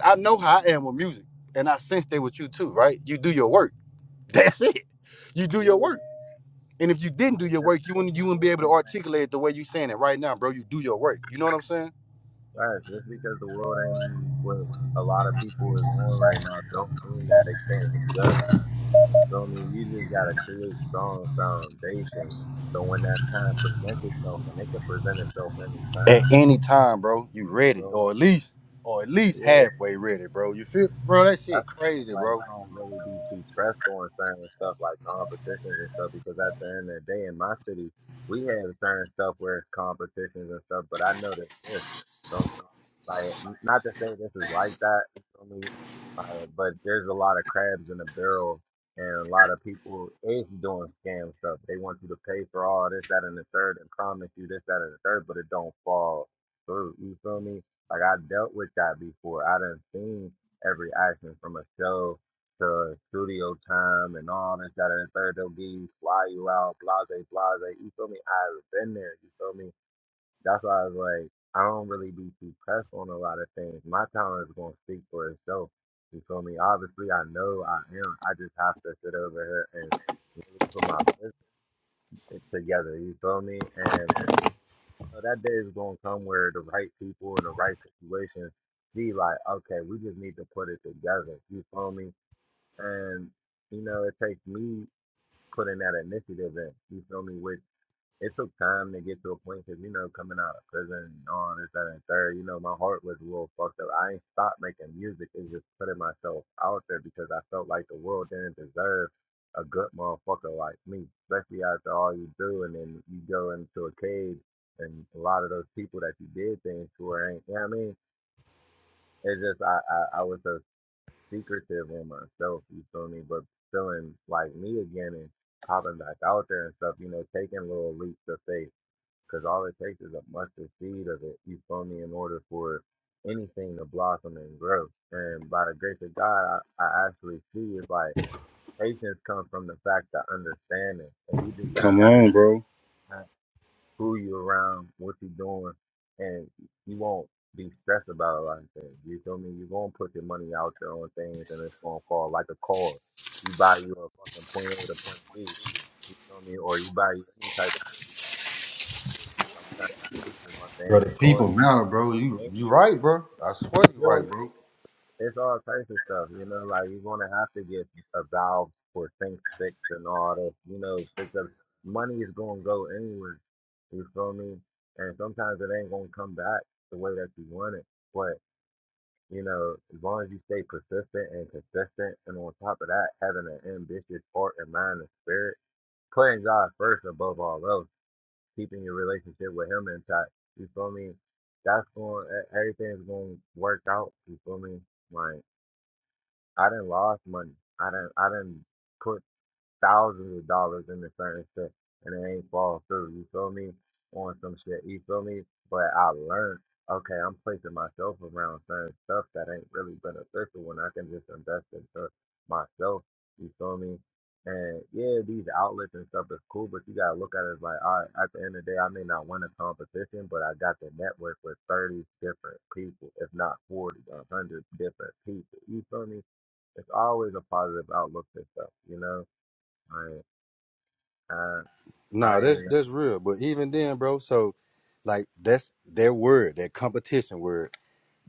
Speaker 25: I know how I am with music, and I sense that with you too, right? You do your work. *laughs* That's it. You do your
Speaker 13: yeah.
Speaker 25: work And if you didn't do
Speaker 13: Like,
Speaker 25: your
Speaker 13: just
Speaker 25: work, you
Speaker 13: because
Speaker 25: wouldn't
Speaker 13: the
Speaker 25: you wouldn't be
Speaker 13: world
Speaker 25: able to
Speaker 13: ain't
Speaker 25: articulate it the way you saying it right now, bro. You do your work. You know what I'm saying?
Speaker 13: Right, just because the world ain't what a lot of people is on right now, don't mean that it can't adjust. Feel me? You just gotta create strong foundations. So when that time presents itself, and it can present itself anytime.
Speaker 25: At any time, bro, you
Speaker 13: You
Speaker 25: read it,
Speaker 13: feel me?
Speaker 25: or at least, or at least
Speaker 13: Yeah.
Speaker 25: halfway read it, bro. You feel, bro? That
Speaker 13: That's
Speaker 25: shit
Speaker 13: why it's
Speaker 25: crazy, bro.
Speaker 13: like I don't really be too pressed on certain stuff like competitions and stuff because at the end of the day in my city we have certain stuff where it's competitions and stuff, but I know that this, so I mean, like n- not to say this is like that, you feel me? Uh, but there's a lot of crabs in the barrel and a lot of people is doing scam stuff. They want you to pay for all this, that, and the third, and promise you this, that, and the third, but it don't fall through. You feel me? Like I dealt with that before. I done seen every action from a show to studio time and all this, that, and the third. They'll give you, fly you out, blase, blase. You feel me? I've been there. You feel me? That's why I was like, I don't really be too pressed on a lot of things. My talent is going to speak for itself. You feel me? Obviously, I know I am. I just have to sit over here and put my business together. You feel me? And you know, that day is going to come where the right people in the right situation be like, okay, we just need to put it together. You feel me? And, you know, it takes me putting that initiative in. You feel me? Which it took time to get to a point because, you know, coming out of prison and all this, that, and third, you know, my heart was a little fucked up. I ain't stopped making music. It's just putting myself out there because I felt like the world didn't deserve a good motherfucker like me, especially after all you do. And then you go into a cage and a lot of those people that you did things for ain't, you know what I mean? It's just, I, I, I was so secretive on myself, you feel me? But feeling like me again and popping back out there and stuff, you know, taking little leaps of faith. Because all it takes is a mustard seed of it, you feel me, in order for anything to blossom and grow. And by the grace of God, I, I actually see it's like patience comes from the fact of understanding. And you just got to
Speaker 25: Come on,
Speaker 13: understand
Speaker 25: bro.
Speaker 13: who you around, what you doing, and you won't be stressed about a lot of things. You feel me? You're gonna put your money out there on things and it's gonna fall like a car. You buy you a fucking point A to point B, you feel me? Or you buy you any type of car. Sometimes people want
Speaker 25: Bro, the
Speaker 13: fancy cars
Speaker 25: people
Speaker 13: and
Speaker 25: matter,
Speaker 13: can't
Speaker 25: bro.
Speaker 13: afford the
Speaker 25: You
Speaker 13: thing.
Speaker 25: you right, bro. I swear
Speaker 13: You
Speaker 25: you
Speaker 13: feel me?
Speaker 25: right, bro.
Speaker 13: It's all types of stuff, you know, like you're gonna have to get a valve for things fixed and all this, you know, because money is gonna go anywhere. You feel me? And sometimes it ain't gonna come back the way that you want it. But, you know, as long as you stay persistent and consistent and on top of that, having an ambitious heart and mind and spirit, putting God first above all else, keeping your relationship with him intact, you feel me? That's going everything's gonna work out, you feel me? Like I done lost money. I done I done put thousands of dollars into certain shit and it ain't fall through. You feel me? On some shit. You feel me? But I learned. Okay, I'm placing myself around certain stuff that ain't really beneficial when I can just invest into myself. You feel me? And yeah, these outlets and stuff is cool, but you gotta look at it as like, all right, at the end of the day, I may not win a competition, but I got the network with 30 different people, if not 40, a 100 different people. You feel me? it's always a positive outlook to stuff, you know. I I
Speaker 25: Nah,
Speaker 13: I
Speaker 25: that's
Speaker 13: ain't
Speaker 25: that's real. But even then, bro. So, like, that's their word, that competition word.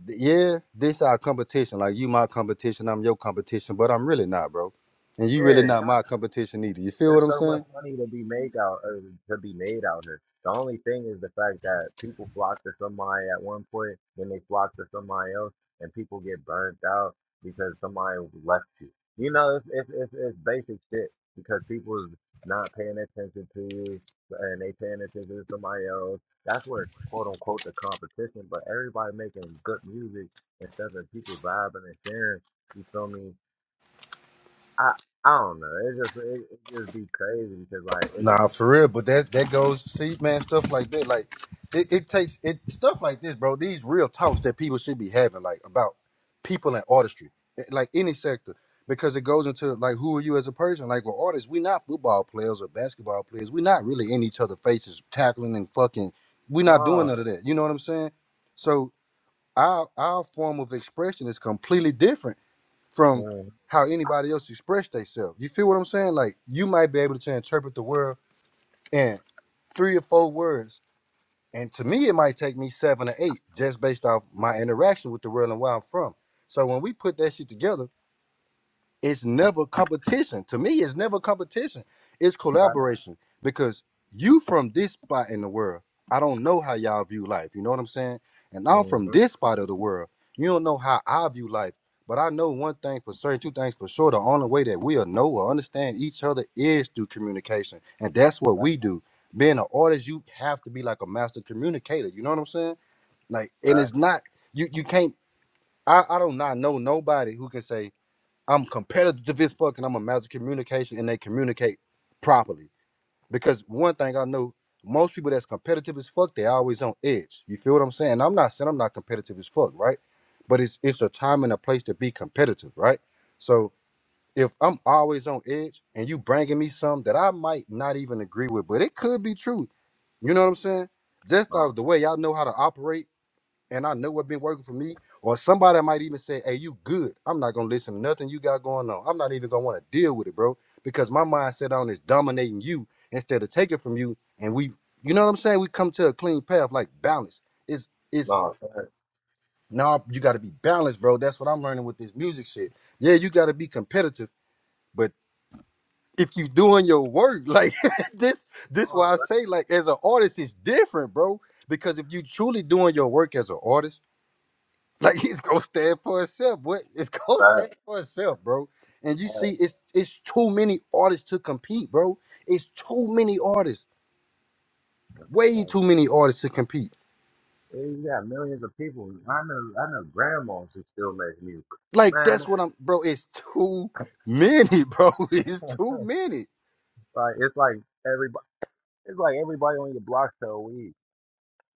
Speaker 25: yeah, this our competition. Like you my competition, I'm your competition, but I'm really not, bro. And you really
Speaker 13: yeah,
Speaker 25: not
Speaker 13: not.
Speaker 25: my competition either. You feel
Speaker 13: There's
Speaker 25: what I'm
Speaker 13: so much
Speaker 25: saying?
Speaker 13: money to be made out uh, to be made out here. The only thing is the fact that people flock to somebody at one point, then they flock to somebody else, and people get burnt out because somebody left you. You know, it's it's it's, it's basic shit because people's not paying attention to you and they paying attention to somebody else. That's where quote unquote the competition, but everybody making good music and stuff and people vibing and sharing. You feel me? I I don't know. It just it, it just be crazy because like it's
Speaker 25: Nah, for real. But that that goes. See, man, stuff like that. Like it, it takes it stuff like this, bro. These real talks that people should be having, like about people in artistry, eh, like any sector, because it goes into like who are you as a person. Like we artists. We not football players or basketball players. We not really in each other faces, tackling and fucking. We not doing
Speaker 13: no
Speaker 25: none of that. You know what I'm saying? So. our our form of expression is completely different from
Speaker 13: mm,
Speaker 25: how anybody else express themselves. You feel what I'm saying? Like you might be able to interpret the world in three or four words, and to me it might take me seven or eight just based off my interaction with the world and where I'm from. So when we put that shit together it's never competition. To me, it's never competition. It's
Speaker 13: fact,
Speaker 25: collaboration because you from this spot in the world. I don't know how y'all view life. You know what I'm saying? And I'm from
Speaker 13: mm-hmm,
Speaker 25: this part of the world. You don't know how I view life. But I know one thing for certain, two things for sure. The only way that we'll know or understand each other is through communication. And that's what
Speaker 13: fact,
Speaker 25: we do. Being an artist, you have to be like a master communicator. You know what I'm saying? Like, and
Speaker 13: fact,
Speaker 25: it's not, you you can't, I, I don't not know nobody who can say, I'm competitive as fuck and I'm a master communication and they communicate properly. Because one thing I know, most people that's competitive as fuck, they always on edge. You feel what I'm saying? I'm not saying I'm not competitive as fuck, right? But it's it's a time and a place to be competitive, right? So if I'm always on edge and you bringing me something that I might not even agree with, but it could be true. You know what I'm saying? Just
Speaker 13: no,
Speaker 25: off the way y'all know how to operate and I know what been working for me. Or somebody might even say, "Hey, you good? I'm not gonna listen to nothing you got going on. I'm not even gonna want to deal with it, bro, because my mindset on is dominating you instead of taking from you." And we, you know what I'm saying? We come to a clean path, like balance. It's it's
Speaker 13: no, fact,
Speaker 25: now you got to be balanced, bro. That's what I'm learning with this music shit. Yeah, you got to be competitive, but if you doing your work, *laughs* like this, this
Speaker 13: no,
Speaker 25: why I
Speaker 13: fact,
Speaker 25: say, like as an artist, it's different, bro. Because if you truly doing your work as an artist Like he's gonna stand for himself. What it's gonna stand
Speaker 13: fact,
Speaker 25: for itself, bro. And you see,
Speaker 13: fact,
Speaker 25: it's it's too many artists to compete, bro. It's too many artists. Way
Speaker 13: fact.
Speaker 25: too many artists to compete.
Speaker 13: Yeah, You got millions of people. I know, I know, grandmas who still make music.
Speaker 25: Like
Speaker 13: Man,
Speaker 25: that's what I'm bro, it's too many, *laughs* bro.
Speaker 13: *laughs*
Speaker 25: It's too
Speaker 13: like
Speaker 25: many.
Speaker 13: it's like everybody, it's like everybody on your block sell weed.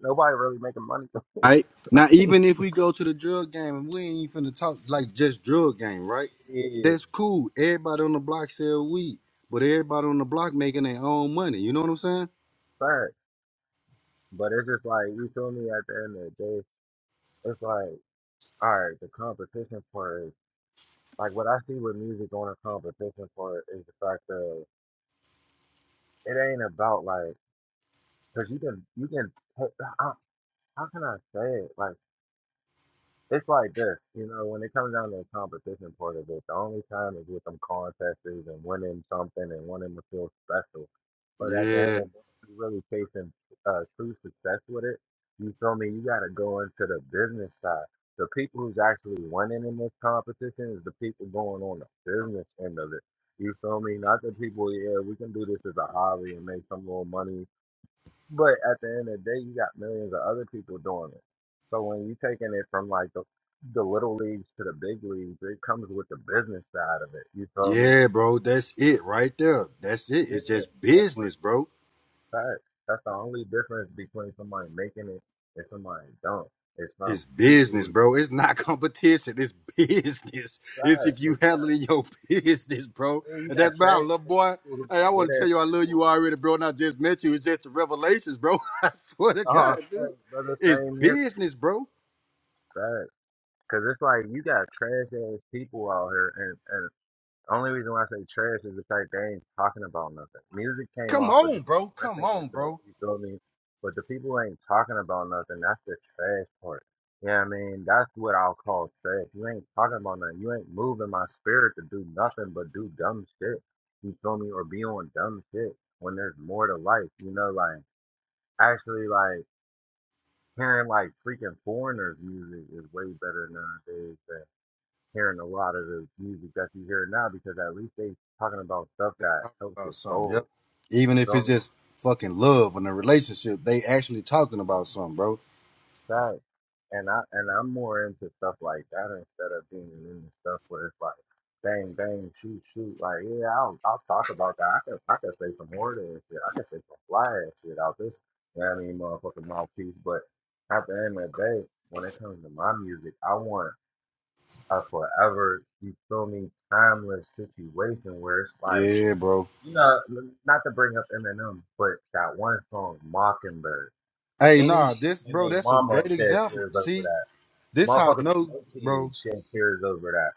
Speaker 13: Nobody really making money. *laughs*
Speaker 25: Right? Now even if we go to the drug game and we ain't even finna talk like just drug game, right?
Speaker 13: yeah,
Speaker 25: That's cool. Everybody on the block sell weed, but everybody on the block making their own money. You know what I'm saying?
Speaker 13: fact. But it's just like you feel me. At the end of the day, it's like all right, the competition part. Like what I see with music going to competition for it is the fact that it ain't about like, cause you can you can. I, how how can I say it? Like. It's like this, you know, when it comes down to the competition part of it, the only time is with them contests and winning something and wanting to feel special. But at the end
Speaker 25: Yeah.
Speaker 13: of the day, if you really chasing uh, true success with it, you feel me? You got to go into the business side. The people who's actually winning in this competition is the people going on the business end of it. You feel me? Not the people, yeah, we can do this as a hobby and make some little money but at the end of the day, you got millions of other people doing it. So when you are taking it from like the, the little leagues to the big leagues, it comes with the business side of it. You feel me?
Speaker 25: Yeah, bro, that's it right there. That's it.
Speaker 13: Yeah,
Speaker 25: It's just
Speaker 13: network
Speaker 25: business, bro.
Speaker 13: side. That's the only difference between somebody making it and somebody don't. It's from
Speaker 25: It's
Speaker 13: people
Speaker 25: business,
Speaker 13: who
Speaker 25: bro. It's not *laughs* competition. It's business. It's
Speaker 13: size.
Speaker 25: if you
Speaker 13: Cause you got,
Speaker 25: handling your *laughs* business, bro.
Speaker 13: yeah, you
Speaker 25: And
Speaker 13: got
Speaker 25: that's why I
Speaker 13: trash
Speaker 25: love,
Speaker 13: ass
Speaker 25: boy.
Speaker 13: people who
Speaker 25: Hey, I
Speaker 13: got good
Speaker 25: want to
Speaker 13: ass
Speaker 25: tell you I love you
Speaker 13: people.
Speaker 25: already, bro. And I just met you. It's just the revelations, bro. *laughs* I swear to
Speaker 13: Oh,
Speaker 25: God, dude.
Speaker 13: Brother,
Speaker 25: It's
Speaker 13: same here.
Speaker 25: business, bro.
Speaker 13: Facts. Cause it's like you got trash ass people out here, and and. The Only reason why I say trash is the fact they ain't talking about nothing. Music came
Speaker 25: Come
Speaker 13: off of
Speaker 25: on,
Speaker 13: just
Speaker 25: bro. Come
Speaker 13: expressing
Speaker 25: on,
Speaker 13: yourself,
Speaker 25: bro.
Speaker 13: you feel me? But the people who ain't talking about nothing, that's the trash part. Yeah, I mean, that's what I'll call trash. You ain't talking about nothing. You ain't moving my spirit to do nothing but do dumb shit. You feel me? Or be on dumb shit when there's more to life. You know, like actually like hearing like freaking foreigners music is way better nowadays than hearing a lot of the music that you hear now because at least they talking about stuff that
Speaker 25: Talking
Speaker 13: helps
Speaker 25: about
Speaker 13: your
Speaker 25: something,
Speaker 13: soul.
Speaker 25: yep. Even
Speaker 13: So
Speaker 25: if it's just fucking love and a relationship, they actually talking about something, bro.
Speaker 13: that and I and I'm more into stuff like that instead of being into stuff where it's like bang bang shoot shoot like yeah I'll I'll talk about that I can I can say some more than shit I can say some fly ass shit out this you know what I mean motherfucking mouthpiece but at the end of the day when it comes to my music I want a forever you feel me timeless situation where it's like
Speaker 25: Yeah, bro.
Speaker 13: You know, not to bring up Eminem, but that one song, Mockingbird.
Speaker 25: Hey,
Speaker 13: Any
Speaker 25: nah, this
Speaker 13: and
Speaker 25: bro,
Speaker 13: they
Speaker 25: that's a
Speaker 13: mama
Speaker 25: great
Speaker 13: shed
Speaker 25: example.
Speaker 13: tears over
Speaker 25: See,
Speaker 13: that.
Speaker 25: this how I
Speaker 13: Motherfuckers with
Speaker 25: know,
Speaker 13: no
Speaker 25: bro.
Speaker 13: kids shed tears over that.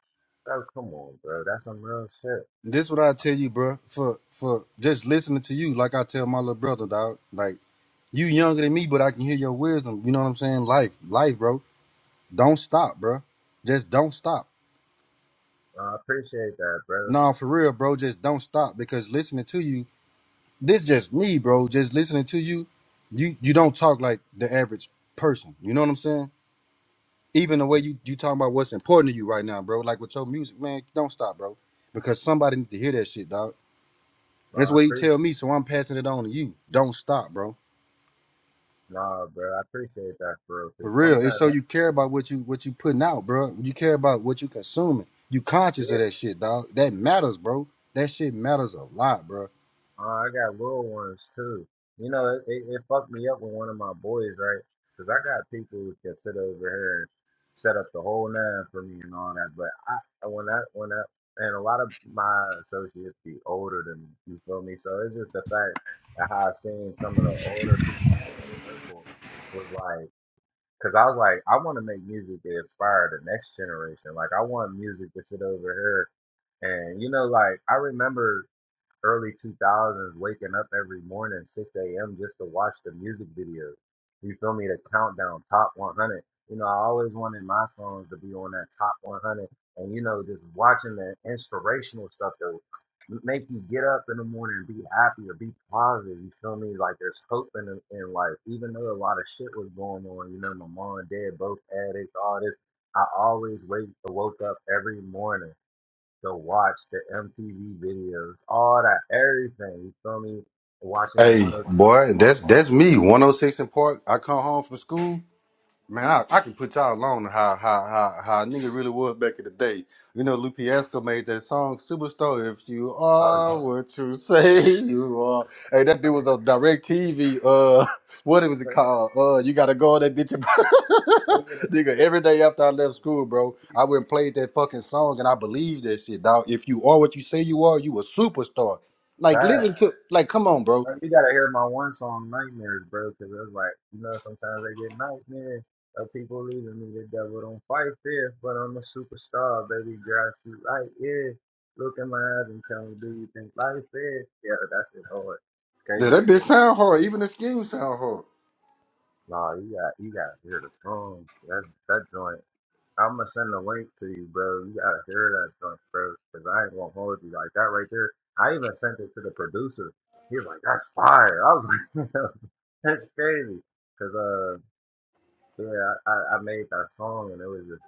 Speaker 13: Bro, come on, bro. That's some real shit.
Speaker 25: This what I tell you, bro. For for just listening to you, like I tell my little brother, dog. Like you younger than me, but I can hear your wisdom. You know what I'm saying? Life, life, bro. Don't stop, bro. Just don't stop.
Speaker 13: Uh, I appreciate that, bro.
Speaker 25: Nah, for real, bro. Just don't stop because listening to you, this just me, bro. Just listening to you, you you don't talk like the average person. You know what I'm saying? even the way you you talking about what's important to you right now, bro. Like with your music, man, don't stop, bro, because somebody need to hear that shit, dog.
Speaker 13: Uh,
Speaker 25: That's
Speaker 13: I
Speaker 25: what he
Speaker 13: appreciate,
Speaker 25: tell me, so I'm passing it on to you. Don't stop, bro.
Speaker 13: nah, bro. I appreciate that, bro. Cause
Speaker 25: For real, it's
Speaker 13: sometimes
Speaker 25: so
Speaker 13: that's
Speaker 25: you care
Speaker 13: in
Speaker 25: about
Speaker 13: my
Speaker 25: what you what you putting out, bro. You care about what you consuming. You
Speaker 13: head.
Speaker 25: conscious of that shit, dog. That matters, bro. That shit matters a lot, bro.
Speaker 13: Oh, I got little ones too. You know, it, it, it fucked me up with one of my boys, right? Because I got people who can sit over here and set up the whole nine for me and all that. But I, when I, when I, and a lot of my associates be older than me, you feel me? So it's just the fact that how I seen some of the older people in my circle was like, because I was like, I want to make music that inspire the next generation. Like, I want music to sit over here and you know, like I remember early 2000s waking up every morning 6 a.m. just to watch the music videos. You feel me? The countdown, top 100. You know, I always wanted my songs to be on that top 100. And, you know, just watching the inspirational stuff that would make you get up in the morning and be happy or be positive. You feel me? Like there's hope in, the- in life. Even though a lot of shit was going on, you know, my mom and dad both addicts, all this. I always wake, woke up every morning to watch the MTV videos, all that, everything. You feel me? Watching the
Speaker 25: Hey,
Speaker 13: one of
Speaker 25: boy, that's that's me. 106 in Park. I come home from school. Man, I, I can put y'all on how how how how a nigga really was back in the day. You know, Lou Fiasco made that song "Superstar." If you
Speaker 13: oh,
Speaker 25: are what you say you are, hey, that dude was on DirecTV. Uh, *laughs* what it was it
Speaker 13: just
Speaker 25: called? Uh, you gotta go on that bitch, and- *laughs* nigga. Every day after I left school, bro, I went and played that fucking song, and I believed that shit, dog. If you are what you say you are, you a superstar. Like, listen to, like, come on, bro.
Speaker 13: you gotta hear my one song "Nightmares," bro, because it was like you know sometimes I get nightmares of people leaving me. The devil don't fight fair, but I'm a superstar, baby girl. I shoot right here. Look in my eyes and tell me, do you think life is? Yeah, that's it. hard.
Speaker 25: Yeah,
Speaker 13: Crazy you
Speaker 25: that bitch
Speaker 13: said.
Speaker 25: sound hard. Even the scheme sound hard.
Speaker 13: Nah, you got you gotta hear the song. That that joint. I'm gonna send a link to you, bro. You gotta hear that joint, bro, because I ain't gonna hold you like that right there. I even sent it to the producer. He was like, "That's fire." I was like, *laughs* "That's crazy," because uh, yeah, I, I I made that song and it was just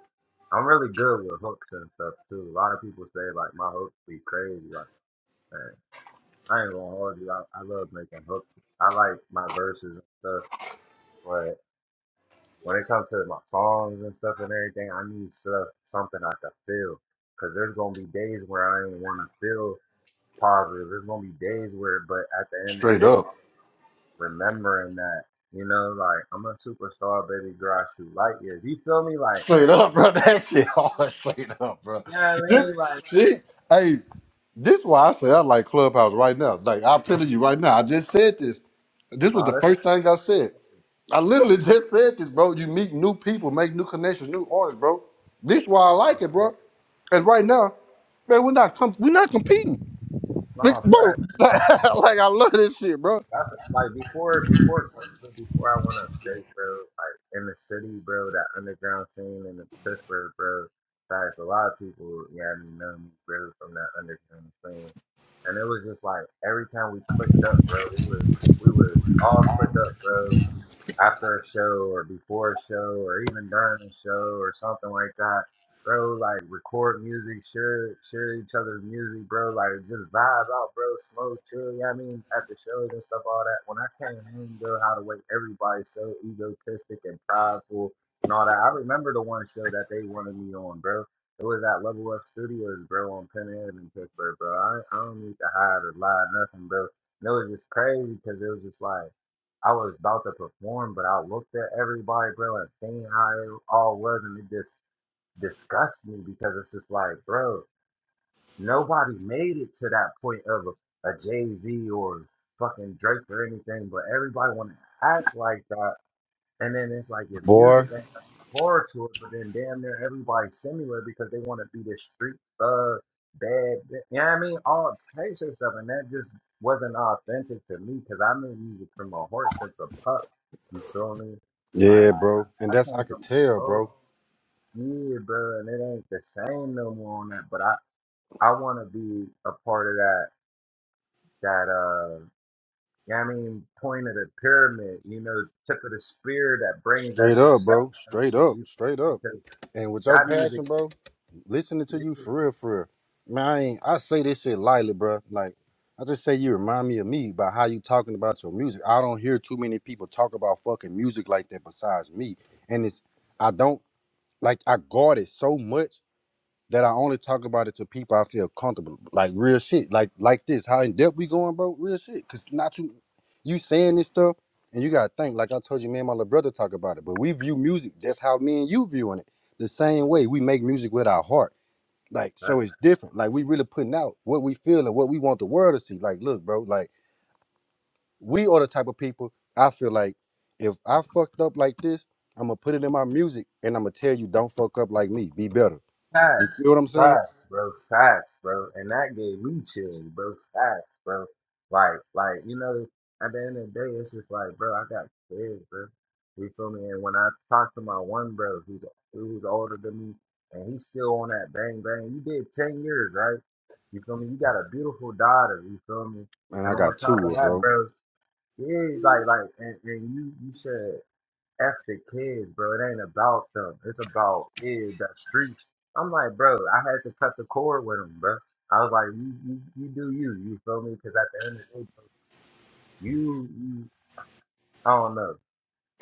Speaker 13: I'm really good with hooks and stuff too. A lot of people say like my hooks be crazy. Like, man, I ain't gonna hold you. I, I love making hooks. I like my verses and stuff, when it comes to my songs and stuff and everything, I need stuff, something I can feel. Cause there's gonna be days where I ain't want to feel positive. There's gonna be days where, but at the end of the
Speaker 25: Straight
Speaker 13: day,
Speaker 25: up.
Speaker 13: remembering that, you know, like I'm a superstar, baby girl. I shoot light years. You feel me? Like,
Speaker 25: Straight up, bro. *laughs* That shit hard straight up, bro.
Speaker 13: yeah, I
Speaker 25: This,
Speaker 13: mean, like,
Speaker 25: see, hey, this why I say I like Clubhouse right now. Like I'm telling you right now, I just said this. This was
Speaker 13: no,
Speaker 25: the
Speaker 13: that's
Speaker 25: first
Speaker 13: my
Speaker 25: thing
Speaker 13: first
Speaker 25: I
Speaker 13: time.
Speaker 25: said. I literally *laughs* just said this, bro. You meet new people, make new connections, new artists, bro. This why I
Speaker 13: No, I'm
Speaker 25: like it,
Speaker 13: serious.
Speaker 25: bro. And right now, man, we're not com- we're not competing,
Speaker 13: No,
Speaker 25: like,
Speaker 13: I'm serious.
Speaker 25: bro. *laughs* Like, I love this shit, bro.
Speaker 13: That's like before before Cleveland, before I went upstate, bro. Like in the city, bro. That underground scene in the Pittsburgh, bro. Guys, a lot of people, yeah, I know me, bro, from that underground scene. And it was just like every time we clicked up, bro, we would we would all click up, bro after a show or before a show or even during a show or something like that, bro. Like record music, share share each other's music, bro. Like just vibe out, bro. smoke, chill. Yeah, I mean at the shows and stuff, all that. When I came home, bro, how the way everybody's so egotistic and prideful and all that. I remember the one show that they wanted me on, bro. It was at Level Up Studios, bro, on Penn Ave in Pittsburgh, bro. I, I don't need to hide or lie or nothing, bro. And it was just crazy because it was just like. I was about to perform, but I looked at everybody, bro, and seeing how it all was, and it just disgusts me because it's just like, bro, nobody made it to that point of a, a Jay Z or fucking Drake or anything, but everybody want to act like that and then it's like your
Speaker 25: Boy,
Speaker 13: music ain't got the floor to it, but then damn near everybody's similar because they want to be the street thug, bad, bi- you know what I mean? All types of stuff. And that just wasn't authentic to me because I've been music from a horse since a pup. You feel me?
Speaker 25: yeah,
Speaker 13: Like,
Speaker 25: bro.
Speaker 13: I,
Speaker 25: And
Speaker 13: I
Speaker 25: that's I
Speaker 13: came
Speaker 25: could
Speaker 13: from
Speaker 25: tell, bro.
Speaker 13: so yeah, bro, and it ain't the same no more on that. But I, I want to be a part of that, That uh, yeah, I mean, point of the pyramid, you know, tip of the spear that brings that
Speaker 25: Straight up,
Speaker 13: shit back.
Speaker 25: bro.
Speaker 13: and
Speaker 25: Straight
Speaker 13: shit,
Speaker 25: up.
Speaker 13: you feel
Speaker 25: Straight
Speaker 13: me?
Speaker 25: up.
Speaker 13: 'Cause
Speaker 25: And with your
Speaker 13: that music,
Speaker 25: passion, bro, listening to you for real, for real. Man, I ain't, I say this shit lightly, bro. Like, I just say you remind me of me by how you talking about your music. I don't hear too many people talk about fucking music like that besides me. And it's, I don't, like, I guard it so much that I only talk about it to people I feel comfortable. Like real shit. Like like this. How in depth we going, bro? Real shit. Cause not you you saying this stuff and you gotta think, like I told you, me and my little brother talk about it. But we view music just how me and you viewing it. The same way. We make music with our heart. Like, so it's different. Like we really putting out what we feel and what we want the world to see. Like, look, bro, like we are the type of people I feel like if I fucked up like this, I'm gonna put it in my music and I'm gonna tell you don't fuck up like me. Be better. You feel
Speaker 13: Facts,
Speaker 25: what I'm saying?
Speaker 13: facts, bro, facts, bro, and that gave me chills, bro, facts, bro. Like, like you know, at the end of the day, it's just like, bro, I got kids, bro. You feel me? And when I talk to my one bro, who's who's older than me, and he's still on that bang bang. You did ten years, right? You feel me? You got a beautiful daughter. You feel me?
Speaker 25: Man,
Speaker 13: And
Speaker 25: I
Speaker 13: on
Speaker 25: got
Speaker 13: top of
Speaker 25: two, of
Speaker 13: that,
Speaker 25: bro.
Speaker 13: bro, yeah, like, like, and, and you, you said F the kids, bro. It ain't about them. It's about yeah, the streets. I'm like, bro, I had to cut the cord with them, bro. I was like, you, you, you do you, you feel me? Because at the end of the day, bro, you, you, I don't know.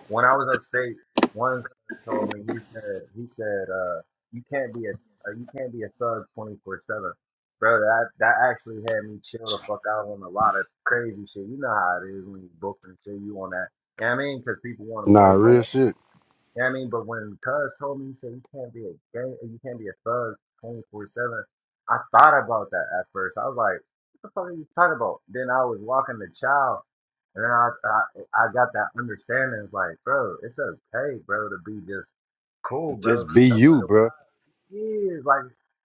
Speaker 13: When I was upstate, one cousin told me he said he said uh you can't be a uh, you can't be a thug 24 seven, bro. That that actually had me chill the fuck out on a lot of crazy shit. You know how it is when you book and shit. You on that. You know what I mean? Because people want to
Speaker 25: Nah,
Speaker 13: play games
Speaker 25: real shit.
Speaker 13: you know what I mean? But when Cuz told me, he said, you can't be a gang, you can't be a thug 24-7, I thought about that at first. I was like, what the fuck are you talking about? Then I was walking the child, and then I, I, I got that understanding. It's like, bro, it's okay, bro, to be just cool,
Speaker 25: Just
Speaker 13: bro.
Speaker 25: be
Speaker 13: No
Speaker 25: you,
Speaker 13: wonder why.
Speaker 25: bro.
Speaker 13: Yeah, Like,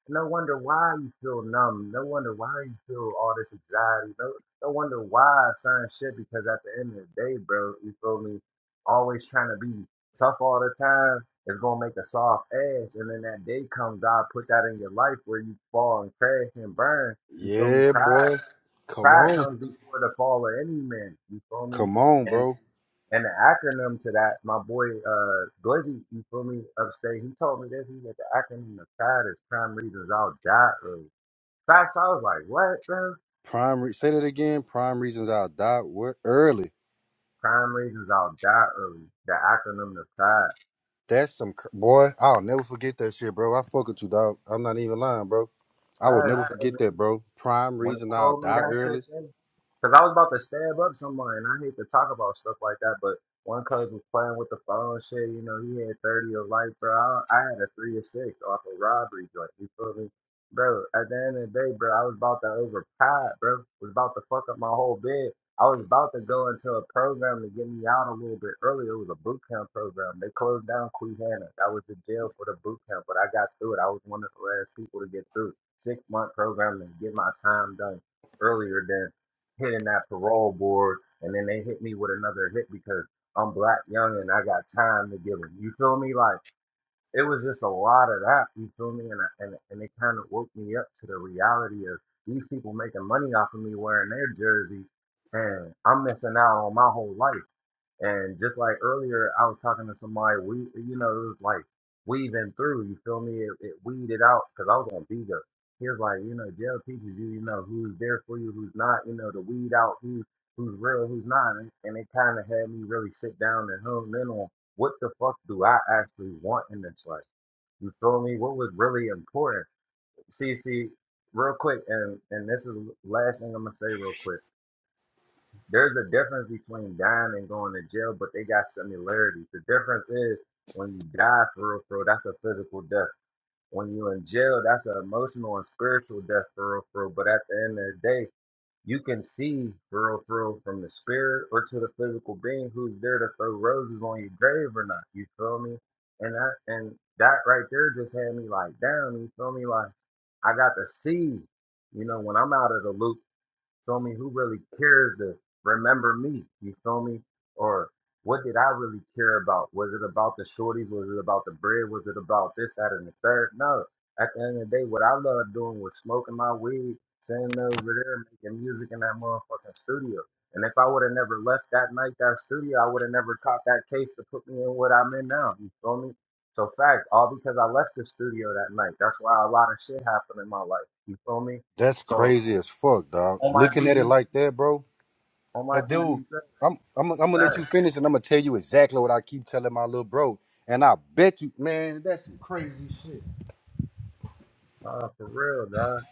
Speaker 13: no wonder why you feel numb. No wonder why you feel all this anxiety. No, no wonder why certain shit. Because at the end of the day, bro, you feel me? Always trying to be tough all the time is gonna make a soft ass. And then that day comes, God put that in your life where you fall and crash and burn. You feel me?
Speaker 25: Yeah,
Speaker 13: Pride,
Speaker 25: boy. Come
Speaker 13: pride
Speaker 25: on.
Speaker 13: comes before the fall of any man. You feel
Speaker 25: Come on,
Speaker 13: me?
Speaker 25: bro.
Speaker 13: And the acronym to that, my boy uh Glizzy, you feel me, upstate, he told me this, he said the acronym of CAD is crime reasons I'll die early. Facts, I was like, what, bro?
Speaker 25: Prime re- say that again. Prime reasons I'll die what early.
Speaker 13: Crime reasons I'll die early. The acronym of CAD.
Speaker 25: That's some cr- boy. I'll never forget that shit, bro. I fuck with you, dog. I'm not even lying, bro. I would
Speaker 13: That's
Speaker 25: never
Speaker 13: crazy.
Speaker 25: forget that, bro. Prime
Speaker 13: When he
Speaker 25: reason I'll
Speaker 13: told me
Speaker 25: die
Speaker 13: that shit,
Speaker 25: early.
Speaker 13: though, Cause I was about to stab up someone. and I hate to talk about stuff like that, but one cuz was playing with the phone shit. You know, he had 30 of life, bro. I, I had a three or six off a robbery joint. You feel me, bro? At the end of the day, bro, I was about to overpower, bro. Was about to fuck up my whole bed. I was about to go into a program to get me out a little bit earlier. It was a boot camp program. They closed down Queehana. I was in jail for the boot camp, but I got through it. I was one of the last people to get through. Six month program and get my time done earlier than hitting that parole board. And then they hit me with another hit because I'm black, young, and I got time to give them. You feel me? Like it was just a lot of that. You feel me? And I- and and it kind of woke me up to the reality of these people making money off of me wearing their jersey, and I'm missing out on my whole life. And just like earlier, I was talking to somebody. We, you know, it was like weaving through. You feel me? It, it weeded out because I was on Vega. He was like, you know, jail teaches you, you know, who's there for you, who's not. You know, to weed out who who's real, who's not. And, and it kind of had me really sit down and hone in on what the fuck do I actually want in this life you told me what was really important. See, see, real quick, and and this is the last thing I'm gonna say real quick. There's a difference between dying and going to jail, but they got similarities. The difference is when you die for real, for real, that's a physical death. When you're in jail, that's an emotional and spiritual death for real, for real. But at the end of the day, you can see real through from the spirit or to the physical being who's there to throw roses on your grave or not. You feel me? And that and that right there just had me like, damn, you feel me? Like I got to see, you know, when I'm out of the loop feel me? Who really cares to remember me? You feel me? Or what did I really care about? Was it about the shorties? Was it about the bread? Was it about this, that, and the third? No. At the end of the day, what I loved doing was smoking my weed, sitting over there, making music in that motherfucking studio. And if I would have never left that night, that studio, I would have never caught that case to put me in what I'm in now. You feel me? So facts, all because I left the studio that night. That's why a lot of shit happened in my life. You feel me?
Speaker 25: That's
Speaker 13: So
Speaker 25: crazy as fuck, dog.
Speaker 13: on my
Speaker 25: Looking at it
Speaker 13: GD
Speaker 25: like that, bro.
Speaker 13: on my
Speaker 25: And dude,
Speaker 13: DBZ
Speaker 25: I'm I'm I'm gonna
Speaker 13: back,
Speaker 25: let you finish, and I'm gonna tell you exactly what I keep telling my little bro. And I bet you, man, that's some crazy shit,
Speaker 13: Nah, for real, dog.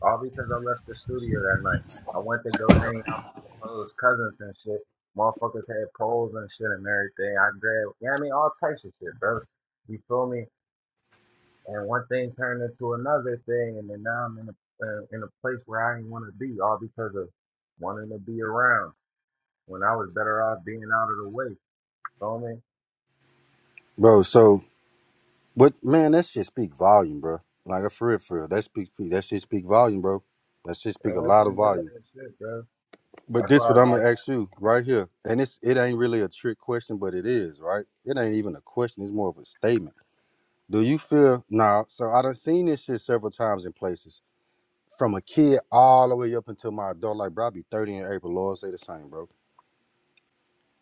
Speaker 13: All because I left the studio that night. I went to go hang out with supposed cousins and shit. Motherfuckers had poles and shit and everything. I grabbed, yeah, I mean, all types of shit, bro. You feel me? And one thing turned into another thing, and then now I'm in a uh, in a place where I didn't want to be, all because of wanting to be around when I was better off being out of the way. Feel me?
Speaker 25: bro. So what, man? That shit speak volume, bro. Like a for real, for real. That speak that shit speak volume, bro. That shit speak
Speaker 13: Uh,
Speaker 25: a
Speaker 13: that's
Speaker 25: lot of
Speaker 13: some real
Speaker 25: volume.
Speaker 13: ass shit, bro.
Speaker 25: But
Speaker 13: That's
Speaker 25: this
Speaker 13: why I
Speaker 25: what
Speaker 13: was
Speaker 25: I'm
Speaker 13: like,
Speaker 25: gonna ask you right here, and it's it ain't really a trick question, but it is right. It ain't even a question. It's more of a statement. Do you feel now? So I done seen this shit several times in places. from a kid all the way up until my adult life, bro. I be 30 in April. Lord say the same, bro.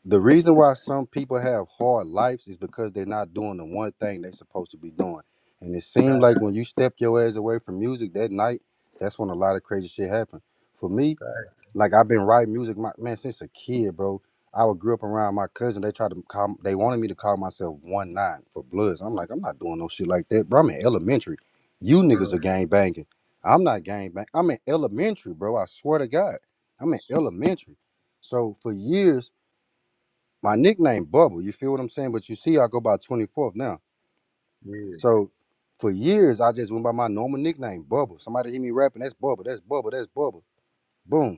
Speaker 25: The reason
Speaker 13: yeah,
Speaker 25: why some people have hard lives is because they're not doing the one thing they're supposed to be doing. And it seemed
Speaker 13: fact,
Speaker 25: like when you step your ass away from music that night, that's when a lot of crazy shit happened. For me,
Speaker 13: fact.
Speaker 25: like I've been writing music, my, man, since a kid, bro. I would grew up around my cousin. They tried to call, they wanted me to call myself one nine for Bloods. I'm like, I'm not doing no shit like that, bro. I'm in elementary. You niggas are
Speaker 13: Mm,
Speaker 25: gang banging. I'm not gang bang. I'm in elementary, bro. I swear to God, I'm in elementary. So for years, my nickname Bubble. You feel what I'm saying? But you see, I go by 24th now.
Speaker 13: yeah.
Speaker 25: So for years, I just went by my normal nickname Bubble. Somebody hear me rapping, that's Bubble, that's Bubble, that's Bubble. Boom.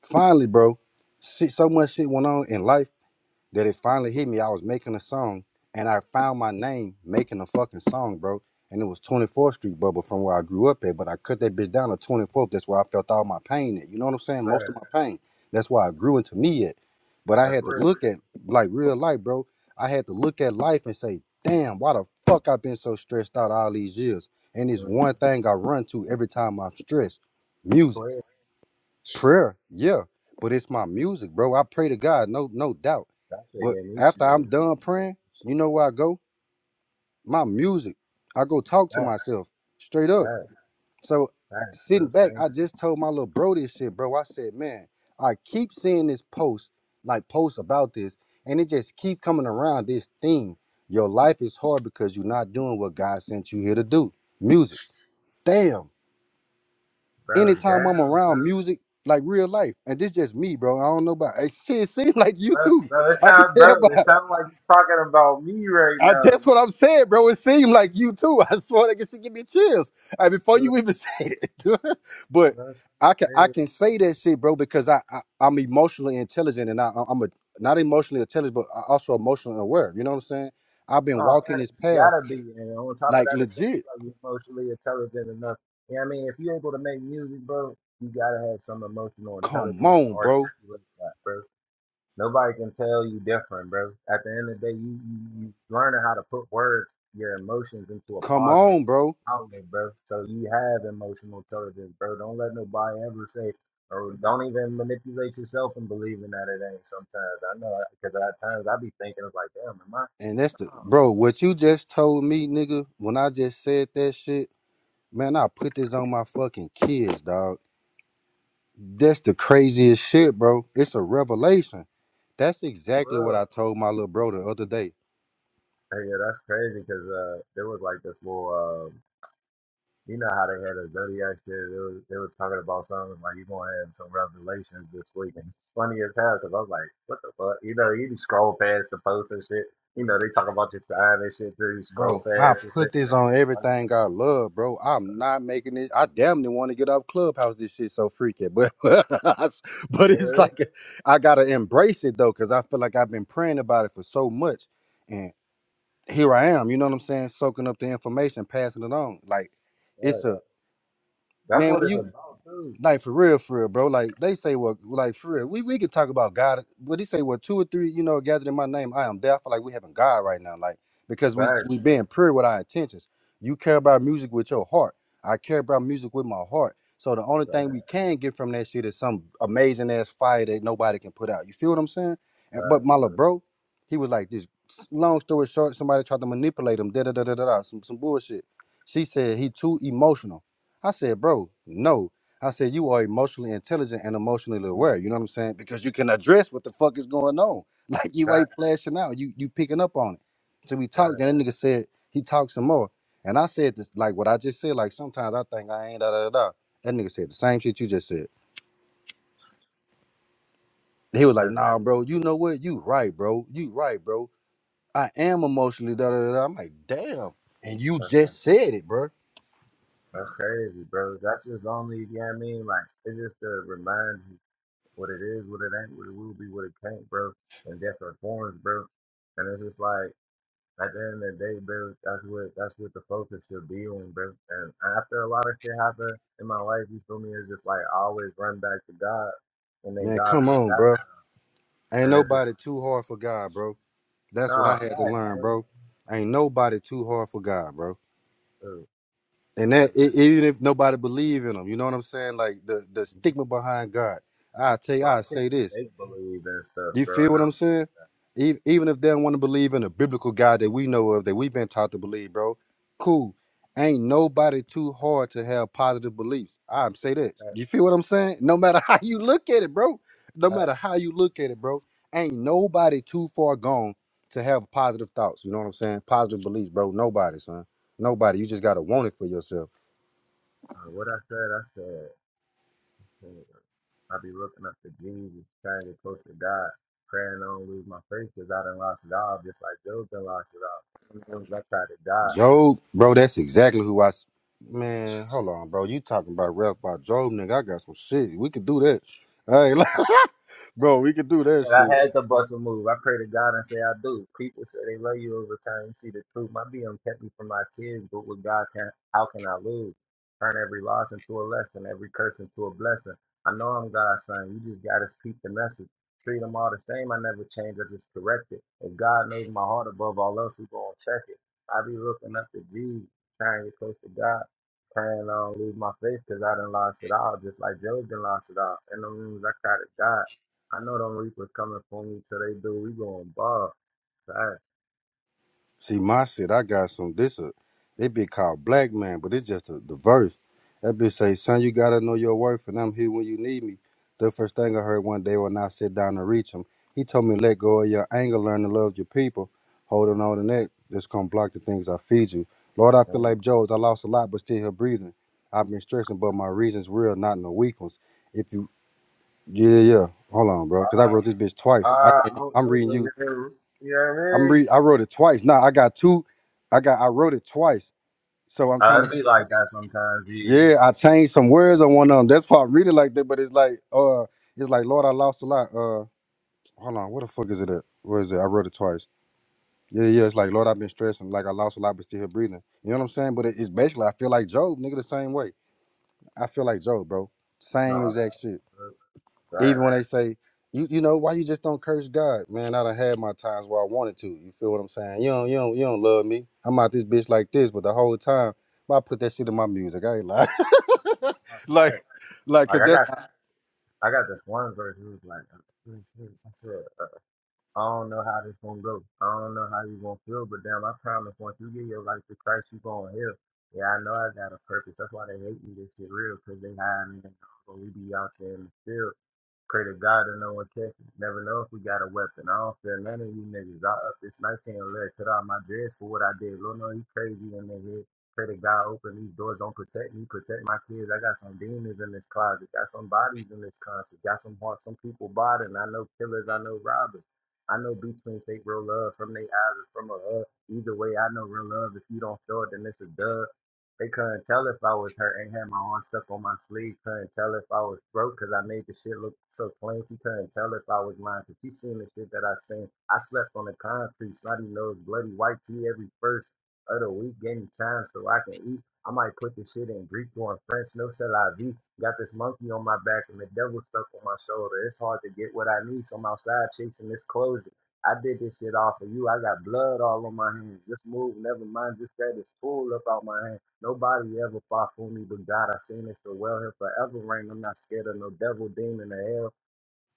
Speaker 25: finally, bro, shit, so much shit went on in life that it finally hit me. I was making a song and I found my name making a fucking song, bro. And it was 24th Street Bubble from where I grew up at, but I cut that bitch down to 24th. That's where I felt all my pain at. You know what I'm saying? Most
Speaker 13: Man,
Speaker 25: of my pain. That's why I grew into me at. But I
Speaker 13: that's
Speaker 25: had to
Speaker 13: real.
Speaker 25: look at like real life, bro. I had to look at life and say, damn, why the fuck I've been so stressed out all these years? And it's
Speaker 13: Man.
Speaker 25: one thing I run to every time I'm stressed. Music.
Speaker 13: Swear.
Speaker 25: Prayer, yeah, but it's my music, bro. I pray to God, no, no doubt.
Speaker 13: That shit
Speaker 25: But
Speaker 13: gave me
Speaker 25: after I'm
Speaker 13: chills.
Speaker 25: done praying, you
Speaker 13: Shit.
Speaker 25: know where I go? My music. I go talk to
Speaker 13: That,
Speaker 25: myself straight up.
Speaker 13: that,
Speaker 25: So
Speaker 13: that. You know what
Speaker 25: sitting
Speaker 13: I'm
Speaker 25: back,
Speaker 13: saying?
Speaker 25: I just told my little bro this shit, bro. I said, man, I keep seeing this post, like posts about this, and it just keep coming around this theme. Your life is hard because you're not doing what God sent you here to do. Music. Damn
Speaker 13: Bro,
Speaker 25: anytime I'm
Speaker 13: damn,
Speaker 25: around
Speaker 13: bro.
Speaker 25: music, like real life, and this just me, bro. I don't know about it. Shit, seems like you
Speaker 13: Bro,
Speaker 25: too.
Speaker 13: bro, it
Speaker 25: I can
Speaker 13: sounds, bro,
Speaker 25: tell by
Speaker 13: it sounds like you're talking about me right
Speaker 25: I,
Speaker 13: now,
Speaker 25: that's what I'm saying, bro. It seemed like you too. *laughs* I swear that shit give me chills. I, before
Speaker 13: bro.
Speaker 25: you even *laughs* say it, dude. but
Speaker 13: bro that's,
Speaker 25: I can I
Speaker 13: man.
Speaker 25: can say that shit, bro, because I, I I'm emotionally intelligent and I I'm a not emotionally intelligent, but I also emotionally aware. You know what I'm saying? I've been
Speaker 13: No,
Speaker 25: walking
Speaker 13: facts,
Speaker 25: this
Speaker 13: you
Speaker 25: path
Speaker 13: gotta be. And on top of
Speaker 25: like
Speaker 13: that, it seems
Speaker 25: legit.
Speaker 13: like you're emotionally intelligent enough. You know what I mean? If you're able to make music, bro, you gotta have some emotional
Speaker 25: Come
Speaker 13: intelligence to
Speaker 25: on, bro.
Speaker 13: articulate that, bro. Nobody can tell you different, bro. At the end of the day, you you, you learning how to put words, your emotions into a
Speaker 25: Come
Speaker 13: positive
Speaker 25: on, bro.
Speaker 13: outlet, bro. So you have emotional intelligence, bro. Don't let nobody ever say, or don't even manipulate yourself and believing that it ain't. Sometimes I know because at times I be thinking it's like, damn, am I?
Speaker 25: And that's the
Speaker 13: Nah,
Speaker 25: bro. What you just told me, nigga. When I just said that shit, man, I put this on my fucking kids, dog. That's the craziest shit, bro. It's a revelation. That's
Speaker 13: for
Speaker 25: exactly what
Speaker 13: real.
Speaker 25: I told my little bro the other day,
Speaker 13: Hey, yeah, that's crazy because uh, there was like this little. um, You know how they had a zodiac shit. It was, it was talking about something like you gonna have some revelations this week, and it's funny as hell because I was like, what the fuck? You know, you just scroll past the post and shit. You know, they talk about your sign and shit too. You scroll
Speaker 25: bro. I
Speaker 13: past and shit.
Speaker 25: put this on
Speaker 13: Like,
Speaker 25: everything I love, bro. I'm
Speaker 13: *laughs*
Speaker 25: not making this. I damn near want to get off Clubhouse. This shit so freaky, but *laughs* but it's
Speaker 13: yeah,
Speaker 25: like I gotta embrace it though, cause I feel like I've been praying about it for so much. here I am, you know what I'm saying, soaking up the information, passing it on. Like it's
Speaker 13: right.
Speaker 25: a
Speaker 13: That's
Speaker 25: man
Speaker 13: what
Speaker 25: when
Speaker 13: it's
Speaker 25: you
Speaker 13: about too.
Speaker 25: like for real, for real, bro. Like they say, well, like for real, we, we could talk about God, but he say, well, two or three, you know, gathered in my name, I am there. I feel like we having God right now, like because we
Speaker 13: Facts,
Speaker 25: we
Speaker 13: bro.
Speaker 25: being pure with our intentions. You care about music with your heart. I care about music with my heart. So the only thing we
Speaker 13: Facts,
Speaker 25: can get from that shit is some amazing ass fire that nobody can put out. You feel what I'm saying? And, but
Speaker 13: facts,
Speaker 25: my little
Speaker 13: bro.
Speaker 25: bro, he was like this. Long story short, somebody tried to manipulate him. Da da da da da. da, Some some bullshit. She said he too emotional. I said, bro, no. I said, you are emotionally intelligent and emotionally
Speaker 13: Mhm.
Speaker 25: aware. You know what I'm saying? Because you can address what the fuck is going on. *laughs* Like you ain't
Speaker 13: Facts,
Speaker 25: flashing out. You you picking up on it. So we talked.
Speaker 13: facts.
Speaker 25: Then that nigga said he talked some more. And I said this like what I just said. Like sometimes I think I ain't da da da. da. That nigga said the same shit you just said. He was like,
Speaker 13: That's
Speaker 25: nah, bro. You know what? You right, bro. You right, bro. I am emotionally da da da. da." I'm like, damn. And you
Speaker 13: that's, the-
Speaker 25: just said it, bro.
Speaker 13: that's crazy, bro. That's just only, you know what I mean? Like, it's just to remind what it is, what it ain't, what it will be, what it can't, bro. And that's our forms, bro. And it's just like at the end of the day, bro, that's what that's what the focus should be on, bro. And after a lot of shit happened in my life, you feel me, it's just like I always run back to God and then
Speaker 25: Man,
Speaker 13: God
Speaker 25: come
Speaker 13: puts
Speaker 25: on,
Speaker 13: that
Speaker 25: bro.
Speaker 13: around. And
Speaker 25: Ain't
Speaker 13: it's just
Speaker 25: nobody too hard for God, bro.
Speaker 13: like,
Speaker 25: That's what
Speaker 13: nah,
Speaker 25: I had to
Speaker 13: facts,
Speaker 25: learn,
Speaker 13: bro.
Speaker 25: bro. Ain't nobody too hard for God, bro.
Speaker 13: Dude,
Speaker 25: And that
Speaker 13: man.
Speaker 25: e- even if nobody believe in him, you know what I'm saying? Like the the stigma behind God. I tell
Speaker 13: A
Speaker 25: you,
Speaker 13: lot
Speaker 25: I
Speaker 13: of
Speaker 25: say
Speaker 13: people
Speaker 25: this.
Speaker 13: fake believe and stuff,
Speaker 25: Do You
Speaker 13: bro,
Speaker 25: feel
Speaker 13: and I
Speaker 25: what I'm
Speaker 13: don't like
Speaker 25: saying? E- Even if they don't want to believe in a biblical God that we know of, that we've been taught to believe, bro, cool. Ain't nobody too hard to have positive beliefs. I say this.
Speaker 13: that.
Speaker 25: You feel what I'm saying? No matter *laughs* how you look at it, bro. No
Speaker 13: Facts.
Speaker 25: matter how you look at it, bro. Ain't nobody too far gone to have positive thoughts. You know what I'm saying? Positive beliefs, bro. Nobody, son. Nobody. You just gotta want it for yourself.
Speaker 13: Uh, what I said, I said. And I be looking up to Jesus, trying to get close to God, praying I don't lose my faith because I done lost it all, just like Job done lost it all. As I try to God.
Speaker 25: Job, bro, that's exactly who I. s- Man, hold on, bro. You talking about rap about Job, nigga? I got some shit. We could do that. Hey,
Speaker 13: I
Speaker 25: *laughs* bro, we could do that
Speaker 13: said I
Speaker 25: shit.
Speaker 13: had to bust a move. I pray to God and say I do. People say they love you over time. You see the truth. My BM kept me from my kids, but with God, can how can I lose? Turn every loss into a lesson, every curse into a blessing. I know I'm God's son. You just gotta speak the message. Treat them all the same. I never change. I just correct it. If God knows my heart above all else, He gonna check it. I be looking up to Jesus, trying to get close to God, praying I don't lose my faith because I done lost it all, just like Job done lost it all. In the rooms, I cried to God. I know them reapers coming for me till they do. We going bob. Fast,
Speaker 25: See, my shit, I got some. This a they be called black man, but it's just a, the verse. That bitch say, "Son, you gotta know your worth, and I'm here when you need me." The first thing I heard one day when I sit down and reach him, he told me, "Let go of your anger, learn to love your people. Holding on to that, just gonna block the things I feed you." Lord, I feel
Speaker 13: man.
Speaker 25: like Joe's. I lost a lot, but still here breathing. I've been stressing, but my reasons real, not no weak ones. If you, yeah, yeah, yeah. hold on, bro, because I
Speaker 13: Ah,
Speaker 25: wrote this bitch
Speaker 13: ah,
Speaker 25: twice. I,
Speaker 13: I don't
Speaker 25: I'm reading
Speaker 13: know,
Speaker 25: you
Speaker 13: man. you know what I
Speaker 25: I'm
Speaker 13: mean?
Speaker 25: re I wrote it twice. Nah, I got two. I got I wrote it twice. So I'm
Speaker 13: Uh,
Speaker 25: trying
Speaker 13: it
Speaker 25: to
Speaker 13: be like that sometimes, yeah.
Speaker 25: Yeah, I changed some words on one of them. That's why I read it like that, but it's like uh it's like Lord I lost a lot. Uh hold on, what the fuck is it at? Where is it? I wrote it twice. Yeah, yeah, it's like Lord I've been stressing, like I lost a lot but still here breathing. You know what I'm saying? But it, it's basically I feel like Job, nigga, the same way. I feel like Job, bro. Same
Speaker 13: No,
Speaker 25: exact shit.
Speaker 13: that, that.
Speaker 25: Even when they say, you you know, why you just don't curse God? Man, I done had my times where I wanted to. You feel what I'm saying? You don't, you don't, you don't love me. I'm out this bitch like this, but the whole time, I put that shit in my music. I ain't lying. *laughs* like, like,
Speaker 13: Like
Speaker 25: cause
Speaker 13: I
Speaker 25: that's
Speaker 13: got, I got this one verse who was like, uh, this is- I said, uh, I don't know how this gonna go. I don't know how you gonna feel, but damn, I promise once you give your life to Christ, you gonna heal. Yeah, I know I got a purpose. That's why they hate me. This shit real, cause they hide me. But we be out there in the field. Pray to God that no one catch it. Never know if we got a weapon. I don't fear none of you niggas. I up this 19 and let cut out my dress for what I did. Lord, no, he crazy in the head. Pray to God open these doors. Don't protect me. Protect my kids. I got some demons in this closet. Got some bodies in this closet. Got some hearts. Some people bothering. I know killers. I know robbers. I know between fake real love from their eyes or from a hug. Either way, I know real love. If you don't show it, then it's a dub. They couldn't tell if I was hurt and had my arm stuck on my sleeve. Couldn't tell if I was broke because I made the shit look so clean. She couldn't tell if I was lying because she seen the shit that I seen. I slept on the concrete, snotty nose, bloody white tea every first of the week, getting time so I can eat. I might put the shit in Greek or in French, no c'est la vie. Got this monkey on my back and the devil stuck on my shoulder. It's hard to get what I need, so I'm outside chasing this closet. I did this shit off of you. I got blood all on my hands. Just move, never mind. Just grab this tool up out my hand. Nobody ever fought for me but God. I seen it so well here forever reign. I'm not scared of no devil, demon, or hell.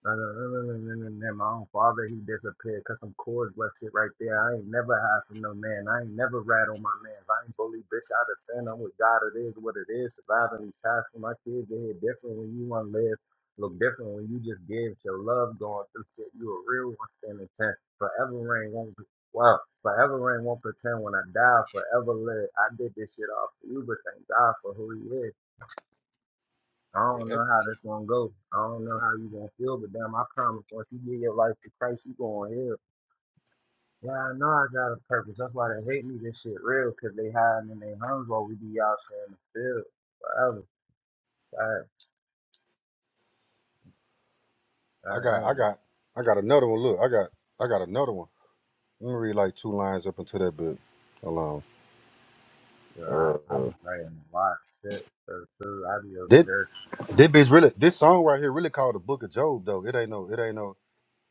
Speaker 13: No, no, no, no, no, no, no. no. My own father, he disappeared. Cut some cords, left shit right there. I ain't never hide from no man. I ain't never rat on my man. I ain't bully bitch I defend. I'm with God. It is what it is. Surviving these times for my kids. They hit different when you want to live. Look different when you just give your love going through shit. You a real one standing ten. Forever rain won't. Well, forever rain won't pretend. When I die, I'll forever live. I did this shit all for you, but thank God for who he is. I don't know how this gonna go. I don't know how you gonna feel, but damn, I promise once you give your life to Christ, you going hell. Yeah, I know I got a purpose. That's why they hate me. This shit real, cause they hiding in their homes while we be out here in the field forever. I, I,
Speaker 25: I
Speaker 13: I
Speaker 25: got, I
Speaker 13: ain't.
Speaker 25: got, I got another one. Look, I got, I got another one. Let me read like two lines up into that bit. Hold on.
Speaker 13: so
Speaker 25: Uh,
Speaker 13: I, I be praying a lot of shit. So too, I be over
Speaker 25: this,
Speaker 13: here.
Speaker 25: this bitch really, this song right here really called the Book of Job though. It ain't no, it ain't no.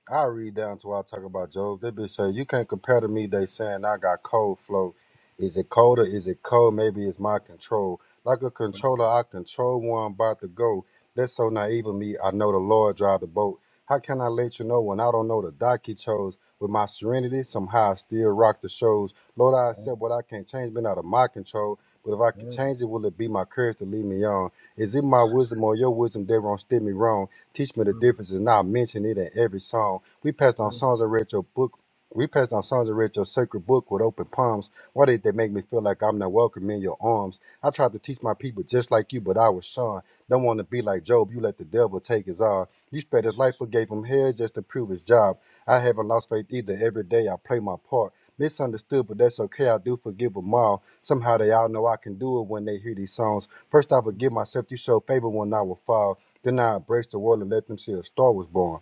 Speaker 25: I read down to where I talk about Job. They be say you can't compare to me. They saying I got cold flow. Is it cold or is it cold? Maybe it's my control. Like a
Speaker 13: Mm,
Speaker 25: controller, I control where I'm about to go. That's so naive of me. I know the Lord drive the boat. How can I let you know when I don't know the dock he chose? With my serenity, somehow I still rock the shows. Lord, I accept what I can't change, been out of my control. But if I could
Speaker 13: mm,
Speaker 25: change it, will it be my courage to lead me on? Is it my wisdom or your wisdom that won't steer me wrong? Teach me the
Speaker 13: mm,
Speaker 25: difference and I'll mention it in every song. We passed on
Speaker 13: mm,
Speaker 25: songs and read your book. We passed on songs and read your sacred book with open palms. Why did they make me feel like I'm not welcome in your arms? I tried to teach my people just like you, but I was shunned. Don't want to be like Job. You let the devil take his all. You spared his life but gave him hell just to prove his job. I haven't lost faith either. Every day I play my part misunderstood, but that's okay. I do forgive them all. Somehow they all know I can do it when they hear these songs. First, I
Speaker 13: mm,
Speaker 25: forgive myself. You show favor when I will fall. Then I embrace the world and let them see a star was born.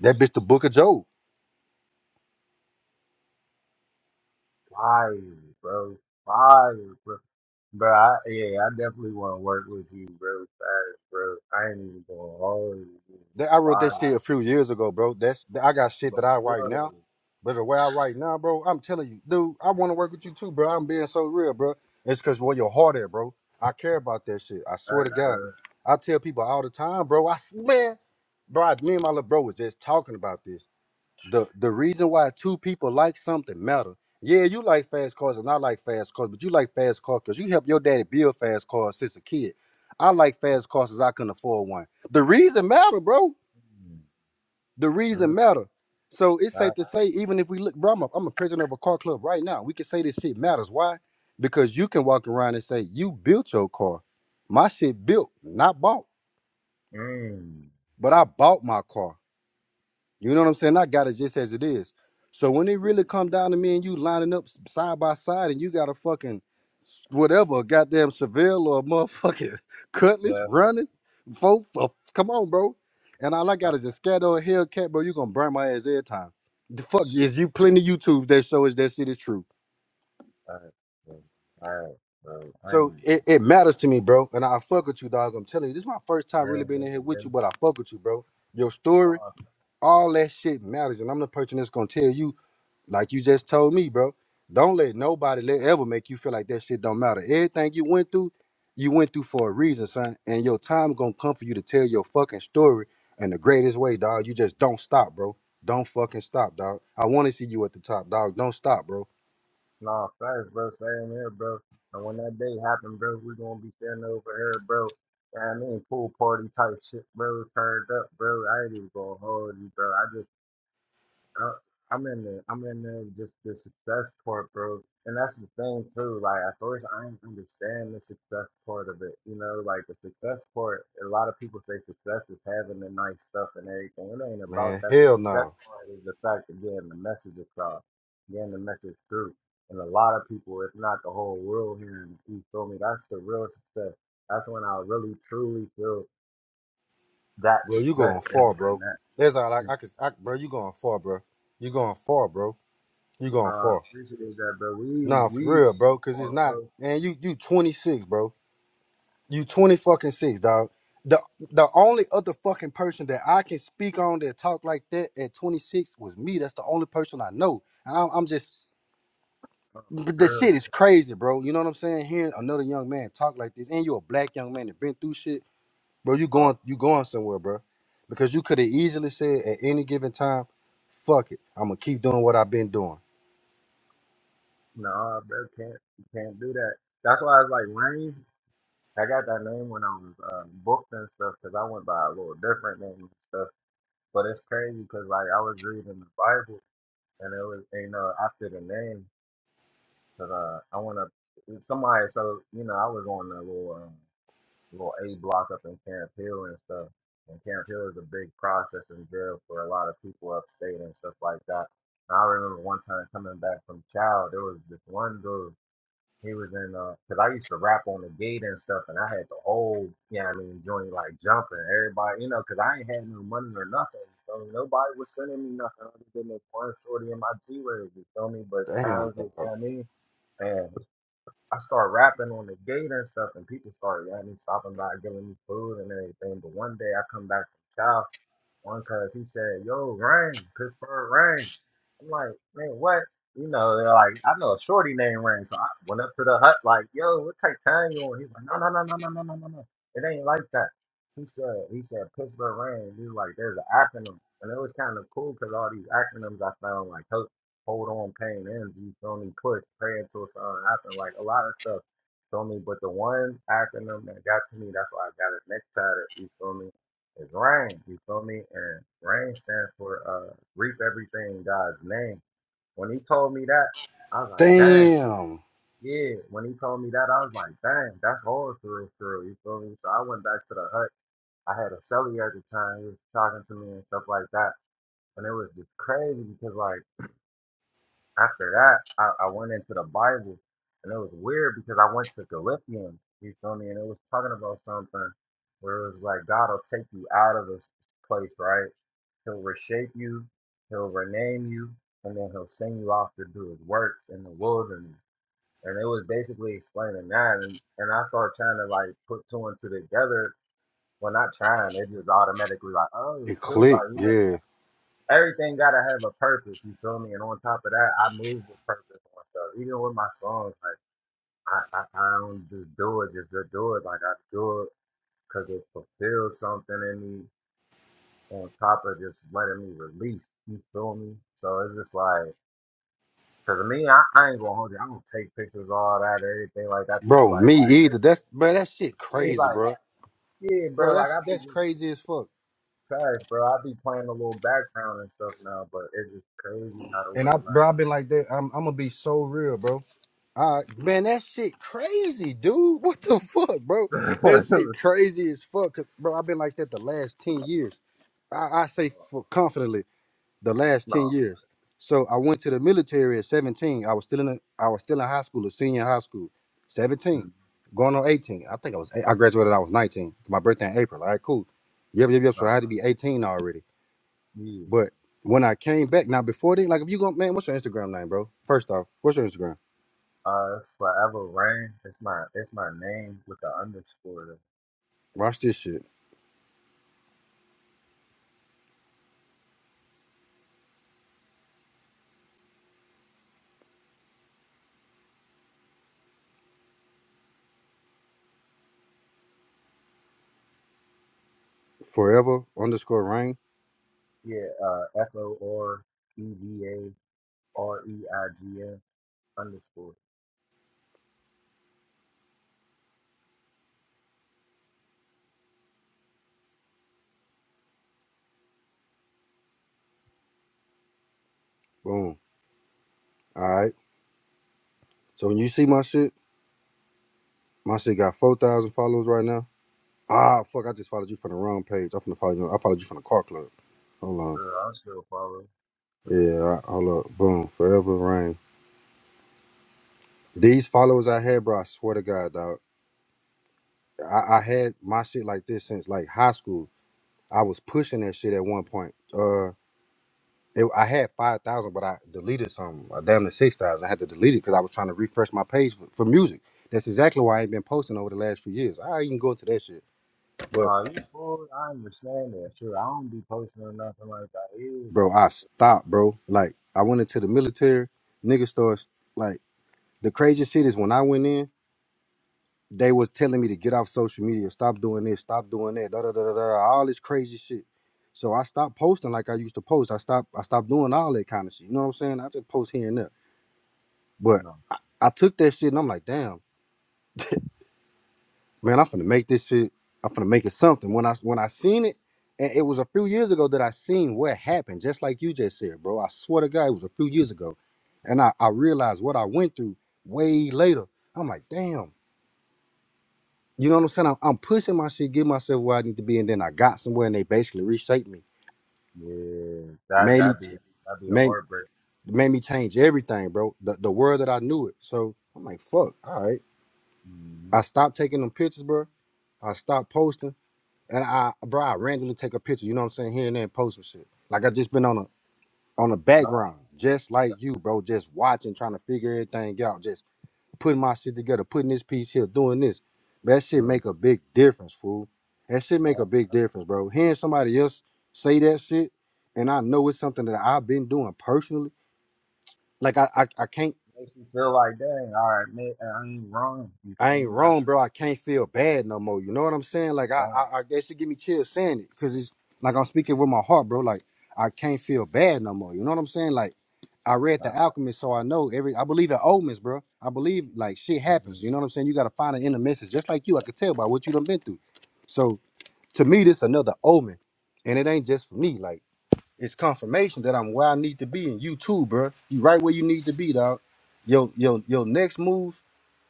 Speaker 25: That bitch, the Book of Job.
Speaker 13: Fire, bro. Fire, bro. Bro, I, yeah, I definitely want to work with you, bro. Fast, bro. I ain't even going hard.
Speaker 25: That I wrote that
Speaker 13: Fine.
Speaker 25: shit a few years ago, bro. That's that- I got shit
Speaker 13: But
Speaker 25: that I
Speaker 13: still,
Speaker 25: write
Speaker 13: though,
Speaker 25: now. But the way I write now, bro, I'm telling you, dude, I want to work with you too, bro. I'm being so real, bro. It's because where your heart at, bro. I care about that shit. I swear to
Speaker 13: fast,
Speaker 25: God.
Speaker 13: bro.
Speaker 25: I tell people all the time, bro. I swear, bro. I- Me and my little bro was just talking about this. the the reason why two people like something matter. Yeah, you like fast cars and I like fast cars, but you like fast cars because you helped your daddy build fast cars since a kid. I like fast cars because I couldn't afford one. The reason matter, bro.
Speaker 13: Mm,
Speaker 25: The reason
Speaker 13: mm,
Speaker 25: matter. So it's safe
Speaker 13: I,
Speaker 25: to say, even if we look, bro, I'm a, I'm a president of a car club right now. We can say this shit matters. Why? Because you can walk around and say, you built your car. My shit built, not bought.
Speaker 13: mm,
Speaker 25: But I bought my car. You know what I'm saying? I got it just as it is. So when it really come down to me and you lining up s- side by side and you got a fucking s- whatever, a goddamn Seville or a motherfucking *laughs* Cutlass
Speaker 13: yeah,
Speaker 25: running, folks, come on, bro. And all I
Speaker 13: I,
Speaker 25: got is a Scat or a Hellcat, bro. You gonna burn my ass every time. The fuck is you plenty YouTube that show us that shit is true.
Speaker 13: fast, bro. Fast, bro. I ain't
Speaker 25: So
Speaker 13: even going
Speaker 25: it, it matters to me, bro. And I fuck with you, dog. I'm telling you, this is my first time really
Speaker 13: Same
Speaker 25: being
Speaker 13: here,
Speaker 25: in here with
Speaker 13: bro.
Speaker 25: you, but I fuck with you, bro. Your story,
Speaker 13: Nah,
Speaker 25: all that shit matters, and I'm the person that's gonna tell you. Like you just told me, bro. Don't let nobody let ever make you feel like that shit don't matter. Everything you went through, you went through for a reason, son. And your time gonna come for you to tell your fucking story in the greatest way, dog. You just don't stop, bro. Don't fucking stop, dog. I want to see you at the top, dog. Don't stop, bro.
Speaker 13: nah, fast, bro. Same here, bro. And when that day happen, bro, we going to be standing over here, bro. Yeah, I mean, pool party type shit, bro. Turned up, bro. I ain't even going to hold you, bro. I just Uh, I'm in the I'm in the just the success part, bro. And that's the thing too. Like at first, I didn't understand the success part of it. You know, like the success part. A lot of people say success is having the nice stuff and everything. It ain't about
Speaker 25: Man,
Speaker 13: that. The
Speaker 25: hell
Speaker 13: success
Speaker 25: no,
Speaker 13: part is the fact of getting the message across, getting the message through. And a lot of people, if not the whole world, hearing it, you feel me. That's the real success. That's when I really truly feel that
Speaker 25: bro. You
Speaker 13: success
Speaker 25: going
Speaker 13: is
Speaker 25: far,
Speaker 13: when
Speaker 25: bro.
Speaker 13: that.
Speaker 25: That's all I, I can, I, bro. You going far, bro. You going far, bro. You going
Speaker 13: I
Speaker 25: far.
Speaker 13: appreciate that, but we
Speaker 25: Nah, for
Speaker 13: we
Speaker 25: real, bro.
Speaker 13: for
Speaker 25: Cause it's
Speaker 13: for
Speaker 25: not, man. You you 26, bro. You twenty fucking six, dog. The the only other fucking person that I can speak on that talk like that at twenty six was me. That's the only person I know, and I'm, I'm just
Speaker 13: uh,
Speaker 25: but the
Speaker 13: real.
Speaker 25: shit is crazy, bro. You know what I'm saying? Hearing another young man talk like this, and you a black young man that been through shit, bro. You
Speaker 13: Uh,
Speaker 25: going you going somewhere, bro? Because you could have easily said at any given time, "Fuck it, I'm gonna keep doing what I've been doing."
Speaker 13: no, bro, can't can't do that. That's why I was like Rain. I got that name when I was uh, booked and stuff because I went by a little different name and stuff. But it's crazy because like I was reading the Bible and it was you know after the name because uh, I want to somebody so you know I was on a little. Um, little A block up in Karen Hill and stuff. And Karen Hill is a big processing jail for a lot of people upstate and stuff like that. And I remember one time coming back from Chow, there was this one dude. He was in, uh, cause I used to rap on the gate and stuff, and I had the whole, yeah, I mean, joint like jumping. Everybody, you know, cause I ain't had no money or nothing. So nobody was sending me nothing. I was getting this one shorty in my G-Waves, you feel me? But
Speaker 25: Damn,
Speaker 13: times was, you
Speaker 25: dog.
Speaker 13: know what I mean? Man, I started rapping on the gate and stuff, and people started at me, stopping by, giving me food and everything. But one day I come back from Cal one cuz he said, "Yo, Rain, Pittsburgh Rain." I'm like, man, what? You know, they're like I know a shorty named Rain, so I went up to the hut like, "Yo, what type of town you on?" He's like, "No, no, no, no, no, no, no, no, no. It ain't like that." He said, "He said Pittsburgh Rain." He was like, "There's an acronym," and it was kind of cool because all these acronyms I found like Hold Hold on, Pain Ends. You feel me? Push, pray until something happen. Like a lot of stuff. Feel me? But the one acronym that got to me, that's why I got it next to it. You feel me? It's rain, you feel me? And rain stands for uh reap everything in God's name. When he told me that, I was like, dang,
Speaker 25: Damn,
Speaker 13: yeah. When he told me that, I was like, dang, that's all through through, you feel me? So I went back to the hut. I had a celly at the time, he was talking to me and stuff like that. And it was just crazy because like after that, I, I went into the Bible, and it was weird because I went to Philippians. You feel me? And it was talking about something where it was like God will take you out of this place, right? He'll reshape you, he'll rename you, and then he'll send you off to do his works in the wilderness. And it was basically explaining that. And, and I started trying to like put two and two together. Well, not trying, it just automatically like, oh,
Speaker 25: it
Speaker 13: shoot,
Speaker 25: clicked,
Speaker 13: like, you know
Speaker 25: yeah,
Speaker 13: everything gotta have a purpose. You feel me? And on top of that, I move with purpose on stuff. Even with my songs, like I, I, I don't just do it just to do it. Like I do it because it fulfills something in me. On top of just letting me release, you feel me? So it's just like, cause to me, I, I ain't gonna hold you. I don't take pictures, all that, everything like that. People
Speaker 25: bro.
Speaker 13: like,
Speaker 25: Me
Speaker 13: like
Speaker 25: either. That's bro. That shit
Speaker 13: yeah,
Speaker 25: crazy,
Speaker 13: like
Speaker 25: bro.
Speaker 13: yeah,
Speaker 25: bro.
Speaker 13: bro. Like I
Speaker 25: That's
Speaker 13: be
Speaker 25: that's
Speaker 13: just
Speaker 25: crazy as fuck.
Speaker 13: trash, bro. I be playing a little background and stuff now, but it's just crazy how the
Speaker 25: And I,
Speaker 13: way
Speaker 25: bro, I've been like that. I'm, I'm gonna be so real, bro. I, man, that shit crazy, dude. *laughs* What the fuck, bro? That shit
Speaker 13: like.
Speaker 25: crazy as fuck, 'Cause, bro. I've been like that the last ten years. I, I say
Speaker 13: *laughs*
Speaker 25: for confidently, the last ten
Speaker 13: No,
Speaker 25: years. So I went to the military at 17. I was still in, a, I was still in high school, a senior high school, 17,
Speaker 13: mm,
Speaker 25: going on 18. I think I was, eight- I graduated. I was 19. My birthday in April. All right, cool. Yep, yep, yep. So
Speaker 13: no,
Speaker 25: I had to be 18 already.
Speaker 13: yeah.
Speaker 25: But when I came back, now before then, like if you go, man, what's your Instagram name, bro? First off, what's your Instagram?
Speaker 13: Uh, it's forever rain. It's my it's my name with the underscore.
Speaker 25: Watch this shit. Forever underscore rain.
Speaker 13: Yeah, uh, F O R E V A R E I G N underscore.
Speaker 25: Boom. All right. So when you see my shit, my shit got four thousand followers right now. Ah, fuck! I just followed you from the wrong page. I'm finna follow you. I followed you from the car club. Hold on.
Speaker 13: Girl, I'm still following. Wait,
Speaker 25: Yeah. all right, hold up. Boom. Forever rain. These followers I had, bro. I swear to God, dog. I, I had my shit like this since like high school. I was pushing that shit at one point. Uh, It, I had five thousand, but I deleted some. I damn near six thousand. I had to delete it because I was trying to refresh my page for, for music. That's exactly why I ain't been posting over the last few years. I ain't even go into that shit, but
Speaker 13: No, you fool. I understand that. Sure, I don't be posting or nothing like that. Yeah.
Speaker 25: bro, I stopped, bro. Like I went into the military. Niggas starts like the craziest shit is when I went in, they was telling me to get off social media, stop doing this, stop doing that, da da da da da, all this crazy shit. So I stopped posting like I used to post. I stopped. I stopped doing all that kind of shit. You know what I'm saying? I just post here and there, but
Speaker 13: No.
Speaker 25: I took that shit and I'm like, damn. man, I'm finna make this shit. I'm finna make it something. When I when I seen it, and it was a few years ago that I seen what happened. Just like you just said, bro. I swear to God, it was a few years ago, and I I realized what I went through way later. I'm like, damn. You know what I'm saying? I'm, I'm pushing my shit, get myself where I need to be, and then I got somewhere, and they basically reshaped me,
Speaker 13: Yeah, that
Speaker 25: made
Speaker 13: that
Speaker 25: me
Speaker 13: be that be a
Speaker 25: made
Speaker 13: heartbreak.
Speaker 25: made me change everything, bro. The the world that I knew it. So I'm like, fuck. All right.
Speaker 13: hmm
Speaker 25: I stopped taking them pictures, bro. I stopped posting. And I, bro, I randomly take a picture. You know what I'm saying? Here and there, and post some shit. Like I just been on a on the
Speaker 13: No,
Speaker 25: background, just like you, bro. Just watching, trying to figure everything out. Just putting my shit together, putting this piece here, doing this. That shit
Speaker 13: mm,
Speaker 25: make a big difference, fool. That shit make a
Speaker 13: no.
Speaker 25: big difference, bro. Hearing somebody else say that shit, and I know it's something that I've been doing personally. Like I, I, I can't.
Speaker 13: Makes you feel like dang. All right, man, I ain't wrong. You
Speaker 25: I
Speaker 13: feel
Speaker 25: ain't
Speaker 13: me?
Speaker 25: wrong,
Speaker 13: I,
Speaker 25: bro. I can't feel bad no more. You know what I'm saying? Like I,
Speaker 13: I,
Speaker 25: I, I that should give me chills saying it, cause it's like I'm speaking with my heart, bro. Like I can't feel bad no more. You know what I'm saying? Like I read
Speaker 13: I,
Speaker 25: The Alchemist, so I know every. I believe in omens, bro. I believe like shit happens.
Speaker 13: mhm.
Speaker 25: You know what I'm saying? You gotta find an inner message, just like you. I could tell by what you done been through. So to me, this another omen, and it ain't just for me. Like it's confirmation that I'm where I need to be, and you too, bro. You right where you need to be, dog. your your- your next move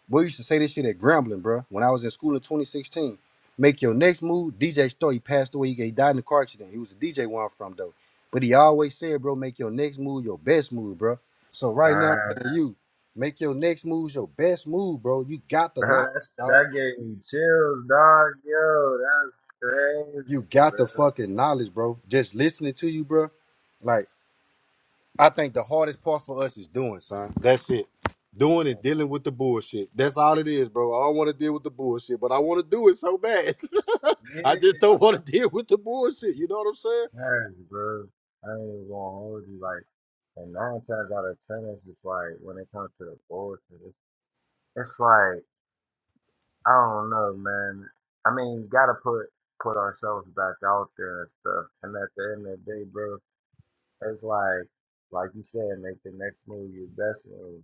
Speaker 25: Boy, I used to say this shit at Grambling, bro. When I was in school in 2016, make your next move. DJ Story he passed away. He died in a car accident. He was a DJ where I'm from, though. But he always said, bro, make your next move your best move, bro. So right now, I'm
Speaker 13: Dang,
Speaker 25: telling you, make your next move your best move, bro. You got the
Speaker 13: bro,
Speaker 25: knowledge,
Speaker 13: that's,
Speaker 25: dog.
Speaker 13: that gave me chills, dog. Yo, that's crazy,
Speaker 25: You got
Speaker 13: bro.
Speaker 25: the fucking knowledge, bro. Just listening to you, bro. Like. I think the hardest part for us is doing, son. That's it. Doing and dealing with the bullshit. That's all it is, bro. I don't want to deal with the bullshit, but I want to do it so bad. *laughs* I
Speaker 13: Yeah,
Speaker 25: just don't
Speaker 13: that's
Speaker 25: want to deal with the bullshit. You know what I'm saying?
Speaker 13: crazy, bro. I ain't even gonna hold you. Like, and nine times out of ten, it's just like when it comes to the bullshit, it's, it's like I don't know, man. I mean, gotta put put ourselves back out there and stuff. And at the end of the day, bro, it's like like you said, make the next move your best move.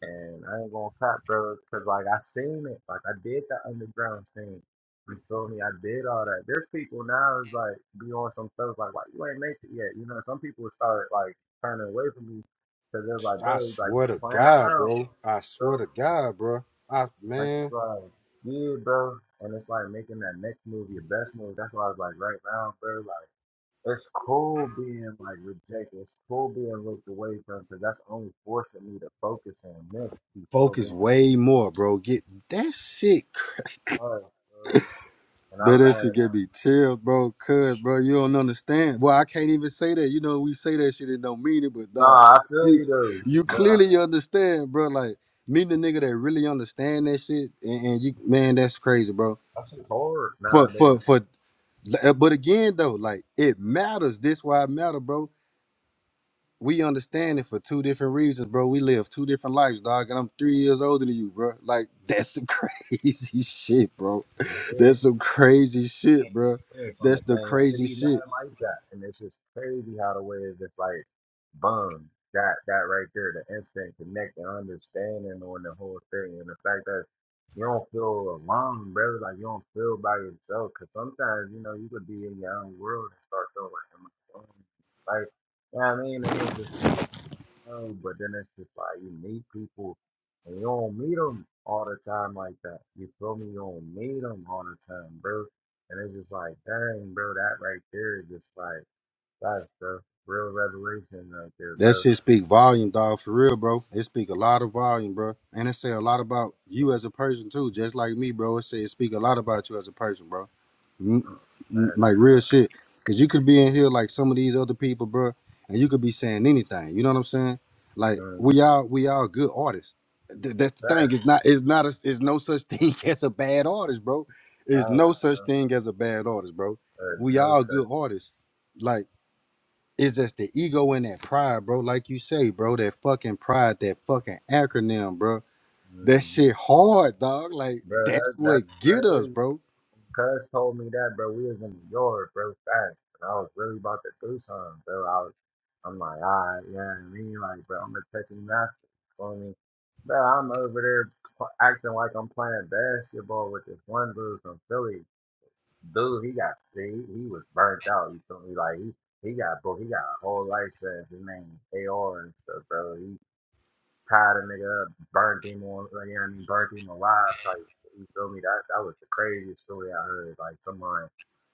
Speaker 13: And I ain't gonna cop, bro, because like I seen it, like I did the underground scene. You feel me? I did all that. There's people now is like be on some stuff like, like you ain't make it yet. You know, some people start like turning away from me because they're like,
Speaker 25: I
Speaker 13: bro, it's like you
Speaker 25: swear to
Speaker 13: playing
Speaker 25: God,
Speaker 13: around,
Speaker 25: bro. I swear
Speaker 13: bro.
Speaker 25: to God, bro. I
Speaker 13: And it's
Speaker 25: man,
Speaker 13: like, yeah, bro. And it's like making that next move your best move. That's why I was like, right now, bro, like it's cool being like rejected. It's cool being looked away from because that's only forcing me to focus on this. You feel
Speaker 25: focus
Speaker 13: me?
Speaker 25: way more, bro. Get that shit.
Speaker 13: Alright, bro. And I
Speaker 25: But that shit
Speaker 13: and
Speaker 25: get me chills, bro. Cause, bro, you don't understand. Well, I can't even say that. You know, we say that shit and don't mean it, but dog,
Speaker 13: nah, I feel
Speaker 25: you
Speaker 13: you though,
Speaker 25: you
Speaker 13: but I,
Speaker 25: clearly understand, bro. Like meeting a nigga that really understand that shit, and, and you, man, that's crazy, bro.
Speaker 13: that shit's hard
Speaker 25: For for
Speaker 13: nowadays.
Speaker 25: for, but again though, like it matters. This why it matter, bro we understand it for two different reasons, bro. We live two different lives, dog, and I'm three years older than you, bro. Like that's some *laughs* crazy shit, bro.
Speaker 13: Yeah,
Speaker 25: That's
Speaker 13: bro.
Speaker 25: some crazy
Speaker 13: We
Speaker 25: shit,
Speaker 13: ain't,
Speaker 25: bro.
Speaker 13: we ain't from
Speaker 25: That's
Speaker 13: the
Speaker 25: the
Speaker 13: same
Speaker 25: crazy
Speaker 13: city,
Speaker 25: shit.
Speaker 13: nothing like that, and it's just crazy how the way is just like, boom, that that right there, the instant connect and understanding on the whole thing, and the fact that you don't feel alone, bro. Like you don't feel by yourself, cause sometimes you know you could be in your own world and start feeling like, am I alone? like, you know what I mean, and it's just like. No, but then it's just like you meet people and you don't meet them all the time like that. You feel me? You don't meet them all the time, bro. And it's just like, dang, bro, that right there is just like, that's the real revelation right there,
Speaker 25: That
Speaker 13: bro.
Speaker 25: shit speak volume, dog, for real, bro. It speak a lot of volume, bro, and it say a lot about
Speaker 13: That's,
Speaker 25: you as a person too. Just like me, bro. It say it speak a lot about you as a person, bro. N- n-
Speaker 13: that's,
Speaker 25: Like
Speaker 13: bro.
Speaker 25: real shit. Cause you could be in here like some of these other people, bro, and you could be saying anything. You know what I'm saying? Like
Speaker 13: Mm,
Speaker 25: we all we all good artists. Th- that's
Speaker 13: That's
Speaker 25: the thing. It's not it's not a, it's no such thing *laughs* as a bad artist, bro. It's no
Speaker 13: nice,
Speaker 25: such
Speaker 13: bro.
Speaker 25: thing as a bad artist, bro.
Speaker 13: There's
Speaker 25: We
Speaker 13: no
Speaker 25: all good
Speaker 13: such,
Speaker 25: artists. Like it's just the ego and that pride, bro. Like you say, bro, that fucking pride, that fucking acronym, bro. That
Speaker 13: hmm
Speaker 25: shit hard, dog. Like
Speaker 13: bro.
Speaker 25: that's
Speaker 13: That
Speaker 25: what
Speaker 13: that's
Speaker 25: get us,
Speaker 13: crazy.
Speaker 25: bro.
Speaker 13: Cuz told me that, bro. We was in New York, bro, fast. And I was really about to do something, bro. I was, I'm like, all right, you know what I mean? Like, bro, I'm a touching master. You feel me? Bro, I'm over there pl- acting like I'm playing basketball with this one dude from Philly. Dude, he got, he, he was burnt out. You feel me? Like, he, he got booked. He got a whole life sentence. His name is AR and stuff, bro. He tied a nigga up, burnt him on, you know what I mean? Burnt him alive type. You feel me? That that was the craziest story I heard. Like someone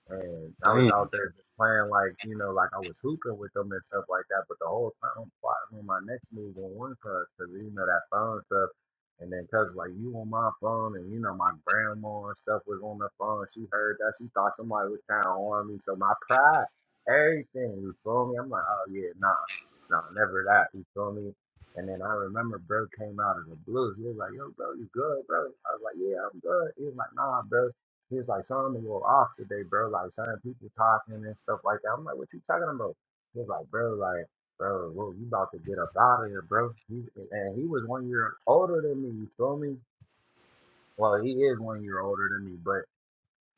Speaker 13: and I was
Speaker 25: Damn.
Speaker 13: out there just playing like, you know, like I was hooping with them and stuff like that. But the whole time I'm plotting on my next move on one cuz, because, you know, that phone stuff. And then cuz like you on my phone and you know my grandma and stuff was on the phone. She heard that. She thought somebody was trying to on me. So my pride, everything, you feel me? I'm like, oh yeah, nah, nah, never that. You feel me? And then I remember bro came out of the blue. He was like, yo, bro, you good, bro? I was like, yeah, I'm good. He was like, nah, bro. He was like, "Son, I'm a little off today, bro. Like, son, people talking and stuff like that." I'm like, "What you talking about?" He was like, "Bro, like, bro, whoa, you about to get up out of here, bro." He, and he was one year older than me. You feel me? Well, he is one year older than me, but.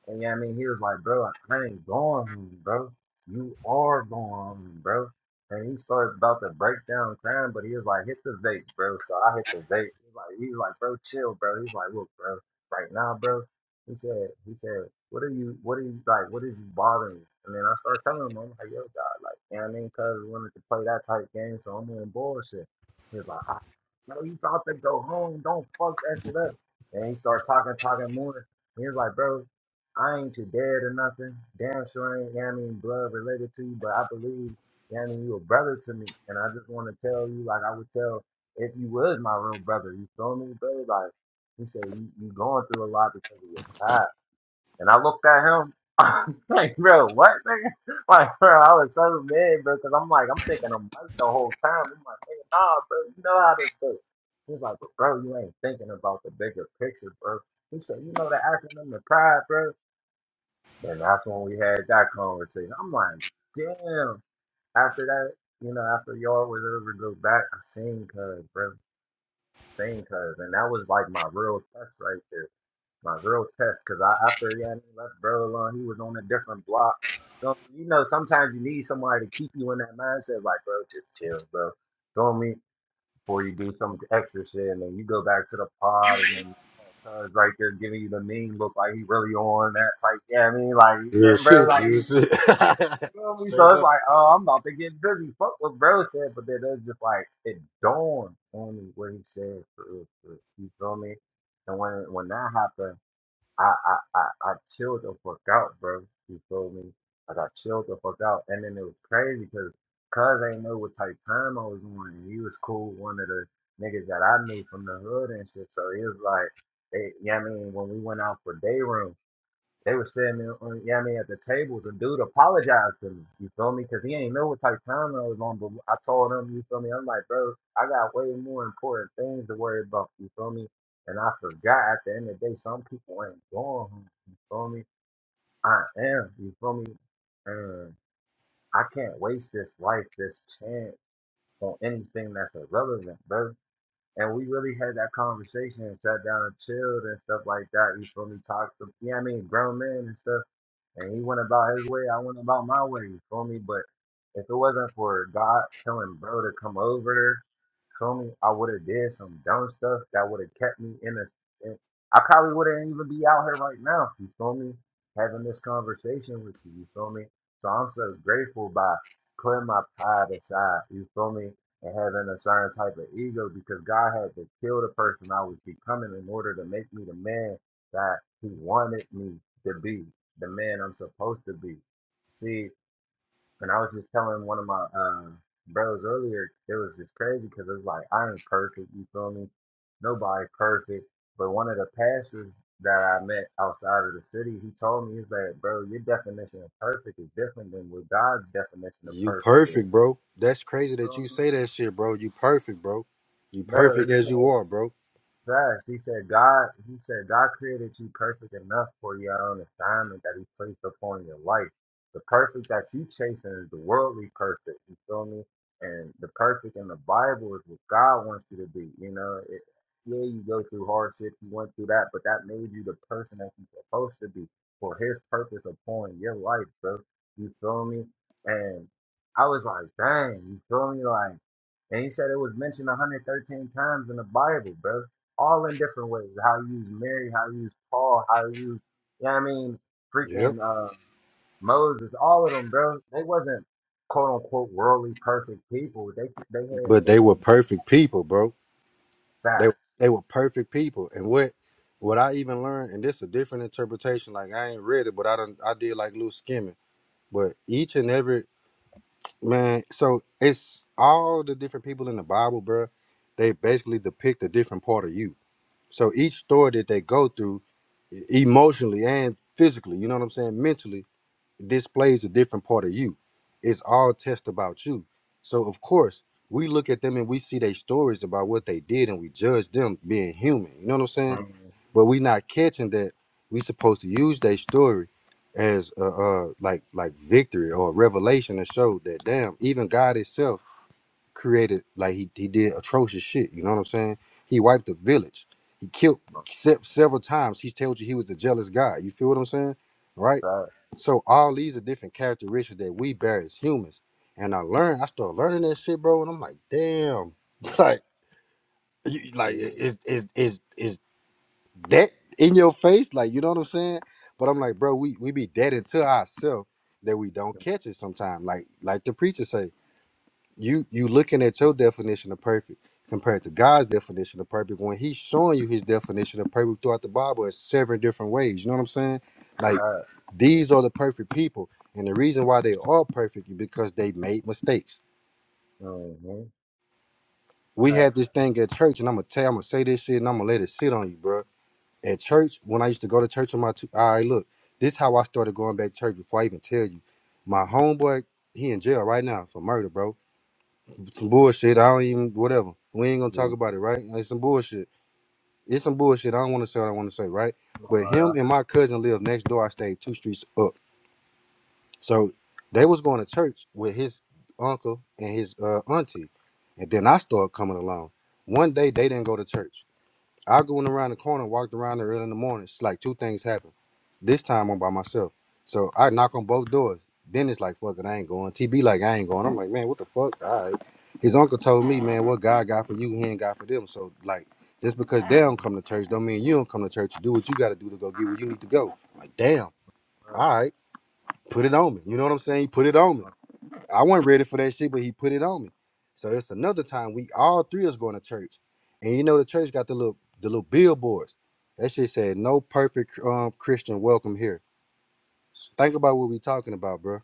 Speaker 13: And yeah, I mean, he was like, bro, I ain't going, home, bro. You are going, home, bro. And he started about to break down crying, but he was like, hit the vape, bro. So I hit the vape. He's like, he's like, bro, chill, bro. He's like, look, bro, right now, bro. He said, he said, what are you, what are you like, what is you bothering? you? And then I started telling him, I'm like, yo, God, like, you know what I mean? Cause we wanted to play that type game, so I'm on bullshit. He was like, ah, no, you thought to go home, don't fuck that shit up. And he started talking, talking more. He was like, bro, I ain't your dad or nothing. Damn sure ain't, you know what I mean, blood related to you, but I believe, you know what I mean, you a brother to me. And I just want to tell you, like I would tell if you was my real brother, you feel me, bro? Like, he said, you, you going through a lot because of your pride. And I looked at him, *laughs* I was like, bro, what, nigga? *laughs* Like, bro, I was so mad, bro, because I'm like, I'm thinking a month the whole time. I'm like, nigga, nah, bro, you know how this goes. He's like, but bro, you ain't thinking about the bigger picture, bro. He said, you know the acronym, the pride, bro. And that's when we had that conversation. I'm like, damn. After that, you know, after y'all was over go back, I seen cuz, bro. Seen cuz. And that was like my real test right there. My real test. Cause I after Yanni left bro alone, he was on a different block. So you know, sometimes you need somebody to keep you in that mindset, like, bro, just chill, bro. Feel me? Before you do some extra shit and then you go back to the pod and then cuz right there giving you the mean look like he really on that type. Yeah, I mean like yeah,
Speaker 25: Real
Speaker 13: bro,
Speaker 25: shit. Real
Speaker 13: like
Speaker 25: shit. *laughs*
Speaker 13: you know what I mean? So
Speaker 25: Straight
Speaker 13: it's
Speaker 25: up.
Speaker 13: like, oh, I'm about to get busy. Fuck what bro said, but then it's just like it dawned on me what he said for real. For real. You feel me? And when when that happened, I I I, I chilled the fuck out, bro. You feel me? Like I chilled the fuck out, and then it was crazy because cuz ain't know what type time I was on, and he was cool, one of the niggas that I knew from the hood and shit. So he was like, hey, yeah, I mean, when we went out for day room. They were sitting there on, yeah, I mean, at the tables, and dude apologized to me. You feel me? Because he ain't know what type of time I was on. But I told him, you feel me? I'm like, bro, I got way more important things to worry about. You feel me? And I forgot at the end of the day, some people ain't going home. You feel me? I am. You feel me? And I can't waste this life, this chance on anything that's irrelevant, bro. And we really had that conversation and sat down and chilled and stuff like that. You feel me? Talked to, yeah, I mean, grown men and stuff and he went about his way, I went about my way, you feel me? But if it wasn't for God telling bro to come over Feel me? I would have did some dumb stuff that would have kept me in this. In, I probably wouldn't even be out here right now. You feel me? Having this conversation with you. You feel me? So I'm so grateful by putting my pride aside. You feel me? And having a certain type of ego because God had to kill the person I was becoming in order to make me the man that He wanted me to be, the man I'm supposed to be. See. And I was just telling one of my uh, bros earlier, it was just crazy because it was like, I ain't perfect, you feel me? Nobody perfect. But one of the pastors that I met outside of the city, he told me, he's like, bro, your definition of perfect is different than what God's definition of
Speaker 25: You
Speaker 13: perfect is.
Speaker 25: perfect, bro. That's crazy
Speaker 13: You
Speaker 25: that
Speaker 13: feel
Speaker 25: you
Speaker 13: me?
Speaker 25: say that shit, bro. You perfect, bro. You
Speaker 13: Bro,
Speaker 25: perfect
Speaker 13: he
Speaker 25: as
Speaker 13: said,
Speaker 25: you are, bro.
Speaker 13: Facts. He said God. He said God created you perfect enough for your own assignment that He placed upon your life. The perfect that you chasing is the worldly perfect. You feel me? And the perfect in the Bible is what God wants you to be. You know, it, yeah, you go through hardship, you went through that, but that made you the person that you're supposed to be for His purpose upon your life, bro. You feel me? And I was like, dang, you feel me? Like, and he said it was mentioned 113 times in the Bible, bro all in different ways. How he used Mary, how he used Paul, how he used, you know what I mean,
Speaker 25: Yep.
Speaker 13: freaking uh, Moses, all of them, bro. They wasn't quote unquote worldly perfect people. They they had
Speaker 25: But
Speaker 13: they
Speaker 25: they were
Speaker 13: had
Speaker 25: perfect people, bro. They
Speaker 13: facts.
Speaker 25: they were perfect people. And what what I even learned, and this a different interpretation. Like I ain't read it, but I done I did like loose skimming. But each and every man, so it's all the different people in the Bible, bro. They basically depict a different part of you. So each story that they go through emotionally and physically, you know what I'm saying? Mentally, displays a different part of you. It's all test about you. So of course, we look at them and we see their stories about what they did and we judge them being human. You know what I'm saying?
Speaker 13: Mm-hmm.
Speaker 25: But we not catching that we supposed to use their story as uh, uh like like victory or revelation to show that damn, even God itself created like he, he did atrocious shit. You know what I'm saying? He wiped the village. He killed se- several times. He told you he was a jealous guy. You feel what I'm saying? Right?
Speaker 13: Facts,
Speaker 25: So all these are different characteristics that we bear as humans. And I learned, I started learning that shit, bro. And I'm like, damn, *laughs* like, you, like
Speaker 13: yeah.
Speaker 25: is is is is that in your face? Like, you know what I'm saying? But I'm like, bro, we we be dead into ourselves that we don't
Speaker 13: Facts,
Speaker 25: catch it sometimes. Like like the preacher say you you looking at your definition of perfect compared to God's definition of perfect when he's showing you his definition of perfect throughout the Bible in seven different ways. You know what I'm saying? Like these are the perfect people. And the reason why they are perfect is because they made mistakes.
Speaker 13: mm-hmm.
Speaker 25: We had
Speaker 13: Facts,
Speaker 25: this thing at church, and I'm gonna tell, I'm gonna say this shit, and I'm gonna let it sit on you, bro. At church, when I used to go to church on my, two, all right, look, this how I started going back to church before I even tell you. My homeboy, he in jail right now for murder, bro some bullshit. I don't even whatever. We ain't gonna talk
Speaker 13: yeah.
Speaker 25: about it, right? It's some bullshit. It's some bullshit. I don't want to say what I want to say, right? But him
Speaker 13: Alright,
Speaker 25: and my cousin lived next door. I stayed two streets up, so they was going to church with his uncle and his uh, auntie, and then I started coming along. One day they didn't go to church. I going around the corner, walked around there early in the morning. It's like two things happen. This time I'm by myself. So I knock on both doors. Then it's like, fuck it, I ain't going. TB like, I ain't going. I'm like, man, what the fuck? All right. His uncle told me, man, what God got for you, he ain't got for them. So like, just because they don't
Speaker 13: mm,
Speaker 25: come to church don't mean you don't come to church. You do what you gotta do to go get where you need to go. Like, damn.
Speaker 13: facts,
Speaker 25: All right. Put it on me. You know what I'm saying? Put it on me. I wasn't ready for that shit, but he put it on me. So it's another time we all three is going to church, and you know the church got the little the little billboards. That shit said no perfect um, Christian welcome here. Think about what we talking about, bro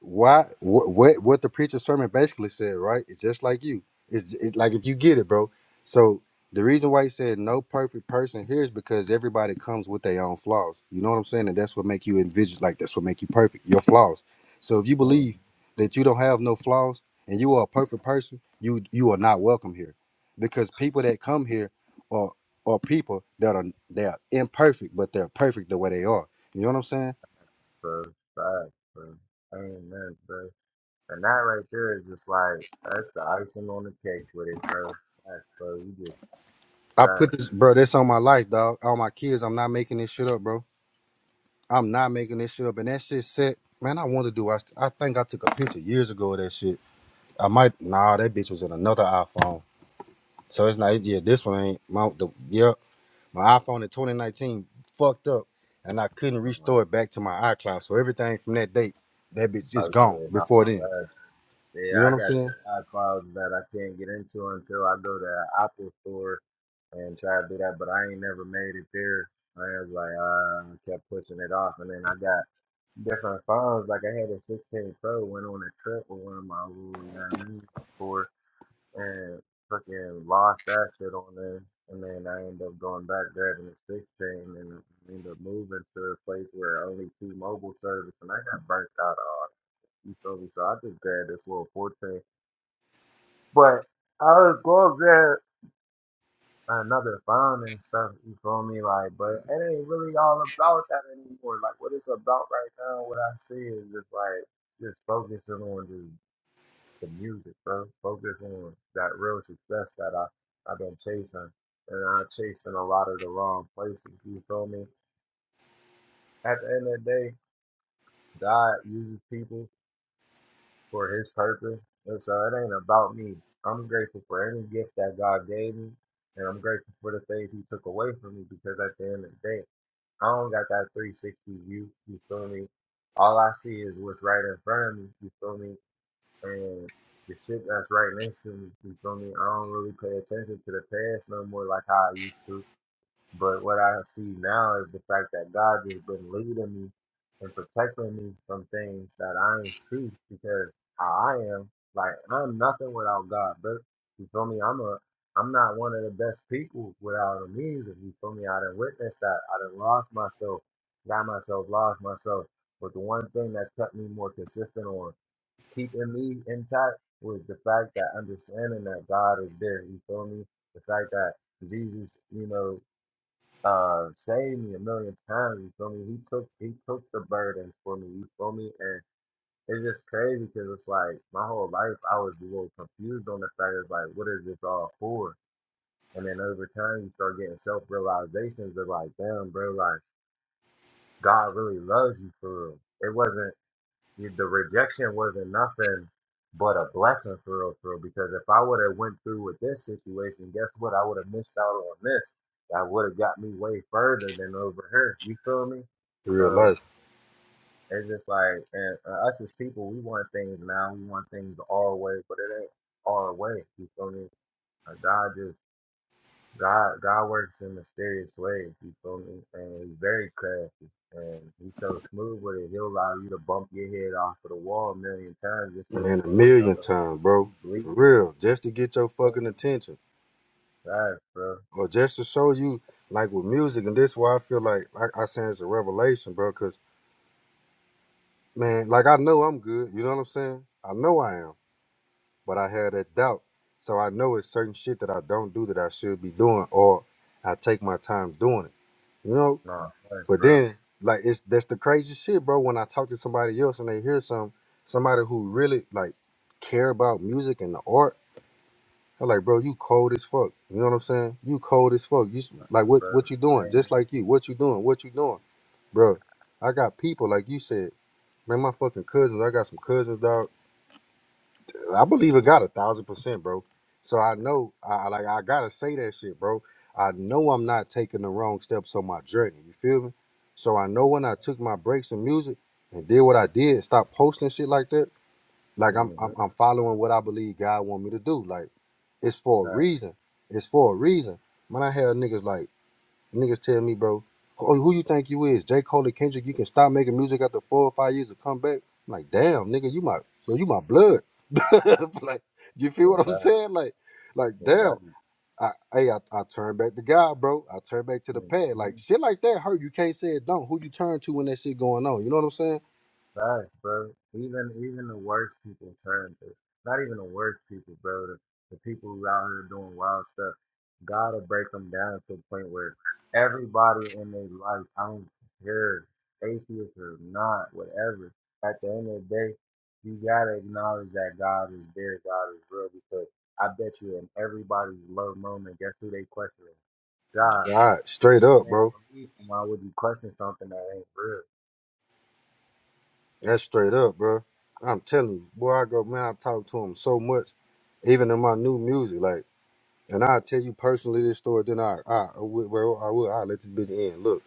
Speaker 25: why what what, what the preacher's sermon basically said, right? It's just like you. It's it, like if you get it, bro. So the reason why he said no perfect person here is because everybody comes with their own flaws. You know what I'm saying? And that's what make you envision like that's what make you perfect. Your flaws. So if you
Speaker 13: mm,
Speaker 25: believe that you don't have no flaws and you are a perfect person, you you are not welcome here. Because people that come here are are people that are they are imperfect, but they're perfect the way they are. You know what I'm saying?
Speaker 13: bro. Facts, bro. Amen, bro. And that right there is just like that's the icing on the cake with it, bro. Facts, bro. You just
Speaker 25: I put
Speaker 13: Thanks.
Speaker 25: this, bro. This on my life, dog. All my kids. I'm not making this shit up, bro. I'm not making this shit up. And that shit set, man. I wanted to do. I, st- I think I took a picture years ago of that shit. I might. Nah, that bitch was in another iPhone. So it's not. it- Yeah, this one ain't. My the yeah, my iPhone in 2019 fucked up, and I couldn't
Speaker 13: Uh,
Speaker 25: restore it back to my iCloud. So everything from that date, that bitch
Speaker 13: I
Speaker 25: is gone
Speaker 13: mean, I,
Speaker 25: before then.
Speaker 13: that's-
Speaker 25: You
Speaker 13: yeah,
Speaker 25: know
Speaker 13: I
Speaker 25: what I'm
Speaker 13: got
Speaker 25: saying?
Speaker 13: two iClouds that I can't get into until I go to the Apple store and try to do that, but I ain't never made it there. I was like, uh, I kept pushing it off, and then I got different phones. Like I had a 16 Pro, went on a trip with one of my little, you know what I mean, before. and fucking lost that shit on there. And then I ended up going back there in the six chain and ended up moving to a place where only T Mobile service and I got burnt out on. You feel me? So I just grabbed this little fourteen. But I was gonna grab another phone and stuff, you feel me? Like, but it ain't really all about that anymore. Like what it's about right now, what I see is just like just focusing on just the music, bro. Focus on that real success that I I've been chasing, and I'm chasing a lot of the wrong places. You feel me? At the end of the day, God uses people for His purpose, and so it ain't about me. I'm grateful for any gift that God gave me, and I'm grateful for the things He took away from me because at the end of the day, I don't got that 360 view. You feel me? All I see is what's right in front of me. You feel me? and the shit that's right next to me. You feel me? I don't really pay attention to the past no more like how I used to. But what I see now is the fact that God just been leading me and protecting me from things that I ain't see because how I am, like I'm nothing without God, but you feel me? I'm a I'm not one of the best people without him either. You feel me? I done witnessed that. I done lost myself, got myself, lost myself. But the one thing that kept me more consistent on keeping me intact was the fact that understanding that God is there. You feel me? The fact that Jesus, you know, uh, saved me a million times. You feel me? He took he took the burdens for me. You feel me? And it's just crazy because it's like my whole life I was a little confused on the fact of like, what is this all for? And then over time you start getting self realizations of like, damn, bro, like God really loves you for real. It wasn't the rejection wasn't nothing but a blessing for real, for real. Because if I would have went through with this situation, guess what? I would have missed out on this. That would have got me way further than over here. You feel me?
Speaker 25: In real
Speaker 13: So
Speaker 25: life,
Speaker 13: it's just like, and uh, us as people, we want things now. We want things our way, but it ain't our way. You feel me? Uh, God just God God works in mysterious ways, you feel me? And he's very crafty and he's so smooth with it, he'll allow you to bump your head off of the wall a million times just so you
Speaker 25: man. A
Speaker 13: can wake up
Speaker 25: million
Speaker 13: and
Speaker 25: times,
Speaker 13: realize
Speaker 25: bro.
Speaker 13: you
Speaker 25: For
Speaker 13: bleeding.
Speaker 25: real, just to get your
Speaker 13: Feel
Speaker 25: fucking
Speaker 13: me?
Speaker 25: attention.
Speaker 13: Facts, bro.
Speaker 25: Or just to show you, like with music, and this is why I feel like, like I saying it's a revelation, bro. Cause man, like I know I'm good. You know what I'm saying? I know I am, but I had that doubt. So I know it's certain shit that I don't do that I should be doing, or I take my time doing it. You know.
Speaker 13: No, facts,
Speaker 25: But
Speaker 13: bro,
Speaker 25: then, like it's that's the crazy shit, bro. When I talk to somebody else and they hear some somebody who really like care about music and the art, I'm like, bro, you cold as fuck. You know what I'm saying? You cold as fuck. You s- like what
Speaker 13: bro.
Speaker 25: what you doing?
Speaker 13: Amen.
Speaker 25: Just like you. What you doing? What you doing? Bro, I got people, like you said. Man, my fucking cousins, I got some cousins, dog. I believe it got a thousand percent, bro. So I know I I- like I gotta say that shit, bro. I know I'm not taking the wrong steps on my journey. You feel me? So I know
Speaker 13: No.
Speaker 25: when I took my breaks in music and did what I did, stop posting shit like that. Like I'm,
Speaker 13: Mm-hmm.
Speaker 25: I'm I'm following what I believe God want me to do. Like it's for a
Speaker 13: Facts.
Speaker 25: reason. It's for a reason. When I have niggas like niggas tell me, bro, oh who you think you is? J. Cole and Kendrick, you can stop making music after four or five years and come back. I'm like, damn, nigga, you my bro, you my blood. *laughs* like, you feel
Speaker 13: Yeah,
Speaker 25: what I'm
Speaker 13: that
Speaker 25: saying? Like, like, damn.
Speaker 13: yeah,
Speaker 25: I, hey, I, I turn back to God, bro. I turn back to the pad.
Speaker 13: that
Speaker 25: Like shit like that hurt. You can't say it don't. Who you turn to when that shit going on? You know what I'm saying?
Speaker 13: Facts, bro. Even even the worst people turn to not even the worst people, bro. The, the people who out here doing wild stuff, gotta break them down to the point where everybody in their life, I don't care, atheist or not, whatever. At the end of the day, you gotta acknowledge that God is there, God is real. Because I bet you, in everybody's low moment, guess who they questioning? God.
Speaker 25: God, straight up,
Speaker 13: You ain't
Speaker 25: bro.
Speaker 13: believe him. Why would you question something that ain't real?
Speaker 25: That's straight up, bro. I'm telling you, boy, I go, man, I talk to him so much, even in my new music, like, and I tell you personally this story, then I, I, will- well, I will, I let this bitch in. Look,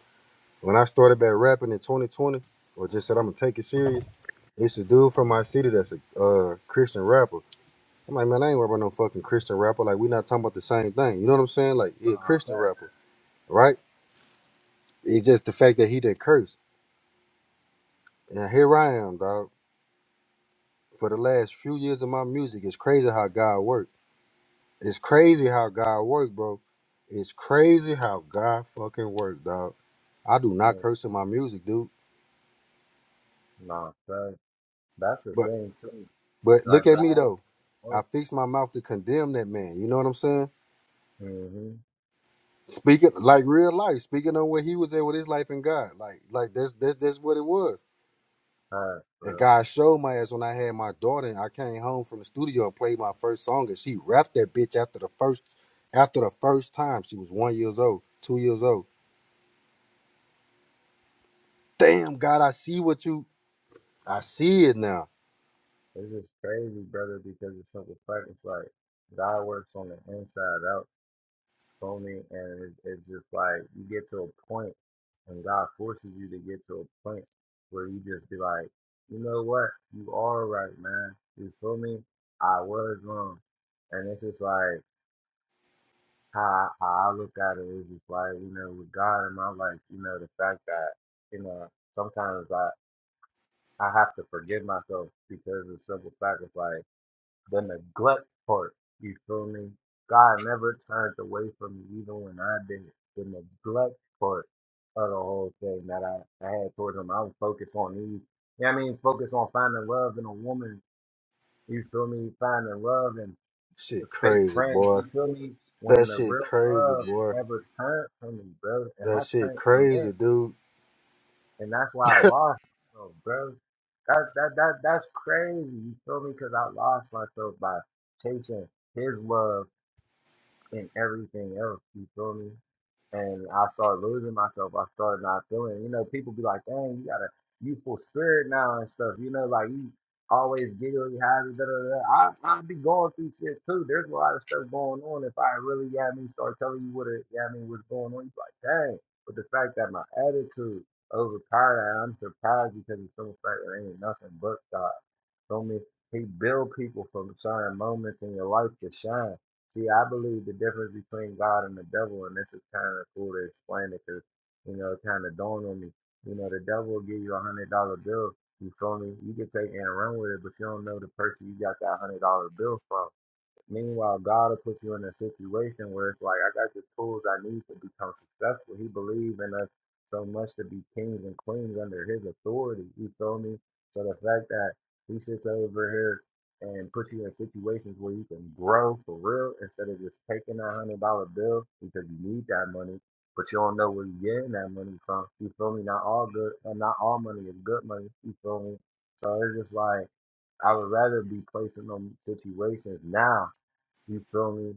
Speaker 25: when I started back rapping in 2020, or just said I'm gonna take it serious, it's a dude from my
Speaker 13: Mm.
Speaker 25: city that's a uh, Christian rapper. I'm like, man, I ain't rapping no fucking Christian rapper. Like, we not talking about the same thing. You know what I'm saying? Like, he a
Speaker 13: Nah,
Speaker 25: Christian rapper, right? It's just the fact that he didn't curse. And here I am, dog. For the last few years of my music, it's crazy how God works. It's crazy how God work, bro. It's crazy how God fucking work, dog. I do
Speaker 13: facts.
Speaker 25: not curse in my music, dude.
Speaker 13: Nah, that, that's the
Speaker 25: But
Speaker 13: thing too.
Speaker 25: but
Speaker 13: Like
Speaker 25: look at
Speaker 13: God
Speaker 25: me
Speaker 13: was
Speaker 25: though. I
Speaker 13: work.
Speaker 25: fixed my mouth to condemn that man. You know what I'm saying?
Speaker 13: Mm-hmm.
Speaker 25: Speaking like real life, speaking on where he was at with his life and God. Like like that's that's that's what it was.
Speaker 13: All right,
Speaker 25: And
Speaker 13: bro.
Speaker 25: God showed my ass when I had my daughter and I came home from the studio and played my first song and she rapped that bitch after the first after the first time. She was one years old, two years old. Damn God, I see what you I see it now.
Speaker 13: It's just crazy, brother, because it's simple fact. It's like God works on the inside out, phony, and it, it's just like you get to a point, and God forces you to get to a point where you just be like, you know what, you are right, man. You feel me? I was wrong, and it's just like. how how I look at it is just like you know with God in my life, you know the fact that you know sometimes I I have to forgive myself because of the simple fact is like the neglect part. You feel me? God never turned away from me even when I did it. the neglect part of the whole thing that I, I had towards him. I was focused on these. You know what I mean? Focus on finding love in a woman. You feel me? Finding love and the
Speaker 25: Shit
Speaker 13: fake
Speaker 25: crazy,
Speaker 13: friends.
Speaker 25: boy.
Speaker 13: You feel me? When
Speaker 25: That
Speaker 13: the
Speaker 25: shit
Speaker 13: real
Speaker 25: crazy,
Speaker 13: love
Speaker 25: boy.
Speaker 13: never turned from me, bro, and
Speaker 25: That
Speaker 13: I
Speaker 25: shit
Speaker 13: turned from
Speaker 25: crazy,
Speaker 13: it,
Speaker 25: dude.
Speaker 13: and that's why I lost myself, bro. That that that that's crazy. You feel me? Because I lost myself by chasing his love in everything else. You feel me? And I started losing myself. I started not feeling. You know, people be like, "Dang, you got a youthful spirit now and stuff." You know, like you always giggly, happy. Da da da. I I'd be going through shit too. There's a lot of stuff going on. If I really, yeah, me start telling you what it, yeah, I mean, what's going on, you be like, "Dang!" But the fact that my attitude overpowered, that, I'm surprised because it's so fact there ain't nothing but God. So me, he build people from certain moments in your life to shine. See, I believe the difference between God and the devil, and this is kind of cool to explain it because, you know, it kind of dawned on me. You know, the devil will give you a hundred dollar bill. You feel me? You can take it and run with it, but you don't know the person you got that hundred dollar bill from. Meanwhile, God will put you in a situation where it's like, I got the tools I need to become successful. He believes in us so much to be kings and queens under his authority. You feel me? So the fact that he sits over here and puts you in situations where you can grow for real instead of just taking that hundred dollar bill because you need that money, but you don't know where you're getting that money from. You feel me? Not all good and not all money is good money. You feel me? So it's just like I would rather be placed in them situations now you feel me?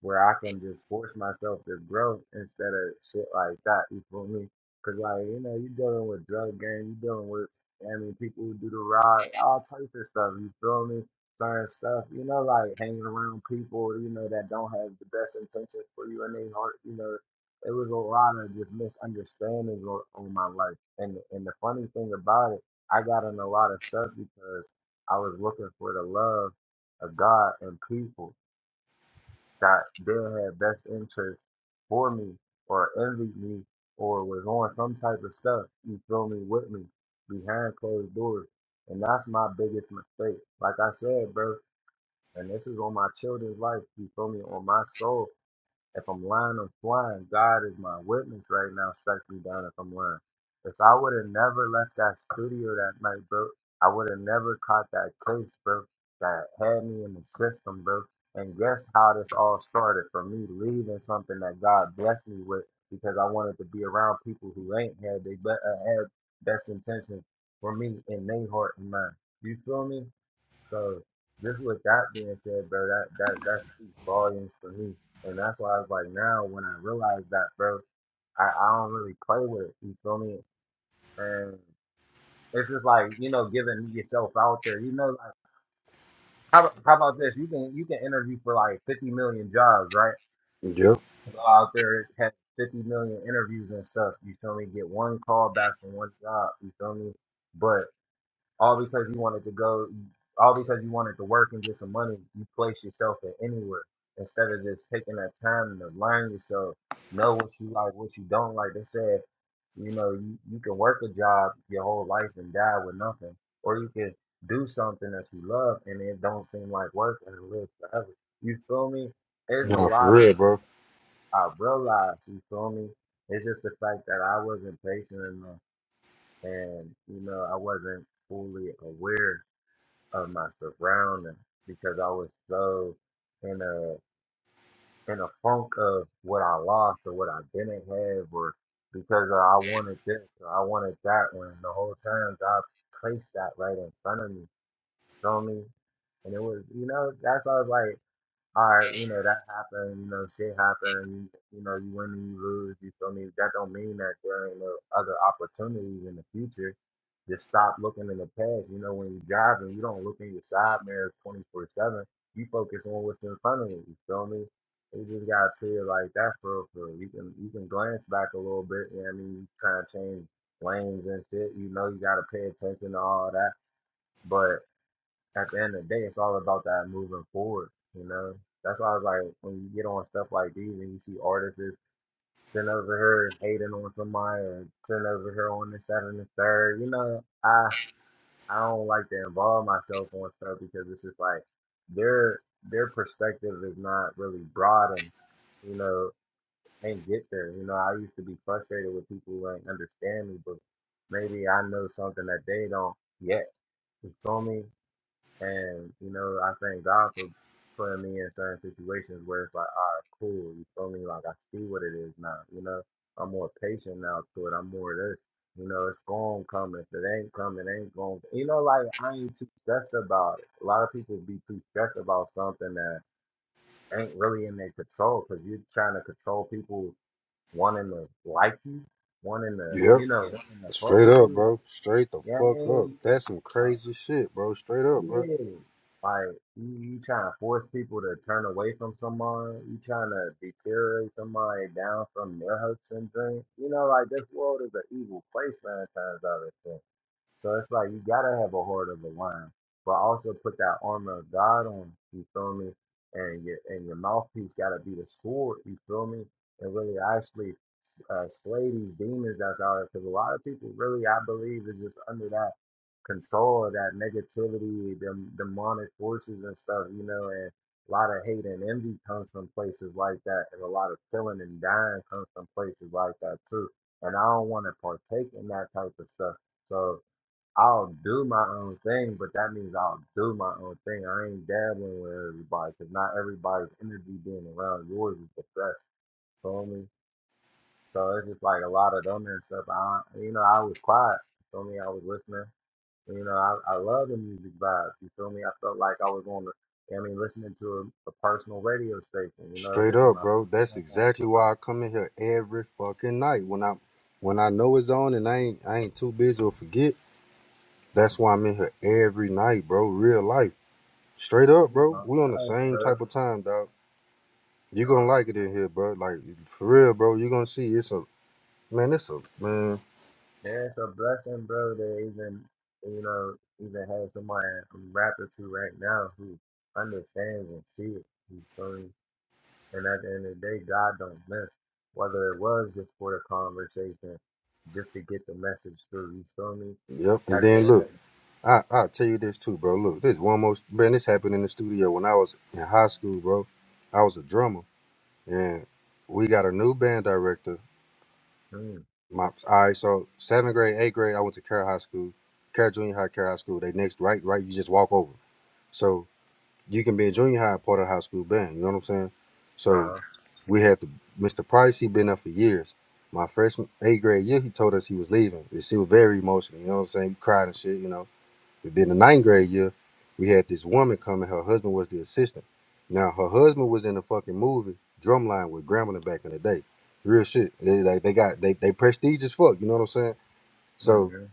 Speaker 13: Where I can just force myself to grow instead of shit like that. You feel me? Cause like you know, you dealing with drug gang, you dealing with I mean people who do the ride, all types of stuff. You feel me? Certain stuff, you know, like hanging around people, you know, that don't have the best intentions for you in their heart. You know, it was a lot of just misunderstandings on, on my life. And and the funny thing about it, I got in a lot of stuff because I was looking for the love of God and people that they had best interest for me or envied me or was on some type of stuff, you feel me, with me behind closed doors. And that's my biggest mistake. Like I said, bro, and this is on my children's life, you feel me, on my soul. If I'm lying, I'm flying. God is my witness right now. Strike me down if I'm lying. If I would have never left that studio that night, bro, I would have never caught that case, bro, that had me in the system, bro. And guess how this all started? From me leaving something that God blessed me with because I wanted to be around people who ain't had they but uh, had best intentions for me in their heart and mind. You feel me? So just with that being said, bro, that that that speaks volumes for me and that's why I was like, now when I realize that, bro, I, I don't really play with it. You feel me? And it's just like, you know, giving yourself out there. You know, like how how about this? You can you can interview for like fifty million jobs, right?
Speaker 25: Yep.
Speaker 13: Go out there, have fifty million interviews and stuff. You feel me? Get one call back from one job. You feel me? But. all because you wanted to go, all because you wanted to work and get some money, you place yourself in anywhere instead of just taking that time to learn yourself, know what you like, what you don't like. They said, you know, you, you can work a job your whole life and die with nothing, or you can do something that you love and it don't seem like work and live forever. You feel me? There's a
Speaker 25: Nah, for
Speaker 13: lot of
Speaker 25: real,
Speaker 13: stuff
Speaker 25: bro.
Speaker 13: I realized, you feel me? It's just the fact that I wasn't patient enough and, you know, I wasn't fully aware of my surroundings because I was so in a in a funk of what I lost or what I didn't have or because I wanted this or I wanted that when the whole time God placed that right in front of me. Feel me? And it was you know, that's why I was like Alright, you know, that happened, you know, shit happened, you, you know, you win and you lose, you feel me? That don't mean that there ain't no other opportunities in the future. Just stop looking in the past. You know, when you're driving, you don't look in your side mirrors 24 7. You focus on what's in front of you, you feel me? You just gotta feel like that for real, for real. you can you can glance back a little bit, you know what I mean? You try to change lanes and shit, you know you gotta pay attention to all that. but at the end of the day, it's all about that moving forward. You know, that's why I was like, when you get on stuff like these and you see artists is sitting over here hating on somebody or sitting over here on this, that, and the third, you know, I I don't like to involve myself on stuff because it's just like their their perspective is not really broad and you know, can't get there. You know, I used to be frustrated with people who ain't understand me, but maybe I know something that they don't yet. You feel me? And, you know, I thank God for putting me in certain situations where it's like, all right, cool. You feel me? Like, I see what it is now. You know, I'm more patient now to it. I'm more this. You know, it's going to come. If it ain't coming, it ain't going to. You know, like, I ain't too stressed about it. A lot of people be too stressed about something that ain't really in their control because you're trying to control people wanting to like you, wanting to, you
Speaker 25: Yep.
Speaker 13: know, wanting to fuck
Speaker 25: Straight
Speaker 13: with
Speaker 25: up,
Speaker 13: you. wanting-
Speaker 25: bro. Straight the
Speaker 13: You know
Speaker 25: fuck
Speaker 13: what I
Speaker 25: up.
Speaker 13: mean?
Speaker 25: That's some crazy shit, bro. Straight up, bro.
Speaker 13: Yeah. Like you, you trying to force people to turn away from someone. You trying to deteriorate somebody down from their hopes and dreams. You know, like this world is an evil place nine times out of ten. So it's like you gotta have a heart of a lion, but also put that armor of God on. You feel me? And your and your mouthpiece gotta be the sword. You feel me? And really actually uh, slay these demons that's out there. Because a lot of people really, I believe, is just under that control of that negativity, them demonic forces and stuff. You know, and a lot of hate and envy comes from places like that, and a lot of killing and dying comes from places like that too. And I don't want to partake in that type of stuff. So I'll do my own thing, but that means I'll do my own thing. I ain't dabbling with everybody because not everybody's energy being around yours is the best. Feel me? So it's just like a lot of them and stuff. I, you know, I was quiet. Feel me? I was listening. You know, I, I love the music vibe. You feel me? I felt like I was on the, I mean, listening to a, a personal radio station. You know,
Speaker 25: Straight
Speaker 13: this is
Speaker 25: up,
Speaker 13: my,
Speaker 25: bro. That's
Speaker 13: that's on
Speaker 25: exactly
Speaker 13: Clubhouse.
Speaker 25: why I come in here every fucking night. When I when I know it's on and I ain't I ain't too busy to forget. That's why I'm in here every night, bro. Real life. Straight up,
Speaker 13: You
Speaker 25: bro.
Speaker 13: know,
Speaker 25: We on the
Speaker 13: thanks,
Speaker 25: same
Speaker 13: bro.
Speaker 25: type of time, dog. You're
Speaker 13: Uh,
Speaker 25: gonna like it in here, bro. Like for real, bro. You're gonna see it's a man, it's a man.
Speaker 13: Yeah, it's a blessing, bro, to even you know, even have somebody I'm rapping to right now who understands and see it. You feel me? And at the end of the day, God don't miss. Whether it was just for the conversation, just to get the message through, you feel me?
Speaker 25: Yep. And
Speaker 13: At the
Speaker 25: then
Speaker 13: end
Speaker 25: look,
Speaker 13: of
Speaker 25: I I'll tell you this too, bro. Look, this one most man, this happened in the studio when I was in high school, bro. I was a drummer and we got a new band director.
Speaker 13: mm,
Speaker 25: My all right, so seventh grade, eighth grade, I went to Carroll High School, Carroll Junior High, Carroll High School. They next right, right, you just walk over. So you can be in junior high and part of the high school band, you know what I'm saying? So.
Speaker 13: uh-huh.
Speaker 25: We had the, Mr. Price. He been there for years. My freshman eighth grade year, he told us he was leaving. And she was very emotional. You know what I'm saying? He cried and shit. You know. But then the ninth grade year, we had this woman coming. Her husband was the assistant. Now her husband was in the fucking movie Drumline with Grambling back in the day. Real shit. They like they got they they prestige as fuck. You know what I'm saying? So
Speaker 13: Mm-hmm.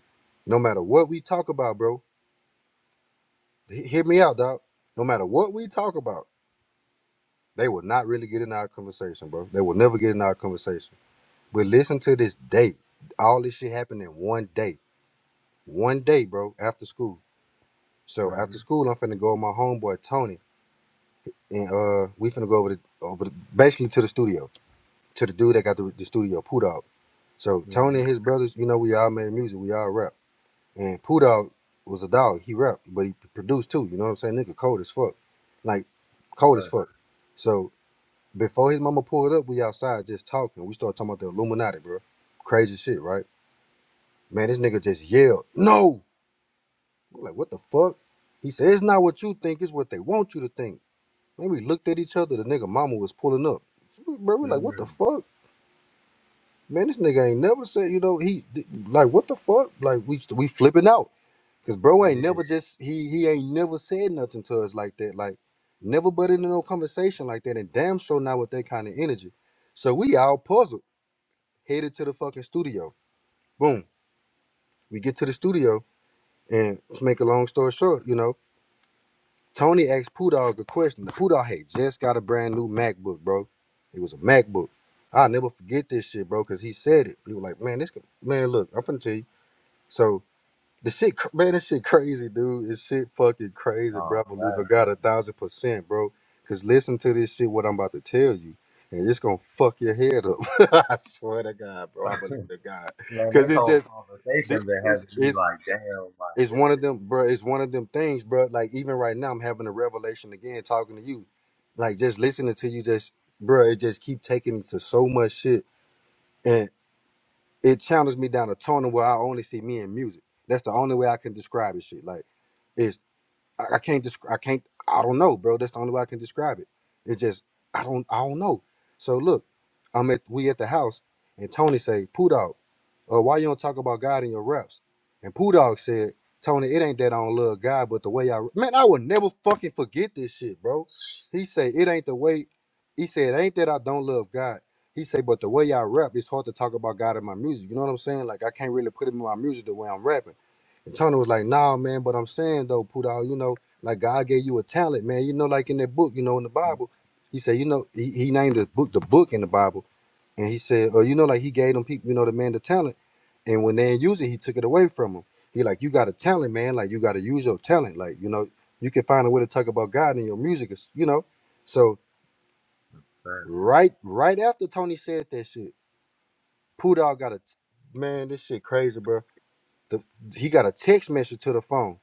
Speaker 25: no matter what we talk about, bro, hear me out, dog. No matter what we talk about, they will not really get in our conversation, bro. They will never get in our conversation. But listen to this day. All this shit happened in one day. One day, bro, after school. So after
Speaker 13: Mm-hmm.
Speaker 25: school, I'm finna go with my homeboy Tony. And uh we finna go over the over the, basically to the studio. To the dude that got the, the studio, Poo Dog. So
Speaker 13: Mm-hmm.
Speaker 25: Tony and his brothers, you know, we all made music, we all rap. And Poo Dog was a dog, he rapped, but he produced too, you know what I'm saying? Nigga cold as fuck. Like cold as
Speaker 13: But
Speaker 25: fuck. So before his mama pulled up, we outside just talking. We started talking about the Illuminati, bro. Crazy shit, right? Man, this nigga just yelled, no! I'm like, what the fuck? He said, it's not what you think, it's what they want you to think. Man, we looked at each other, the nigga mama was pulling up. Bro, we like, what the
Speaker 13: mm,
Speaker 25: fuck? Man, this nigga ain't never said, you know, he, like, what the fuck? Like, we we flipping out. Cause bro ain't
Speaker 13: yeah.
Speaker 25: never just, he he ain't never said nothing to us like that. Like, never butt into no conversation like that. And damn sure not with that kind of energy. So we all puzzled, headed to the fucking studio. Boom. We get to the studio, and to make a long story short, you know. Tony asked Poohdog a question. The Poohdog had just got a brand new MacBook, bro. It was a MacBook. I'll never forget this shit, bro, because he said it. He was like, man, this, man, look, I'm finna tell you. So, the shit, cr- man, this shit crazy, dude. This shit fucking crazy, bro.
Speaker 13: No,
Speaker 25: I believe I
Speaker 13: that's
Speaker 25: got a
Speaker 13: that,
Speaker 25: thousand percent, bro. Because listen to this shit, what I'm about to tell you. And it's gonna fuck your head up. *laughs* I swear to God, bro. I believe to God.
Speaker 13: *laughs* man,
Speaker 25: Because
Speaker 13: this
Speaker 25: it's
Speaker 13: whole
Speaker 25: just, thi-
Speaker 13: conversation been having
Speaker 25: it's,
Speaker 13: me
Speaker 25: it's,
Speaker 13: like, damn, like
Speaker 25: it's
Speaker 13: this
Speaker 25: one of them, bro. It's one of them things, bro. Like even right now, I'm having a revelation again, talking to you. Like just listening to you, just bro, it just keep taking me to so much shit, and it channels me down a tunnel where I only see me in music. That's the only way I can describe this shit. Like. it's. I, I can't describe. I can't. I don't know, bro. That's the only way I can describe it. It's just I don't. I don't know. So look, I'm at we at the house, and Tony say, "Poo dog, uh, why you don't talk about God in your reps?" And Poo dog said, "Tony, it ain't that I don't love God, but the way I man, I will never fucking forget this shit, bro."
Speaker 13: is
Speaker 25: He said, "It ain't the way." He said, "It "Ain't that I don't love God?" He said, "But the way I rap, it's hard to talk about God in my music. You know what I'm saying? Like I can't really put him in my music the way I'm rapping." And Tony was like, nah, man, but I'm saying though, Pudal, you know, like God gave you a talent, man. You know, like in that book, you know, in the
Speaker 13: Mm,
Speaker 25: Bible, he said, you know, he, he named the book the book in the Bible. And he said, oh, you know, like he gave them people, you know, the man the talent. And when they didn't use it, he took it away from them. He like, you got a talent, man. Like you got to use your talent. Like, you know, you can find a way to talk about God in your music, It's- you know. So
Speaker 13: man.
Speaker 25: right, right after Tony said that shit, Pudal got a, man, this shit crazy, bro. The, he got a text message to the phone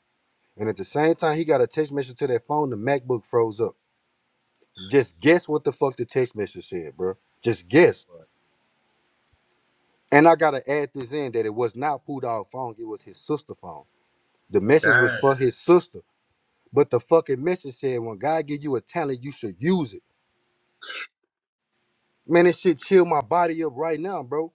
Speaker 25: And at the same time, he got a text message to that phone. The MacBook froze up. Just guess what the fuck the text message said, bro. Just guess. And I gotta add this in that it was not Pooh Dog phone. It was his sister's phone. The message was
Speaker 13: God
Speaker 25: for his sister, but the fucking message said, "When God give you a talent, you should use it." Man, this shit chill my body up right now, bro.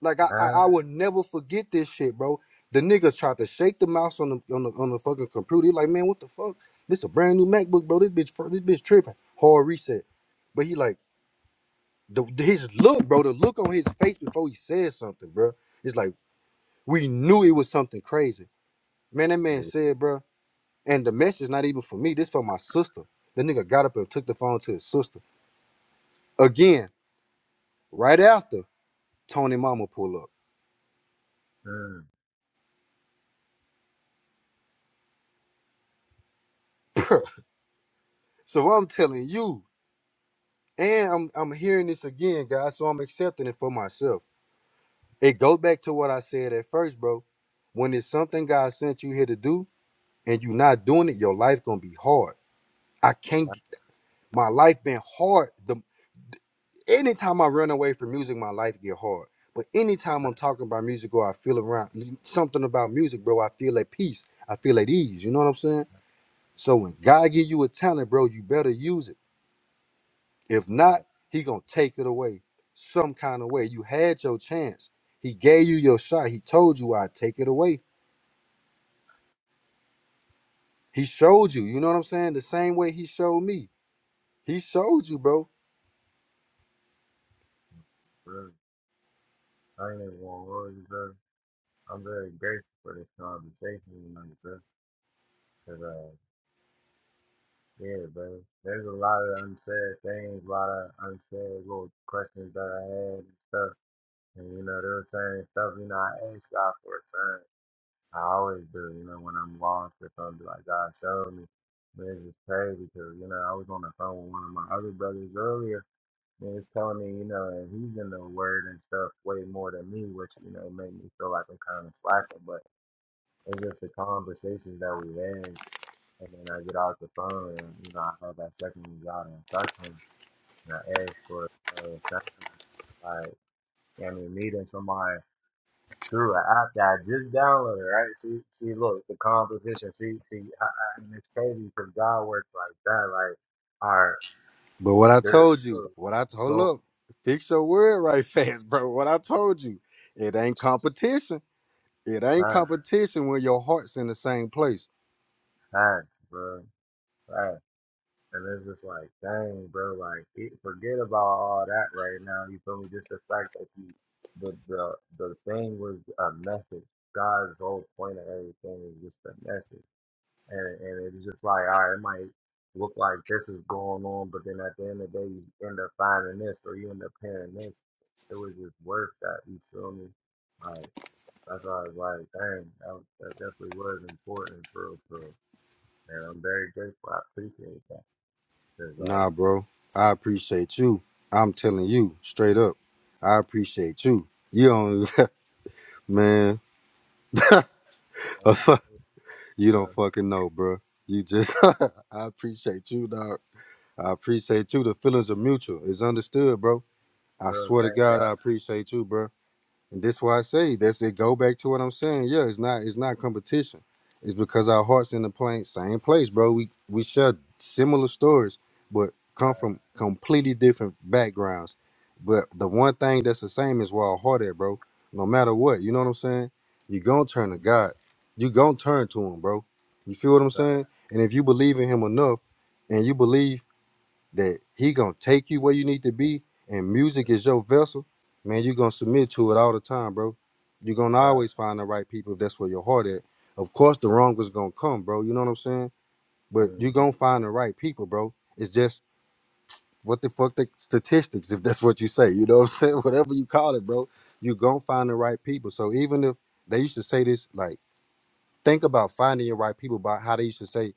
Speaker 25: Like I, I,
Speaker 13: time,
Speaker 25: I will never forget this shit, bro. The niggas tried to shake the mouse on the on the on the fucking computer. He like, man, what the fuck? This a brand new MacBook, bro. This bitch, this bitch tripping. Hard reset. But he like. The, his look, bro, the look on his face before he said something, bro. It's like we knew it was something crazy. Man, that man
Speaker 13: it.
Speaker 25: said, bro, and the message not even for me, this for my sister. The nigga got up and took the phone to his sister. Again, right after Tony Mama pull up.
Speaker 13: Mm,
Speaker 25: So I'm telling you, and I'm I'm hearing this again, guys, so I'm accepting it for myself. It goes back to what I said at first, bro. When it's something God sent you here to do and you're not doing it, your life gonna be hard. I can't
Speaker 13: God,
Speaker 25: my life been hard. The anytime I run away from music, my life get hard. But anytime I'm talking about music or I feel around something about music, bro, I feel at peace. I feel at ease. You know what I'm saying? So when God give you a talent, bro, you better use it. If not,
Speaker 13: God,
Speaker 25: He gonna take it away some kind of way. You had your chance. He gave you your shot. He told you I'd take it away. He showed you. You know what I'm saying? The same way He showed me. He showed you, bro.
Speaker 13: mm. I ain't even want words, bro. I'm very grateful for this conversation tonight, bro. Cause, uh, yeah, bro. There's a lot of unsaid things, a lot of unsaid little questions that I had and stuff. And, you know, they were saying stuff, you know, I ask God for a sign. I always do, you know, when I'm lost or something, like, God, show me. But it's just crazy because, you know, I was on the phone with one of my other brothers earlier. And it's telling me, you know, and he's in the word and stuff way more than me, which, you know, made me feel like I'm kind of slacking. But it's just the conversations that we had. And then I get off the phone and, you know, I have that second we got and I talk to him. And I ask for another time. Like, I mean, meeting somebody through an app that I just downloaded, right? See, see, look, the composition. See, see, I, I, and it's crazy because God works like that. Like, all right,
Speaker 25: But what I
Speaker 13: there's
Speaker 25: told you,
Speaker 13: so,
Speaker 25: what I told,
Speaker 13: so,
Speaker 25: look, fix your word right *laughs* fast, bro. What I told you, it ain't competition. It ain't
Speaker 13: time,
Speaker 25: competition when your heart's in the same place.
Speaker 13: time, bro. And it's just like, dang, bro, like it, forget about all that right now. You feel me? Just the fact that you, the the the thing was a message. God's whole point of everything is just a message, and and it's just like, all right, it might look like this is going on, but then at the end of the day, you end up finding this, or you end up hearing this. It was just worth that. You feel me? Like that's why I was like, dang, that, was- that definitely was important for for. real, for real. And I'm very grateful. I appreciate that. 'Cause, like.
Speaker 25: Nah, bro, I appreciate you. I'm telling you straight up, I appreciate you. You don't, *laughs* man,
Speaker 13: Just,
Speaker 25: *laughs* you don't fucking know, bro. You just, *laughs* I appreciate you, dog. I appreciate you. The feelings are mutual. It's understood, bro. I
Speaker 13: just
Speaker 25: swear to
Speaker 13: thank
Speaker 25: God,
Speaker 13: God.
Speaker 25: I appreciate you, bro. And that's why I say that's it. Go back to what I'm saying. Yeah, it's not it's not competition. It's because our hearts in the plain same place, bro. We we share similar stories, but come from
Speaker 13: Thank
Speaker 25: completely different backgrounds. But the one thing that's the same is where our heart at, bro. No matter what, you know what I'm saying. You gonna turn to
Speaker 13: Him.
Speaker 25: God. You gonna turn to Him, bro. You feel what I'm
Speaker 13: Thank
Speaker 25: saying? And if you believe in Him enough, and you believe that he gonna take you where you need to be, and music is your vessel, man, you gonna submit to it all the time, bro. You're gonna always find the right people if that's where your heart at. Of course the wrong was gonna come, bro. You know what I'm saying? But
Speaker 13: thank
Speaker 25: you
Speaker 13: Him.
Speaker 25: gonna find the right people, bro. It's just what the fuck the statistics, if that's what you say. You know what I'm saying? *laughs* Whatever you call it, bro. You gonna find the right people. So even if they used to say this like think about finding your right people by how they used to say,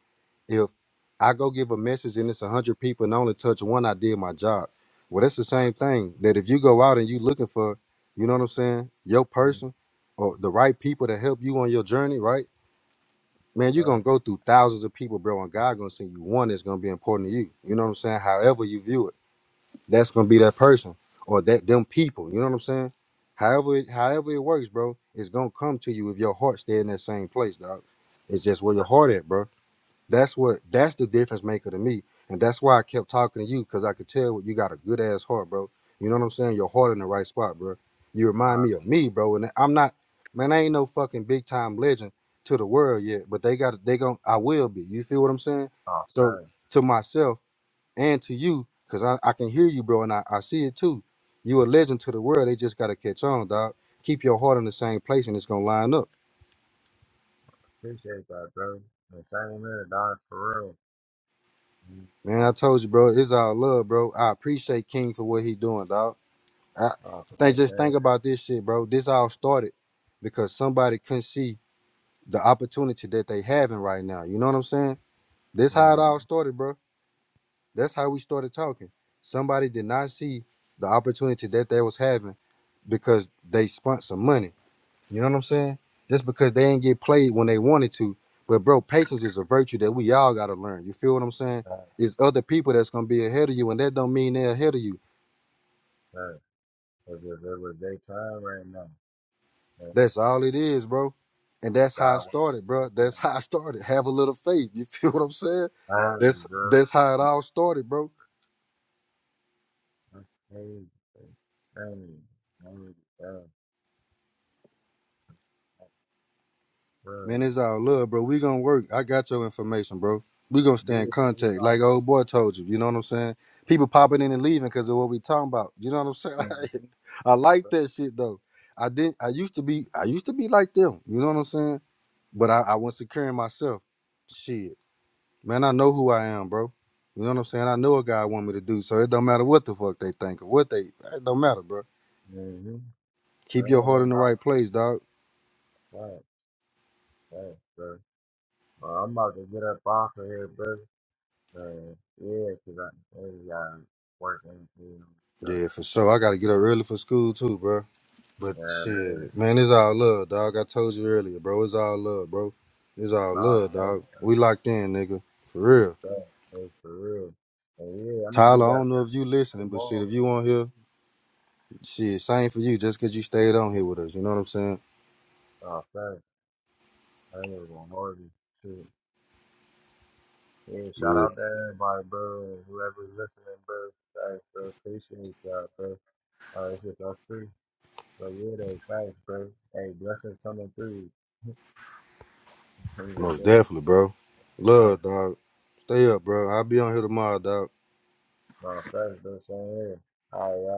Speaker 25: if I go give a message and it's a hundred people and I only touch one, I did my job. Well, that's the same thing. That if you go out and you looking for, you know what I'm saying, your person or the right people to help you on your journey, right? Man, you're
Speaker 13: Thank
Speaker 25: gonna go through thousands of people, bro, and God gonna send you one that's gonna be important to you. You know what I'm saying? However you view it that's gonna be that person or that them people. You know what I'm saying? However, it, however it works, bro, it's gonna come to you if your heart stay in that same place, dog. It's just where your
Speaker 13: thank
Speaker 25: heart at, bro. That's what that's the difference maker to me, and that's why I kept talking to you because I could tell you got a good ass heart, bro. You know what I'm saying? Your heart in the right spot, bro. You remind
Speaker 13: God.
Speaker 25: me of me, bro, and I'm not, man. I ain't no fucking big time legend to the world yet, but they got they gon' I will be. You feel what I'm saying?
Speaker 13: Oh,
Speaker 25: So
Speaker 13: thank.
Speaker 25: to myself and to you, because I, I can hear you, bro, and I, I see it too. You a legend to the world. They just gotta catch on, dog. Keep your heart in the same place and it's gonna line up.
Speaker 13: Appreciate that, bro. The same here, dog, for real. Mhm.
Speaker 25: Man, I
Speaker 13: Oh,
Speaker 25: told you, bro, it's all love, bro. I appreciate King for what he doing, dog. I
Speaker 13: oh,
Speaker 25: think
Speaker 13: thanks,
Speaker 25: just
Speaker 13: eh?
Speaker 25: think about this shit, bro. This all started because somebody couldn't see the opportunity that they having right now. You know what I'm saying? This how it
Speaker 13: Mhm.
Speaker 25: all started, bro. That's how we started talking. Somebody did not see the opportunity that they was having because they spent some money. You know what I'm saying? Just because they ain't get played when they wanted to. But bro, patience is a virtue that we all gotta learn. You feel what I'm saying?
Speaker 13: Thank,
Speaker 25: It's other people that's gonna be ahead of you, and that don't mean they're ahead of you.
Speaker 13: thank. If if it was daytime right now, if
Speaker 25: That's all it is, bro. And that's how I
Speaker 13: God was
Speaker 25: started, bro. That's *laughs*
Speaker 13: daytime,
Speaker 25: how I started. Have a little faith. You feel what I'm saying?
Speaker 13: hey,
Speaker 25: That's
Speaker 13: bro,
Speaker 25: that's how it
Speaker 13: my-
Speaker 25: all started, bro.
Speaker 13: that's crazy. bro. Crazy, crazy, bro.
Speaker 25: Man,
Speaker 13: Bro,
Speaker 25: it's all love, bro. We gonna work. I got your information, bro. We gonna stay in
Speaker 13: these days
Speaker 25: contact,
Speaker 13: out
Speaker 25: like
Speaker 13: there,
Speaker 25: old boy told you. You know what I'm saying? People popping in and leaving because of what we talking about. You know what I'm saying?
Speaker 13: Mhm.
Speaker 25: *laughs* I like
Speaker 13: bro.
Speaker 25: that shit though. I didn't. I used to be. I used to be like them. You know what I'm saying? But I, I was secure in myself. Shit, man. I know who I am, bro. You know what I'm saying? I know what God want me to do, so it don't matter what the fuck they think or what they. It don't matter, bro.
Speaker 13: Mhm.
Speaker 25: Keep your
Speaker 13: Man,
Speaker 25: heart
Speaker 13: that's
Speaker 25: in the right place, dog.
Speaker 13: all. that, dang, bro. Well, I'm about to get up off of here, bro. Uh, yeah, 'cause I ain't got work and shit. So,
Speaker 25: Yeah, for sure. I gotta get up early for school too, bro. But
Speaker 13: you know what I mean?
Speaker 25: shit, man, it's all love, dog. I told you earlier, bro. It's all love, bro. It's all
Speaker 13: Nah,
Speaker 25: love,
Speaker 13: thanks,
Speaker 25: dog.
Speaker 13: bro.
Speaker 25: We locked in, nigga. For real.
Speaker 13: Thanks, thanks for real. And yeah, I'm gonna be
Speaker 25: Tyler, I
Speaker 13: back
Speaker 25: don't know if you listening, but shit,
Speaker 13: tomorrow.
Speaker 25: if you on here, shit, same for you. Just cause you stayed on here with us, you know what I'm saying?
Speaker 13: Oh, thanks. I ain't even gonna hold you. Shoot. Yeah, shout
Speaker 25: But
Speaker 13: out to everybody, bro, and whoever's listening, bro. Thanks, bro. Appreciate y'all, bro. Uh, it's just us three. But yeah, though, thanks, bro. Hey, blessings coming through. *laughs* Even
Speaker 25: most
Speaker 13: though,
Speaker 25: definitely, bro.
Speaker 13: uh,
Speaker 25: Love, dog. Stay up, bro. I'll be on here tomorrow, dog.
Speaker 13: No, that's the same here. All right, y'all.